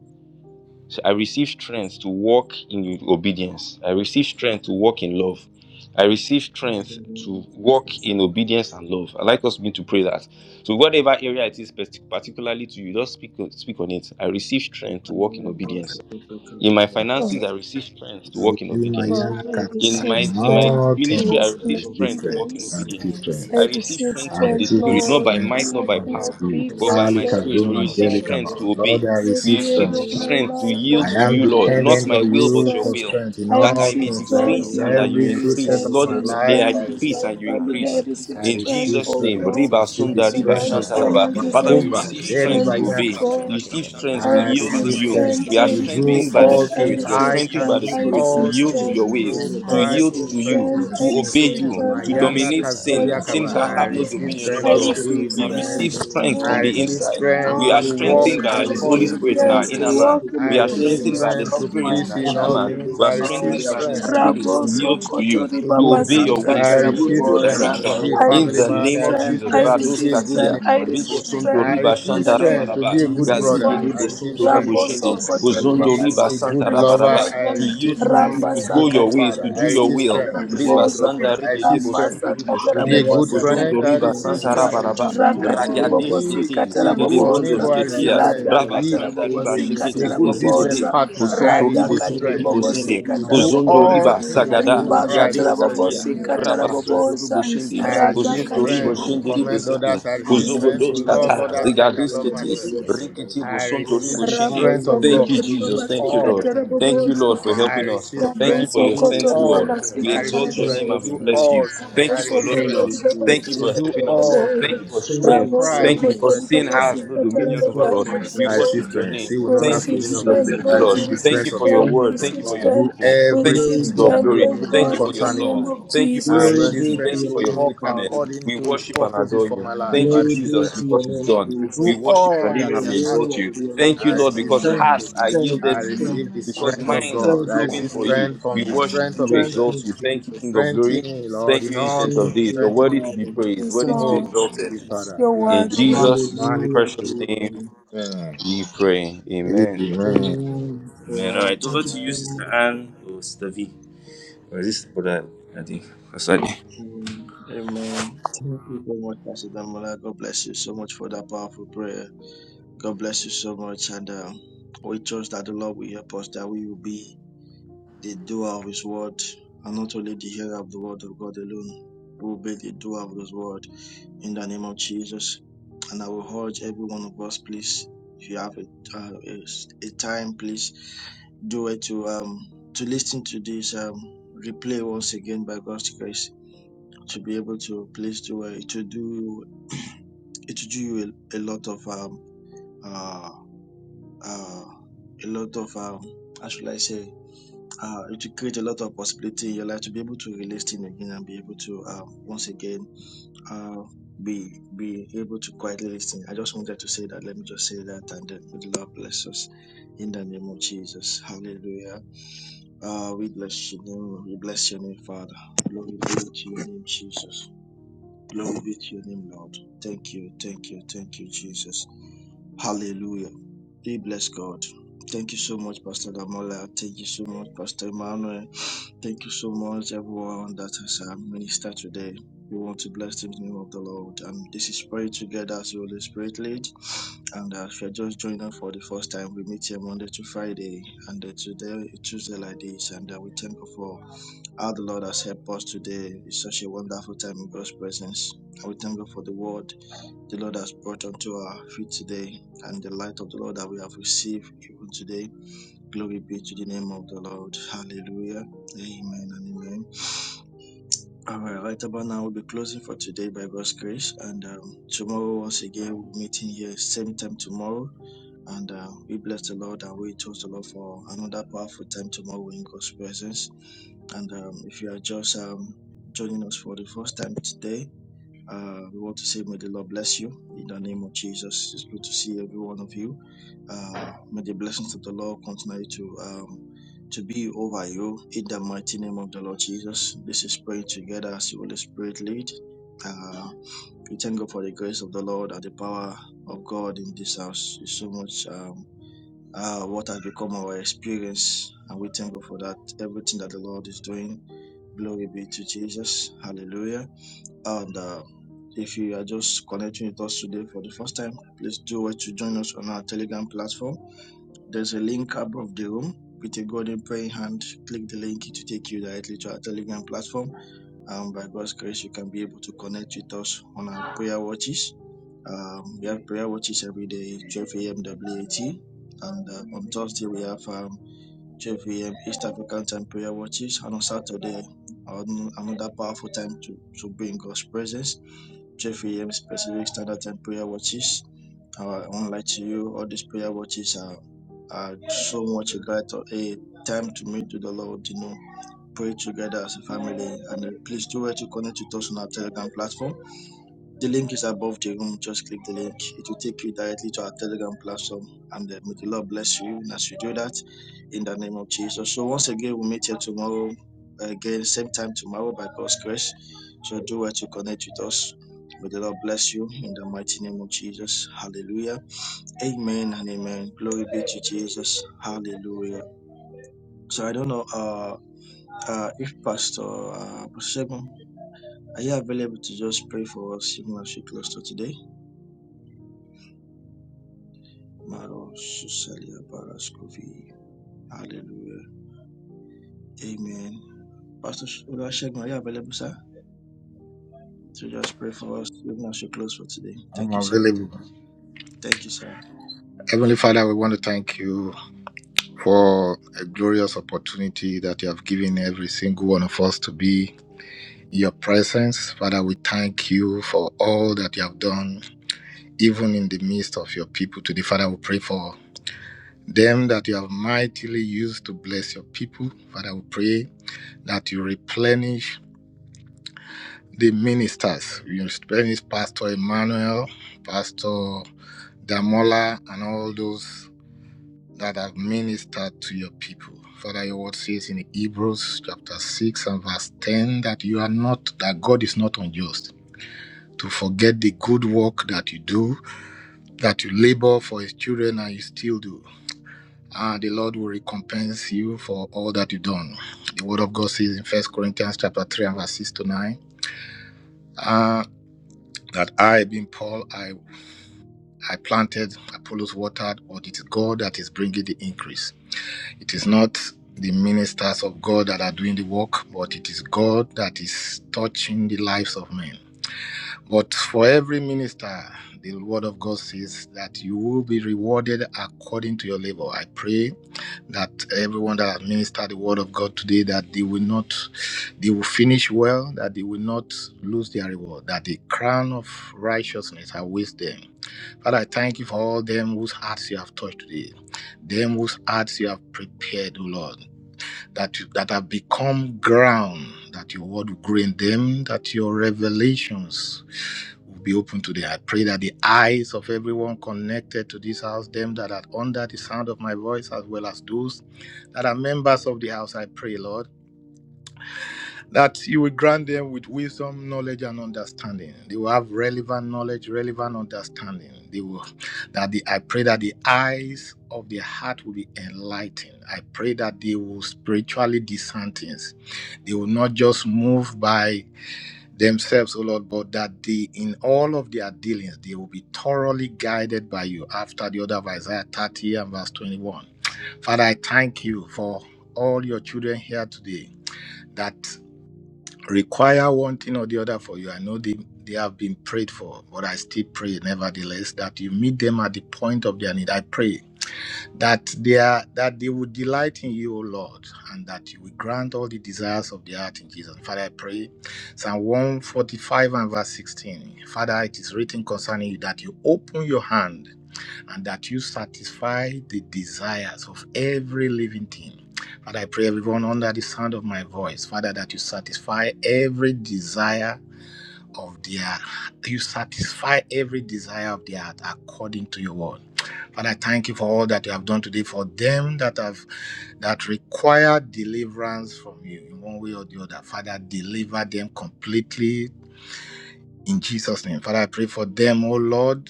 Speaker 13: so I receive strength to walk in obedience. I receive strength to walk in love. I receive
Speaker 7: the
Speaker 13: strength
Speaker 7: name
Speaker 13: to
Speaker 7: of
Speaker 13: walk
Speaker 7: Jesus.
Speaker 13: in obedience and love. I like us being to pray that. So whatever area it is, partic- particularly to you, just speak speak on it. I receive strength to
Speaker 7: And
Speaker 13: walk in
Speaker 7: we are about
Speaker 13: obedience.
Speaker 7: to pick up
Speaker 13: In
Speaker 7: the
Speaker 13: my
Speaker 4: Lord.
Speaker 13: finances, I
Speaker 7: recorder.
Speaker 13: receive strength to walk in obedience.
Speaker 4: Lord,
Speaker 7: Oh,
Speaker 14: Rulimayana
Speaker 4: I
Speaker 13: In
Speaker 14: kata.
Speaker 13: my
Speaker 4: receive
Speaker 14: In
Speaker 13: in
Speaker 7: we are
Speaker 13: my
Speaker 4: strength
Speaker 14: all
Speaker 7: about to pick up
Speaker 4: to
Speaker 13: ministry, I
Speaker 4: walk
Speaker 14: things,
Speaker 7: the
Speaker 14: I
Speaker 4: in
Speaker 13: receive
Speaker 7: recorder.
Speaker 14: receive
Speaker 7: We are about
Speaker 13: strength
Speaker 7: to
Speaker 13: to
Speaker 7: pick
Speaker 14: strength.
Speaker 13: walk in
Speaker 7: up
Speaker 14: I
Speaker 4: obedience.
Speaker 14: receive
Speaker 13: obedience.
Speaker 1: I
Speaker 7: the
Speaker 14: strength.
Speaker 1: receive
Speaker 13: I
Speaker 4: I
Speaker 13: receive
Speaker 1: strength.
Speaker 7: recorder.
Speaker 4: receive
Speaker 13: strength
Speaker 14: I
Speaker 13: from the
Speaker 4: strength,
Speaker 14: receive the
Speaker 13: Spirit, not
Speaker 4: Lord, to
Speaker 13: by might,
Speaker 14: strength
Speaker 13: not
Speaker 4: walk
Speaker 13: by
Speaker 1: Kabiraboshakarabababa.
Speaker 14: of
Speaker 4: in
Speaker 14: the
Speaker 13: power,
Speaker 1: I
Speaker 14: Spirit.
Speaker 13: but
Speaker 1: receive
Speaker 13: by
Speaker 4: obedience,
Speaker 13: my
Speaker 4: Lord
Speaker 13: Spirit.
Speaker 1: strength to
Speaker 13: We
Speaker 14: Alikazuma
Speaker 1: walk
Speaker 13: receive
Speaker 1: in
Speaker 4: Jesus.
Speaker 1: the
Speaker 13: strength
Speaker 1: ways of
Speaker 14: gelikaba.
Speaker 13: to
Speaker 1: the Lord. I
Speaker 14: Lord,
Speaker 13: obey.
Speaker 14: I
Speaker 1: receive
Speaker 13: We
Speaker 14: receive
Speaker 4: Every
Speaker 13: receive
Speaker 1: strength.
Speaker 4: area
Speaker 14: strength.
Speaker 4: of
Speaker 7: And We are about to pick up the recorder. And we
Speaker 4: my
Speaker 7: are about
Speaker 13: strength to
Speaker 7: to
Speaker 4: life,
Speaker 7: pick up
Speaker 14: I
Speaker 13: yield
Speaker 4: oh
Speaker 7: the recorder. And to the
Speaker 13: to
Speaker 14: am
Speaker 13: you,
Speaker 4: God, I
Speaker 13: Lord.
Speaker 1: Ikedebosakarababikate.
Speaker 13: Not
Speaker 14: dependent
Speaker 7: recorder.
Speaker 13: my
Speaker 14: on
Speaker 4: receive
Speaker 1: I
Speaker 13: will, but
Speaker 14: you
Speaker 1: receive
Speaker 13: your
Speaker 14: for
Speaker 4: strength.
Speaker 13: will
Speaker 1: strength
Speaker 14: strength
Speaker 1: to
Speaker 14: in
Speaker 4: I
Speaker 1: walk
Speaker 13: that
Speaker 1: in
Speaker 14: all
Speaker 13: I
Speaker 1: the
Speaker 13: may
Speaker 4: receive
Speaker 14: things,
Speaker 1: mercy,
Speaker 14: Lord.
Speaker 1: oh
Speaker 4: strength
Speaker 7: We
Speaker 13: decrease
Speaker 14: In
Speaker 4: in
Speaker 7: are
Speaker 13: and
Speaker 1: God.
Speaker 4: the
Speaker 13: that
Speaker 1: I
Speaker 7: about
Speaker 14: every
Speaker 13: you
Speaker 1: receive
Speaker 4: ministry. I
Speaker 14: facet
Speaker 13: increase.
Speaker 1: strength
Speaker 14: of
Speaker 1: to
Speaker 14: my
Speaker 1: walk
Speaker 4: receive
Speaker 1: in
Speaker 13: Lord, may
Speaker 14: life,
Speaker 13: I
Speaker 1: grace
Speaker 14: I
Speaker 4: strength
Speaker 1: and
Speaker 4: in
Speaker 14: receive
Speaker 13: decrease
Speaker 4: my
Speaker 1: wisdom,
Speaker 13: and
Speaker 1: oh
Speaker 14: strength.
Speaker 13: you
Speaker 4: family.
Speaker 1: Father.
Speaker 13: increase.
Speaker 4: I receive
Speaker 14: I
Speaker 13: In
Speaker 1: Rakasotakede.
Speaker 4: strength,
Speaker 14: receive
Speaker 13: Jesus'
Speaker 4: oh
Speaker 1: I
Speaker 13: name,
Speaker 14: strength.
Speaker 4: God.
Speaker 14: I
Speaker 1: receive
Speaker 13: Riba
Speaker 14: receive the
Speaker 13: Sunda,
Speaker 1: strength
Speaker 4: In
Speaker 13: Riba
Speaker 4: my
Speaker 14: strength of God.
Speaker 6: strength
Speaker 13: Shantaraba.
Speaker 6: to walk
Speaker 4: finances,
Speaker 6: in
Speaker 13: Father,
Speaker 1: Ikerabasatakadaba,
Speaker 4: I
Speaker 6: my
Speaker 13: we
Speaker 1: to
Speaker 14: Makuba,
Speaker 4: receive
Speaker 13: receive
Speaker 1: walk in
Speaker 6: obedience.
Speaker 1: love.
Speaker 6: In the
Speaker 13: strength
Speaker 4: strength,
Speaker 14: Zeriba,
Speaker 1: I
Speaker 13: to
Speaker 6: name of
Speaker 4: oh
Speaker 1: receive
Speaker 13: obey.
Speaker 1: strength
Speaker 6: Jesus,
Speaker 14: Inakata.
Speaker 1: in
Speaker 13: We
Speaker 4: God.
Speaker 1: the
Speaker 13: receive
Speaker 1: name
Speaker 13: strength
Speaker 4: I
Speaker 13: to
Speaker 1: of
Speaker 14: I
Speaker 13: yield
Speaker 6: I
Speaker 4: receive
Speaker 13: to
Speaker 14: receive
Speaker 13: you.
Speaker 6: receive
Speaker 4: strength.
Speaker 13: We
Speaker 14: strength
Speaker 1: Rakayadabosete.
Speaker 13: are
Speaker 4: I
Speaker 14: to
Speaker 6: strength to
Speaker 1: I
Speaker 4: receive
Speaker 6: walk
Speaker 14: do
Speaker 13: strengthened
Speaker 6: in
Speaker 13: by
Speaker 1: receive
Speaker 13: the
Speaker 14: all
Speaker 6: my
Speaker 4: strength. I
Speaker 14: things.
Speaker 13: Spirit.
Speaker 1: strength
Speaker 13: We are
Speaker 6: obedience.
Speaker 4: receive
Speaker 14: I
Speaker 13: strengthened by
Speaker 14: can
Speaker 4: strength.
Speaker 13: the
Speaker 14: do
Speaker 6: I
Speaker 4: I
Speaker 1: Akabadokosha, to
Speaker 13: Spirit to
Speaker 1: walk
Speaker 4: receive
Speaker 6: receive
Speaker 14: all
Speaker 1: in
Speaker 13: yield to
Speaker 6: strength
Speaker 1: wisdom.
Speaker 4: strength.
Speaker 14: things
Speaker 6: in
Speaker 13: your
Speaker 6: my
Speaker 1: I
Speaker 13: ways,
Speaker 14: through
Speaker 1: receive
Speaker 4: I
Speaker 13: to
Speaker 6: finances.
Speaker 14: Christ
Speaker 13: yield
Speaker 1: strength in
Speaker 14: who
Speaker 4: receive
Speaker 13: to
Speaker 1: the
Speaker 7: to
Speaker 1: name
Speaker 13: you,
Speaker 1: of
Speaker 6: I
Speaker 7: pick
Speaker 4: strength,
Speaker 7: up
Speaker 14: strengthens
Speaker 4: I
Speaker 1: Jesus.
Speaker 14: me.
Speaker 13: to
Speaker 6: receive
Speaker 13: obey
Speaker 4: receive
Speaker 7: the
Speaker 1: I
Speaker 6: strength
Speaker 13: you,
Speaker 6: in
Speaker 1: will
Speaker 7: recorder.
Speaker 6: my
Speaker 4: strength,
Speaker 1: out
Speaker 13: to
Speaker 1: the
Speaker 4: I
Speaker 6: life.
Speaker 14: Mayana
Speaker 13: dominate
Speaker 1: bullshit.
Speaker 4: receive
Speaker 1: I will
Speaker 4: strength,
Speaker 13: sin.
Speaker 6: The
Speaker 1: not
Speaker 14: Kazuria
Speaker 1: do that
Speaker 4: oh
Speaker 13: Sin
Speaker 14: Kaba.
Speaker 6: joy
Speaker 1: they
Speaker 6: of
Speaker 13: shall
Speaker 6: the
Speaker 1: could
Speaker 14: I
Speaker 13: have
Speaker 4: God.
Speaker 6: Lord
Speaker 13: no
Speaker 1: it
Speaker 6: is
Speaker 7: Master Salia
Speaker 1: if I
Speaker 14: receive
Speaker 6: my
Speaker 1: said
Speaker 13: dominion
Speaker 4: I
Speaker 14: strength
Speaker 1: like,
Speaker 14: to
Speaker 13: over
Speaker 7: Bala
Speaker 1: uh,
Speaker 6: strength.
Speaker 13: us.
Speaker 14: obey
Speaker 4: receive
Speaker 14: in
Speaker 6: I
Speaker 7: Costello
Speaker 13: We
Speaker 14: all
Speaker 1: this
Speaker 14: things.
Speaker 6: receive
Speaker 13: receive
Speaker 1: is
Speaker 4: strength,
Speaker 7: Repetilia,
Speaker 1: into
Speaker 6: strength
Speaker 13: strength
Speaker 1: that
Speaker 6: to
Speaker 13: from
Speaker 14: I
Speaker 4: oh
Speaker 6: grow
Speaker 13: the
Speaker 6: my
Speaker 14: receive
Speaker 4: yes,
Speaker 13: inside.
Speaker 4: to
Speaker 1: understanding of
Speaker 6: children.
Speaker 1: the
Speaker 13: We
Speaker 14: strength
Speaker 4: walk
Speaker 13: are
Speaker 14: to
Speaker 1: name of
Speaker 6: I
Speaker 13: strengthened
Speaker 14: walk
Speaker 6: receive
Speaker 1: Jesus.
Speaker 13: by
Speaker 4: in
Speaker 1: This
Speaker 13: this
Speaker 6: strength to
Speaker 13: Holy
Speaker 1: is
Speaker 14: according to
Speaker 1: strength
Speaker 6: manage
Speaker 13: Spirit
Speaker 1: to
Speaker 14: your
Speaker 13: in
Speaker 1: the
Speaker 6: my
Speaker 13: our
Speaker 14: will.
Speaker 4: obedience, to
Speaker 1: hope
Speaker 13: inner
Speaker 1: and
Speaker 6: household.
Speaker 13: man.
Speaker 4: walk
Speaker 1: second.
Speaker 4: in
Speaker 14: I
Speaker 13: We are
Speaker 6: I
Speaker 14: receive
Speaker 6: receive
Speaker 13: strengthened
Speaker 1: Go
Speaker 13: by
Speaker 4: obedience,
Speaker 13: the
Speaker 6: strength
Speaker 14: strength
Speaker 1: shut
Speaker 6: to
Speaker 14: to
Speaker 4: oh
Speaker 6: do
Speaker 1: up
Speaker 13: Spirit
Speaker 4: my
Speaker 1: and
Speaker 6: my
Speaker 13: in
Speaker 14: please
Speaker 13: our
Speaker 1: let
Speaker 14: you in
Speaker 1: me
Speaker 13: inner
Speaker 14: all
Speaker 6: job.
Speaker 4: Father,
Speaker 13: man.
Speaker 1: come
Speaker 4: my
Speaker 14: things.
Speaker 13: We
Speaker 1: out
Speaker 13: are
Speaker 14: I
Speaker 6: I
Speaker 1: and see
Speaker 14: receive
Speaker 6: receive
Speaker 4: God.
Speaker 13: strengthened by the
Speaker 1: strength.
Speaker 14: strength
Speaker 6: strength to
Speaker 1: And then
Speaker 13: Spirit
Speaker 1: I
Speaker 13: to
Speaker 4: Rabo
Speaker 6: minister
Speaker 1: got
Speaker 6: the
Speaker 1: down
Speaker 13: yield
Speaker 6: word.
Speaker 1: and
Speaker 13: to
Speaker 6: of-
Speaker 1: shut
Speaker 13: you,
Speaker 4: Sokoto
Speaker 1: it.
Speaker 14: to
Speaker 13: to
Speaker 14: do
Speaker 4: Ribaba
Speaker 1: Go
Speaker 6: I
Speaker 13: obey
Speaker 1: get
Speaker 13: your
Speaker 14: ministry.
Speaker 1: it.
Speaker 6: receive
Speaker 4: Sikata
Speaker 1: I
Speaker 13: ways,
Speaker 14: I
Speaker 13: to
Speaker 1: got
Speaker 6: strength to
Speaker 13: yield
Speaker 1: it. I got it.
Speaker 14: receive
Speaker 13: to
Speaker 6: be a
Speaker 13: your
Speaker 4: Rabobosa.
Speaker 14: strength
Speaker 6: witness
Speaker 14: to
Speaker 13: direction.
Speaker 6: of
Speaker 14: be a
Speaker 6: the
Speaker 4: I
Speaker 6: word.
Speaker 13: In
Speaker 14: family
Speaker 6: of-
Speaker 1: it.
Speaker 13: the
Speaker 4: receive
Speaker 14: man.
Speaker 13: name
Speaker 14: I
Speaker 13: of
Speaker 14: receive
Speaker 4: strength,
Speaker 6: I
Speaker 13: Jesus,
Speaker 4: I
Speaker 14: strength to
Speaker 6: receive
Speaker 13: Rados
Speaker 1: Receive
Speaker 4: receive
Speaker 14: be a
Speaker 6: strength to
Speaker 14: good
Speaker 1: strength,
Speaker 13: Katia,
Speaker 4: strength,
Speaker 6: let
Speaker 1: oh
Speaker 6: my
Speaker 4: I
Speaker 14: neighbor.
Speaker 1: Father
Speaker 6: light
Speaker 13: Ribo
Speaker 4: receive
Speaker 1: God.
Speaker 6: shine
Speaker 13: Sonto
Speaker 6: that
Speaker 14: I
Speaker 4: strength
Speaker 13: Riba
Speaker 6: others
Speaker 1: Lord
Speaker 6: may
Speaker 4: in
Speaker 14: receive
Speaker 4: the
Speaker 1: God,
Speaker 13: Shanta
Speaker 6: see
Speaker 4: name
Speaker 1: even
Speaker 14: strength
Speaker 1: oh
Speaker 14: to
Speaker 4: of
Speaker 14: be
Speaker 13: Rabaraba,
Speaker 14: a
Speaker 1: God,
Speaker 6: that
Speaker 1: I
Speaker 14: good
Speaker 1: was
Speaker 4: Jesus
Speaker 6: your
Speaker 1: started
Speaker 13: Gazigi
Speaker 6: good
Speaker 14: brother. I
Speaker 6: work
Speaker 1: to
Speaker 13: Ribo
Speaker 4: Christ.
Speaker 6: in my
Speaker 1: do
Speaker 14: receive
Speaker 13: Sonto
Speaker 1: shake
Speaker 6: life
Speaker 13: Ribo
Speaker 14: strength
Speaker 4: Rabo
Speaker 6: and
Speaker 13: Shende,
Speaker 6: come to
Speaker 1: it.
Speaker 4: Sokoto
Speaker 1: I
Speaker 14: to
Speaker 13: Ozondo
Speaker 4: Ribaba
Speaker 6: glorify.
Speaker 14: be
Speaker 1: receive
Speaker 13: Riba
Speaker 14: a
Speaker 13: Santa
Speaker 1: strength,
Speaker 14: good
Speaker 6: I
Speaker 4: Sikata
Speaker 1: oh Father,
Speaker 6: receive
Speaker 14: lover.
Speaker 1: to
Speaker 13: Rabaraba,
Speaker 14: I
Speaker 4: Rabobosa.
Speaker 13: to
Speaker 1: do.
Speaker 6: strength to
Speaker 14: receive
Speaker 13: yield
Speaker 1: So
Speaker 6: do
Speaker 1: I
Speaker 6: the
Speaker 13: to you,
Speaker 14: strength
Speaker 6: work
Speaker 1: receive
Speaker 13: to
Speaker 14: to
Speaker 6: that
Speaker 14: be a
Speaker 13: go
Speaker 1: strength.
Speaker 14: good
Speaker 13: your
Speaker 4: Ramasakati
Speaker 13: ways, to
Speaker 14: father.
Speaker 13: do
Speaker 14: I
Speaker 13: your
Speaker 4: Rabobosi
Speaker 1: Receive
Speaker 14: receive
Speaker 13: will.
Speaker 1: strength.
Speaker 6: I
Speaker 14: strength to be a
Speaker 6: receive
Speaker 13: Riba
Speaker 14: good
Speaker 4: Katarabobosa
Speaker 13: Santa
Speaker 14: husband.
Speaker 6: strength.
Speaker 14: I
Speaker 6: Lord.
Speaker 13: Ribi
Speaker 14: receive
Speaker 13: Ribo
Speaker 1: Elekatakatakashakata.
Speaker 14: strength
Speaker 13: Sonto Ribo
Speaker 4: Ramasakata
Speaker 14: to
Speaker 6: Walk
Speaker 13: Shende,
Speaker 6: in
Speaker 14: be a
Speaker 6: my
Speaker 14: good
Speaker 4: Rabobosi
Speaker 6: obedience.
Speaker 14: friend.
Speaker 13: Ozondo
Speaker 14: I
Speaker 13: Riba
Speaker 6: I
Speaker 14: receive
Speaker 13: Santa
Speaker 6: receive
Speaker 4: Katarabobosa
Speaker 6: strength
Speaker 14: strength
Speaker 6: to
Speaker 13: Rabaraba,
Speaker 6: read the
Speaker 4: Rakati
Speaker 6: word
Speaker 14: to
Speaker 6: of
Speaker 4: Ribobosi
Speaker 6: God.
Speaker 14: be
Speaker 13: Ragadeskiti,
Speaker 6: I
Speaker 14: a
Speaker 13: Zigede
Speaker 1: Kudukusheketabarabasatakabadoshatatorobosokotobadieta.
Speaker 14: good
Speaker 6: receive
Speaker 4: Katarabobosa
Speaker 14: neighbor.
Speaker 6: strength to
Speaker 14: I receive
Speaker 1: Receive
Speaker 13: Bundosketia,
Speaker 6: fast.
Speaker 14: strength
Speaker 4: Rada
Speaker 14: to
Speaker 1: strength, O
Speaker 13: raba
Speaker 14: be
Speaker 1: Father,
Speaker 13: Sanda Riba
Speaker 6: I
Speaker 4: Katarabobosi
Speaker 14: a
Speaker 6: receive
Speaker 13: Shekete,
Speaker 1: Kiribazayadaba,
Speaker 14: good
Speaker 6: strength to
Speaker 14: business
Speaker 1: to
Speaker 13: Zigede,
Speaker 4: Katarabobosa
Speaker 6: speak out
Speaker 1: hear
Speaker 14: partner.
Speaker 1: your
Speaker 6: in the
Speaker 14: I
Speaker 1: word,
Speaker 13: Fusonto
Speaker 1: to
Speaker 4: Rada
Speaker 6: day.
Speaker 13: Ribo
Speaker 14: receive
Speaker 1: hear your
Speaker 13: Shente
Speaker 7: Asante
Speaker 1: will,
Speaker 14: strength
Speaker 6: I
Speaker 13: Ribo
Speaker 1: to
Speaker 7: Bala
Speaker 4: Katiribobosi
Speaker 1: hear
Speaker 13: Sende,
Speaker 1: you,
Speaker 14: to
Speaker 1: to
Speaker 6: receive
Speaker 7: Bala
Speaker 14: do
Speaker 1: hear,
Speaker 13: Fuzondo
Speaker 1: oh
Speaker 6: strength to
Speaker 14: all
Speaker 4: Katarabobosa
Speaker 13: Riba
Speaker 1: God,
Speaker 6: hold
Speaker 1: to
Speaker 6: on
Speaker 14: things
Speaker 6: to
Speaker 1: hear.
Speaker 13: Sakada,
Speaker 14: through
Speaker 7: Ventile
Speaker 6: your
Speaker 4: Riba
Speaker 1: I
Speaker 14: Christ who
Speaker 1: receive
Speaker 6: changing
Speaker 7: Bradosa
Speaker 6: hand
Speaker 1: strength
Speaker 6: and
Speaker 14: strengthens
Speaker 13: Zigadeskatia,
Speaker 1: to
Speaker 4: Katarabobosi
Speaker 14: me.
Speaker 6: never
Speaker 14: I
Speaker 7: Cataya
Speaker 1: hear, I
Speaker 6: let
Speaker 13: Rabba
Speaker 14: receive
Speaker 6: go.
Speaker 1: receive
Speaker 7: Baladia,
Speaker 14: strength
Speaker 13: Sunto
Speaker 1: receive
Speaker 13: Ribo
Speaker 4: Katarabobosa
Speaker 6: I
Speaker 1: strength to
Speaker 13: Shende,
Speaker 6: receive
Speaker 14: I
Speaker 1: see.
Speaker 6: strength to
Speaker 4: Rada
Speaker 7: Ventaya
Speaker 14: receive
Speaker 13: Fusonto
Speaker 6: worship
Speaker 13: Ribo
Speaker 14: strength
Speaker 4: Katiribobosi
Speaker 6: you
Speaker 14: to
Speaker 13: Shende
Speaker 7: Baladosa,
Speaker 1: Rabbi
Speaker 13: Ribo
Speaker 6: daily.
Speaker 14: commend
Speaker 13: Sende,
Speaker 14: others. I
Speaker 4: In
Speaker 6: I
Speaker 14: receive
Speaker 4: the
Speaker 1: Kabashike,
Speaker 7: Master
Speaker 4: name
Speaker 6: receive
Speaker 14: strength
Speaker 4: of
Speaker 14: to
Speaker 13: Fuzogodos
Speaker 7: Filia
Speaker 6: strength.
Speaker 14: love
Speaker 4: Jesus
Speaker 13: Kata,
Speaker 14: others like
Speaker 7: Vabando
Speaker 4: Christ.
Speaker 14: I
Speaker 7: de
Speaker 14: love
Speaker 6: I
Speaker 13: Zigadeskiti,
Speaker 14: myself.
Speaker 7: Letadia
Speaker 6: receive
Speaker 1: Mandekezo
Speaker 6: strength.
Speaker 7: Cata,
Speaker 13: Rikiti
Speaker 1: dile
Speaker 14: I
Speaker 1: badi
Speaker 13: Bosonto
Speaker 14: receive
Speaker 13: Ribo
Speaker 7: Rosa
Speaker 1: kishete
Speaker 14: the
Speaker 1: bada
Speaker 13: Shende.
Speaker 14: strength
Speaker 6: I
Speaker 4: Raboso
Speaker 7: Paila
Speaker 14: of
Speaker 13: Thank
Speaker 1: gazaba
Speaker 14: God
Speaker 13: you,
Speaker 6: release
Speaker 14: to do
Speaker 13: Jesus.
Speaker 1: hatosa
Speaker 6: strength.
Speaker 4: Kotoribabasi
Speaker 13: Thank you,
Speaker 7: Bosa.
Speaker 14: all
Speaker 13: Lord.
Speaker 1: hatabe
Speaker 14: things.
Speaker 13: Thank
Speaker 7: Thank
Speaker 6: I
Speaker 13: you,
Speaker 1: jikete
Speaker 7: you,
Speaker 13: Lord,
Speaker 4: Katarabobosa
Speaker 6: put it
Speaker 13: for
Speaker 1: bada
Speaker 6: up.
Speaker 14: I
Speaker 7: Father.
Speaker 13: helping
Speaker 1: kus
Speaker 13: us.
Speaker 14: receive
Speaker 13: Thank you
Speaker 7: Thank
Speaker 14: strength
Speaker 13: for
Speaker 4: Raboso
Speaker 1: kishete
Speaker 14: to
Speaker 7: you,
Speaker 13: your
Speaker 1: ke
Speaker 14: do
Speaker 13: sent
Speaker 1: bada
Speaker 4: kotori
Speaker 7: Jesus.
Speaker 14: all
Speaker 4: baba
Speaker 13: word.
Speaker 1: kusekete
Speaker 14: things.
Speaker 13: We
Speaker 6: I
Speaker 4: sika
Speaker 14: I
Speaker 1: bada
Speaker 14: receive
Speaker 13: exalt your
Speaker 6: release.
Speaker 7: Thank
Speaker 14: strength
Speaker 13: name
Speaker 14: to
Speaker 13: and
Speaker 7: you,
Speaker 1: kusekete
Speaker 13: we
Speaker 4: taraboboza.
Speaker 14: do
Speaker 1: gele
Speaker 13: bless
Speaker 1: bada
Speaker 13: you.
Speaker 14: all
Speaker 7: Jesus.
Speaker 1: koda
Speaker 14: things.
Speaker 13: Thank
Speaker 14: I
Speaker 13: you
Speaker 1: I
Speaker 13: for
Speaker 4: Raboso
Speaker 14: receive
Speaker 13: loving
Speaker 1: receive
Speaker 7: Thank
Speaker 14: strength
Speaker 4: kotori
Speaker 7: you,
Speaker 13: us.
Speaker 1: strength, I
Speaker 4: baba
Speaker 13: Thank you
Speaker 14: to
Speaker 1: receive
Speaker 13: for
Speaker 4: sika
Speaker 7: Jesus.
Speaker 14: do
Speaker 1: strength,
Speaker 13: helping
Speaker 1: I
Speaker 13: us.
Speaker 14: all
Speaker 1: receive
Speaker 4: taraboboza.
Speaker 13: Thank you
Speaker 1: strength
Speaker 13: for
Speaker 1: to
Speaker 14: things.
Speaker 1: do
Speaker 7: Thank
Speaker 14: Through
Speaker 13: strength.
Speaker 7: you,
Speaker 1: your will,
Speaker 4: Raboso
Speaker 1: I
Speaker 14: Christ
Speaker 13: Thank you
Speaker 14: who
Speaker 1: receive
Speaker 13: because
Speaker 4: kotori
Speaker 7: Jesus.
Speaker 13: sin
Speaker 1: strength to
Speaker 14: strengthens
Speaker 4: baba
Speaker 14: me.
Speaker 1: walk
Speaker 13: has
Speaker 1: in
Speaker 13: no
Speaker 4: sika
Speaker 1: your
Speaker 13: dominion
Speaker 7: Thank
Speaker 1: purpose,
Speaker 7: you,
Speaker 13: over us.
Speaker 6: I
Speaker 1: I
Speaker 4: tarabogandere
Speaker 7: Father.
Speaker 13: We
Speaker 1: receive
Speaker 6: receive
Speaker 14: I
Speaker 4: boboza.
Speaker 14: receive
Speaker 13: worship
Speaker 1: strength to,
Speaker 13: your
Speaker 6: strength.
Speaker 14: strength.
Speaker 1: oh
Speaker 13: name.
Speaker 14: See, will
Speaker 4: We
Speaker 1: God,
Speaker 14: not
Speaker 1: to
Speaker 13: Thank
Speaker 14: have
Speaker 7: Thank
Speaker 13: you,
Speaker 14: to
Speaker 4: receive
Speaker 7: you,
Speaker 14: lean
Speaker 6: In
Speaker 14: over
Speaker 6: the
Speaker 13: Jesus.
Speaker 1: obey
Speaker 7: Jesus.
Speaker 4: strength,
Speaker 14: me.
Speaker 1: the
Speaker 6: name
Speaker 13: Thank you,
Speaker 14: I
Speaker 1: will
Speaker 4: Lord.
Speaker 6: of
Speaker 1: of
Speaker 4: We
Speaker 13: Lord.
Speaker 1: the
Speaker 14: receive the
Speaker 13: Thank
Speaker 4: receive
Speaker 1: Father.
Speaker 6: Jesus,
Speaker 13: you
Speaker 14: strength
Speaker 6: I
Speaker 13: for
Speaker 6: receive
Speaker 14: of
Speaker 13: your
Speaker 14: God
Speaker 4: strength.
Speaker 7: Thank
Speaker 4: We
Speaker 13: word.
Speaker 1: Iku
Speaker 7: you,
Speaker 13: Thank you
Speaker 4: receive
Speaker 6: strength.
Speaker 13: for
Speaker 1: robo
Speaker 14: to
Speaker 13: your
Speaker 7: Father.
Speaker 4: strength.
Speaker 14: do
Speaker 1: shata
Speaker 13: people.
Speaker 4: We
Speaker 1: kaba,
Speaker 13: Thank you,
Speaker 4: receive
Speaker 7: Glory
Speaker 13: King
Speaker 6: In
Speaker 14: everything
Speaker 7: be
Speaker 6: the
Speaker 13: of
Speaker 1: iku
Speaker 14: that
Speaker 7: to
Speaker 4: strength,
Speaker 13: glory.
Speaker 7: your
Speaker 4: oh
Speaker 1: ibu
Speaker 14: is
Speaker 6: name
Speaker 7: name,
Speaker 13: Thank
Speaker 1: zeta
Speaker 6: of
Speaker 14: spoken
Speaker 13: you
Speaker 4: God,
Speaker 13: for
Speaker 4: in
Speaker 13: your
Speaker 4: the
Speaker 1: kaba,
Speaker 6: Jesus,
Speaker 7: Jesus.
Speaker 14: concerning
Speaker 4: name
Speaker 14: me.
Speaker 13: love.
Speaker 4: of
Speaker 1: ibu
Speaker 13: Thank you for
Speaker 14: I
Speaker 13: your
Speaker 1: zeta,
Speaker 4: Jesus.
Speaker 6: I
Speaker 7: Glory
Speaker 14: receive
Speaker 13: mercy.
Speaker 1: riba
Speaker 7: be
Speaker 6: receive
Speaker 7: to
Speaker 13: Thank
Speaker 14: strength
Speaker 13: you
Speaker 7: your
Speaker 13: for
Speaker 14: to
Speaker 13: your
Speaker 1: bushete,
Speaker 6: strength.
Speaker 7: name,
Speaker 14: walk
Speaker 1: kere
Speaker 13: faithfulness.
Speaker 7: Father.
Speaker 1: bende,
Speaker 14: according
Speaker 13: We
Speaker 14: to his
Speaker 13: worship
Speaker 1: kadia
Speaker 13: and
Speaker 14: purposes
Speaker 13: adore
Speaker 1: tata,
Speaker 14: for
Speaker 13: you.
Speaker 14: my
Speaker 1: kadia
Speaker 14: life.
Speaker 13: Thank
Speaker 6: Amen.
Speaker 14: I
Speaker 13: you,
Speaker 1: tata,
Speaker 7: Glory
Speaker 14: receive
Speaker 7: be
Speaker 13: Jesus,
Speaker 14: strength
Speaker 7: to
Speaker 1: kere
Speaker 13: because
Speaker 7: your
Speaker 13: it's
Speaker 7: name,
Speaker 13: done.
Speaker 1: I
Speaker 14: to
Speaker 13: We
Speaker 14: do
Speaker 7: Jesus.
Speaker 1: receive
Speaker 13: worship
Speaker 1: strength.
Speaker 13: your
Speaker 14: all
Speaker 1: I
Speaker 13: name
Speaker 14: that he
Speaker 13: and we
Speaker 14: has
Speaker 1: receive
Speaker 14: asked me
Speaker 13: exalt
Speaker 7: Hallelujah
Speaker 1: strength
Speaker 13: you.
Speaker 1: in
Speaker 14: to
Speaker 7: to
Speaker 1: the
Speaker 14: do
Speaker 7: your
Speaker 14: for
Speaker 1: name
Speaker 7: name,
Speaker 13: Thank
Speaker 14: him.
Speaker 1: of
Speaker 13: you,
Speaker 14: I
Speaker 4: Yes,
Speaker 13: Lord,
Speaker 7: Father.
Speaker 14: receive
Speaker 1: Jesus.
Speaker 13: because
Speaker 4: Lord.
Speaker 6: I
Speaker 7: Thank
Speaker 14: strength.
Speaker 7: you,
Speaker 13: hearts
Speaker 1: We
Speaker 13: are
Speaker 6: refuse to
Speaker 1: pray
Speaker 7: thank
Speaker 1: to
Speaker 6: drink
Speaker 14: I
Speaker 13: yielded
Speaker 6: the
Speaker 1: get
Speaker 7: you,
Speaker 13: to
Speaker 1: it,
Speaker 13: you
Speaker 7: thank
Speaker 14: receive
Speaker 1: shake
Speaker 6: name
Speaker 14: the
Speaker 1: it,
Speaker 7: you,
Speaker 6: of
Speaker 1: tell
Speaker 13: because
Speaker 6: Jesus.
Speaker 14: strength
Speaker 1: about it,
Speaker 14: of
Speaker 4: Yes,
Speaker 13: minds
Speaker 1: and
Speaker 13: are
Speaker 4: Lord.
Speaker 1: then
Speaker 14: God.
Speaker 7: thank
Speaker 1: it
Speaker 14: I
Speaker 7: you,
Speaker 13: flowing
Speaker 14: receive
Speaker 13: for
Speaker 1: will
Speaker 13: you.
Speaker 1: shake
Speaker 14: strength
Speaker 7: Jesus.
Speaker 1: it, it
Speaker 13: We
Speaker 14: from
Speaker 6: In the
Speaker 14: the
Speaker 1: will
Speaker 13: worship
Speaker 1: shake
Speaker 6: name
Speaker 14: strength
Speaker 6: of
Speaker 13: you,
Speaker 14: of
Speaker 1: it, it
Speaker 13: we
Speaker 7: Thank
Speaker 14: Israel.
Speaker 13: exalt
Speaker 7: you,
Speaker 13: you.
Speaker 1: will
Speaker 13: Thank you,
Speaker 1: shake it.
Speaker 7: Jesus.
Speaker 13: King of
Speaker 14: Strengthen
Speaker 13: Glory.
Speaker 1: I
Speaker 14: me,
Speaker 1: receive
Speaker 14: Lord,
Speaker 13: Thank
Speaker 14: in
Speaker 13: you,
Speaker 1: strength
Speaker 14: all
Speaker 13: Ancient
Speaker 1: in the
Speaker 13: of
Speaker 7: Thank
Speaker 14: things.
Speaker 13: Days. You're
Speaker 7: you,
Speaker 1: mighty
Speaker 14: Strengthen
Speaker 13: worthy
Speaker 1: name of
Speaker 13: to be
Speaker 7: Father.
Speaker 13: praised,
Speaker 1: Jesus.
Speaker 4: Yes,
Speaker 13: worthy
Speaker 14: me.
Speaker 13: to
Speaker 7: Thank
Speaker 13: be
Speaker 14: Oh,
Speaker 7: you,
Speaker 4: Lord.
Speaker 14: thank
Speaker 1: I
Speaker 13: exalted.
Speaker 1: have
Speaker 14: you,
Speaker 1: a
Speaker 7: Jesus.
Speaker 14: Father.
Speaker 4: Your
Speaker 1: circle
Speaker 14: I
Speaker 13: In
Speaker 1: times
Speaker 4: word,
Speaker 14: receive
Speaker 4: Lord.
Speaker 14: strength.
Speaker 1: application.
Speaker 13: Jesus'
Speaker 14: Malika,
Speaker 7: Hallelujah to
Speaker 13: precious
Speaker 14: Malika.
Speaker 7: your
Speaker 13: name,
Speaker 7: name.
Speaker 14: Amen.
Speaker 13: we pray. Amen.
Speaker 14: Amen.
Speaker 7: Amen.
Speaker 13: Amen. All
Speaker 7: Amen.
Speaker 13: right, over
Speaker 7: Thank you
Speaker 13: to you,
Speaker 7: so
Speaker 13: Sister
Speaker 1: Amen.
Speaker 7: much.
Speaker 13: Anne or Sister V. Or is this brother? I think. Sorry.
Speaker 7: Amen. Amen. Thank you so much, Pastor Damola. God bless you so much for that powerful prayer. God bless you so much. And uh, we trust that the Lord will help us, that we will be the doer of his word and not only the hearer of the word of God alone. We will be the doer of his word in the name of Jesus. And I will urge every one of us, please, if you have a, uh, a, s- a time, please do it to um to listen to this um replay once again by God's grace to be able to please do it to do it to do you a, a lot of um uh uh a lot of um how should I say uh, it will create a lot of possibility in your life to be able to release things again and be able to um, once again uh, be be able to quietly listen. I just wanted to say that. Let me just say that, and then may the Lord bless us in the name of Jesus. Hallelujah. Uh, we bless your name. We bless your name, Father. Glory be to your name, Jesus. Glory be to your name, Lord. Thank you, thank you, thank you, Jesus. Hallelujah. We bless God. Thank you so much, Pastor Damola. Thank you so much, Pastor Emmanuel. Thank you so much, everyone that has uh, ministered today. We want to bless the name of the Lord. And this is Pray Together as the Holy Spirit lead. And uh, if you're just joining us for the first time, we meet here Monday to Friday and uh, today, Tuesday like this. And uh, we thank God for how the Lord has helped us today. It's such a wonderful time in God's presence. And we thank God for the word the Lord has brought unto our feet today and the light of the Lord that we have received even today. Glory be to the name of the Lord. Hallelujah. Amen and amen. All right, right about now, we'll be closing for today by God's grace. And um, tomorrow, once again, we'll be meeting here, same time tomorrow. And uh, we bless the Lord and we trust the Lord for another powerful time tomorrow in God's presence. And um, if you are just um, joining us for the first time today, uh, we want to say, may the Lord bless you in the name of Jesus. It's good to see every one of you. Uh, may the blessings of the Lord continue to um, to be over you in the mighty name of the Lord Jesus. This is praying together as the Holy Spirit lead. Uh, we thank God for the grace of the Lord and the power of God in this house. It's so much um, uh, what has become our experience, and we thank God for that. Everything that the Lord is doing, glory be to Jesus. Hallelujah. And uh, if you are just connecting with us today for the first time, please do what to join us on our Telegram platform. There's a link above the room with a golden praying hand. Click the link, to take you directly to our Telegram platform. And by God's grace, you can be able to connect with us on our prayer watches. Um, we have prayer watches every day, 12 a.m. WAT. And uh, on Thursday, we have um, 12 a.m. East African time prayer watches. And on Saturday, on another powerful time to, to bring God's presence. 3 a.m. specific standard time prayer watches. Uh, I won't lie to you, all these prayer watches are, are so much a great a time to meet with the Lord, you know, pray together as a family. And uh, please do it to connect with us on our Telegram platform the link is above the room. Just click the link. It will take you directly to our Telegram platform. And uh, may the Lord bless you as you do that in the name of Jesus. So, once again, we'll meet here tomorrow, again, same time tomorrow by God's grace. So, do what to connect with us. May the Lord bless you in the mighty name of Jesus. Hallelujah. Amen and amen. Glory be to Jesus. Hallelujah. So, I don't know uh, uh, if Pastor uh, Pastor Segun, are you available to just pray for us even as we close for today? Maros Salia Barascovi. Hallelujah. Amen. Pastor Olashegun, are you available, sir? To just pray for us even as you close for today.
Speaker 14: I'm
Speaker 7: Thank you, sir.
Speaker 14: available.
Speaker 7: Thank you, sir.
Speaker 14: Heavenly Father, we want to thank you for a glorious opportunity that you have given every single one of us to be your presence. Father, we thank you for all that you have done, even in the midst of your people today. Father, we pray for them that you have mightily used to bless your people. Father, we pray that you replenish the ministers. You replenish Pastor Emmanuel, Pastor Damola, and all those that have ministered to your people. Father, your word says in Hebrews chapter 6 and verse 10 that you are not, that God is not unjust to forget the good work that you do, that you labor for his children and you still do. And the Lord will recompense you for all that you've done. The word of God says in First Corinthians chapter 3 and verse 6 to 9. Uh, that I, being Paul, I I planted, Apollos watered, but it's God that is bringing the increase. It is not the ministers of God that are doing the work, but it is God that is touching the lives of men. But for every minister, the word of God says that you will be rewarded according to your labor. I pray that everyone that has ministered the word of God today, that they will not, they will finish well, that they will not lose their reward, that the crown of righteousness awaits them. Father, I thank you for all them whose hearts you have touched today, them whose hearts you have prepared, O Lord, that you, that have become ground, that your word will grow in them, that your revelations will be open today. I pray that the eyes of everyone connected to this house, them that are under the sound of my voice, as well as those that are members of the house, I pray, Lord, that you will grant them with wisdom, knowledge, and understanding. They will have relevant knowledge, relevant understanding. They will that the I pray that the eyes of their heart will be enlightened. I pray that they will spiritually discern things. They will not just move by themselves, O Lord, but that they, in all of their dealings, they will be thoroughly guided by you after the order of Isaiah 30 and verse 21. Father, I thank you for all your children here today that require one thing or the other for you. I know they, they have been prayed for, but I still pray, nevertheless, that you meet them at the point of their need. I pray that they are that they will delight in you, O Lord, and that you will grant all the desires of the heart in Jesus. Father, I pray. Psalm 145 and verse 16. Father, it is written concerning you that you open your hand and that you satisfy the desires of every living thing. Father, I pray everyone under the sound of my voice, Father, that you satisfy every desire of their you satisfy every desire of their heart according to your word. Father, I thank you for all that you have done today for them that have that require deliverance from you in one way or the other. Father, deliver them completely in Jesus' name. Father, I pray for them, oh Lord,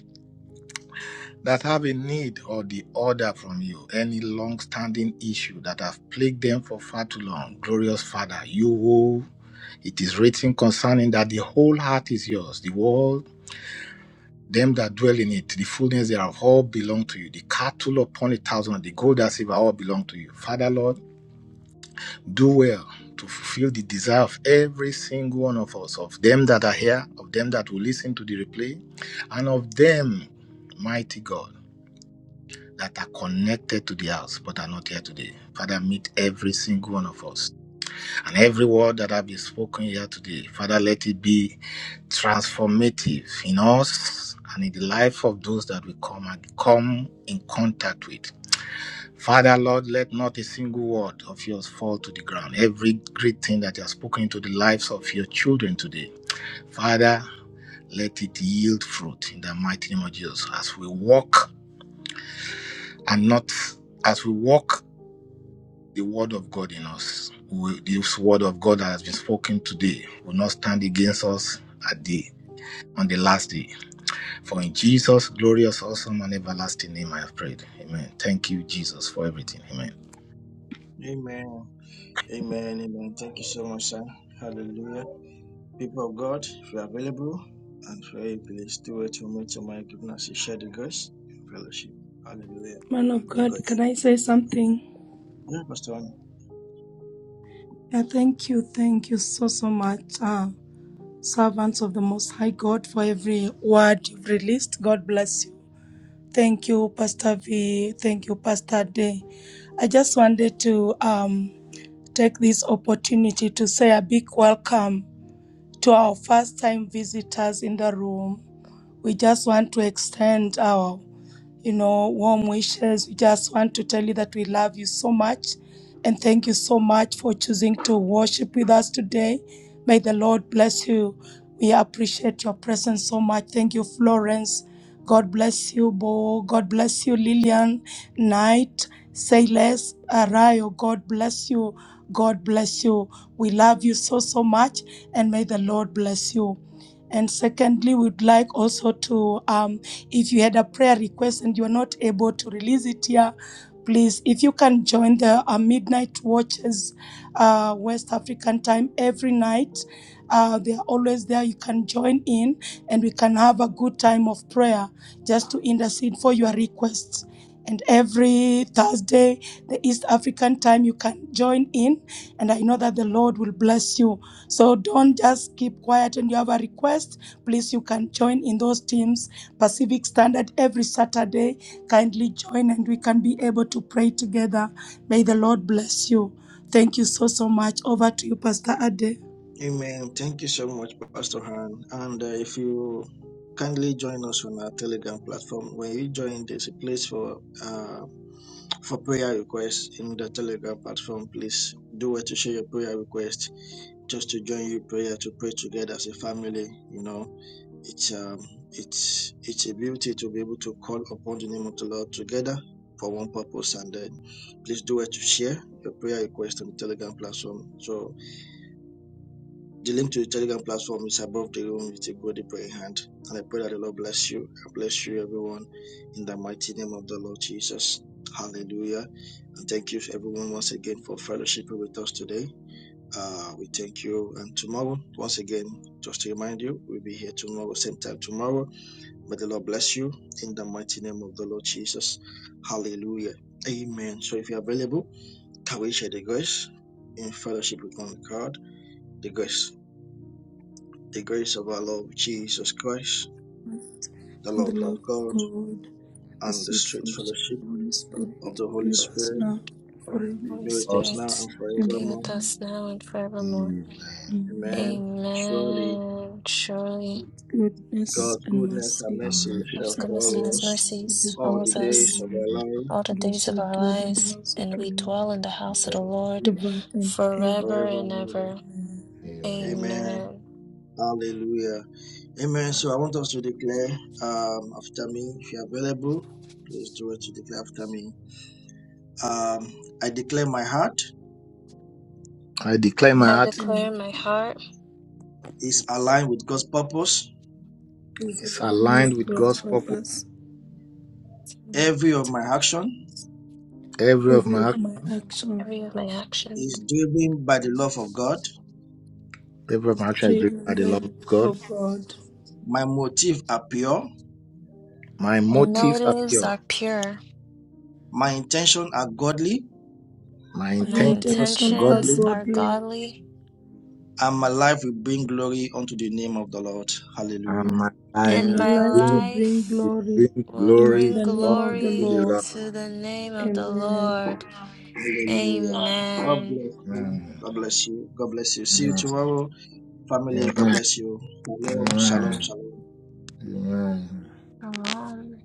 Speaker 14: that have a need or the order from you, any long-standing issue that have plagued them for far too long. Glorious Father, you who it is written concerning that the whole heart is yours. The world them that dwell in it, the fullness thereof, all belong to you. The cattle upon a thousand, the gold and silver, all belong to you. Father, Lord, do well to fulfill the desire of every single one of us, of them that are here, of them that will listen to the replay, and of them, mighty God, that are connected to the house but are not here today. Father, meet every single one of us and every word that have been spoken here today, Father, let it be transformative in us and in the life of those that we come and come in contact with. Father, Lord, let not a single word of yours fall to the ground. Every great thing that you have spoken to the lives of your children today, Father, let it yield fruit in the mighty name of Jesus as we walk and not as we walk the word of God in us. We, this word of God that has been spoken today will not stand against us at the on the last day. For in Jesus' glorious, awesome, and everlasting name I have prayed. Amen. Thank you, Jesus, for everything. Amen.
Speaker 7: Amen. Amen. Amen. Thank you so much, sir. Hallelujah. People of God, if you're available and pray, please do it to me to my goodness. share the grace, and fellowship. Hallelujah.
Speaker 4: Man of
Speaker 7: The
Speaker 4: God, can
Speaker 7: grace.
Speaker 4: I say something?
Speaker 7: Yeah, Pastor.
Speaker 4: Yeah, thank you. Thank you so, so much. Ah. servants of the Most High God, for every word you've released. God bless you. Thank you, Pastor V. Thank you, Pastor Day. I just wanted to um, take this opportunity to say a big welcome to our first time visitors in the room. We just want to extend our you know, warm wishes. We just want to tell you that we love you so much. And thank you so much for choosing to worship with us today. May the Lord bless you. We appreciate your presence so much. Thank you, Florence. God bless you, Bo. God bless you, Lillian. Knight, Sayles, Arayo. God bless you. God bless you. We love you so, so much. And may the Lord bless you. And secondly, we'd like also to, um, if you had a prayer request and you're not able to release it here, please, if you can join the uh, Midnight Watches uh, West African time every night. Uh, they are always there. You can join in and we can have a good time of prayer just to intercede for your requests and every Thursday, the East African time, you can join in. And I know that the Lord will bless you. So don't just keep quiet and you have a request. Please, you can join in those teams. Pacific Standard every Saturday. Kindly join and we can be able to pray together. May the Lord bless you. Thank you so, so much. Over to you, Pastor Ade.
Speaker 7: Amen. Thank you so much, Pastor Han. And uh, if you kindly join us on our Telegram platform, when you join, there's a place for uh, for prayer requests in the Telegram platform. Please do it to share your prayer request, just to join you prayer to pray together as a family. You know, it's um, it's it's a beauty to be able to call upon the name of the Lord together for one purpose. And then, please do it to share your prayer request on the Telegram platform. So the link to the Telegram platform is above the room with a godly praying hand. And I pray that the Lord bless you. I bless you, everyone, in the mighty name of the Lord Jesus. Hallelujah. And thank you, everyone, once again for fellowshipping with us today. Uh, we thank you. And tomorrow, once again, just to remind you, we'll be here tomorrow, same time tomorrow. May the Lord bless you in the mighty name of the Lord Jesus. Hallelujah. Amen. So if you're available, can we share the grace in fellowship with one God? The grace. The grace of our Lord Jesus Christ,
Speaker 4: And
Speaker 7: the
Speaker 4: the
Speaker 7: love of
Speaker 4: love of
Speaker 7: God,
Speaker 4: God, the
Speaker 7: and the
Speaker 4: sweet
Speaker 7: straight
Speaker 4: fellowship of
Speaker 7: fellowship
Speaker 4: the Holy
Speaker 7: of
Speaker 4: Spirit
Speaker 7: the Holy
Speaker 4: be with us
Speaker 7: Spirit
Speaker 4: now and forever.
Speaker 10: Holy
Speaker 7: be
Speaker 14: Jesus.
Speaker 7: with us now
Speaker 10: Spirit,
Speaker 7: and
Speaker 10: be
Speaker 7: forevermore.
Speaker 4: Amen.
Speaker 10: with us now and forevermore.
Speaker 14: Amen.
Speaker 4: Amen.
Speaker 7: Amen. Surely
Speaker 10: Amen. Surely,
Speaker 14: Praise
Speaker 4: Goodness
Speaker 7: God's
Speaker 4: and
Speaker 7: goodness and
Speaker 4: mercy
Speaker 14: the
Speaker 7: mercy
Speaker 14: mercy
Speaker 10: God's
Speaker 7: shall
Speaker 4: shall
Speaker 10: goodness and
Speaker 7: follow
Speaker 4: follow
Speaker 10: His
Speaker 7: us
Speaker 4: us all the
Speaker 10: mercies
Speaker 7: all the
Speaker 10: follows
Speaker 4: days of our
Speaker 7: days
Speaker 10: us
Speaker 7: of
Speaker 4: life,
Speaker 7: our life,
Speaker 10: all the
Speaker 4: and we
Speaker 10: days of
Speaker 4: shall
Speaker 10: our
Speaker 4: dwell in the
Speaker 10: lives,
Speaker 4: house of
Speaker 10: and
Speaker 4: the
Speaker 10: we
Speaker 4: Lord
Speaker 10: dwell in the house of the Lord
Speaker 4: ever and ever.
Speaker 10: forever
Speaker 7: forever
Speaker 10: and
Speaker 7: and
Speaker 10: ever.
Speaker 7: ever.
Speaker 14: Amen.
Speaker 7: Amen.
Speaker 10: Amen.
Speaker 7: Hallelujah. Amen. So I want us to declare um, after me, if you're available, please do it to declare after me. Um, I declare my heart
Speaker 14: I declare my
Speaker 10: I
Speaker 14: heart
Speaker 4: Every
Speaker 10: declare
Speaker 4: man
Speaker 10: in my heart
Speaker 7: is aligned with God's purpose.
Speaker 4: is
Speaker 14: is
Speaker 4: aligned
Speaker 14: aligned
Speaker 4: with
Speaker 14: with
Speaker 4: God's
Speaker 14: God's purpose.
Speaker 4: purpose.
Speaker 10: to
Speaker 7: Every of my
Speaker 10: God's
Speaker 7: action
Speaker 14: Every of
Speaker 4: Every
Speaker 14: my
Speaker 4: of
Speaker 14: act-
Speaker 4: my action
Speaker 10: every of my actions.
Speaker 7: is driven by the love of God.
Speaker 14: every of
Speaker 4: is
Speaker 14: my action is driven by
Speaker 4: driven
Speaker 14: the
Speaker 4: by
Speaker 14: love
Speaker 4: the
Speaker 14: of God.
Speaker 4: love of God.
Speaker 7: My motives are pure.
Speaker 14: My
Speaker 10: My
Speaker 4: Amen.
Speaker 14: motives are
Speaker 10: motives
Speaker 14: pure.
Speaker 10: are pure.
Speaker 7: My intentions are godly.
Speaker 14: My
Speaker 4: My
Speaker 10: My
Speaker 14: intentions are
Speaker 4: intentions are
Speaker 10: intentions
Speaker 14: godly.
Speaker 10: are
Speaker 4: godly.
Speaker 10: godly,
Speaker 7: And my life will bring glory unto the name of the Lord.
Speaker 14: and
Speaker 7: Hallelujah.
Speaker 14: my
Speaker 4: I
Speaker 14: life
Speaker 4: am
Speaker 10: and
Speaker 14: will
Speaker 10: my
Speaker 4: alive to
Speaker 14: bring,
Speaker 4: bring
Speaker 10: life
Speaker 14: will
Speaker 4: glory
Speaker 14: bring
Speaker 10: will
Speaker 4: into
Speaker 14: glory
Speaker 10: bring
Speaker 4: the name of
Speaker 14: unto
Speaker 4: the
Speaker 10: glory
Speaker 4: Lord.
Speaker 14: the Lord.
Speaker 10: to the name of the
Speaker 4: Amen.
Speaker 10: Lord.
Speaker 7: Hallelujah. God
Speaker 10: Amen.
Speaker 7: bless you.
Speaker 14: Amen.
Speaker 7: God bless you. God bless you. See you tomorrow. Family, God
Speaker 14: Amen.
Speaker 7: bless you. Shalom. Shalom.
Speaker 14: Amen.
Speaker 7: Shalom.
Speaker 14: Amen.
Speaker 10: Shalom.